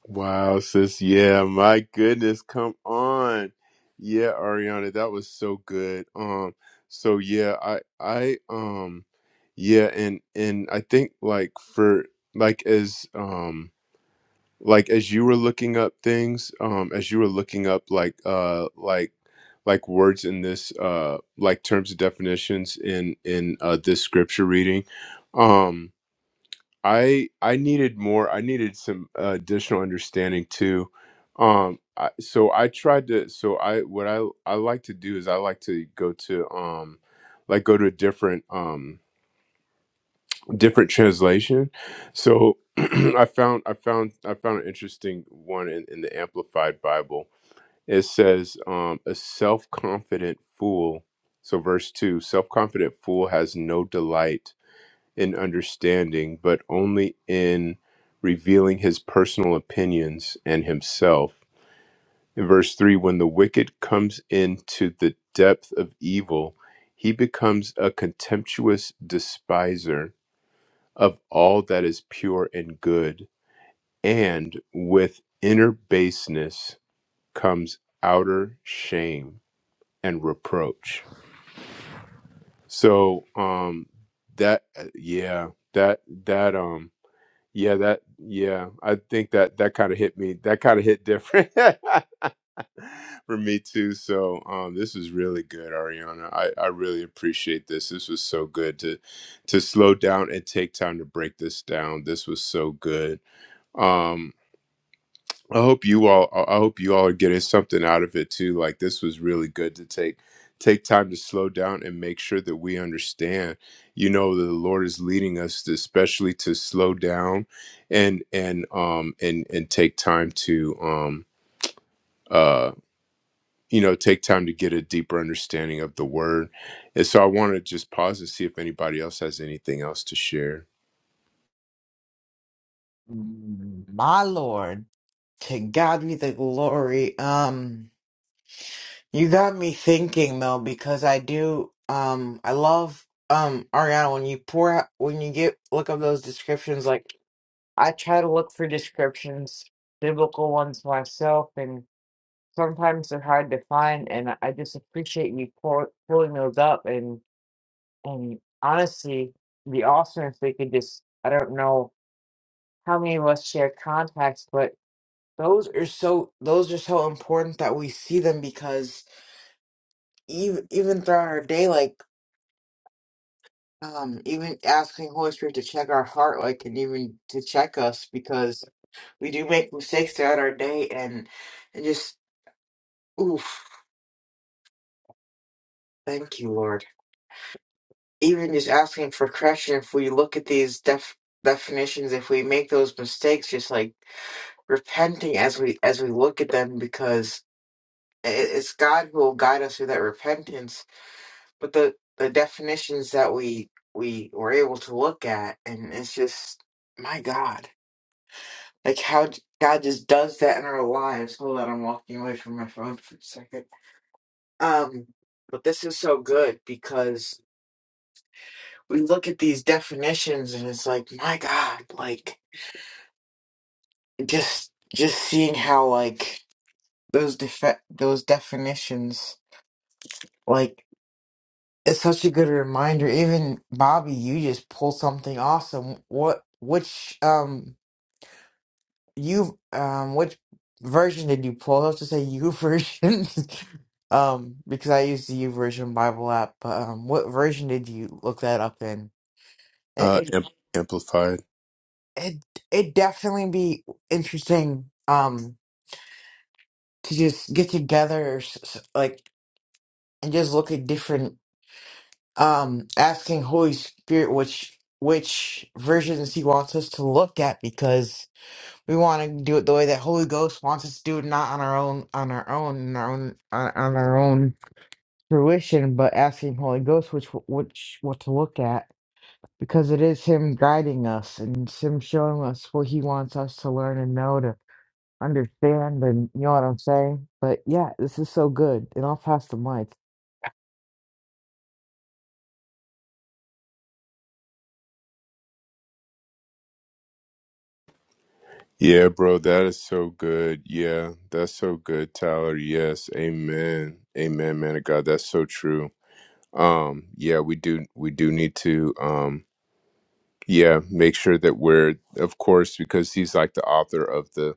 Speaker 1: Wow, sis. Yeah, my goodness. Come on. Yeah, Ariana, that was so good. Um, so yeah, I I um yeah, and and I think like for like as um like as you were looking up things, um as you were looking up like uh like like words in this uh like terms of definitions in in uh this scripture reading. um, I I needed more. I needed some uh, additional understanding too. Um, I, so I tried to. So I what I I like to do is I like to go to um, like go to a different um different translation. So *clears throat* I found I found I found an interesting one in, in the Amplified Bible. It says um, a self confident fool. So verse two, self confident fool has no delight in understanding, but only in revealing his personal opinions and himself. In verse 3, when the wicked comes into the depth of evil, he becomes a contemptuous despiser of all that is pure and good, and with inner baseness comes outer shame and reproach. So, um, that, uh, yeah, that, that, um. Yeah, that yeah, I think that that kind of hit me. That kind of hit different *laughs* for me too. So, um this is really good, Ariana. I I really appreciate this. This was so good to to slow down and take time to break this down. This was so good. Um I hope you all I I hope you all are getting something out of it too. Like this was really good to take take time to slow down and make sure that we understand, you know, that the Lord is leading us to, especially to slow down and and um and and take time to um uh you know take time to get a deeper understanding of the word. And so I want to just pause and see if anybody else has anything else to share.
Speaker 3: My Lord, to God be the glory. Um, you got me thinking though, because I do. Um, I love um Ariana when you pour out when you get look up those descriptions. like. I try to look for descriptions, biblical ones myself, and sometimes they're hard to find. And I just appreciate you pull, pulling those up. And and honestly, the awesome if they could just I don't know how many of us share contacts, but those are so those are so important that we see them because even even throughout our day, like um even asking Holy Spirit to check our heart, like and even to check us because we do make mistakes throughout our day and and just Oof. Thank you, Lord. Even just asking for correction, if we look at these def- definitions, if we make those mistakes, just like repenting as we as we look at them, because i- i- it's God who will guide us through that repentance. But the the definitions that we we were able to look at, and it's just my God, like how j- God just does that in our lives. Hold on, I'm walking away from my phone for a second. Um, but this is so good because. we look at these definitions and it's like my god like just just seeing how like those defe- those definitions like it's such a good reminder even bobby you just pulled something awesome what which um you um which version did you pull i was to say you version *laughs* um because i use the u version bible app but um what version did you look that up in it
Speaker 1: Uh
Speaker 3: it
Speaker 1: am- amplified.
Speaker 3: it, it definitely be interesting um to just get together s- s- like and just look at different um asking holy spirit which which versions he wants us to look at because we want to do it the way that holy ghost wants us to do it not on our own on our own on our own on, on our own fruition but asking holy ghost which which what to look at because it is him guiding us and it's him showing us what he wants us to learn and know. understand and you know what I'm saying. But yeah, this is so good. And I'll pass the mic.
Speaker 1: Yeah, bro, that is so good. Yeah, that's so good, Tyler. Yes, amen, amen, man of God. That's so true. Um, yeah, we do, we do need to, um, yeah, make sure that we're, of course, because he's like the author of the,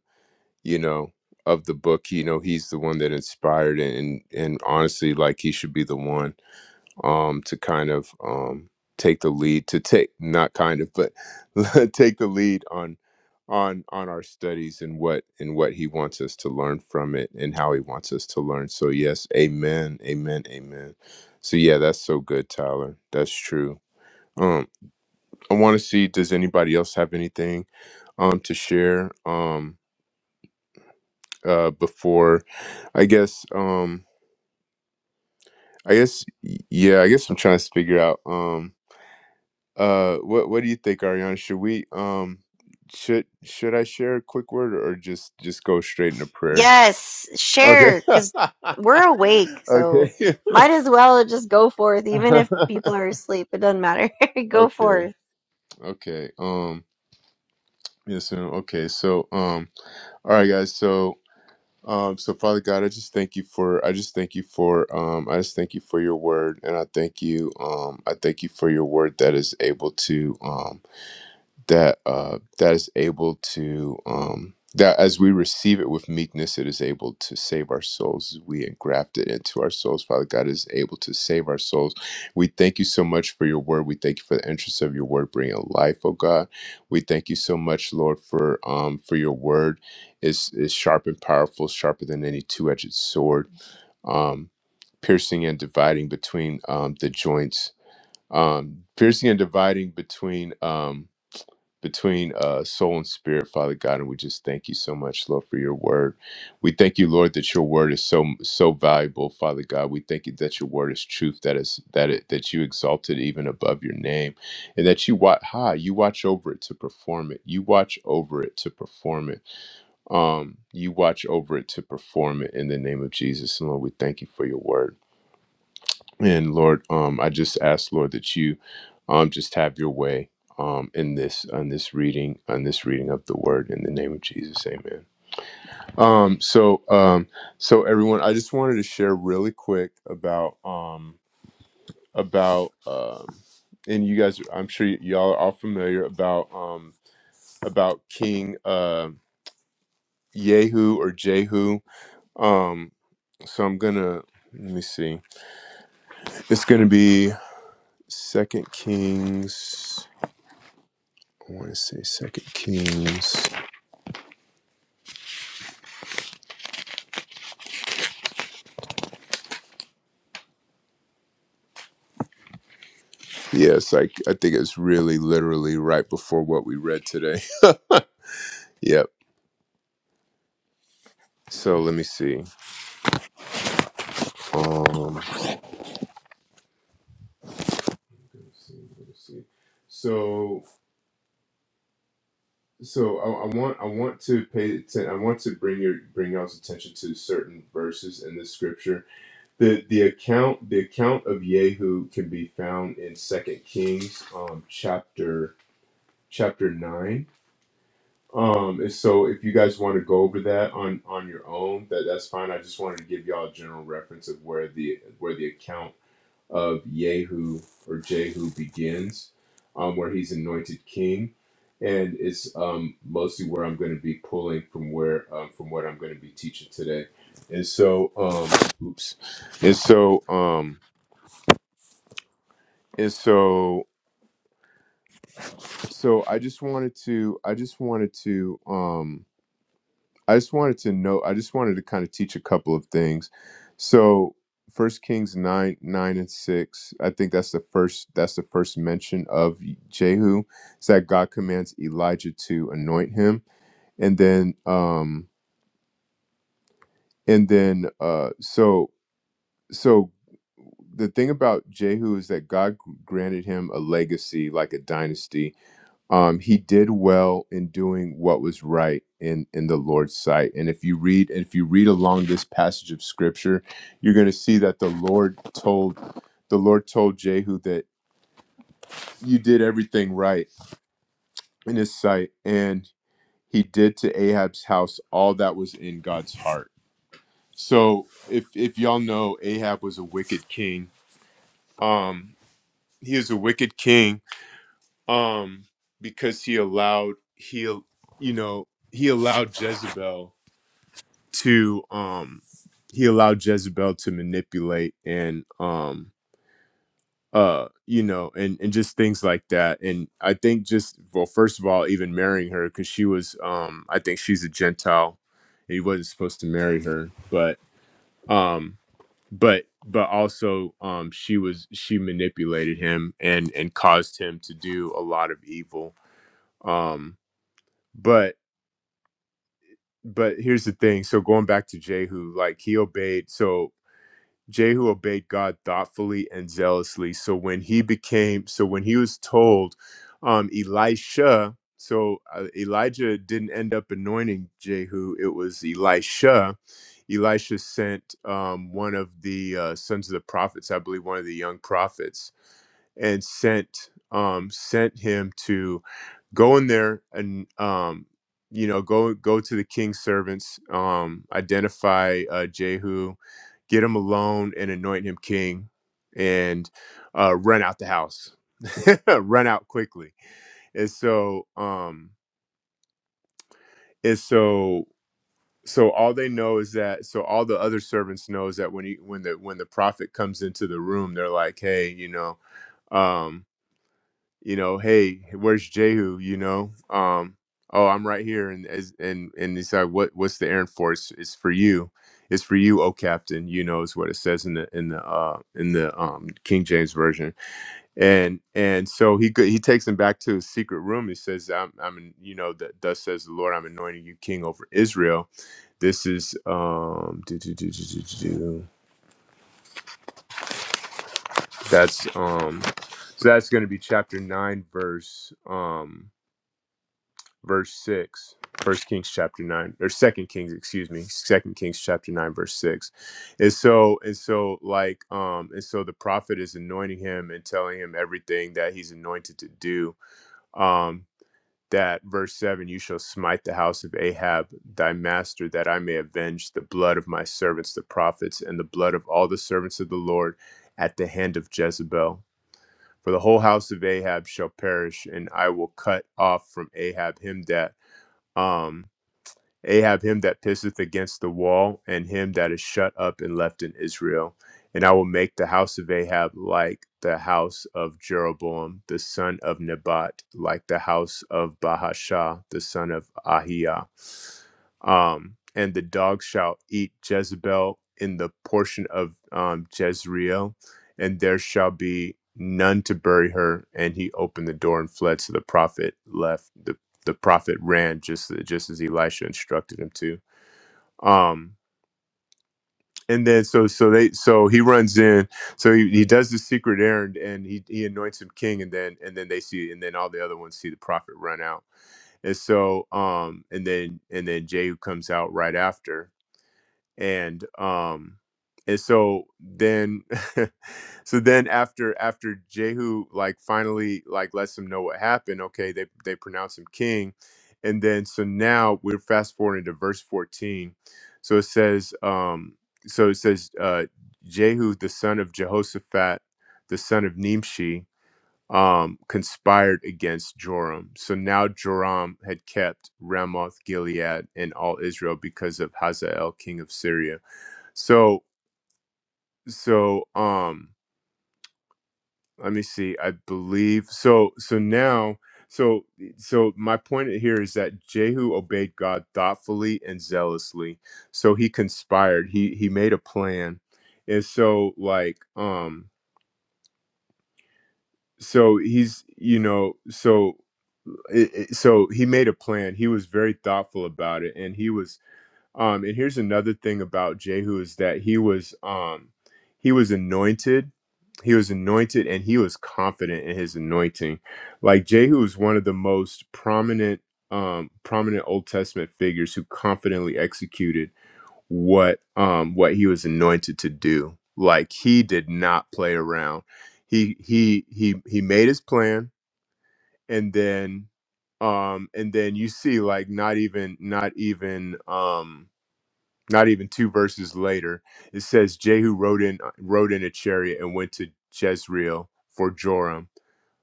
Speaker 1: you know, of the book. You know, he's the one that inspired it, and and honestly, like he should be the one um, to kind of um, take the lead to take not kind of but *laughs* take the lead on on on our studies and what and what he wants us to learn from it and how he wants us to learn so yes amen amen amen so yeah that's so good tyler that's true um i want to see does anybody else have anything um to share um uh before i guess um i guess y- yeah i guess i'm trying to figure out Um, Uh, what what do you think, Ariana? Should we um should should I share a quick word or just just go straight into prayer?
Speaker 2: Yes,
Speaker 1: Okay.
Speaker 2: share, because
Speaker 1: *laughs*
Speaker 2: we're awake, so
Speaker 1: okay.
Speaker 2: might as well just go forth, even if
Speaker 1: *laughs*
Speaker 2: people are asleep. It doesn't matter. *laughs* Go
Speaker 1: okay.
Speaker 2: forth.
Speaker 1: Okay. Um yes ma'am. okay. So um all right guys, so um so Father God, I just thank you for I just thank you for um I just thank you for your word and I thank you um I thank you for your word that is able to um that uh, that is able to um, that as we receive it with meekness, it is able to save our souls. We engraft it into our souls. Father God is able to save our souls. We thank you so much for your word. We thank you for the interest of your word bringing life, oh God. We thank you so much, Lord, for um, for your word is is sharp and powerful, sharper than any two edged sword, um, piercing and dividing between um, the joints, um, piercing and dividing between. Um, between uh, soul and spirit, Father God, and we just thank you so much, Lord, for your word. We thank you, Lord, that your word is so so valuable, Father God. We thank you that your word is truth, that is that it that you exalted even above your name, and that you watch high, you watch over it to perform it. You watch over it to perform it. Um, you watch over it to perform it in the name of Jesus, and Lord, we thank you for your word. And Lord, um, I just ask, Lord, that you um, just have your way um, in this on this reading on this reading of the word in the name of Jesus, Amen. Um, so um, so everyone, I just wanted to share really quick about um, about um, and you guys, I'm sure y- y'all are all familiar about um, about King uh, Yehu or Jehu. Um, so I'm gonna let me see. It's gonna be Second Kings. I want to say Second Kings. Yeah, it's like I think it's really literally right before what we read today. *laughs* yep. So let me see. Um. So so I, I want I want to pay atten- I want to bring your bring y'all's attention to certain verses in the scripture. The the account the account of Yehu can be found in Second Kings um chapter chapter nine Um, and so if you guys want to go over that on on your own, that that's fine. I just wanted to give y'all a general reference of where the where the account of Yehu or Jehu begins, um, where he's anointed king, and it's um mostly where I'm going to be pulling from where um, from what I'm going to be teaching today, and so um oops, and so um and so so I just wanted to I just wanted to um I just wanted to know, I just wanted to kind of teach a couple of things. So First Kings nine, nine and six. I think that's the first that's the first mention of Jehu. It's that God commands Elijah to anoint him. And then um and then uh so so the thing about Jehu is that God granted him a legacy like a dynasty um, he did well in doing what was right in in the Lord's sight. And if you read if you read along this passage of scripture, you're going to see that the Lord told the Lord told Jehu that you did everything right in his sight, and he did to Ahab's house all that was in God's heart. So if if y'all know, Ahab was a wicked king. Um, he is a wicked king. Um, because he allowed he you know he allowed Jezebel to um he allowed Jezebel to manipulate and um uh you know and and just things like that and I think just well first of all even marrying her cuz she was um I think she's a gentile and he wasn't supposed to marry her but um but but also um she was she manipulated him and and caused him to do a lot of evil um but but here's the thing so going back to jehu like he obeyed so Jehu obeyed God thoughtfully and zealously. So when he became, so when he was told, um, Elisha, so uh, Elijah didn't end up anointing Jehu, it was Elisha. Elisha sent um, one of the uh, sons of the prophets, I believe one of the young prophets, and sent um, sent him to go in there and um you know go go to the king's servants um identify uh jehu get him alone and anoint him king and uh run out the house *laughs* run out quickly and so um and so so all they know is that so all the other servants knows that when he when the when the prophet comes into the room they're like hey you know Um, you know, hey, where's Jehu? You know, um, oh, I'm right here. And as and and he's like, what what's the errand for? It's, it's for you. It's for you, oh Captain. You know is what it says in the in the uh, in the um, King James version. And and so he go- he takes him back to his secret room. He says, I'm I'm an- you know that thus says the Lord, I'm anointing you king over Israel. This is um do, do, do, do, do, do, do. that's um so that's going to be chapter 9 verse um verse 6 first kings chapter 9 or second kings excuse me second kings chapter 9 verse 6 and so and so like um and so the prophet is anointing him and telling him everything that he's anointed to do um that verse 7 you shall smite the house of ahab thy master that i may avenge the blood of my servants the prophets and the blood of all the servants of the lord at the hand of jezebel for the whole house of ahab shall perish and i will cut off from ahab him that um, Ahab, him that pisseth against the wall, and him that is shut up and left in Israel. And I will make the house of Ahab like the house of Jeroboam, the son of Nebat, like the house of Bahasha, the son of Ahiah. Um, and the dog shall eat Jezebel in the portion of um, Jezreel, and there shall be none to bury her. And he opened the door and fled. So the prophet left. the the prophet ran just just as Elisha instructed him to. Um, and then so so they so he runs in, so he, he does the secret errand and he he anoints him king, and then and then they see and then all the other ones see the prophet run out, and so um and then and then Jehu comes out right after, and um and so then *laughs* so then after after jehu like finally like lets them know what happened okay they they pronounce him king and then so now we're fast forwarding to verse 14 so it says um so it says uh jehu the son of jehoshaphat the son of nimshi um conspired against joram so now joram had kept ramoth gilead and all israel because of hazael king of syria so so um let me see. I believe so so now so so my point here is that Jehu obeyed God thoughtfully and zealously. So he conspired. He he made a plan. And so like um so he's you know so it, it- so he made a plan. He was very thoughtful about it and he was Um, and here's another thing about Jehu is that he was um, he was anointed, he was anointed, and he was confident in his anointing. Like Jehu is one of the most prominent um, prominent Old Testament figures who confidently executed what um, what he was anointed to do. Like he did not play around. He he he he made his plan, and then um, and then you see like not even not even. Um, not even two verses later, it says Jehu rode in uh, rode in a chariot and went to Jezreel for Joram,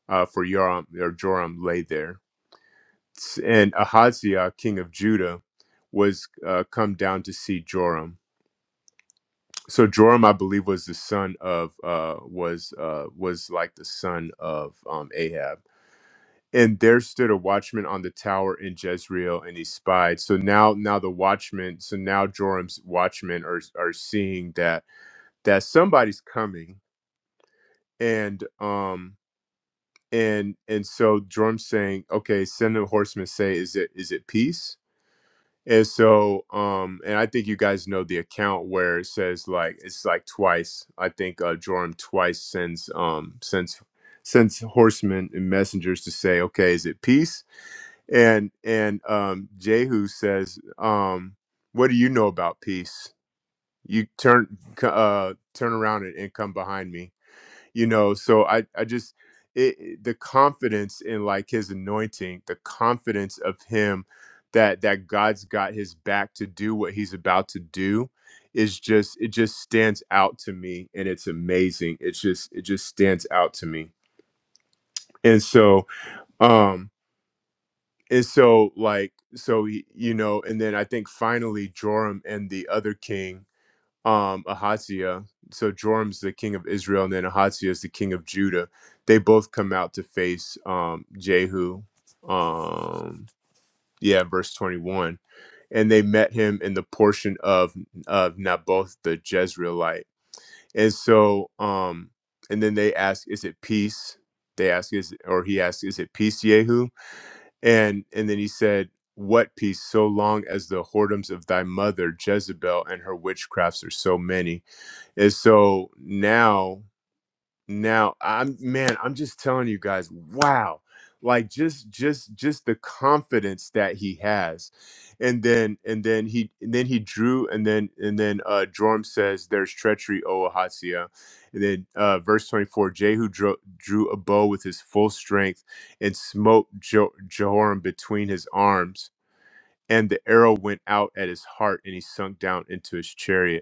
Speaker 1: uh, for Joram or Joram lay there. S- And Ahaziah, king of Judah, was uh, come down to see Joram. So Joram, I believe, was the son of uh, was uh, was like the son of um, Ahab. And there stood a watchman on the tower in Jezreel, and he spied. So now, now the watchman. So now Joram's watchmen are are seeing that that somebody's coming and um and and so Drum's saying, okay, send the horsemen say, is it is it peace? And so um and I think you guys know the account where it says like it's like twice. I think uh Joram twice sends um sends sends horsemen and messengers to say, okay, is it peace? And and um Jehu says, um, what do you know about peace? You turn c- uh turn around and, and come behind me you know so i i just it, it- the confidence in like his anointing the confidence of him that that god's got his back to do what he's about to do is just it just stands out to me and it's amazing it's just it just stands out to me and so um and so like so he- you know and then i think finally joram and the other king um, Ahaziah. So Joram's the king of Israel, and then Ahaziah is the king of Judah. They both come out to face um, Jehu. Um, yeah, verse 21. And they met him in the portion of, of Naboth the Jezreelite. And so, um, and then they ask, Is it peace? They ask, is or he asked, Is it peace, Jehu? And and then he said, What peace, so long as the whoredoms of thy mother Jezebel and her witchcrafts are so many? And so now, now I'm man, I'm just telling you guys, wow. Like just just just the confidence that he has. And then and then he and then he drew and then and then uh Jorm says there's treachery, O Ahaziah. And then uh verse 24, Jehu drew, drew a bow with his full strength and smote jo- Jehoram between his arms. And the arrow went out at his heart, and he sunk down into his chariot.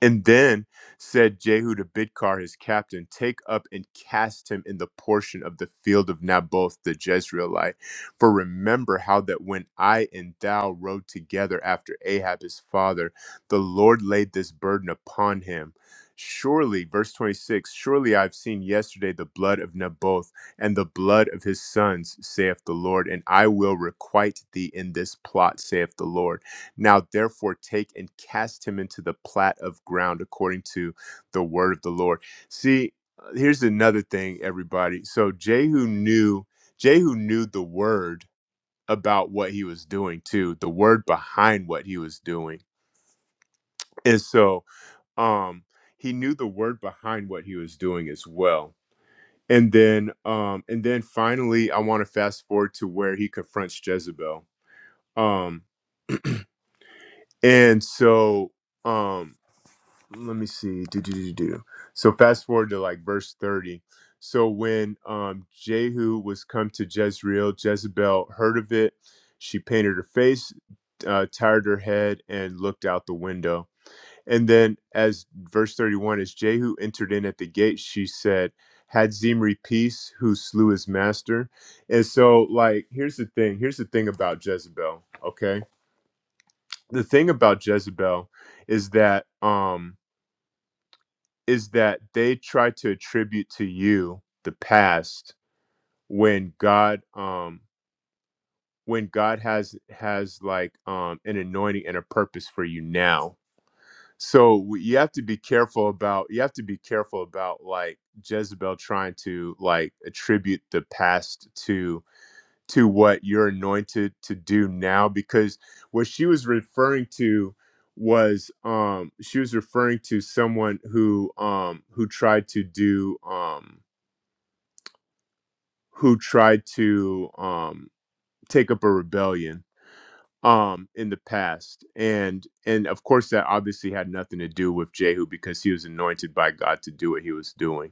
Speaker 1: And then said Jehu to Bidkar his captain, Take up and cast him in the portion of the field of Naboth the Jezreelite. For remember how that when I and thou rode together after Ahab his father, the Lord laid this burden upon him. Surely, verse 26 Surely I've seen yesterday the blood of Naboth and the blood of his sons, saith the Lord, and I will requite thee in this plot, saith the Lord. Now, therefore, take and cast him into the plat of ground according to the word of the Lord. See, uh, here's another thing, everybody. So Jehu knew Jehu knew the word about what he was doing too, the word behind what he was doing, and so um, he knew the word behind what he was doing as well. And then, um, and then finally, I want to fast forward to where he confronts Jezebel. Um, and so, um, let me see. Do, do, do, do. So fast forward to like verse 30. So when um, Jehu was come to Jezreel, Jezebel heard of it. She painted her face, uh, tired her head, and looked out the window. And then, as verse 31, as Jehu entered in at the gate, she said, Had Zimri peace who slew his master? And so, like, here's the thing here's the thing about Jezebel, okay? The thing about Jezebel is that, um, is that they try to attribute to you the past when God um when God has has like um an anointing and a purpose for you now. So w- you have to be careful about you have to be careful about like Jezebel trying to like attribute the past to to what you're anointed to do now because what she was referring to was um she was referring to someone who um who tried to do um who tried to um take up a rebellion um in the past and and of course that obviously had nothing to do with Jehu because he was anointed by God to do what he was doing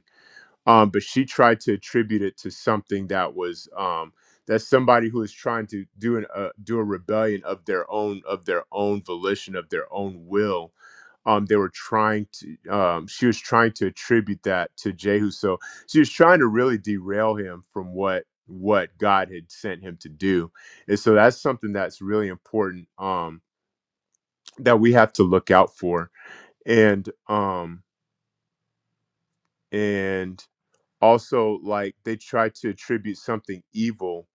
Speaker 1: um, but she tried to attribute it to something that was um, that somebody who is trying to do an uh, do a rebellion of their own of their own volition of their own will. Um, they were trying to. Um, she was trying to attribute that to Jehu. So she was trying to really derail him from what what God had sent him to do. And so that's something that's really important um, that we have to look out for. And um, and also like they try to attribute something evil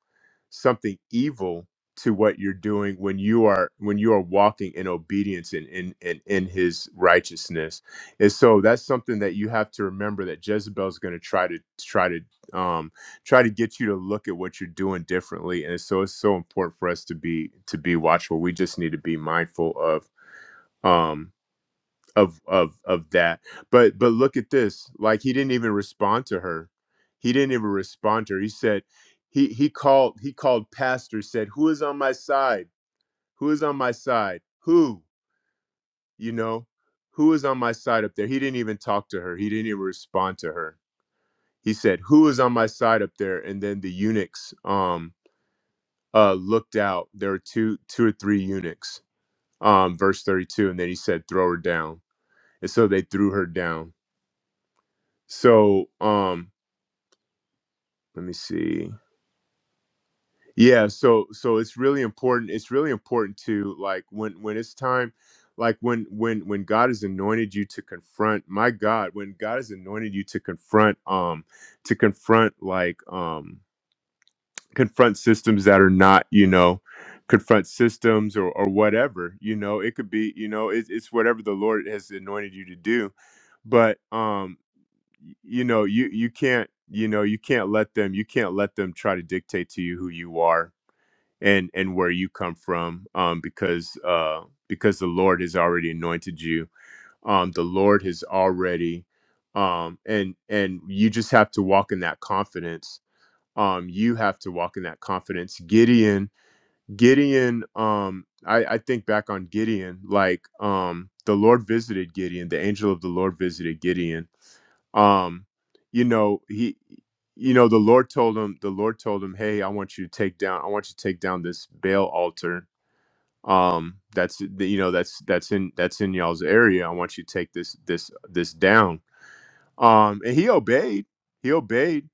Speaker 1: something evil to what you're doing when you are when you are walking in obedience and in in, in his righteousness and so that's something that you have to remember that jezebel's going to try to try to um try to get you to look at what you're doing differently and so it's so important for us to be to be watchful we just need to be mindful of um of of of that but but look at this like he didn't even respond to her he didn't even respond to her he said he he called he called pastor said who is on my side who is on my side who you know who is on my side up there he didn't even talk to her he didn't even respond to her he said who is on my side up there and then the eunuchs um uh looked out there were two two or three eunuchs um verse 32 and then he said throw her down and so they threw her down so um let me see yeah so so it's really important it's really important to like when when it's time like when when when god has anointed you to confront my god when god has anointed you to confront um to confront like um confront systems that are not you know confront systems or or whatever you know it could be you know it, it's whatever the lord has anointed you to do but um y- you know you you can't you know you can't let them you can't let them try to dictate to you who you are and and where you come from um because uh because the lord has already anointed you um the lord has already um and and you just have to walk in that confidence um you have to walk in that confidence gideon gideon um i i think back on gideon like um the lord visited gideon the angel of the lord visited gideon um you know he you know the lord told him the lord told him hey i want you to take down i want you to take down this baal altar um that's the- you know that's that's in that's in y'all's area i want you to take this this this down um and he obeyed he obeyed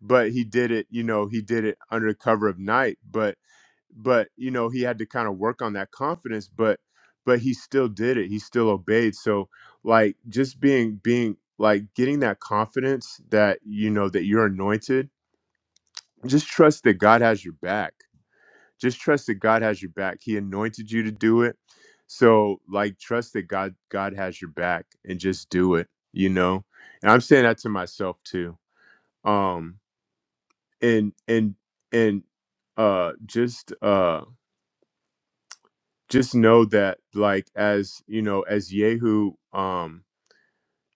Speaker 1: but he did it you know he did it under cover of night but but you know he had to kind of work on that confidence but but he still did it he still obeyed so like just being being like getting that confidence that you know that you're anointed just trust that god has your back just trust that god has your back he anointed you to do it so like trust that god god has your back and just do it you know and i'm saying that to myself too um and and and uh just uh just know that like as you know as yehu um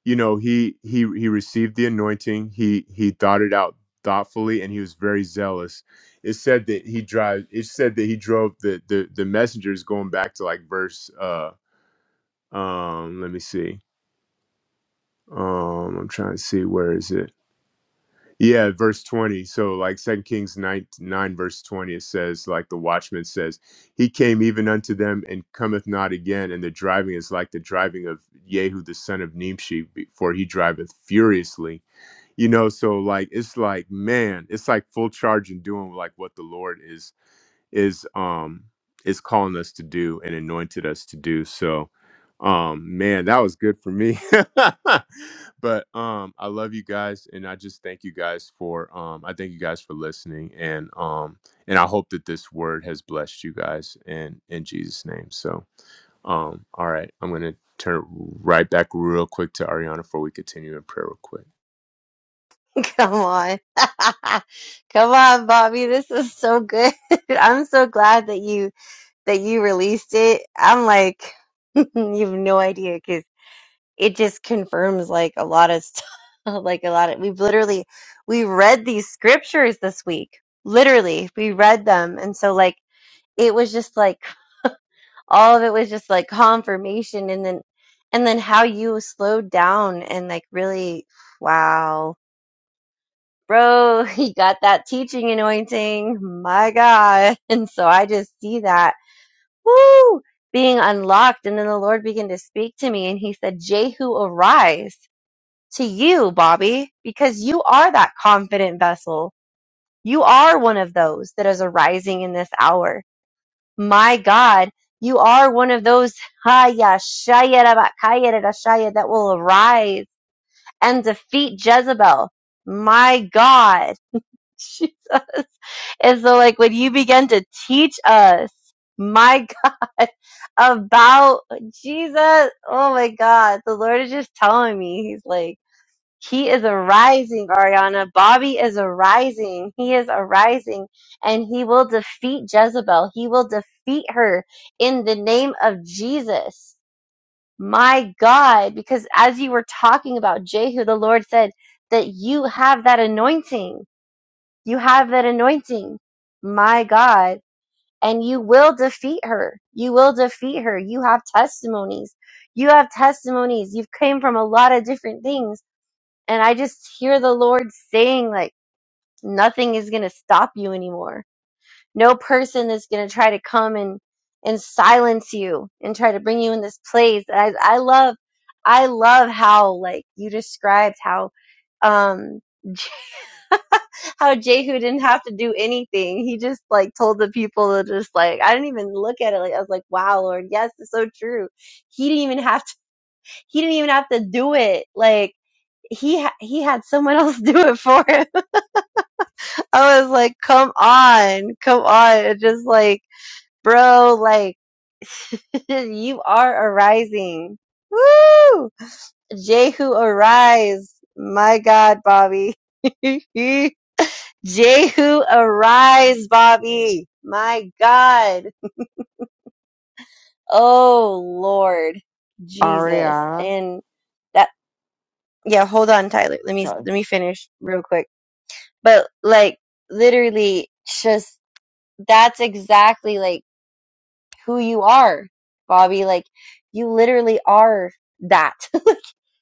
Speaker 1: you know he he he received the anointing he he thought it out thoughtfully and he was very zealous it said that he drive it said that he drove the the the messengers going back to like verse uh um let me see um i'm trying to see where is it Yeah, verse 20. So like Second Kings 9, 9 verse 20 it says like the watchman says, he came even unto them and cometh not again and the driving is like the driving of Jehu the son of Nimshi before he driveth furiously. You know, so like it's like man, it's like full charge and doing like what the Lord is is um is calling us to do and anointed us to do so um man that was good for me *laughs* but um i love you guys and i just thank you guys for um i thank you guys for listening and um and i hope that this word has blessed you guys in in jesus name so um all right i'm gonna turn it right back real quick to ariana before we continue in prayer real quick
Speaker 2: *laughs* Come on. *laughs* Come on, Bobby. This is so good. *laughs* I'm so glad that you that you released it. I'm like *laughs* you've no idea because it just confirms like a lot of stuff. *laughs* Like a lot of we've literally we read these scriptures this week. Literally, we read them. And so like it was just like all of it was just like confirmation and then and then how you slowed down and like really wow bro *laughs* he got that teaching anointing my god *laughs* and so i just see that woo being unlocked and then the lord began to speak to me and he said jehu arise to you bobby because you are that confident vessel you are one of those that is arising in this hour my God, you are one of those Haya Shaya Rabba, Kaya Rada that will arise and defeat Jezebel. My God. *laughs* Jesus. And so like when you begin to teach us, my God, *laughs* about Jesus, oh my God, the Lord is just telling me, He's like, he is arising, Ariana. Bobby is arising. He is arising and he will defeat Jezebel. He will defeat her in the name of Jesus. My God, because as you were talking about Jehu, the Lord said that you have that anointing. You have that anointing. My God. And you will defeat her. You will defeat her. You have testimonies. You have testimonies. You've came from a lot of different things and I just hear the Lord saying, like, nothing is going to stop you anymore. No person is going to try to come and, and silence you and try to bring you in this place. And I, I love, I love how, like, you described how, um, *laughs* how Jehu didn't have to do anything. He just like told the people to just like I didn't even look at it. Like I was like, wow, Lord, yes, it's so true. He didn't even have to. He didn't even have to do it. Like he ha- he had someone *laughs* else do it for him. I was like, come on, come on. It's just like, bro, like, *laughs* you are arising. Woo! Jehu arise. My God, Bobby. *laughs* Jehu arise, Bobby. My God. Oh, Lord Jesus.
Speaker 3: Ariana,
Speaker 2: And that, yeah, hold on, Tyler. Let me,
Speaker 3: Sorry.
Speaker 2: let me finish real quick. But like, literally, just, that's exactly like, who you are, Bobby. Like you literally are that.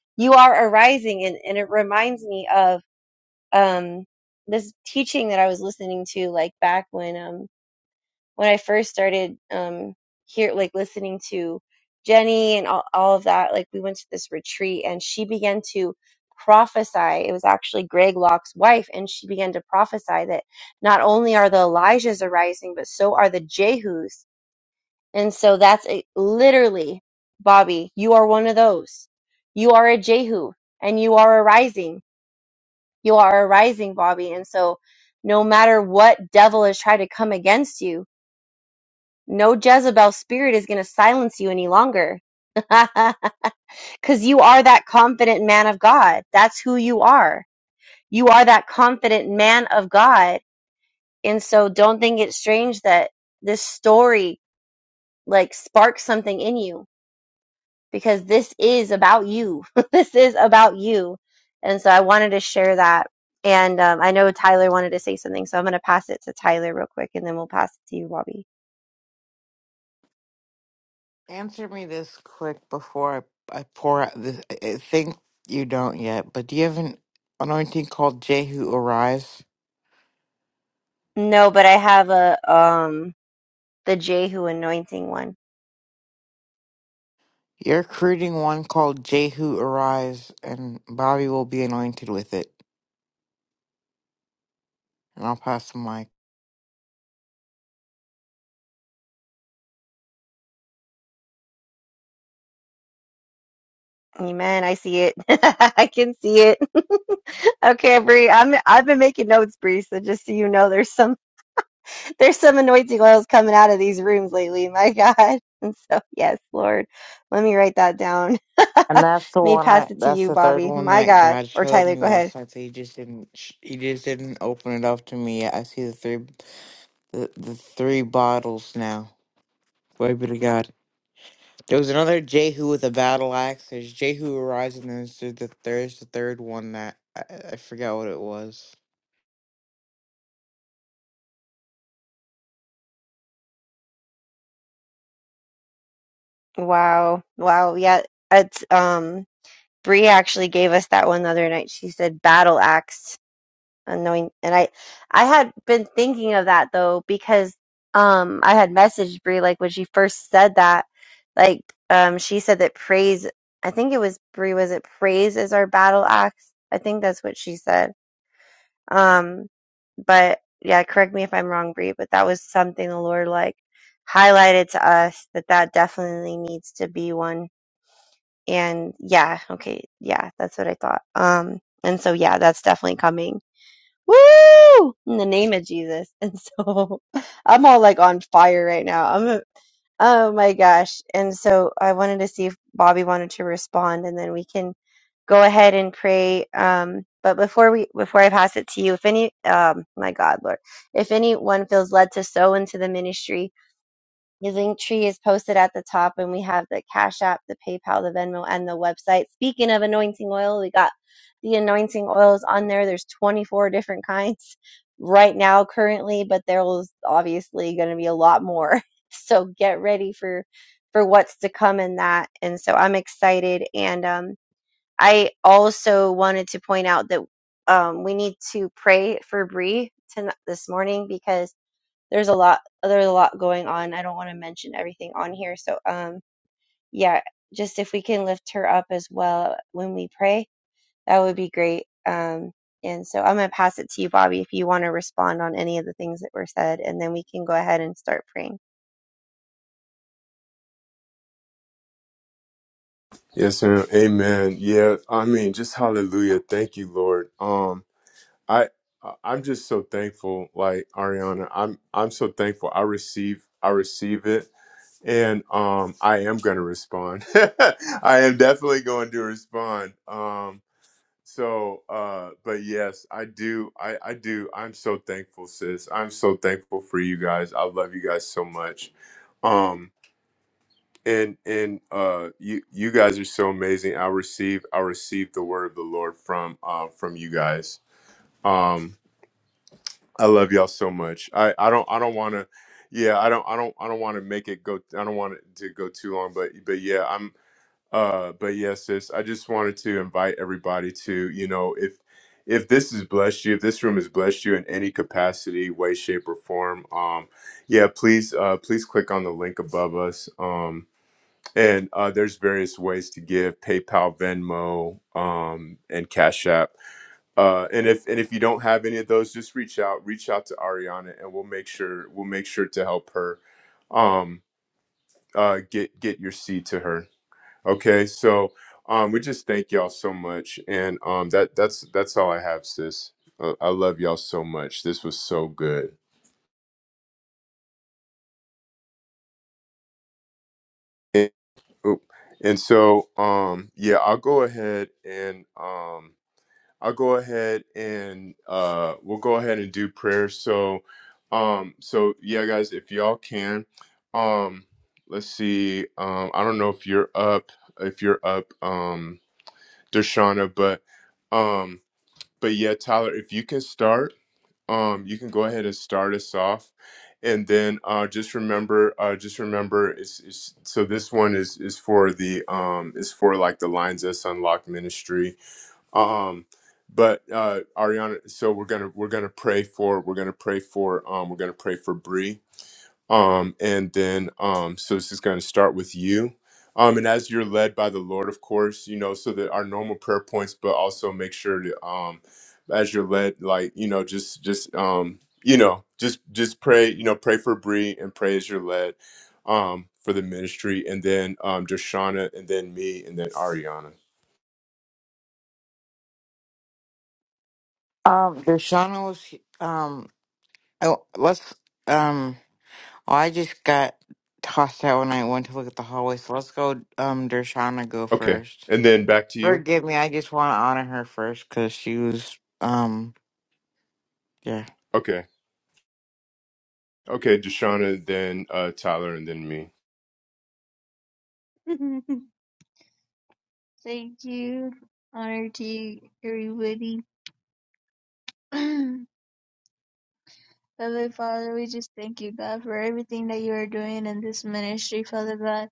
Speaker 2: *laughs* you are arising and, and it reminds me of um this teaching that I was listening to like back when um when I first started um here like listening to Jenny and all, all of that, like we went to this retreat and she began to prophesy. It was actually Greg Locke's wife, and she began to prophesy that not only are the Elijahs arising, but so are the Jehus and so that's a, literally, Bobby, you are one of those. You are a Jehu and you are a rising. You are a rising, Bobby. And so no matter what devil has tried to come against you, no Jezebel spirit is going to silence you any longer. *laughs* Because you are that confident man of God. That's who you are. You are that confident man of God. And so don't think it's strange that this story like sparks something in you because this is about you. *laughs* this is about you. And so I wanted to share that. And um, I know Tyler wanted to say something, so I'm going to pass it to Tyler real quick, and then we'll pass it to you, Bobby.
Speaker 3: answer me this quick before I, I pour out this. I I think you don't yet, but do you have an anointing called Jehu Arise?
Speaker 2: No, but I have a um the Jehu anointing one.
Speaker 3: You're recruiting one called Jehu Arise, and Bobby will be anointed with it. And I'll pass the mic.
Speaker 2: Amen. I see it. *laughs* I can see it. *laughs* okay, Bree. I'm I've been making notes, Bree. So just so you know, there's There's some anointing oils coming out of these rooms lately, my *laughs* God. And so, yes, Lord, let me write that down. *laughs*
Speaker 3: And
Speaker 2: let
Speaker 3: that's the
Speaker 2: me
Speaker 3: one.
Speaker 2: pass
Speaker 3: I,
Speaker 2: it to
Speaker 3: that's
Speaker 2: you,
Speaker 3: the third
Speaker 2: Bobby.
Speaker 3: one
Speaker 2: My
Speaker 3: that
Speaker 2: God.
Speaker 3: God
Speaker 2: Or
Speaker 3: showed
Speaker 2: Tyler,
Speaker 3: me
Speaker 2: go ahead.
Speaker 3: last night. So he just didn't. sh- He just didn't open it up to me yet. I see the three. the, the three bottles now. Glory be to God. There was another Jehu with a battle axe. There's Jehu arising. and There's the the- there's the third one that I, I forgot what it was.
Speaker 2: Wow. Wow. Yeah. It's, um, Bree actually gave us that one the other night. She said battle axe Annoying. And I, I had been thinking of that though because um I had messaged Brie like when she first said that, like um she said that praise. I think it was Brie. Was it praise is our battle axe? I think that's what she said. Um, but yeah, correct me if I'm wrong, Brie. But that was something the Lord like highlighted to us that that definitely needs to be one. And yeah, okay, yeah, that's what I thought. Um, and so yeah, that's definitely coming Woo! In the name of Jesus. And so *laughs* I'm all like on fire right now. I'm a, oh my gosh. And so I wanted to see if Bobby wanted to respond and then we can go ahead and pray. Um, but before we before I pass it to you, if any um my God, Lord, if anyone feels led to sow into the ministry, your link tree is posted at the top, and we have the Cash App, the PayPal, the Venmo, and the website. Speaking of anointing oil, we got the anointing oils on there. There's 24 different kinds *laughs* right now, currently, but there's obviously going to be a lot more. *laughs* So get ready for for what's to come in that. And so I'm excited. And um, I also wanted to point out that um, we need to pray for Bree tonight this morning because there's a lot there's a lot going on. I don't want to mention everything on here. So um yeah, just if we can lift her up as well when we pray, that would be great. Um and so I'm going to pass it to you Bobby if you want to respond on any of the things that were said and then we can go ahead and start praying.
Speaker 1: yes ma'am. amen yeah i mean just hallelujah thank you lord um I I- am just so thankful, like Ariana. I'm I'm so thankful. I receive I receive it, and um, I am gonna respond. *laughs* I am definitely going to respond. Um, so, uh, but yes, I do. I I do. I'm so thankful, sis. I'm so thankful for you guys. I love you guys so much. Um, and and uh, you you guys are so amazing. I receive I receive the word of the Lord from uh from you guys. um, I love y'all so much. I I don't I don't want to yeah, I don't I don't I don't want to make it go I don't want it to go too long, but but yeah, I'm uh but yes, sis, I just wanted to invite everybody to, you know, if if this has blessed you, if this room has blessed you in any capacity, way, shape, or form, um, yeah, please, uh, please click on the link above us. Um, and uh, there's various ways to give PayPal, Venmo, um, and Cash App uh, and if and if you don't have any of those, just reach out. Reach out to Ariana, and we'll make sure we'll make sure to help her um, uh, get get your seed to her. Okay, so um, we just thank y'all so much, and um, that that's that's all I have, sis. Uh, I love y'all so much. This was so good. And, oop. and so um, yeah, I'll go ahead and um, I'll go ahead and uh, we'll go ahead and do prayer. So, um, so yeah, guys, if y'all can, um, let's see. Um, I don't know if you're up, if you're up, um, Deshauna, but, um, but yeah, Tyler, if you can start, um, you can go ahead and start us off, and then uh, just remember, uh, just remember, it's, it's so this one is is for the um, is for like the Lines Us Unlocked Ministry um but uh ariana so we're gonna we're gonna pray for we're gonna pray for um we're gonna pray for Bree. um and then um so this is gonna start with you um and as you're led by the lord of course you know so that our normal prayer points but also make sure to um as you're led like you know just just um you know just just pray you know pray for Bree and pray as you're led um for the ministry and then um Joshana and then me and then ariana
Speaker 3: Um, Dershana was he- um. Oh, let's um. oh, I just got tossed out when I went to look at the hallway. So let's go. Um, Dershana go
Speaker 1: okay
Speaker 3: first.
Speaker 1: and then back to you
Speaker 3: Forgive me. I just want to honor her first because she was um. Yeah.
Speaker 1: Okay. Okay, Deshauna, then uh, Tyler, and then me.
Speaker 6: *laughs* Thank you. Honor to you, everybody. *clears throat* Heavenly Father, we just thank you, God, for everything that you are doing in this ministry, Father God.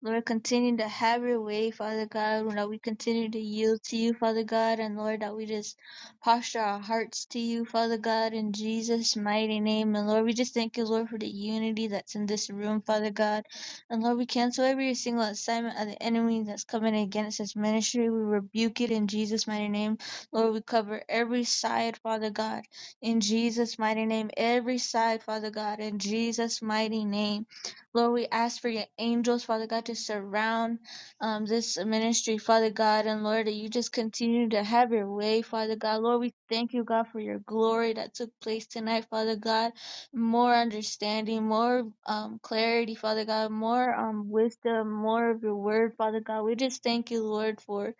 Speaker 6: Lord, continue to have your way, Father God. that we continue to yield to you, Father God. And Lord, that we just posture our hearts to you, Father God, in Jesus' mighty name. And Lord, we just thank you, Lord, for the unity that's in this room, Father God. And Lord, we cancel every single assignment of the enemy that's coming against this ministry. We rebuke it in Jesus' mighty name. Lord, we cover every side, Father God, in Jesus' mighty name. Every side, Father God, in Jesus' mighty name. Lord, we ask for your angels, Father God, to surround um, this ministry, Father God, and Lord, that you just continue to have your way, Father God. Lord, we thank you, God, for your glory that took place tonight, Father God. More understanding, more um, clarity, Father God, more um, wisdom, more of your word, Father God. We just thank you, Lord, for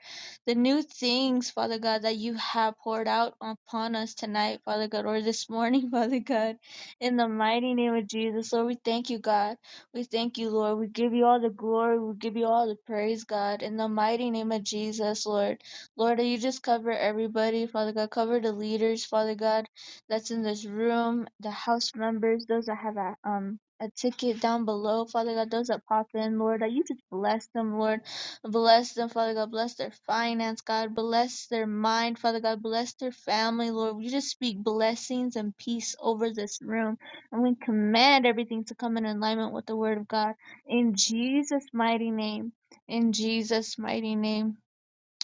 Speaker 6: the new things, Father God, that you have poured out upon us tonight, Father God, or this morning, *laughs* Father God. In the mighty name of Jesus, Lord, we thank you, God. We thank you, Lord. We give you all the glory. We give you all the praise, God. In the mighty name of Jesus, Lord. Lord, you just cover everybody, Father God. Cover the leaders, Father God, that's in this room, the house members, those that have a, um, a ticket down below, Father God, those that pop in, Lord, that you just bless them, Lord. Bless them, Father God. Bless their finance, God. Bless their mind, Father God. Bless their family, Lord. We just speak blessings and peace over this room and we command everything to come in alignment with the Word of God. In Jesus' mighty name. In Jesus' mighty name.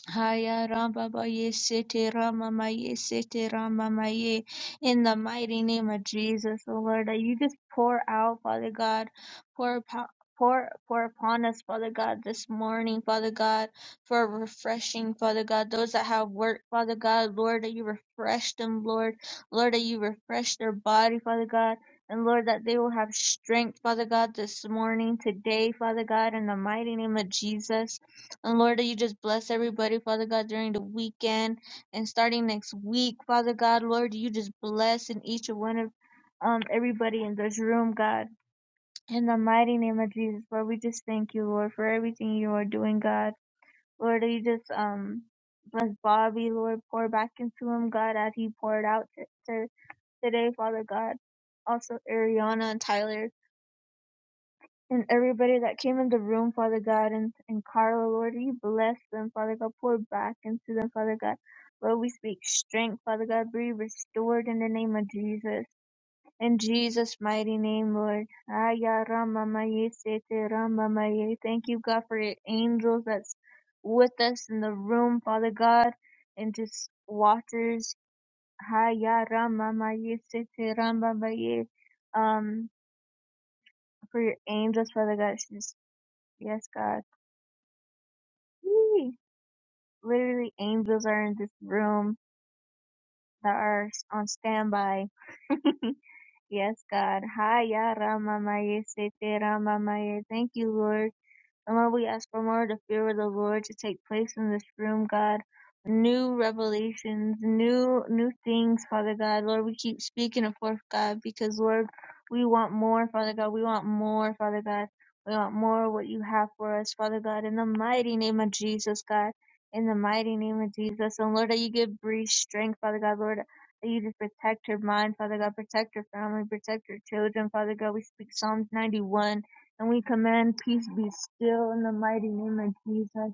Speaker 6: Haya Ramba Maye Sete Rama Maye Sete Rama Maye. In the mighty name of Jesus, oh Lord, that you just pour out, Father God, pour upon. Pour, pour upon us, Father God, this morning, Father God, for refreshing, Father God, those that have work, Father God, Lord, that you refresh them, Lord, Lord, that you refresh their body, Father God, and Lord, that they will have strength, Father God, this morning, today, Father God, in the mighty name of Jesus. And Lord, that you just bless everybody, Father God, during the weekend and starting next week, Father God, Lord, you just bless in each and one of um everybody in this room, God. In the mighty name of Jesus, Lord, we just thank you, Lord, for everything you are doing, God. Lord, that you just um bless Bobby, Lord, pour back into him, God, as he poured out t- to today, Father God. Also Ariana and Tyler and everybody that came in the room, Father God, and, and Carla, Lord, you bless them, Father God, pour back into them, Father God. Lord, we speak strength, Father God, be restored in the name of Jesus. In Jesus' mighty name, Lord. Aya Rama Maye Sete Rama Maye. Thank you, God, for your angels that's with us in the room, Father God, and just watchers. Aya Rama Maye Sete Rama Maye. Um, for your angels, Father God, just Yes, God. Yay! Literally, angels are in this room that are on standby. Yes, God. Haya Rama Maye Sete Rama Maye. Thank you, Lord. And Lord, we ask for more of the fear of the Lord to take place in this room, God. New revelations, new new things, Father God. Lord, we keep speaking it forth, God, because Lord, we want more, Father God. We want more, Father God. We want more of what you have for us, Father God, in the mighty name of Jesus, God. In the mighty name of Jesus. And Lord, that you give Bree strength, Father God, Lord, that you just protect her mind, Father God, protect her family, protect her children, Father God. We speak Psalms 91 and we command peace be still in the mighty name of Jesus.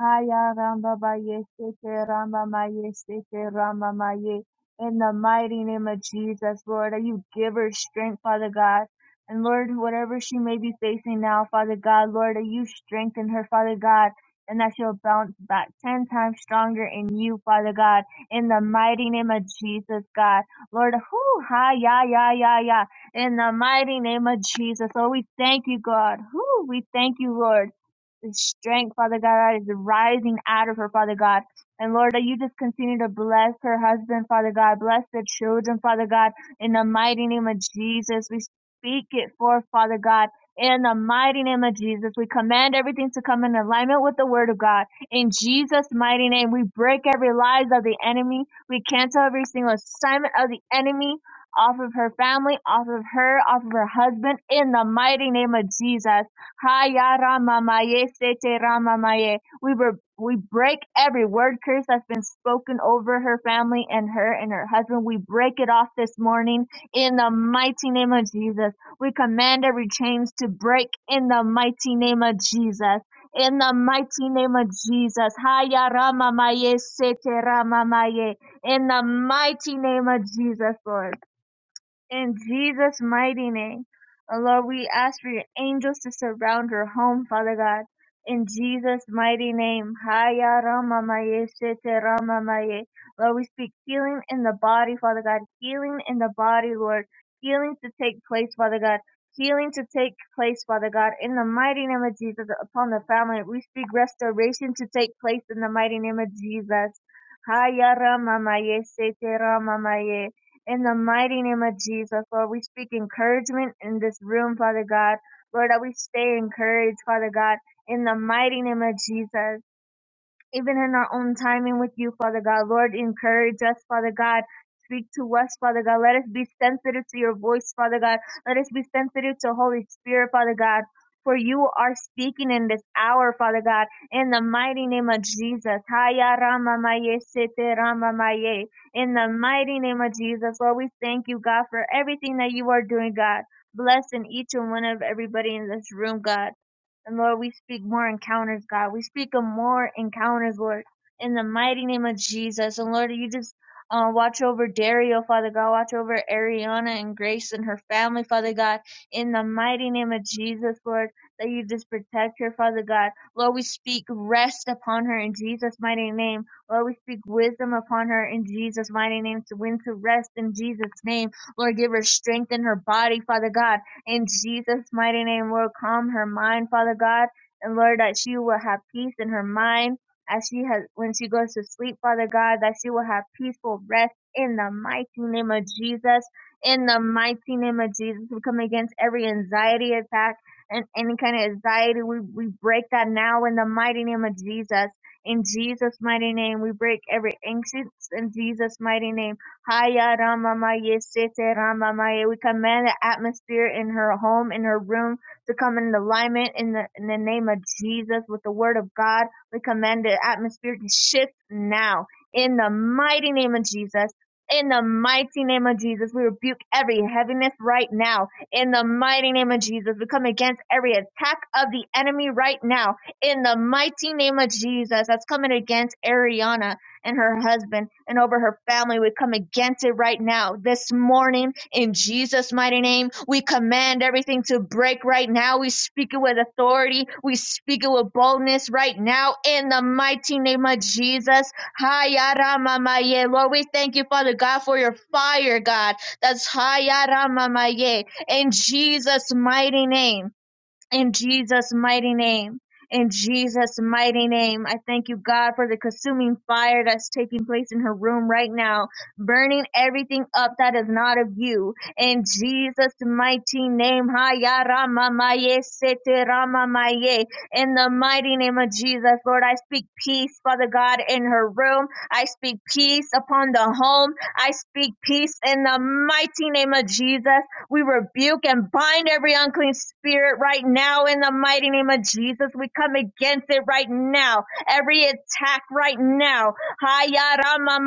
Speaker 6: Haya Ramba Baye Seke Ramba Maye Seke Ramba Maye. In the mighty name of Jesus, Lord, that you give her strength, Father God. And Lord, whatever she may be facing now, Father God, Lord, that you strengthen her, Father God, and that she'll bounce back ten times stronger in you, Father God. In the mighty name of Jesus, God. Lord, whoo, ha, ya, ya, ya, ya. In the mighty name of Jesus, Lord, we thank you, God. Whew, we thank you, Lord. The strength, Father God, that is rising out of her, Father God. And Lord, that you just continue to bless her husband, Father God. Bless the children, Father God. In the mighty name of Jesus, we speak it forth, Father God. In the mighty name of Jesus, we command everything to come in alignment with the word of God. In Jesus' mighty name, we break every lies of the enemy. We cancel every single assignment of the enemy off of her family, off of her, off of her husband, in the mighty name of Jesus. Haya ramamaye, sete ramamaye. We were we break every word curse that's been spoken over her family and her and her husband. We break it off this morning in the mighty name of Jesus. We command every chains to break in the mighty name of Jesus. In the mighty name of Jesus. Haya Rama ramamaye, sete Rama ramamaye. In the mighty name of Jesus, Lord. In Jesus' mighty name. Uh, Lord, we ask for your angels to surround her home, Father God. In Jesus' mighty name. Haya Rama Maye Sete Rama Maye. Lord, we speak healing in the body, Father God. Healing in the body, Lord. Healing to take place, Father God. Healing to take place, Father God. In the mighty name of Jesus, upon the family, we speak restoration to take place in the mighty name of Jesus. Haya Rama Maye Sete Rama Maye. In the mighty name of Jesus, Lord, we speak encouragement in this room, Father God. Lord, that we stay encouraged, Father God, in the mighty name of Jesus even in our own timing with you, Father God. Lord, encourage us, Father God. Speak to us, Father God. Let us be sensitive to your voice, Father God. Let us be sensitive to Holy Spirit, Father God. For you are speaking in this hour, Father God, in the mighty name of Jesus. Haya Rama Maye Sete Rama Maye. In the mighty name of Jesus, Lord, we thank you, God, for everything that you are doing, God. Bless in each and one of everybody in this room, God. And Lord, we speak more encounters, God. We speak of more encounters, Lord, in the mighty name of Jesus. And Lord, you just uh, watch over Dario, Father God. Watch over Ariana and Grace and her family, Father God. In the mighty name of Jesus, Lord, that you just protect her, Father God. Lord, we speak rest upon her in Jesus' mighty name. Lord, we speak wisdom upon her in Jesus' mighty name to win to rest in Jesus' name. Lord, give her strength in her body, Father God. In Jesus' mighty name, Lord, calm her mind, Father God, and Lord, that she will have peace in her mind as she has when she goes to sleep, Father God, that she will have peaceful rest in the mighty name of Jesus. In the mighty name of Jesus, we come against every anxiety attack and any kind of anxiety. We we break that now in the mighty name of Jesus. In Jesus' mighty name, we break every anxious in Jesus' mighty name. Haya Ramamaye Sete Ramamaye. We command the atmosphere in her home, in her room, to come in alignment in the, in the name of Jesus with the word of God. We command the atmosphere to shift now in the mighty name of Jesus. In the mighty name of Jesus, we rebuke every heaviness right now. In the mighty name of Jesus, we come against every attack of the enemy right now. In the mighty name of Jesus, that's coming against Ariana and her husband and over her family. We come against it right now. This morning, in Jesus' mighty name, we command everything to break right now. We speak it with authority. We speak it with boldness right now in the mighty name of Jesus. Hayaramamaye. Lord, we thank you, Father God, for your fire, God. That's Hayaramamaye. In Jesus' mighty name. In Jesus' mighty name. In Jesus' mighty name, I thank you, God, for the consuming fire that's taking place in her room right now, burning everything up that is not of you. In Jesus' mighty name, Haya Rama Maye Sete Rama Maye. In the mighty name of Jesus, Lord, I speak peace, Father God, in her room. I speak peace upon the home. I speak peace in the mighty name of Jesus. We rebuke and bind every unclean spirit right now in the mighty name of Jesus. We come against it right now. Every attack right now. Haya Rama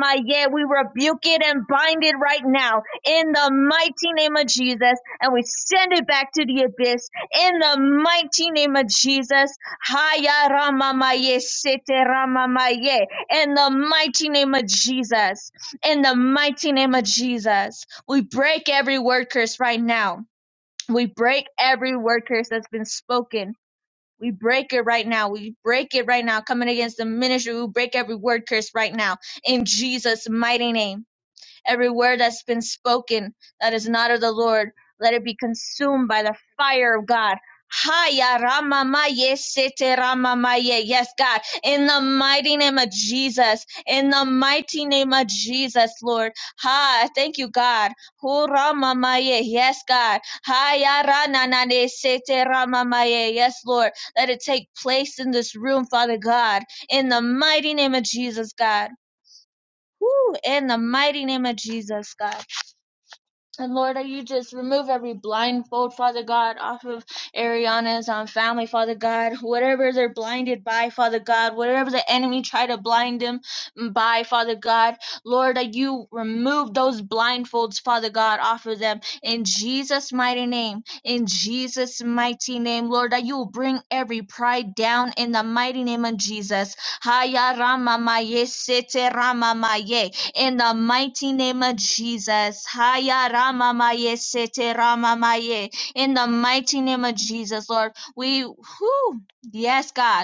Speaker 6: We rebuke it and bind it right now in the mighty name of Jesus. And we send it back to the abyss in the mighty name of Jesus. Haya Rama Maye. Sete In the mighty name of Jesus. In the mighty name of Jesus. We break every word curse right now. We break every word curse that's been spoken. We break it right now. We break it right now. Coming against the ministry, we break every word curse right now. In Jesus' mighty name. Every word that's been spoken that is not of the Lord, let it be consumed by the fire of God. Haya ramamaye sete ramamaye. Yes, God. In the mighty name of Jesus. In the mighty name of Jesus, Lord. Ha, thank you, God. Hu ramamaye. Yes, God. Haya rananane sete ramamaye. Yes, Lord. Let it take place in this room, Father God. In the mighty name of Jesus, God. Whew, in the mighty name of Jesus, God. And Lord, that you just remove every blindfold, Father God, off of Ariana's um, family, Father God. Whatever they're blinded by, Father God, whatever the enemy tried to blind them by, Father God. Lord, that you remove those blindfolds, Father God, off of them. In Jesus' mighty name, in Jesus' mighty name, Lord, that you will bring every pride down in the mighty name of Jesus. Haya Rama Maye Sete Rama Maye in the mighty name of Jesus. Haya Rama Maye Sete Rama Maye. In the mighty name of Jesus, Lord, we, whew, yes, God.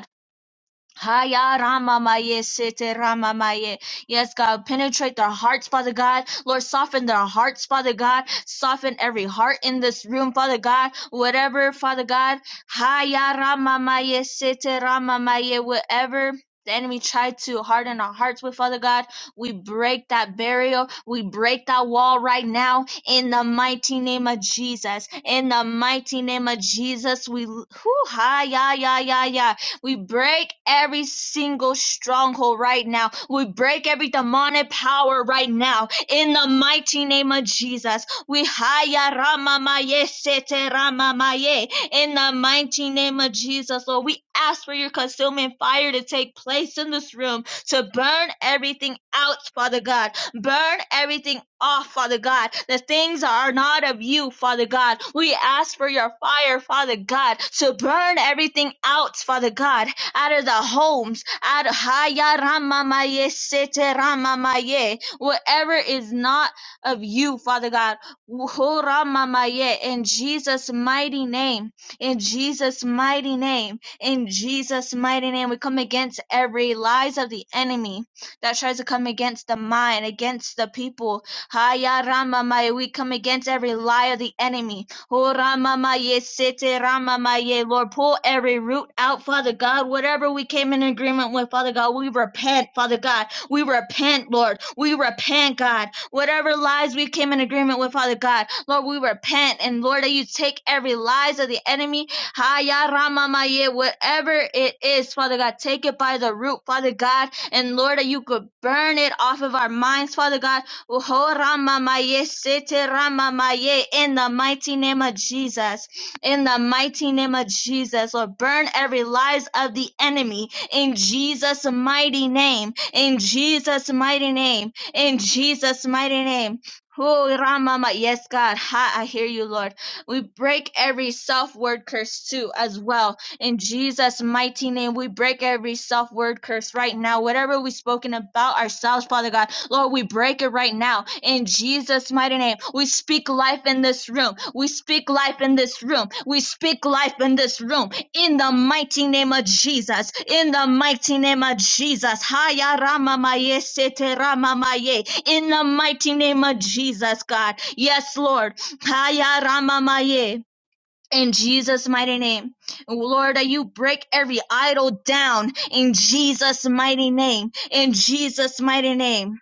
Speaker 6: Haya Ramamaye Sete Ramamaye. Yes, God, penetrate their hearts, Father God. Lord, soften their hearts, Father God. Soften every heart in this room, Father God. Whatever, Father God. Haya Ramamaye Sete Ramamaye. Whatever. The enemy tried to harden our hearts with Father God. We break that barrier. We break that wall right now in the mighty name of Jesus. In the mighty name of Jesus, we. Whew, hi, ya ya ya ya. We break every single stronghold right now. We break every demonic power right now. In the mighty name of Jesus, we haya rama maye sete rama maye. In the mighty name of Jesus, Lord, we ask for your consuming fire to take place in this room to burn everything out, Father God. Burn everything off, Father God. The things that are not of you, Father God. We ask for your fire, Father God, to burn everything out, Father God, out of the homes, out of Haya ramamaye, sete ramamaye, whatever is not of you, Father God. Ho ramamaye, In Jesus' mighty name, in Jesus' mighty name, in Jesus' mighty name, we come against every lies of the enemy that tries to come against the mind, against the people. Haya Rama Maya. we come against every lie of the enemy. Ho Ramamaye, Sete Rama Maya. Lord, pull every root out, Father God. Whatever we came in agreement with, Father God, we repent, Father God. We repent, Lord. We repent, God. Whatever lies we came in agreement with, Father God, Lord, we repent. And Lord, that you take every lies of the enemy, Haya Rama Maya. whatever it is, Father God, take it by the root, Father God. And Lord, that you could burn it off of our minds, Father God. Uho rama maye sete rama maye, In the mighty name of Jesus. In the mighty name of Jesus. Lord, burn every lies of the enemy in Jesus' mighty name. In Jesus' mighty name. In Jesus' mighty name. Oh, Rama, ma- yes, God, ha, I hear you, Lord. We break every self word curse too, as well in Jesus' mighty name, we break every self word curse right now. Whatever we've spoken about ourselves, Father God, Lord, we break it right now. In Jesus' mighty name, we speak life in this room. We speak life in this room. We speak life in this room. In the mighty name of Jesus. In the mighty name of Jesus. Haya rama maye sete rama maye. In the mighty name of Jesus, God. Yes, Lord. Haya rama maye in Jesus' mighty name. Lord, that you break every idol down in Jesus' mighty name. In Jesus' mighty name.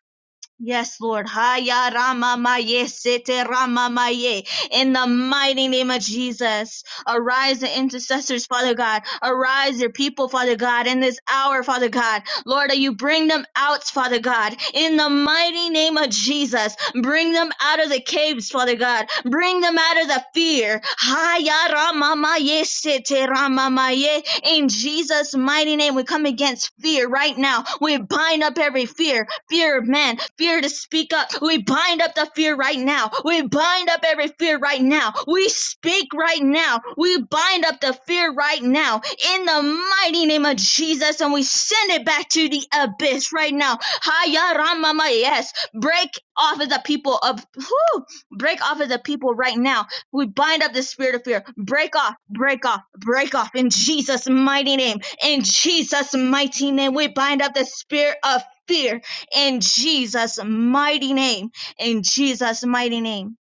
Speaker 6: Yes, Lord. Haya Rama Maye Sete Rama Maye. In the mighty name of Jesus. Arise the intercessors, Father God. Arise your people, Father God, in this hour, Father God. Lord, that you bring them out, Father God. In the mighty name of Jesus. Bring them out of the caves, Father God. Bring them out of the fear. Haya Rama Maye Sete Rama Maye. In Jesus' mighty name, we come against fear right now. We bind up every fear fear of man, fear to speak up. We bind up the fear right now. We bind up every fear right now. We speak right now. We bind up the fear right now in the mighty name of Jesus and we send it back to the abyss right now. Haya Ramama, yes. Break off of the people of whew, break off of the people right now. We bind up the spirit of fear. Break off, break off, break off in Jesus' mighty name. In Jesus' mighty name, we bind up the spirit of fear in Jesus' mighty name. In Jesus' mighty name.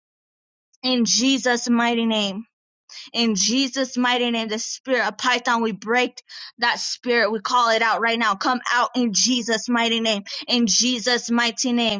Speaker 6: In Jesus' mighty name. In Jesus' mighty name. The spirit of Python, we break that spirit. We call it out right now. Come out in Jesus' mighty name. In Jesus' mighty name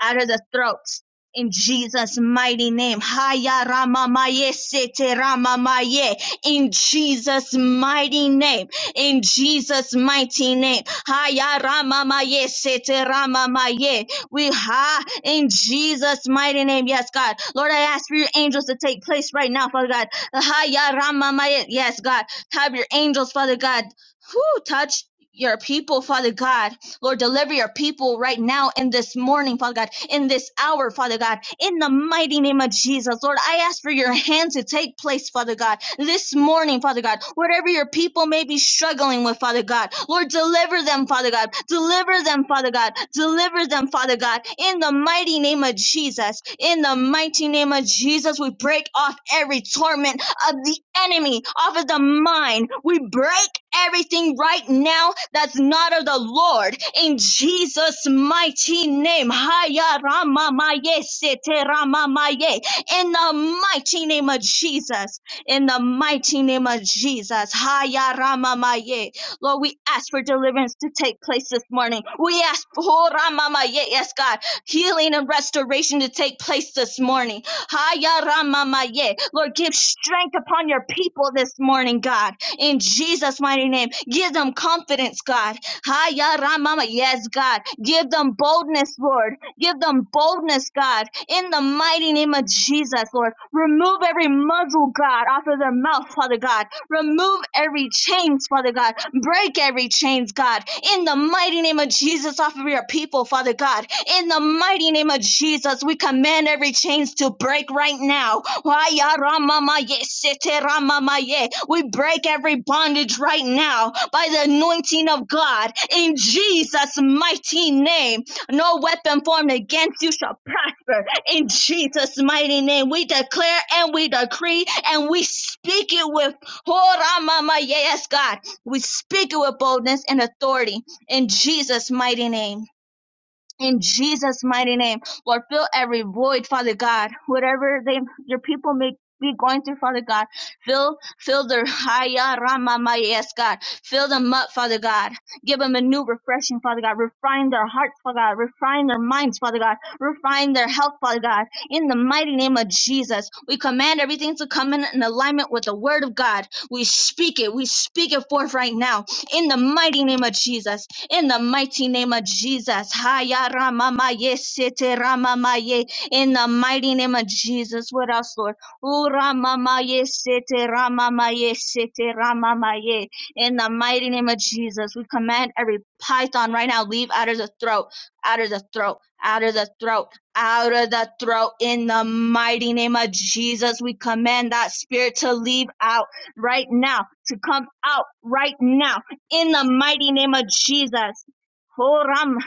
Speaker 6: out of the throats. In Jesus' mighty name. Haya Rama Maye Sete Rama Maye. In Jesus' mighty name. In Jesus' mighty name. Haya Rama Maye Sete Rama Maye. We ha in Jesus' mighty name. Yes, God. Lord, I ask for your angels to take place right now, Father God. Haya Rama Maye. Yes, God. Have your angels, Father God. Who touch your people, Father God. Lord, deliver your people right now in this morning, Father God, in this hour, Father God, in the mighty name of Jesus. Lord, I ask for your hand to take place, Father God, this morning, Father God, whatever your people may be struggling with, Father God. Lord, deliver them, Father God. Deliver them, Father God. Deliver them, Father God, in the mighty name of Jesus. In the mighty name of Jesus, we break off every torment of the enemy off of the mind. We break everything right now that's not of the Lord in Jesus' mighty name. Haya Rama ramamaye sete ramamaye. In the mighty name of Jesus. In the mighty name of Jesus. Haya Rama ramamaye. Lord, we ask for deliverance to take place this morning. We ask for Rama ramamaye. Yes, God healing and restoration to take place this morning. Haya ramamaye. Lord, give strength upon your people this morning, God. In Jesus' mighty name, give them confidence, God. Haya Ramama. Yes, God. Give them boldness, Lord. Give them boldness, God. In the mighty name of Jesus, Lord. Remove every muzzle, God, off of their mouth, Father God. Remove every chains, Father God. Break every chains, God. In the mighty name of Jesus, off of your people, Father God. In the mighty name of Jesus, we command every chains to break right now Haya ramama ye, sete ramama ye. We break every bondage right now by the anointing of God in Jesus' mighty name. No weapon formed against you shall prosper in Jesus' mighty name. We declare and we decree and we speak it with oh, ramama yes, God. We speak it with boldness and authority in Jesus' mighty name in Jesus' mighty name. Lord, fill every void, Father God. Whatever they, your people may be going through, Father God, fill, fill their haya rama maya, yes, God. Fill them up, Father God. Give them a new refreshing, Father God. Refine their hearts, Father God. Refine their minds, Father God. Refine their health, Father God. In the mighty name of Jesus, we command everything to come in, in alignment with the Word of God. We speak it. We speak it forth right now. In the mighty name of Jesus in the mighty name of Jesus. Haya ramamaye sete ramamaye. In the mighty name of Jesus. What else, Lord? Ooh, ramamaye sete ramamaye sete ramamaye. In the mighty name of Jesus, we command every python right now leave out of the throat, out of the throat, out of the throat, out of the throat. In the mighty name of Jesus, we command that spirit to leave out right now, to come out right now in the mighty name of Jesus. Horam,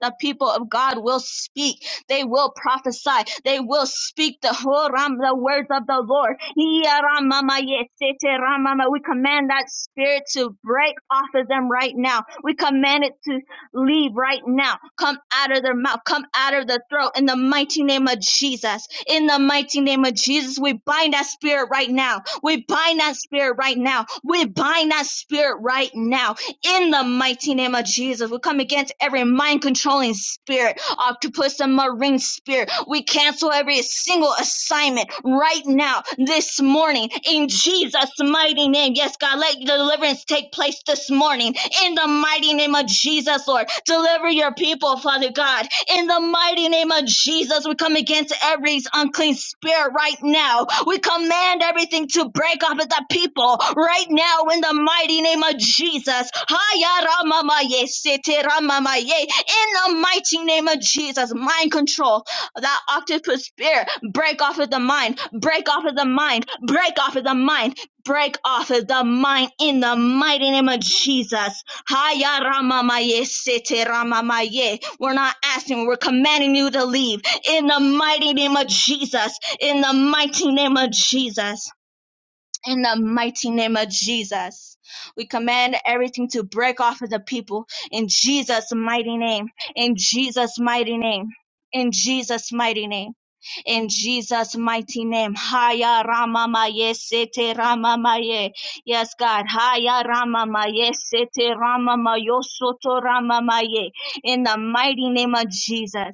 Speaker 6: the people of God will speak. They will prophesy. They will speak the Horam, the words of the Lord. Yaramamayeseteramama. We command that spirit to break off of them right now. We command it to leave right now. Come out of their mouth. Come out of their throat in the mighty name of Jesus. In the mighty name of Jesus, we bind that spirit right now. We bind that spirit right now. We bind that spirit right now in the mighty name of Jesus, we come against every mind controlling spirit, octopus and marine spirit. We cancel every single assignment right now, this morning, in Jesus' mighty name. Yes, God, let deliverance take place this morning. In the mighty name of Jesus, Lord, deliver your people, Father God. In the mighty mighty name of Jesus, we come against every unclean spirit right now. We command everything to break off of the people right now in the mighty name of Jesus. Haya ramamaye, sete ramamaye. In the mighty name of Jesus, mind control, that octopus spirit, break off of the mind, break off of the mind, break off of the mind, break off of the mind in the mighty name of Jesus. Haya ramamaye sete ramamaye. We're not asking, we're commanding you to leave. In the mighty name of Jesus. In the mighty name of Jesus. In the mighty name of Jesus. We command everything to break off of the people in Jesus' mighty name. In Jesus' mighty name. In Jesus' mighty name in Jesus' mighty name. Haya Rama Ramamaye Sete Ramamaye. Yes, God. Haya Rama Ramamaye Sete Ramamayo Soto Ramamaye. In the mighty name of Jesus.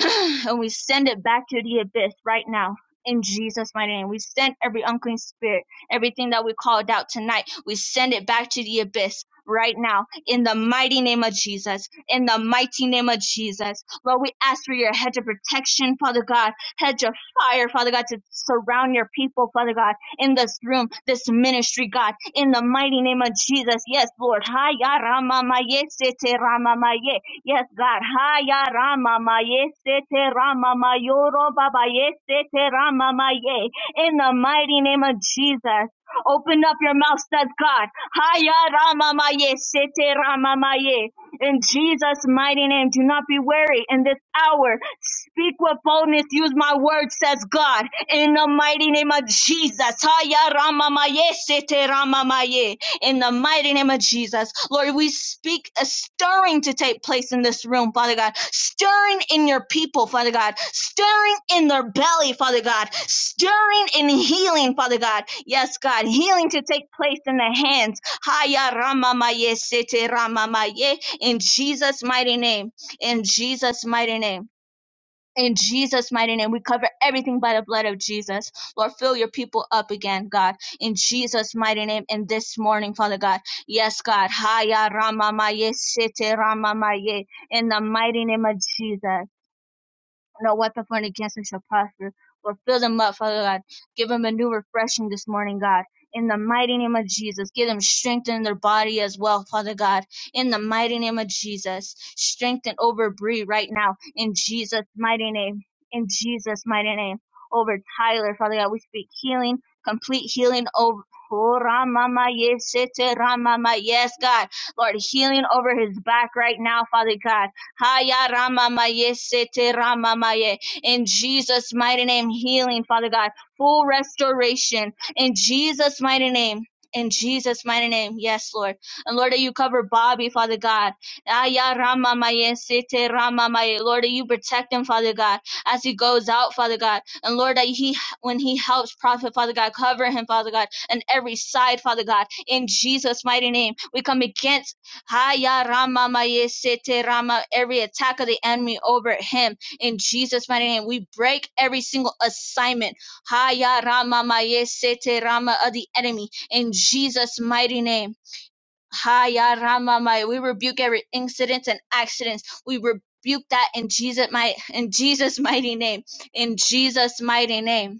Speaker 6: *clears throat* and we send it back to the abyss right now. In Jesus' mighty name, we send every unclean spirit, everything that we called out tonight, we send it back to the abyss right now. In the mighty name of Jesus, in the mighty name of Jesus, Lord, we ask for your hedge of protection, Father God, hedge of fire, Father God, to surround your people, Father God, in this room, this ministry, God, in the mighty name of Jesus. Yes, Lord. Hi, ya, Rama, ma, ma, ye, se, te, Rama, ma, ma, ye. Yes, God. Haya Rama Maye Sete Rama Mayoro Baba Ye Sete Rama Maye. In the mighty name of Jesus. Open up your mouth, says God. Haya Rama Maye Sete Rama Maye. In Jesus' mighty name, do not be weary in this hour. Speak with boldness. Use my word, says God. In the mighty name of Jesus. Haya Rama Maye Sete Rama Maye in the mighty name of Jesus. Lord, we speak a stirring to take place in this room, Father God. Stirring in your people, Father God. Stirring in their belly, Father God. Stirring in healing, Father God. Yes, God. Healing to take place in the hands. Haya ramamaye sete ramamaye. In Jesus' mighty name. In Jesus' mighty name. In Jesus' mighty name, we cover everything by the blood of Jesus. Lord, fill your people up again, God. In Jesus' mighty name, and this morning, Father God. Yes, God. Haya Ramamaye Sete Ramamaye. In the mighty name of Jesus. No weapon formed against him shall prosper. Or fill them up, Father God. Give them a new refreshing this morning, God. In the mighty name of Jesus, give them strength in their body as well, Father God. In the mighty name of Jesus, strengthen over Bree right now. In Jesus' mighty name. In Jesus' mighty name. Over Tyler, Father God, we speak healing, complete healing over. Oh, Ramama, yes, it's Ramama. Yes, God. Lord, healing over his back right now, Father God Haya ramamaye sete ramamaye. In Jesus' mighty name, healing, Father God, full restoration. In Jesus' mighty name. In Jesus' mighty name, yes, Lord. And Lord, that you cover Bobby, Father God. Aya Rama ramamaye sete ramamaye. Lord, that you protect him, Father God, as he goes out, Father God. And Lord, that he, when he helps Prophet, Father God, cover him, Father God, on every side, Father God. In Jesus' mighty name, we come against Haya Rama Maye Sete Rama, every attack of the enemy over him. In Jesus' mighty name, we break every single assignment. Haya Rama Maye Sete Rama of the enemy. In Jesus' mighty name. Haya Rama Maye. We rebuke every incident and accidents. We rebuke that in Jesus' mighty in Jesus' mighty name. In Jesus' mighty name.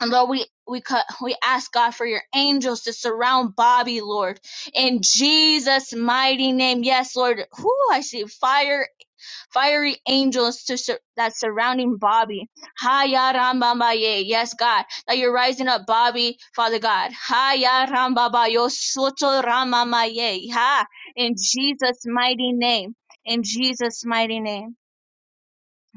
Speaker 6: And Lord, we we cut, we ask God for your angels to surround Bobby, Lord, in Jesus' mighty name. Yes, Lord. Whoo, I see fire, fiery angels to sur- that surrounding Bobby. Haya ramba maye. Yes, God, that you're rising up, Bobby, Father God. Haya ramba ba yo soto rama maye. Ha, in Jesus' mighty name. In Jesus' mighty name.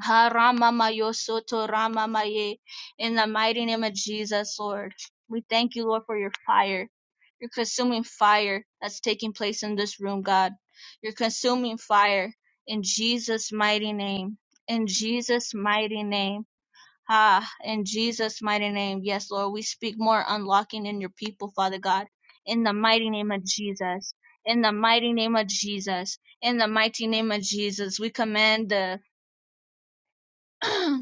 Speaker 6: Ha Rama Mayo Soto Rama Maye. In the mighty name of Jesus, Lord. We thank you, Lord, for your fire. Your consuming fire that's taking place in this room, God. Your consuming fire in Jesus' mighty name. In Jesus' mighty name. Ah, in Jesus' mighty name. Yes, Lord, we speak more unlocking in your people, Father God. In the mighty name of Jesus. In the mighty name of Jesus. In the mighty name of Jesus. We command the *clears throat*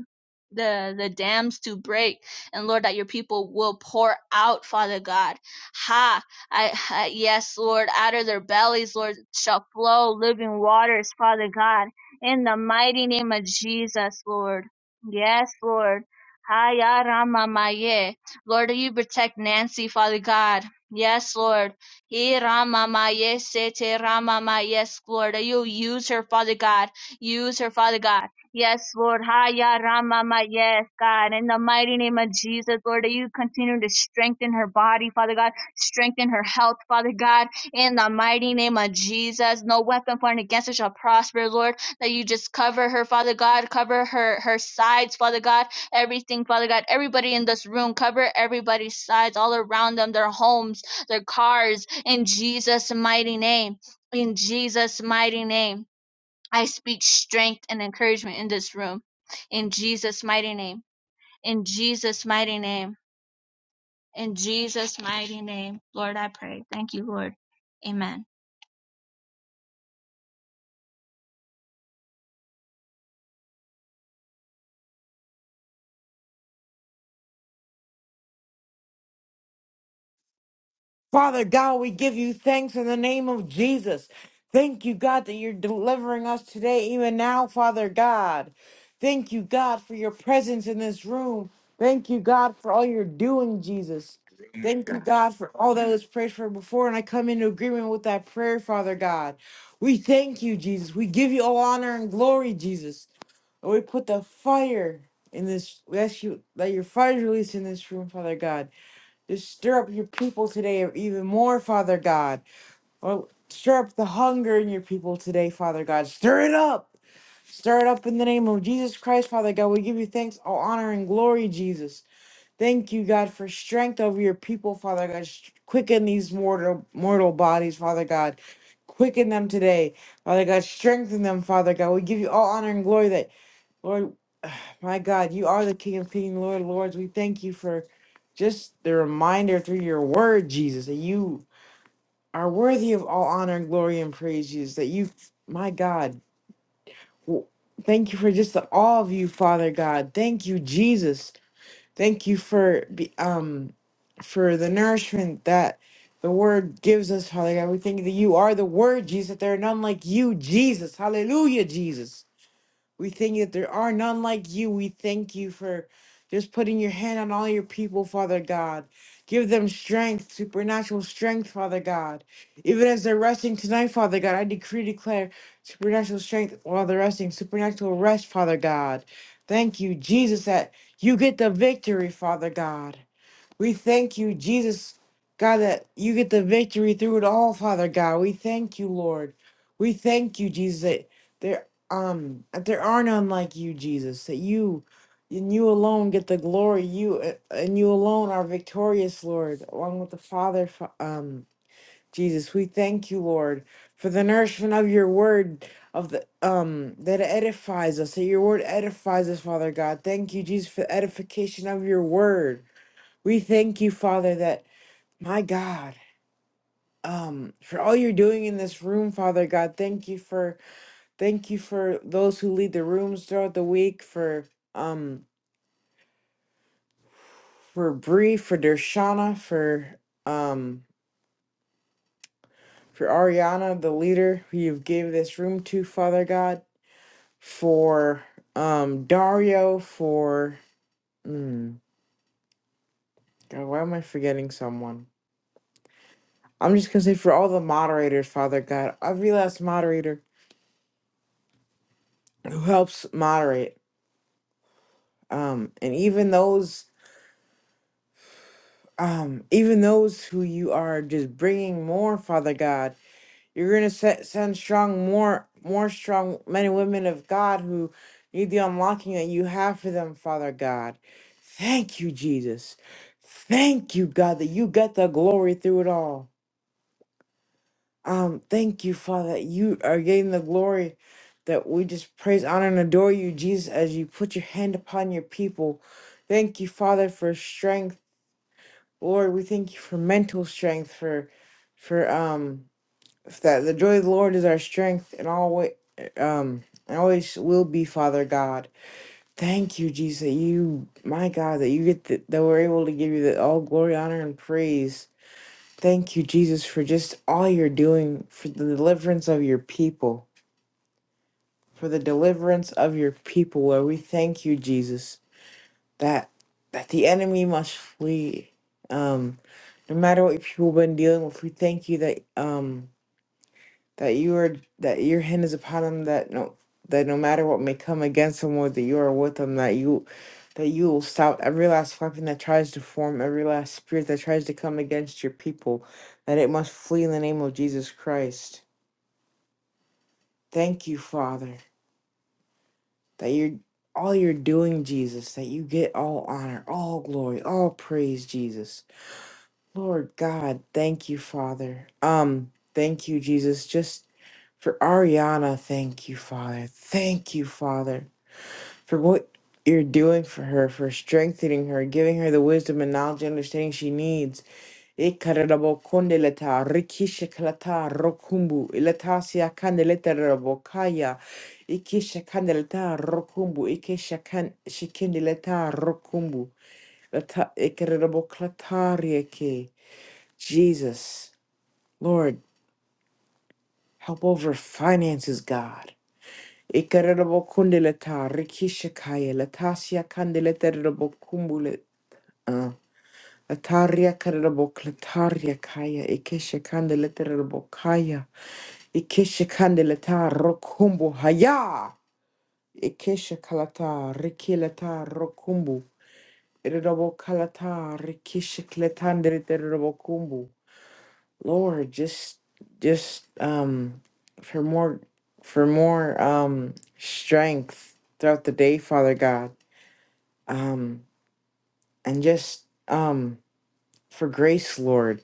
Speaker 6: the the dams to break and lord that your people will pour out father god ha I, I yes lord out of their bellies lord shall flow living waters father god in the mighty name of jesus lord yes lord Ha, ya, Rama, maye. Lord, you protect Nancy, Father God. Yes, Lord. He, Rama, maye, se, te, Rama, maye. Yes, Lord. You use her, Father God. Use her, Father God Yes, Lord. Haya Ramama. Yes, God. In the mighty name of Jesus, Lord, that you continue to strengthen her body, Father God. Strengthen her health, Father God. In the mighty name of Jesus, no weapon formed against her shall prosper, Lord. That you just cover her, Father God. Cover her her sides, Father God. Everything, Father God. Everybody in this room, cover everybody's sides, all around them, their homes, their cars. In Jesus' mighty name. In Jesus' mighty name I speak strength and encouragement in this room. In Jesus' mighty name. In Jesus' mighty name. In Jesus' mighty name. Lord, I pray. Thank you, Lord. Amen.
Speaker 3: Father God, we give you thanks in the name of Jesus. Thank you, God, that you're delivering us today, even now, Father God. Thank you, God, for your presence in this room. Thank you, God, for all you're doing, Jesus. Thank you, God, for all that was prayed for before, and I come into agreement with that prayer, Father God. We thank you, Jesus. We give you all honor and glory, Jesus. And we put the fire in this, we ask you that your fire is released in this room, Father God to stir up your people today even more, Father God. Or stir up the hunger in your people today, Father God. Stir it up. Stir it up in the name of Jesus Christ, Father God. We give you thanks, all honor, and glory, Jesus. Thank you, God, for strength over your people, Father God. Sh- Quicken these mortal mortal bodies, Father God. Quicken them today, Father God. Strengthen them, Father God. We give you all honor and glory that Lord, *sighs* my God, you are the King of Kings, Lord of Lords. We thank you for just the reminder through your word, Jesus, that you are worthy of all honor and glory and praise, Jesus. That you, my God, w- thank you for just the, all of you, Father God. Thank you, Jesus. Thank you for be- um for the nourishment that the word gives us, Father God. We thank you that you are the word, Jesus. that There are none like you, Jesus. Hallelujah, Jesus. We thank you that there are none like you. We thank you for just putting your hand on all your people, Father God. Give them strength, supernatural strength, Father God. Even as they're resting tonight, Father God, I decree, declare supernatural strength while they're resting, supernatural rest, Father God. Thank you, Jesus, that you get the victory, Father God. We thank you, Jesus, God, that you get the victory through it all, Father God. We thank you, Lord. We thank you, Jesus, that there um that there are none like you, Jesus. That you and you alone get the glory. You uh, and you alone are victorious, Lord, along with the Father. Fa- Um, Jesus, we thank you, Lord, for the nourishment of your word, of the um that it edifies us. That your word edifies us, Father God. Thank you, Jesus, for the edification of your word. We thank you, Father, that my God, um, for all you're doing in this room, Father God. Thank you for thank you for those who lead the rooms throughout the week, for um for Bree, for Dershana, for um for Ariana, the leader who you've gave this room to, Father God, for um Dario, for mm, God, why am I forgetting someone? I'm just gonna say for all the moderators, Father God, every last moderator who helps moderate. um, and even those um, even those who you are just bringing more father god you're going to set, send strong more more strong men and women of god who need the unlocking that you have for them father god thank you jesus thank you god that you get the glory through it all um thank you father that you are getting the glory that we just praise honor and adore you jesus as you put your hand upon your people thank you father for strength Lord, we thank you for mental strength, for for um that the joy of the Lord is our strength and always um and always will be, Father God. Thank you, Jesus. that You, my God, that you get the, that we're able to give you the all glory, honor, and praise. Thank you, Jesus, for just all you're doing for the deliverance of your people, for the deliverance of your people. Lord, we thank you, Jesus. that that the enemy must flee. Um, no matter what people have been dealing with, we thank you that um that you are that your hand is upon them. That no that no matter what may come against them, or that you are with them. That you that you will stop every last weapon that tries to form, every last spirit that tries to come against your people. That it must flee in the name of Jesus Christ. Thank you, Father, that you're all you're doing, Jesus. That you get all honor, all glory, all praise, Jesus Lord God, thank you, Father. Um, thank you, Jesus. Just for Ariana, thank you, Father. Thank you, Father, for what you're doing for her, for strengthening her, giving her the wisdom and knowledge and understanding she needs. Ikararabokondeleta, rikishikalata, rokumbu, ilatasia kandeleta rabokaya, ikishakandeleta, rokumbu, ikishakan- shikindeleta, rokumbu, lata- ikararaboklatariake. Jesus, Lord, help over finances, God. Ikarabo kundeleta rikishakaya latasia kandeleta kumbule uh Ataria karabo klataria kaya ikeshe kandeleta kaya ikeshe kandeleta rokumbu haya ikeshe kalata rikileta rokumbu irabo kalata rikishe kletandeleta Lord, just just um for more for more um strength throughout the day, Father God. Um and just um for grace, Lord.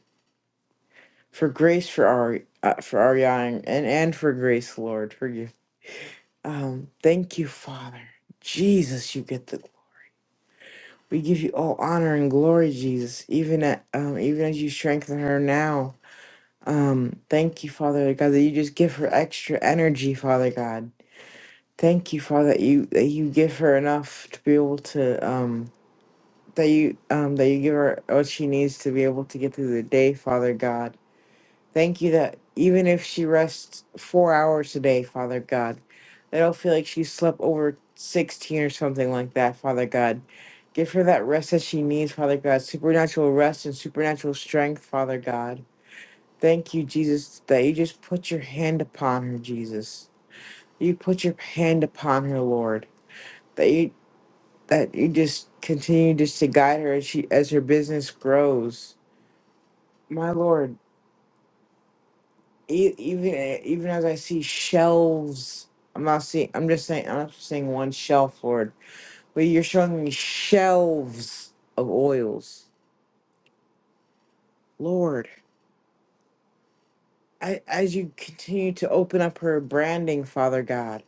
Speaker 3: For grace for our uh, for Ariane and and for grace, Lord. For you. Um thank you, Father. Jesus, you get the gl- we give you all honor and glory, Jesus, even at um even as you strengthen her now. Um, thank you, Father God, that you just give her extra energy, Father God Thank you, Father, that you that you give her enough to be able to um that you um that you give her what she needs to be able to get through the day, Father God. Thank you that even if she rests four hours a day, Father God, I don't feel like she slept over sixteen or something like that, Father God. Give her that rest that she needs, Father God, supernatural rest and supernatural strength, Father God. Thank you, Jesus, that you just put your hand upon her, Jesus. You put your hand upon her, Lord. That you that you just continue just to guide her as she as her business grows. My lord, e- even even as I see shelves, I'm not seeing. I'm just saying. I'm not just saying one shelf, Lord, but you're showing me shelves of oils, Lord. I, as you continue to open up her branding, Father God,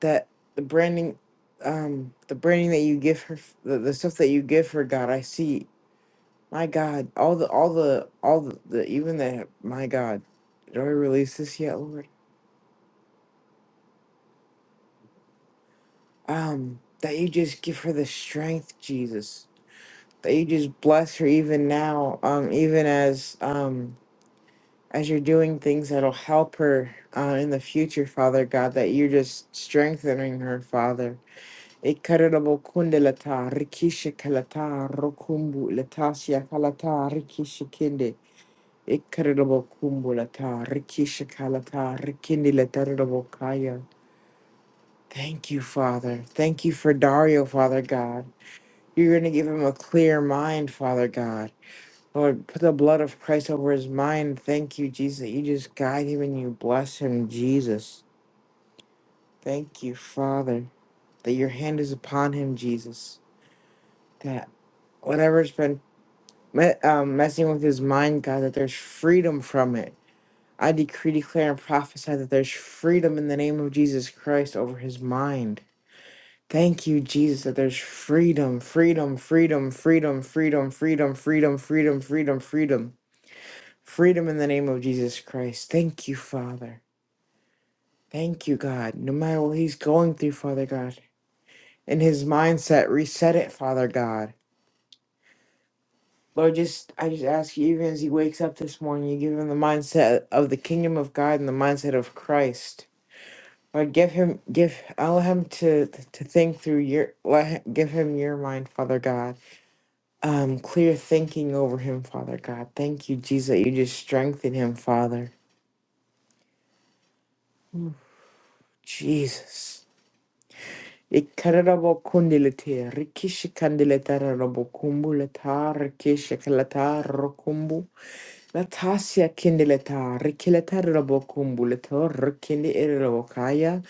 Speaker 3: that the branding, um, the branding that you give her, the, the stuff that you give her, God, I see. My God, all the, all the, all the, the even the, my God, did I release this yet, Lord? Um, that you just give her the strength, Jesus. That you just bless her even now, um, even as, um, as you're doing things that'll help her uh, in the future, Father God, that you're just strengthening her, Father. Ikarabo kundelata, rikishikalata, rokumbu, latasia kalata, rikishikinde. Ikarabo kumbulata, rikishakalata, rikindilataradabokaya. Thank you, Father. Thank you for Dario, Father God. You're going to give him a clear mind, Father God. Lord, put the blood of Christ over his mind. Thank you, Jesus, that you just guide him and you bless him, Jesus. Thank you, Father, that your hand is upon him, Jesus. That whatever's been me- um, messing with his mind, God, that there's freedom from it I decree, declare, and prophesy that there's freedom in the name of Jesus Christ over his mind. Thank you, Jesus, that there's freedom, freedom, freedom, freedom, freedom, freedom, freedom, freedom, freedom, freedom. Freedom in the name of Jesus Christ. Thank you, Father. Thank you, God. No matter what he's going through, Father God, in his mindset, reset it, Father God. Lord, just I just ask you, even as he wakes up this morning, you give him the mindset of the kingdom of God and the mindset of Christ. Or give him, give, allow him to to think through your, let him, give him your mind, Father God. Um, clear thinking over him, Father God. Thank you, Jesus, that you just strengthen him, Father. Jesus. Ikarabo kundilete, rikishi kandileta rabo kumbu leta, rikishi kalata rokumbu, latasia kindileta, rikileta rabo kumbu leta, rikindi irabo kaya,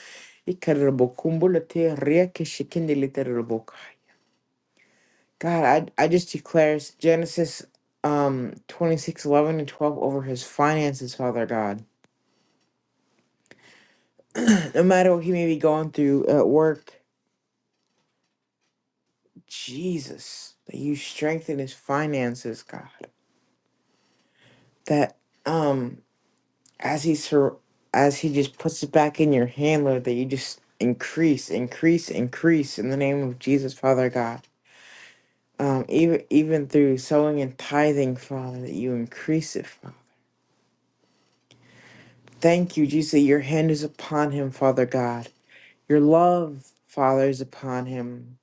Speaker 3: ikarabo kumbu lete, rikishi kindileta God, I I just declare Genesis um 26 11 and 12 over his finances, Father God. No matter what he may be going through at work, Jesus, that you strengthen his finances, God. That um as he sur- as he just puts it back in your hand, Lord, that you just increase, increase, increase in the name of Jesus, Father God. Um, even even through sowing and tithing, Father, that you increase it, Father. Thank you, Jesus. Your hand is upon him, Father God. Your love, Father, is upon him.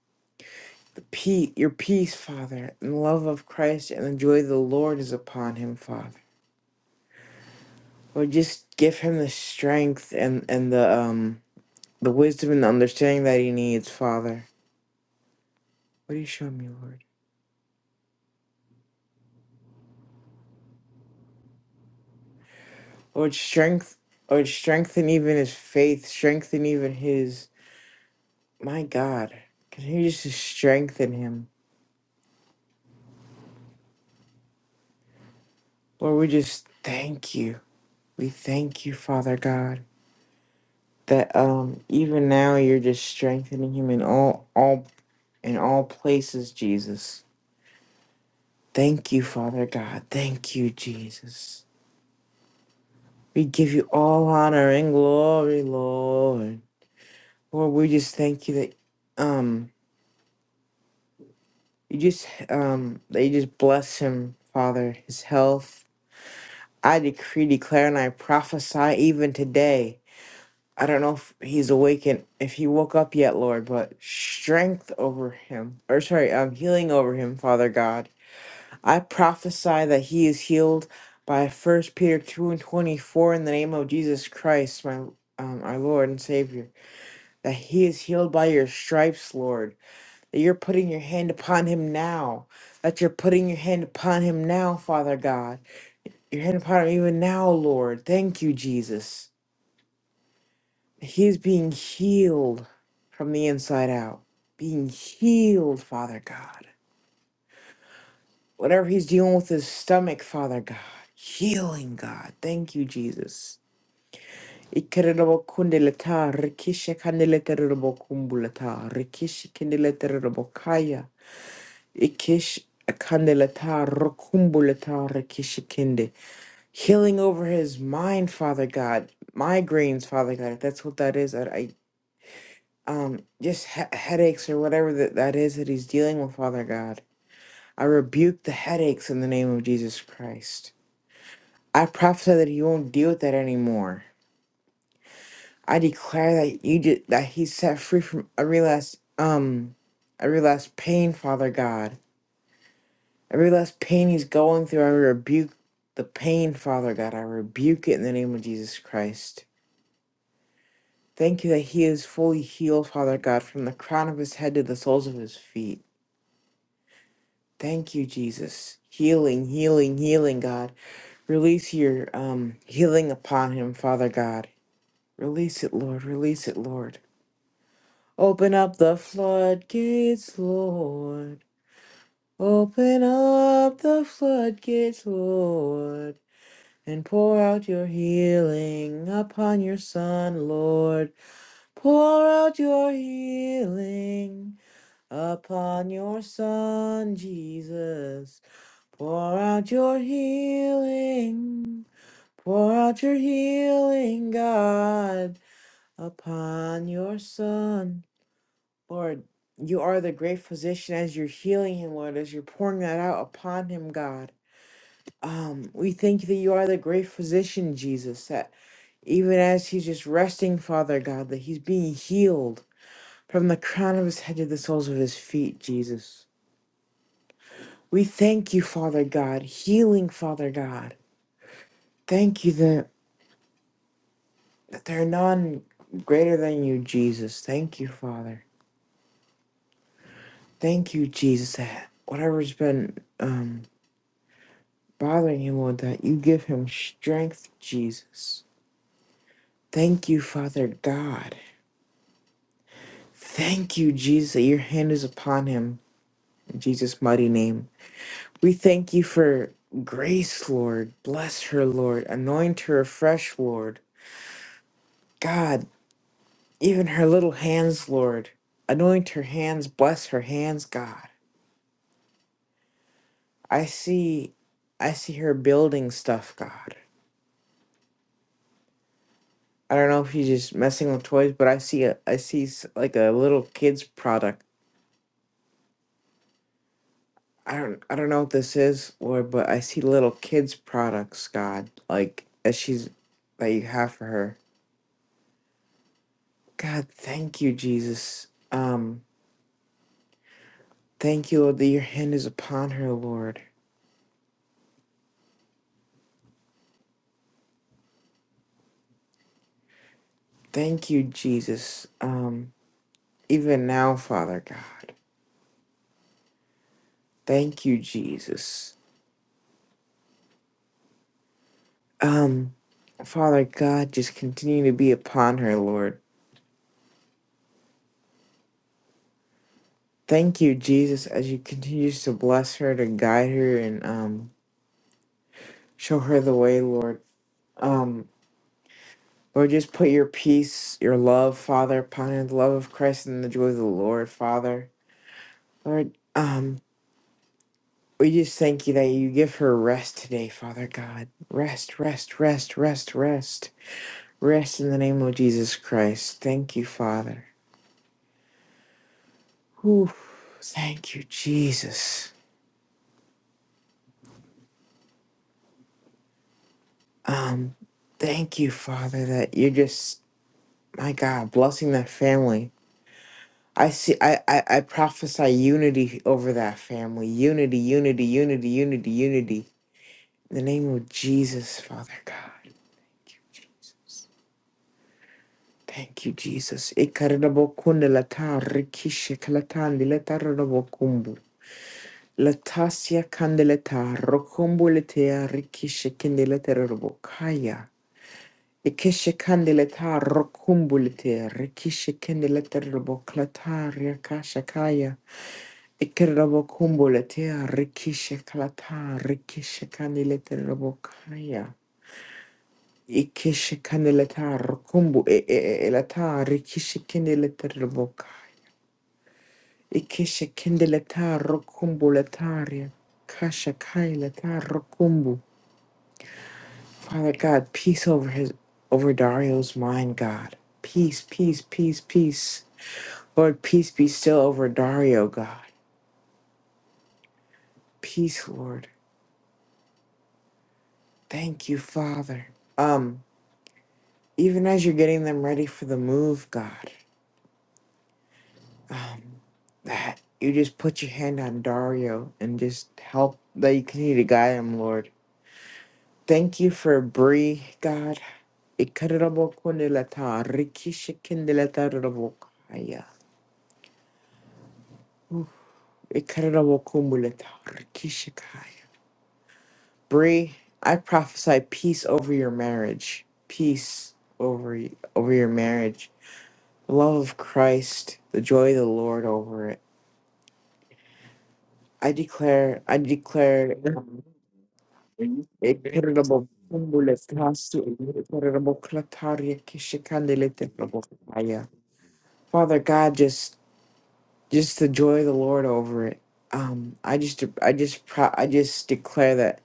Speaker 3: The peace, your peace, Father, and the love of Christ and the joy of the Lord is upon him, Father. Lord, just give him the strength and and the um the wisdom and the understanding that he needs, Father. What do you show me, Lord? Lord, strength, Lord, strengthen even his faith, strengthen even his. My God, can you just strengthen him, Lord? We just thank you. We thank you, Father God, that um even now you're just strengthening him in all all in all places, Jesus. Thank you, Father God. Thank you, Jesus. We give you all honor and glory, Lord. Lord, we just thank you that um you just um that you just bless him, Father, his health. I decree, declare, and I prophesy even today I don't know if he's awake and if he woke up yet, Lord, but strength over him, or sorry, um, healing over him, Father God. I prophesy that he is healed by First Peter two and twenty four in the name of Jesus Christ, my um, our Lord and Savior. That he is healed by your stripes, Lord. That you're putting your hand upon him now. That you're putting your hand upon him now, Father God. Your hand upon him even now, Lord. Thank you, Jesus. He's being healed from the inside out. Being healed, Father God. Whatever he's dealing with his stomach, Father God. Healing, God. Thank you, Jesus. Ikererobokundeleta, rikishekandeletarerobokumbuleta, rikishikendeletarebokaya, ikish- kandeleta, rokumbuleta, rikishikende. Healing over his mind, Father God. Migraines, Father God. if That's what that is. I, um, just he- headaches or whatever that, that is that he's dealing with, Father God. I rebuke the headaches in the name of Jesus Christ. I prophesy that he won't deal with that anymore. I declare that you did, that he's set free from every last um every last pain, Father God. Every last pain he's going through, I rebuke the pain, Father God. I rebuke it in the name of Jesus Christ. Thank you that he is fully healed, Father God, from the crown of his head to the soles of his feet. Thank you, Jesus. Healing, healing, healing, God. Release your um healing upon him, Father God. Release it, Lord. Release it, Lord. Open up the floodgates, Lord. Open up the floodgates, Lord. And pour out your healing upon your son, Lord. Pour out your healing upon your son, Jesus. Pour out your healing, pour out your healing, God, upon your son. Lord, you are the great physician as you're healing him, Lord, as you're pouring that out upon him, God. Um, we thank you that you are the great physician, Jesus, that even as he's just resting, Father God, that he's being healed from the crown of his head to the soles of his feet, Jesus. We thank you, Father God, healing, Father God. Thank you that. that there are none greater than you, Jesus. Thank you, Father. Thank you, Jesus, that whatever's been um, bothering him, Lord, that you give him strength, Jesus. Thank you, Father God. Thank you, Jesus, that your hand is upon him. In Jesus' mighty name. We thank you for grace, Lord. Bless her, Lord. Anoint her afresh, Lord. God, even her little hands, Lord. Anoint her hands. Bless her hands, God. I see I see her building stuff, God. I don't know if she's just messing with toys, but I see a I see s- like a little kids product. I don't I don't know what this is, Lord, but I see little kids products, God, like that she's that you have for her. God, thank you, Jesus. Um thank you, Lord, that your hand is upon her, Lord. Thank you, Jesus. Um even now, Father God. Thank you, Jesus. Um, Father God, just continue to be upon her, Lord. Thank you, Jesus, as you continue to bless her, to guide her, and um, show her the way, Lord. Um, Lord, just put your peace, your love, Father, upon her, the love of Christ and the joy of the Lord, Father. Lord, um, we just thank you that you give her rest today, Father God. Rest, rest, rest, rest, rest. Rest in the name of Jesus Christ. Thank you, Father. Whew. Thank you, Jesus. Um, thank you, Father, that you're just my God, blessing that family. I see I, I, I prophesy unity over that family. Unity, unity, unity, unity, unity. In the name of Jesus, Father God. Thank you, Jesus. Ikarabo kundelata rikishe kalatandi letarabo kumbu. Latasia kandeleta rokombo letea rikishe kindeleta kaya. Ikeshe kandeleta rokumbulete, rekishe kandeleta roboklata riakashakaya, ikerabokumbulete, rekishe kalata, rekishe kandeleta robokaya, ikeshe kandeleta rokumbu e- e- e- elata, rekishe kandeleta robokaya, ikeshe kandeleta rokumbuletaria, kashakaya leta rokumbu. Father God, peace over his over Dario's mind, God. Peace, peace, peace, peace. Lord, peace be still over Dario, God. Peace, Lord. Thank you, Father. Um, even as you're getting them ready for the move, God, um, that you just put your hand on Dario and just help that you continue to guide him, Lord. Thank you for Bree, God. Ikarabo kondelata, rikishikindelata rabo kaya. Ikarabokumulet harkishakaya. Bree, I prophesy peace over your marriage. Peace over y- over your marriage. The love of Christ, the joy of the Lord over it. I declare, I declare um, Ikarabokumulet hasu, Ikaraboklataria kishikandelete rabokaya. Father God, just just the joy of the Lord over it. Um, I just I just pro- I just declare that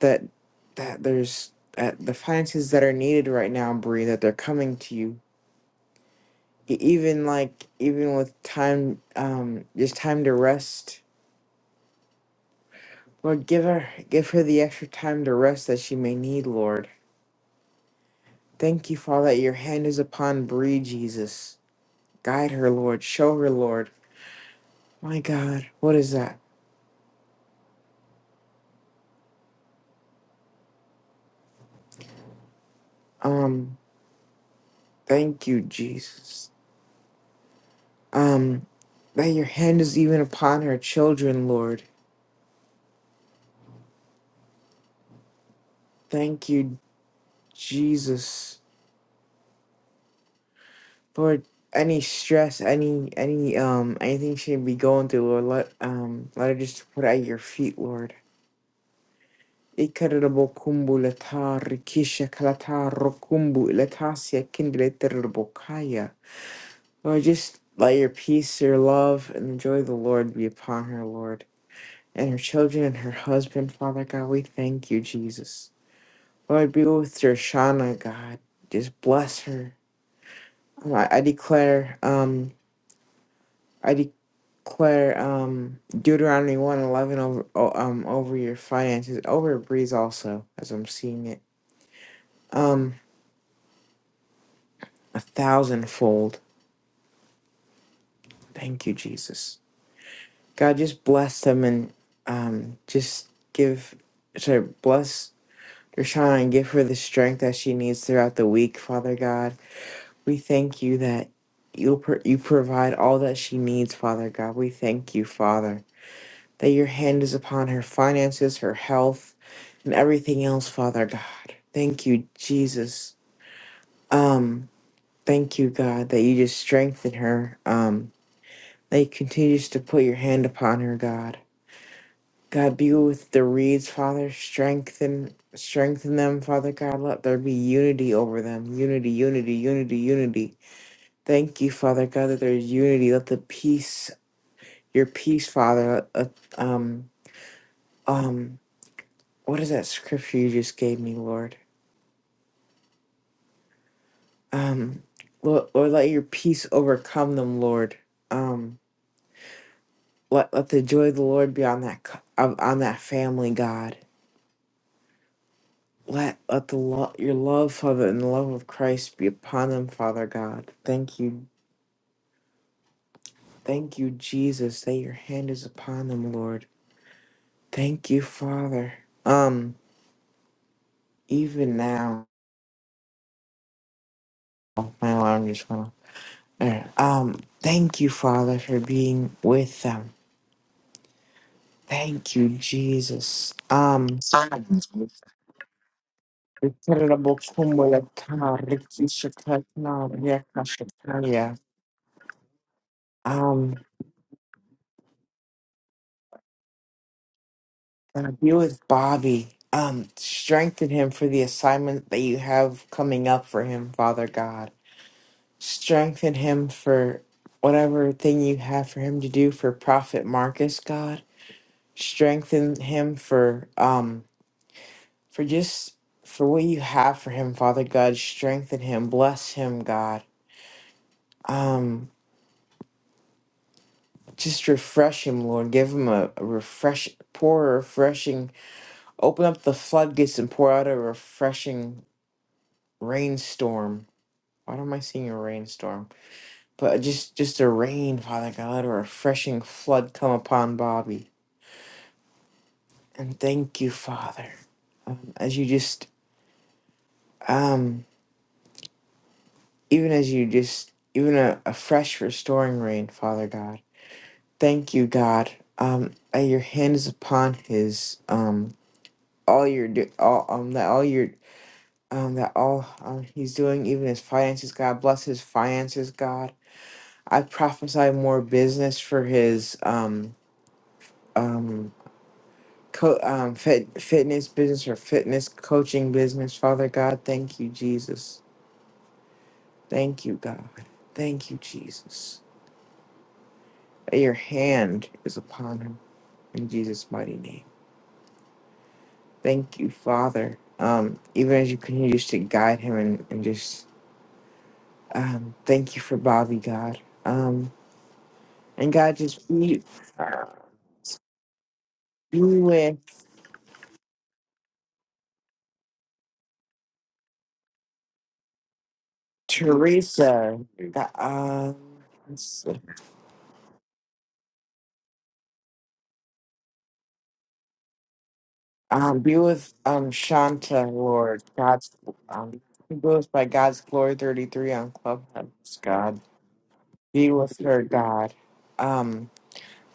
Speaker 3: that that there's that the finances that are needed right now, Bree, that they're coming to you. E- Even like even with time, um, just time to rest. Lord, give her give her the extra time to rest that she may need, Lord. Thank you, Father, that your hand is upon Bree, Jesus. Guide her, Lord. Show her, Lord. My God, what is that? Um, thank you, Jesus. Um, that your hand is even upon her children, Lord. Thank you, Jesus. for any stress, any any um anything she be going through, Lord, let um let her just put it at your feet, Lord. Ikarabo kumbu letar kisha kalatar kumbu letasia kindleterbokaya. Lord, just let your peace, your love, and the joy of the Lord be upon her, Lord, and her children and her husband, Father God. We thank you, Jesus. Lord, be with your Shana, God. Just bless her. I, I declare, um, Claire, um, Deuteronomy one eleven over o- um over your finances, over your breeze also, as I'm seeing it, um, a thousandfold. Thank you, Jesus. God, just bless them and um, just give, sorry, bless Deshaun and give her the strength that she needs throughout the week, Father God. We thank you that you will you provide all that she needs, Father God. We thank you, Father. that your hand is upon her finances, her health, and everything else, Father God. Thank you, Jesus. Um, thank you, God, that you just strengthen her. Um, that you continues to put your hand upon her, God. God, be with the reeds, Father. Strengthen, strengthen them, Father God. Let there be unity over them. Unity, unity, unity, unity. Thank you, Father God, that there's unity. Let the peace, your peace, Father, let, let, um, um, what is that scripture you just gave me, Lord? Um, Lord, Lord let your peace overcome them, Lord. Um, let let the joy of the Lord be on that cou- on on that family, God. Let let the lo- your love, Father, and the love of Christ be upon them, Father God. Thank you, thank you, Jesus, that your hand is upon them, Lord. Thank you, Father. Um, even now, oh, my alarm just went off. There. Um, thank you, Father, for being with them. Thank you, Jesus. Um, Incredible Kumula Riki Shakatna, Reka Shakaya. um, And be with Bobby. Um, strengthen him for the assignment that you have coming up for him, Father God. Strengthen him for whatever thing you have for him to do for Prophet Marcus, God. Strengthen him for um for just for what you have for him, Father God. Strengthen him, bless him, God um just refresh him lord give him a, a refresh pour a refreshing open up the floodgates and pour out a refreshing rainstorm why am i seeing a rainstorm but just just a rain father god let a refreshing flood come upon bobby and thank you father um, as you just um even as you just even a, a fresh restoring rain father god thank you god um that your hand is upon his um all you're do all um that all you're um that all um, he's doing even his finances god bless his finances god i prophesy more business for his um um co- um fit, fitness business or fitness coaching business father god thank you jesus thank you god thank you jesus that your hand is upon him in jesus mighty name thank you father um even as you continue just to guide him and, and just Um, thank you for Bobby, God. Um, and God, just be, be with Teresa. God, Um, let's see. um, be with um, Shanta, Lord. God's um, be with by God's Glory 33 on Clubhouse, God. Be with her, God. Um,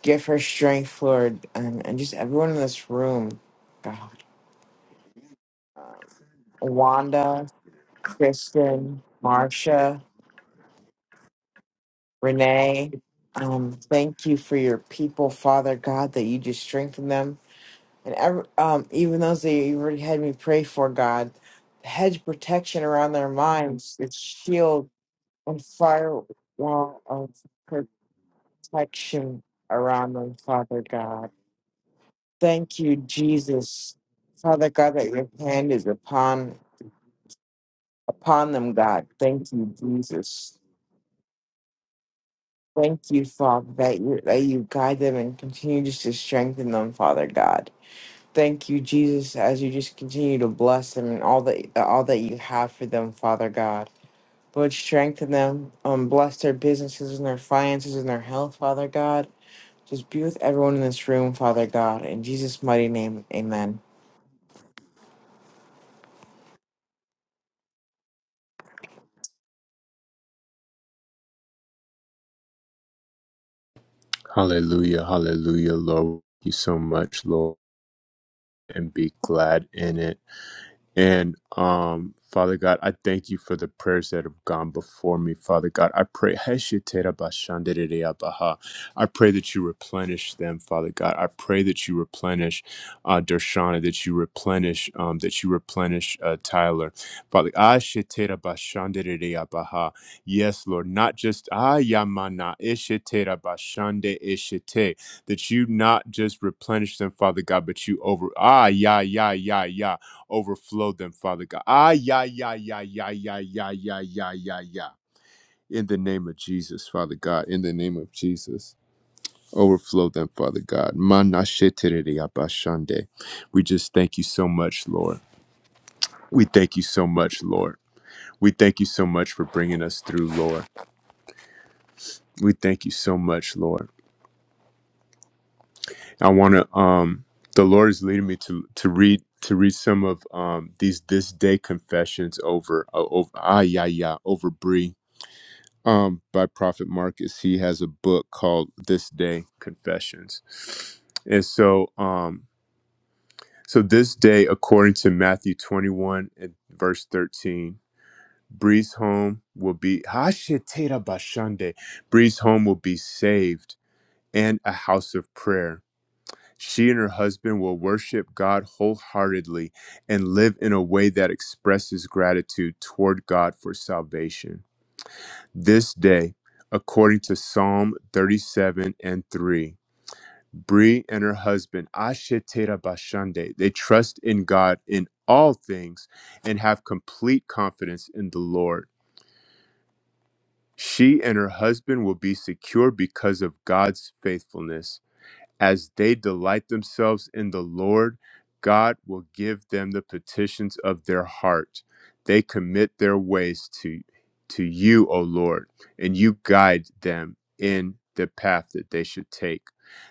Speaker 3: give her strength, Lord, and, and just everyone in this room, God. Um, Wanda, Kristen, Marsha. Renee, um, thank you for your people, Father God, that you just strengthen them. And ever, um, even those that you already had me pray for, God, hedge protection around their minds, the shield and firewall of protection around them, Father God. Thank you, Jesus. Father God, that your hand is upon upon them, God. Thank you, Jesus. Thank you, Father, that you, that you guide them and continue just to strengthen them, Father God. Thank you, Jesus, as you just continue to bless them and all that all that you have for them, Father God. Lord, strengthen them, um, bless their businesses and their finances and their health, Father God. Just be with everyone in this room, Father God. In Jesus' mighty name, amen.
Speaker 1: Hallelujah, hallelujah, Lord. Thank you so much, Lord, and be glad in it. And um, Father God, I thank you for the prayers that have gone before me, Father God. I pray, Hesheterabashanderereabaha. I pray that you replenish them, Father God. I pray that you replenish uh, Dershana, that you replenish, um, that you replenish uh, Tyler, Father. Asheterabashanderereabaha. Yes, Lord, not just Ayamana Isheterabashande Ishete, that you not just replenish them, Father God, but you over Ah, yeah, yeah, yeah, yeah overflow them, Father God. Ah, yeah, yeah, yeah, yeah, yeah, yeah, yeah, yeah, yeah, yeah. In the name of Jesus, Father God. In the name of Jesus. Overflow them, Father God. Manashetereyabashande. We just thank you so much, Lord. We thank you so much, Lord. We thank you so much for bringing us through, Lord. We thank you so much, Lord. I want to um the Lord is leading me to to read to read some of um these this day confessions over uh, over ah yeah yeah over Bree um, by Prophet Marcus. He has a book called This Day Confessions. And so, um, so this day, according to Matthew 21 and verse 13, Breeze home will be Hashetera Bashande. Breeze home will be saved and a house of prayer. She and her husband will worship God wholeheartedly and live in a way that expresses gratitude toward God for salvation. this day, according to Psalm 37 and 3. Bree and her husband, Ashetera Bashande, they trust in God in all things and have complete confidence in the Lord. She and her husband will be secure because of God's faithfulness. As they delight themselves in the Lord, God will give them the petitions of their heart. They commit their ways to, to you, O Lord, and you guide them in the path that they should take.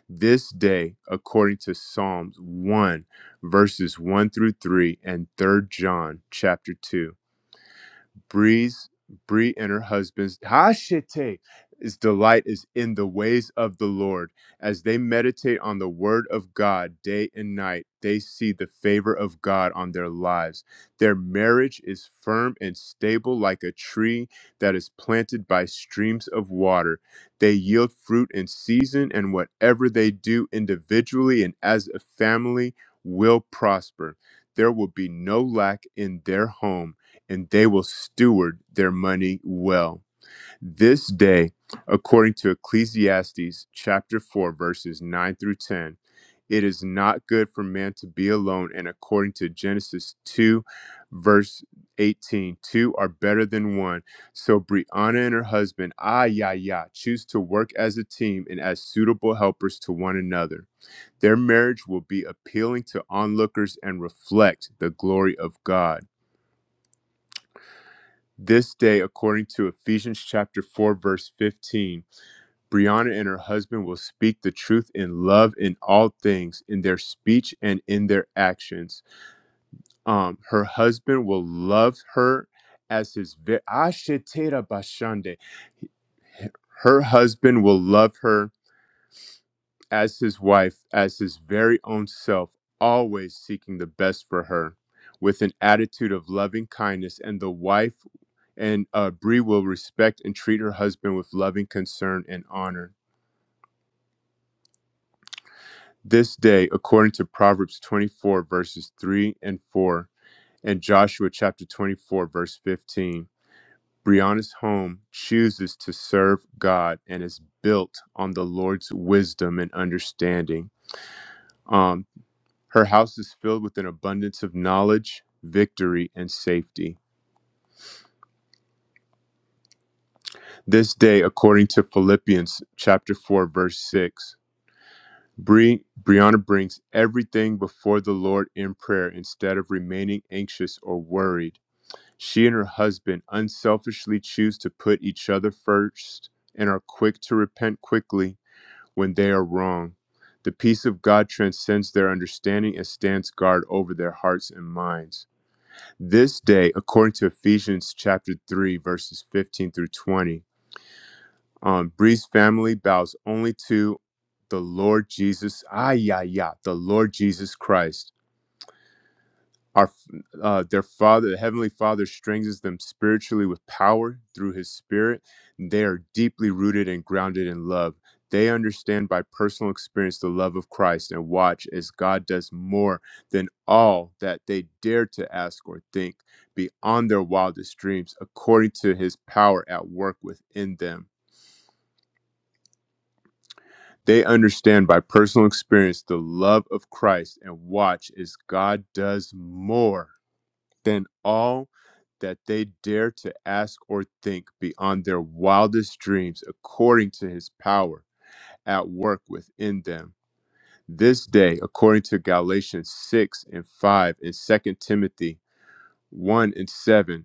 Speaker 1: This day, according to Psalms 1, verses 1 through 3, and Third John chapter 2. Bree's Bree and her husband's Hashite his delight is in the ways of the Lord. As they meditate on the word of God day and night, they see the favor of God on their lives. Their marriage is firm and stable like a tree that is planted by streams of water. They yield fruit in season, and whatever they do individually and as a family will prosper. There will be no lack in their home and they will steward their money well. This day, according to Ecclesiastes chapter 4, verses 9 through 10, it is not good for man to be alone. And according to Genesis 2, verse eighteen, two are better than one. So Brianna and her husband, ah, yeah, yeah, choose to work as a team and as suitable helpers to one another. Their marriage will be appealing to onlookers and reflect the glory of God. This day, according to Ephesians chapter 4, verse 15, Brianna and her husband will speak the truth in love in all things, in their speech and in their actions. Um, her husband will love her as his vi- Ashetera Bashande. Her husband will love her as his wife, as his very own self, always seeking the best for her with an attitude of loving kindness. And the wife and uh, Bree will respect and treat her husband with loving concern and honor. This day, according to Proverbs 24, verses 3 and 4, and Joshua chapter 24, verse 15, Brianna's home chooses to serve God and is built on the Lord's wisdom and understanding. Um, Her house is filled with an abundance of knowledge, victory, and safety. This day, according to Philippians chapter 4, verse 6, Bre- Brianna brings everything before the Lord in prayer instead of remaining anxious or worried. She and her husband unselfishly choose to put each other first and are quick to repent quickly when they are wrong. The peace of God transcends their understanding and stands guard over their hearts and minds. this day, according to Ephesians chapter 3, verses 15 through 20, um, Bree's family bows only to the Lord Jesus, ah, yeah, yeah, the Lord Jesus Christ our uh, their father the heavenly father strengthens them spiritually with power through his spirit they are deeply rooted and grounded in love they understand by personal experience the love of christ and watch as god does more than all that they dare to ask or think beyond their wildest dreams according to his power at work within them they understand by personal experience the love of christ and watch as god does more than all that they dare to ask or think beyond their wildest dreams, according to his power at work within them. This day, according to Galatians 6 and 5 and Second Timothy 1 and 7,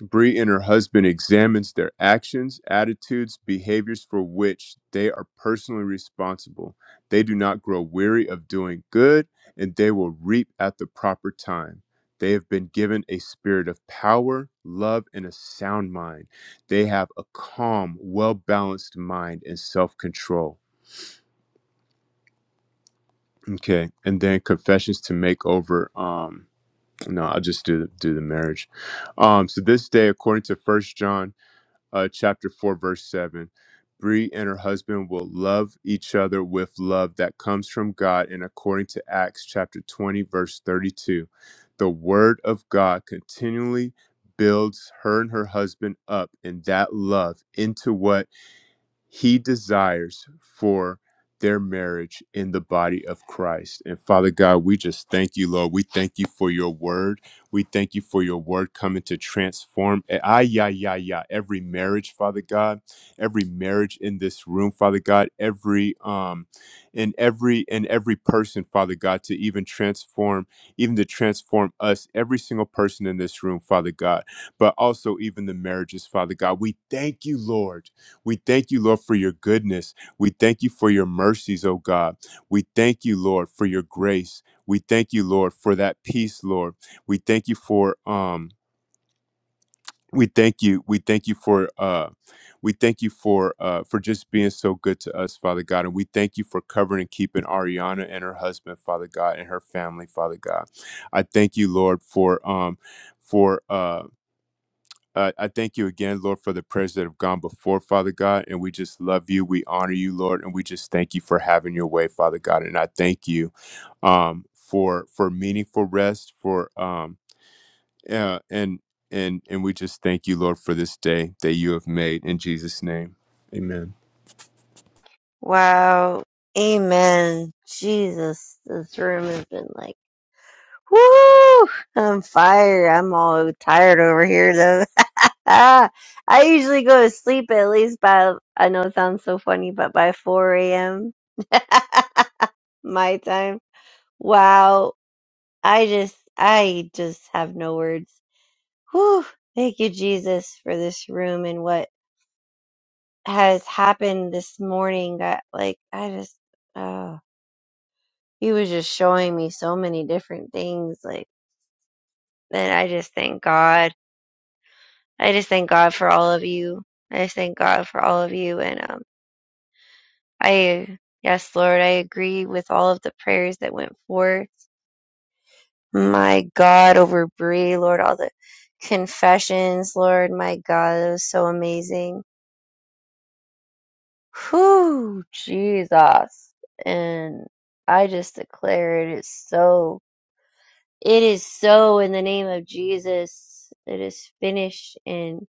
Speaker 1: Bree and her husband examines their actions, attitudes, behaviors for which they are personally responsible. They do not grow weary of doing good, and they will reap at the proper time. They have been given a spirit of power, love, and a sound mind. They have a calm, well balanced mind and self control. Okay, and then confessions to make over. Um, no, I'll just do do the marriage. Um, so this day, according to First John. uh, chapter 4, verse 7. Bree and her husband will love each other with love that comes from God. And according to Acts chapter 20, verse 32, the word of God continually builds her and her husband up in that love into what? he desires for their marriage in the body of Christ. And Father God, we just thank you, Lord. We thank you for your word. We thank you for your word coming to transform eh, ay, yeah, yeah, yeah, every marriage, Father God, every marriage in this room, Father God, every um in every in every person, Father God, to even transform, even to transform us, every single person in this room, Father God, but also even the marriages, Father God. We thank you, Lord. We thank you, Lord, for your goodness. We thank you for your mercies, oh God. We thank you, Lord, for your grace. We thank you, Lord, for that peace, Lord. We thank you for um we thank you. We thank you for uh we thank you for uh for just being so good to us, Father God. And we thank you for covering and keeping Ariana and her husband, Father God, and her family, Father God. I thank you, Lord, for um for uh uh, I thank you again, Lord, for the prayers that have gone before, Father God. And we just love you. We honor you, Lord. And we just thank you for having your way, Father God. And I thank you um, for for meaningful rest, for um, uh, and and and we just thank you, Lord, for this day that you have made. In Jesus' name, Amen.
Speaker 2: Wow. Amen. Jesus, this room has been like Woo! I'm fired. I'm all tired over here though. *laughs* I usually go to sleep at least by, I know it sounds so funny, but by 4 a.m. *laughs* my time. Wow. I just, I just have no words. Whew. Thank you, Jesus, for this room and what has happened this morning. That, like, I just, oh, he was just showing me so many different things. Like, and I just thank God. I just thank God for all of you. I just thank God for all of you. And um, I, yes, Lord, I agree with all of the prayers that went forth. My God, over Bree, Lord, all the confessions, Lord, my God, it was so amazing. Whew, Jesus. And I just declare it is so. It is so in the name of Jesus. It is finished. And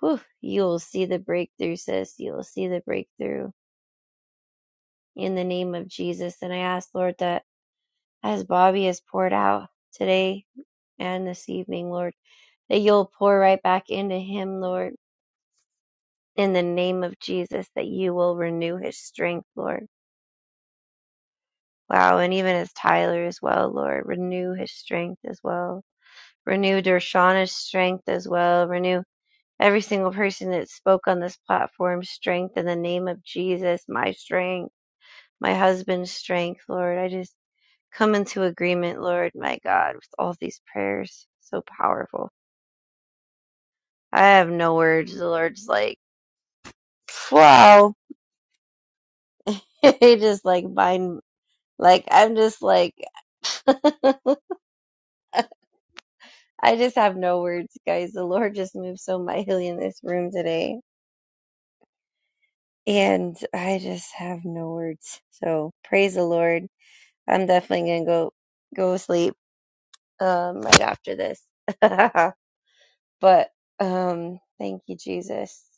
Speaker 2: whew, you will see the breakthrough, sis. You will see the breakthrough in the name of Jesus. And I ask, Lord, that as Bobby has poured out today and this evening, Lord, that you'll pour right back into him, Lord, in the name of Jesus, that you will renew his strength, Lord. Wow. And even as Tyler as well, Lord, renew his strength as well. Renew Dershauna's strength as well. Renew every single person that spoke on this platform strength in the name of Jesus, my strength, my husband's strength, Lord. I just come into agreement, Lord, my God, with all these prayers. So powerful. I have no words. The Lord's like, wow. *laughs* he just like bind, like, I'm just like, *laughs* I just have no words, guys. The Lord just moved so mightily in this room today. And I just have no words. So praise the Lord. I'm definitely gonna go go sleep um right after this. *laughs* but um thank you, Jesus.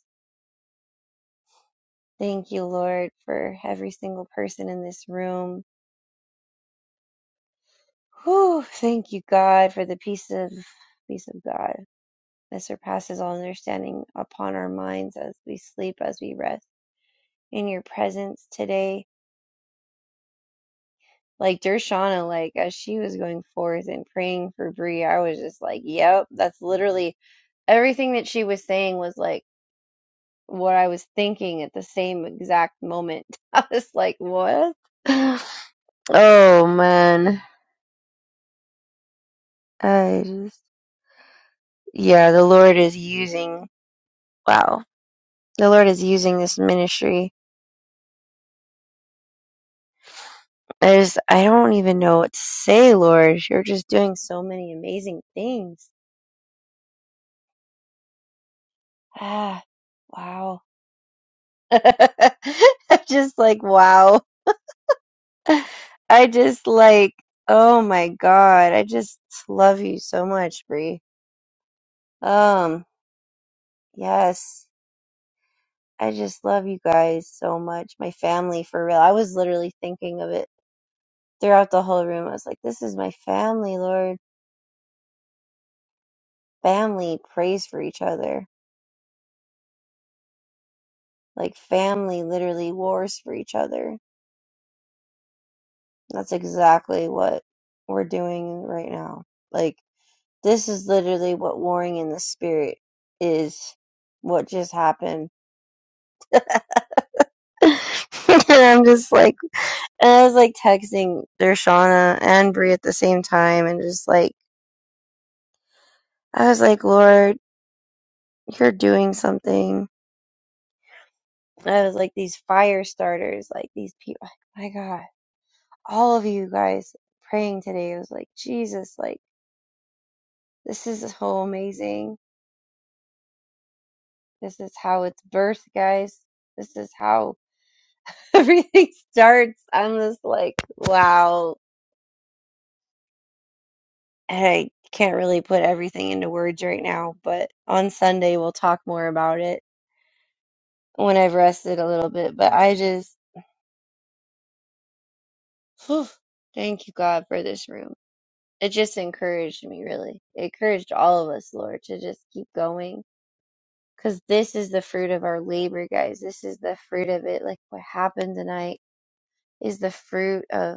Speaker 2: Thank you, Lord, for every single person in this room. Whew, thank you, God, for the peace of peace of God that surpasses all understanding upon our minds as we sleep, as we rest in your presence today. Like Dershana, like as she was going forth and praying for Bree, I was just like, Yep, that's literally everything that she was saying was like what I was thinking at the same exact moment. *laughs* I was like, What? *sighs* oh man. I just..." yeah, the Lord is using, wow, the Lord is using this ministry. I just, I don't even know what to say, Lord. You're just doing so many amazing things. Ah, wow. *laughs* I'm just like, wow. I just like, oh my God. I just love you so much, Bree. Um, yes. I just love you guys so much. My family, for real. I was literally thinking of it throughout the whole room. I was like, this is my family, Lord family prays for each other. Like family literally wars for each other. That's exactly what we're doing right now. Like this is literally what warring in the spirit is what just happened. *laughs* and I'm just like and I was like texting Dershana and Bree at the same time and just like I was like, Lord, you're doing something. I was like these fire starters, like these people my God all of you guys praying today. It was like, Jesus, like, this is so amazing. This is how it's birthed, guys. This is how *laughs* everything starts. I'm just like, wow. And I can't really put everything into words right now, but on Sunday we'll talk more about it when I've rested a little bit. But I just, whew, thank you, God, for this room. It just encouraged me, really. It encouraged all of us, Lord, to just keep going because this is the fruit of our labor guys this is the fruit of it like what happened tonight is the fruit of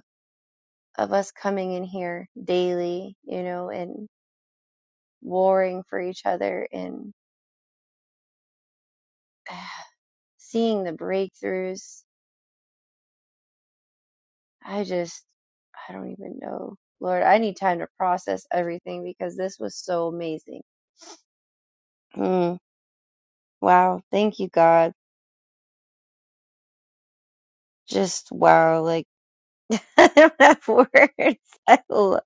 Speaker 2: of us coming in here daily you know and warring for each other and *sighs* seeing the breakthroughs i just i don't even know lord i need time to process everything because this was so amazing mm, wow thank you god just wow like *laughs* I don't have words. I lo-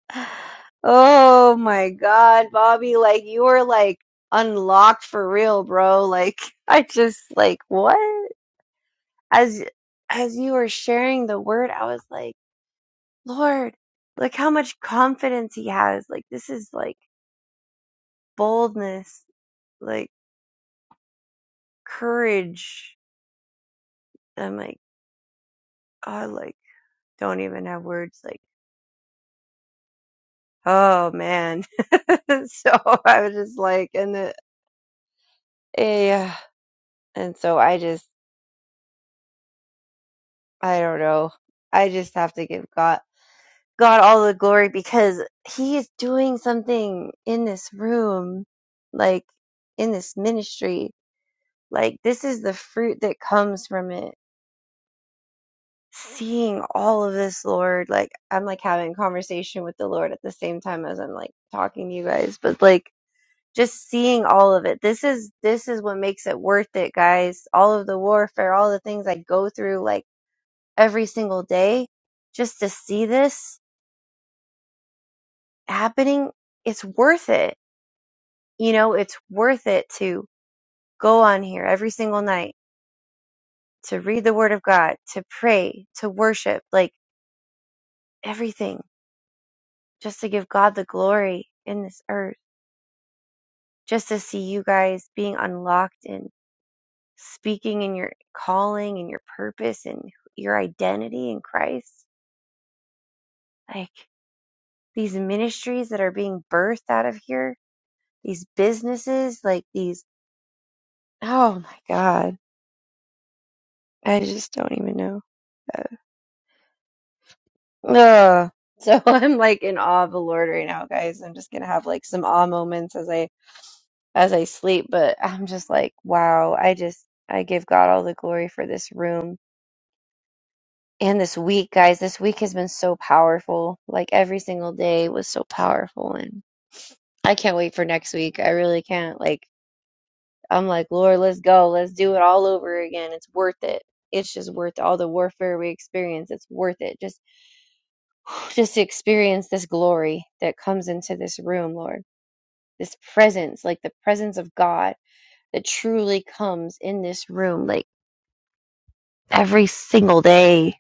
Speaker 2: oh my God, Bobby, like you were like unlocked for real, bro. Like *laughs* I just like what? As as you were sharing the word, I was like, Lord, like how much confidence he has. Like this is like boldness, like courage. I'm like, I like don't even have words. Like, oh man. *laughs* so I was just like, and the, yeah. And so I just, I don't know. I just have to give God, God all the glory because He is doing something in this room, like in this ministry. Like this is the fruit that comes from it. Seeing all of this, Lord, like I'm like having conversation with the Lord at the same time as I'm like talking to you guys, but like just seeing all of it. This is this is what makes it worth it, guys. All of the warfare, all the things I go through, like every single day just to see this happening, it's worth it. You know, it's worth it to go on here every single night, to read the Word of God, to pray, to worship, like everything, just to give God the glory in this earth, just to see you guys being unlocked and speaking in your calling and your purpose and your identity in Christ. Like these ministries that are being birthed out of here, these businesses, like these Oh my God. I just don't even know. Uh, Ugh. So *laughs* I'm like in awe of the Lord right now, guys. I'm just gonna have like some awe moments as I as I sleep, but I'm just like, wow, I just I give God all the glory for this room and this week, guys. This week has been so powerful. Like every single day was so powerful and I can't wait for next week. I really can't. Like I'm like, Lord, let's go. Let's do it all over again. It's worth it. It's just worth all the warfare we experience. It's worth it. Just just experience this glory that comes into this room, Lord. This presence, like the presence of God that truly comes in this room, like every single day.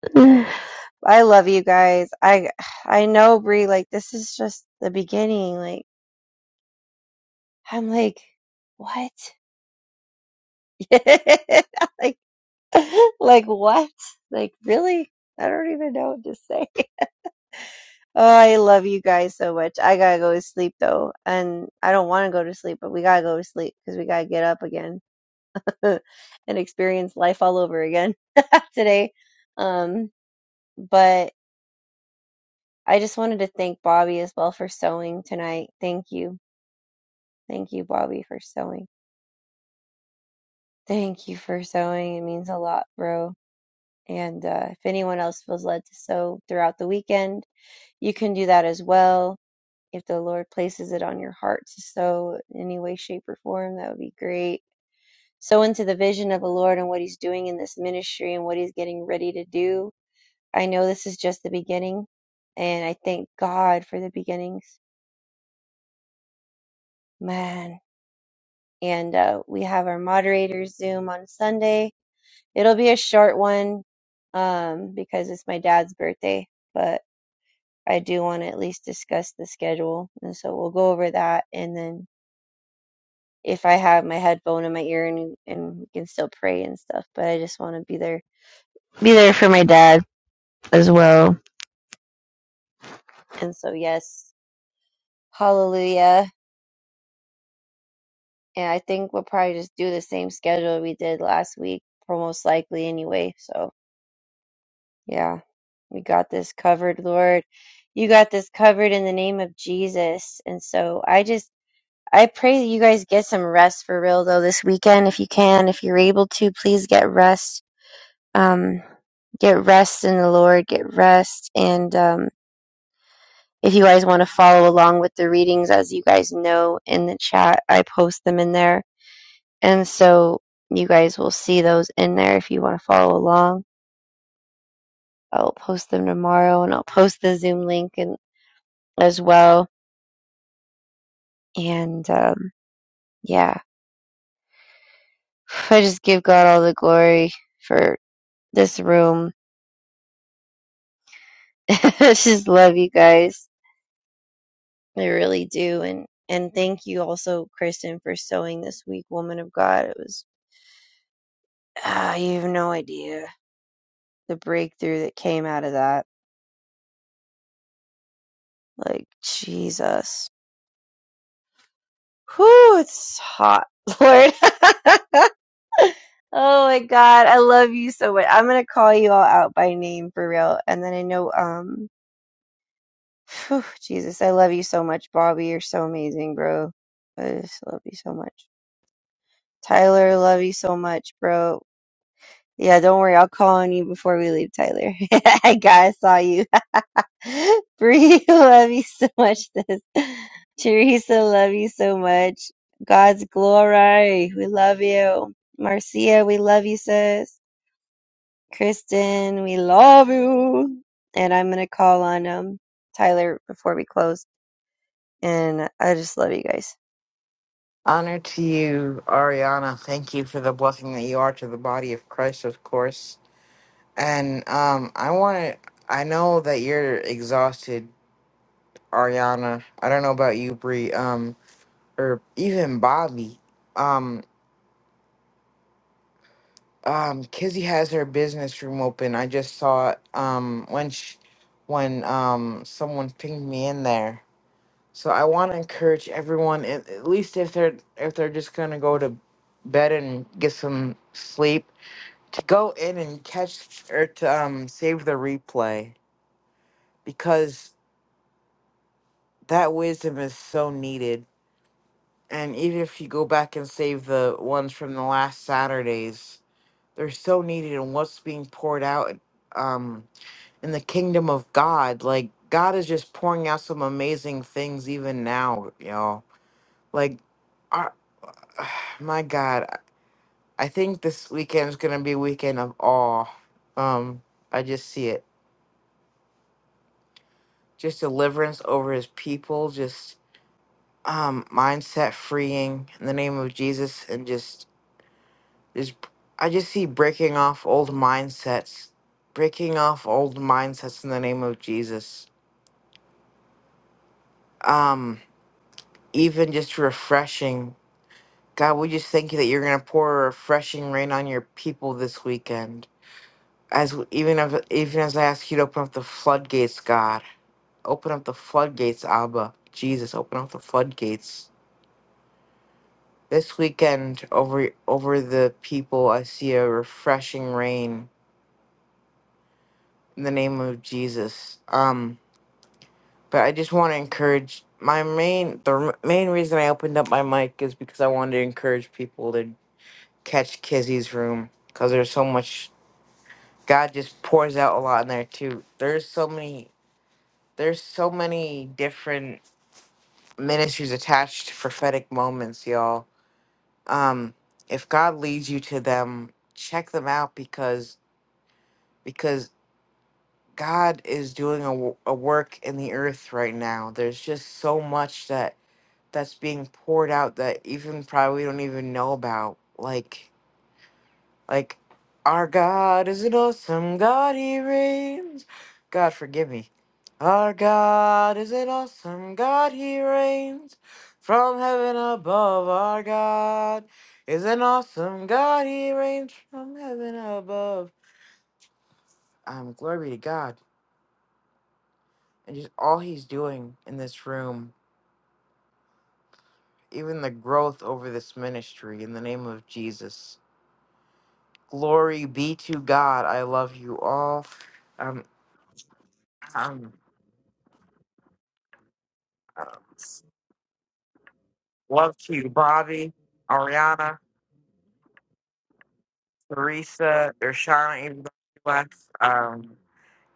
Speaker 2: *sighs* I love you guys. I *sighs* I know Bree, like this is just the beginning. Like I'm like, what? *laughs* like like what? Like really? I don't even know what to say. Oh, I love you guys so much. I gotta go to sleep though, and I don't want to go to sleep, but we gotta go to sleep because we gotta get up again *laughs* and experience life all over again *laughs* today. Um, but I just wanted to thank Bobby as well for sewing tonight. Thank you, thank you, Bobby, for sewing. Thank you for sewing. It means a lot, bro. And uh, if anyone else feels led to sew throughout the weekend, you can do that as well if the Lord places it on your heart to sow in any way, shape, or form, that would be great. Sow into the vision of the Lord and what He's doing in this ministry and what He's getting ready to do. I know this is just the beginning, and I thank God for the beginnings. Man. And uh, we have our moderators Zoom on Sunday. It'll be a short one um, because it's my dad's birthday, but I do want to at least discuss the schedule. And so we'll go over that and then if I have my headphone in my ear and and can still pray and stuff, but I just want to be there, be there for my dad as well. And so yes, hallelujah. And I think we'll probably just do the same schedule we did last week, for most likely anyway. So yeah, we got this covered, Lord. You got this covered in the name of Jesus. And so I just I pray that you guys get some rest for real though this weekend if you can, if you're able to, please get rest um, get rest in the Lord, get rest. And um, if you guys want to follow along with the readings, as you guys know in the chat, I post them in there. And so you guys will see those in there if you want to follow along. I'll post them tomorrow and I'll post the Zoom link and, as well. And um, yeah, I just give God all the glory for this room. *laughs* I just love you guys They really do. And and thank you also, Kristen, for sewing this week, woman of God. It was ah, you have no idea the breakthrough that came out of that. Like Jesus, whew, it's hot, *laughs* Lord. *laughs* oh my God, I love you so much. I'm gonna call you all out by name for real, and then I know, um, whew, Jesus, I love you so much, Bobby. You're so amazing, bro. I just love you so much. Tyler, love you so much, bro Yeah, don't worry. I'll call on you before we leave, Tyler. *laughs* I got, I saw you. *laughs* Bree, *laughs* love you so much. This Teresa, love you so much. God's glory. We love you. Marcia, we love you, sis. Kristen, we love you. And I'm gonna call on um Tyler before we close. And I just love you guys.
Speaker 3: Honor to you, Ariana. Thank you for the blessing that you are to the body of Christ, of course. And um, I want to I know that you're exhausted Ariana. I don't know about you, Bree, um, or even Bobby. Um, um, Kizzy has her business room open. I just saw it um, when sh when um, someone pinged me in there. So I want to encourage everyone, at, at least if they're if they're just gonna go to bed and get some sleep, to go in and catch or to um, save the replay because that wisdom is so needed And even if you go back and save the ones from the last Saturdays, they're so needed in what's being poured out um, in the kingdom of God. Like, God is just pouring out some amazing things even now, y'all. Like, our, *sighs* my God, I I think this weekend is going to be a weekend of awe. Um, I just see it. Just deliverance over his people, just um, mindset freeing in the name of Jesus, and just There's, I just see breaking off old mindsets, breaking off old mindsets in the name of Jesus. Um, even just refreshing. God, we just thank you that you're gonna pour a refreshing rain on your people this weekend. As even if, even as I ask you to open up the floodgates, God, open up the floodgates, Abba, Jesus, open up the floodgates. This weekend, over over the people, I see a refreshing rain in the name of Jesus. Um, but I just want to encourage my main the r- main reason I opened up my mic is because I wanted to encourage people to catch Kizzy's room because there's so much God just pours out a lot in there too. There's so many there's so many different ministries attached to prophetic moments, y'all. Um, if God leads you to them, check them out because because God is doing a, w- a work in the earth right now. There's just so much that that's being poured out that even probably we don't even know about. Like, like, our God is an awesome God. He reigns. God forgive me. Our God is an awesome God. He reigns from heaven above. Our God is an awesome God. He reigns from heaven above. Um, glory be to God. And just all he's doing in this room, even the growth over this ministry in the name of Jesus Glory be to God. I love you all. Um, um, um, love to you, Bobby, Ariana, Teresa, Ershana, even though she left. Um,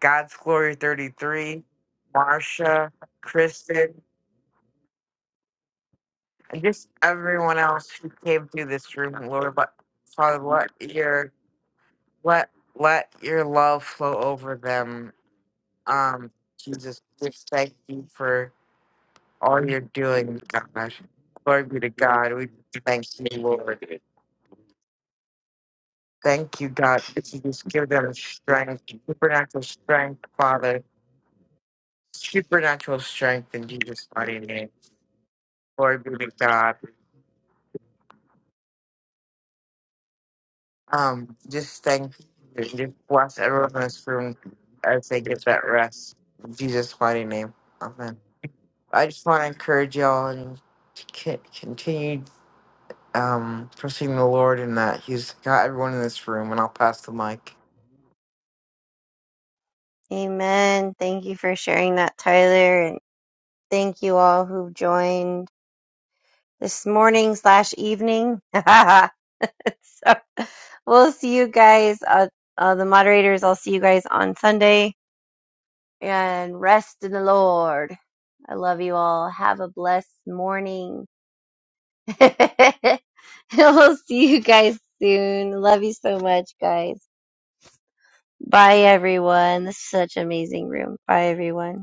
Speaker 3: God's Glory 33, Marsha, Kristen, and just everyone else who came through this room. Lord, let, Father, let your let let your love flow over them. Um, Jesus, just thank you for all you're doing, God. Glory be to God. We thank you, Lord. Thank you, God, that you just give them strength, supernatural strength, Father, supernatural strength in Jesus' mighty name. Glory be to God. Um, just thank you. Just bless everyone in this room as they get that rest. In Jesus' mighty name. Amen. I just want to encourage y'all and to con- continue um, trusting the Lord in that He's got everyone in this room, and I'll pass the mic.
Speaker 2: Amen. Thank you for sharing that, Tyler, and thank you all who joined. this morning slash evening. *laughs* so we'll see you guys, uh, uh, the moderators. I'll see you guys on Sunday and rest in the Lord. I love you all. Have a blessed morning. *laughs* And we'll see you guys soon. Love you so much, guys. Bye, everyone. This is such an amazing room. Bye, everyone.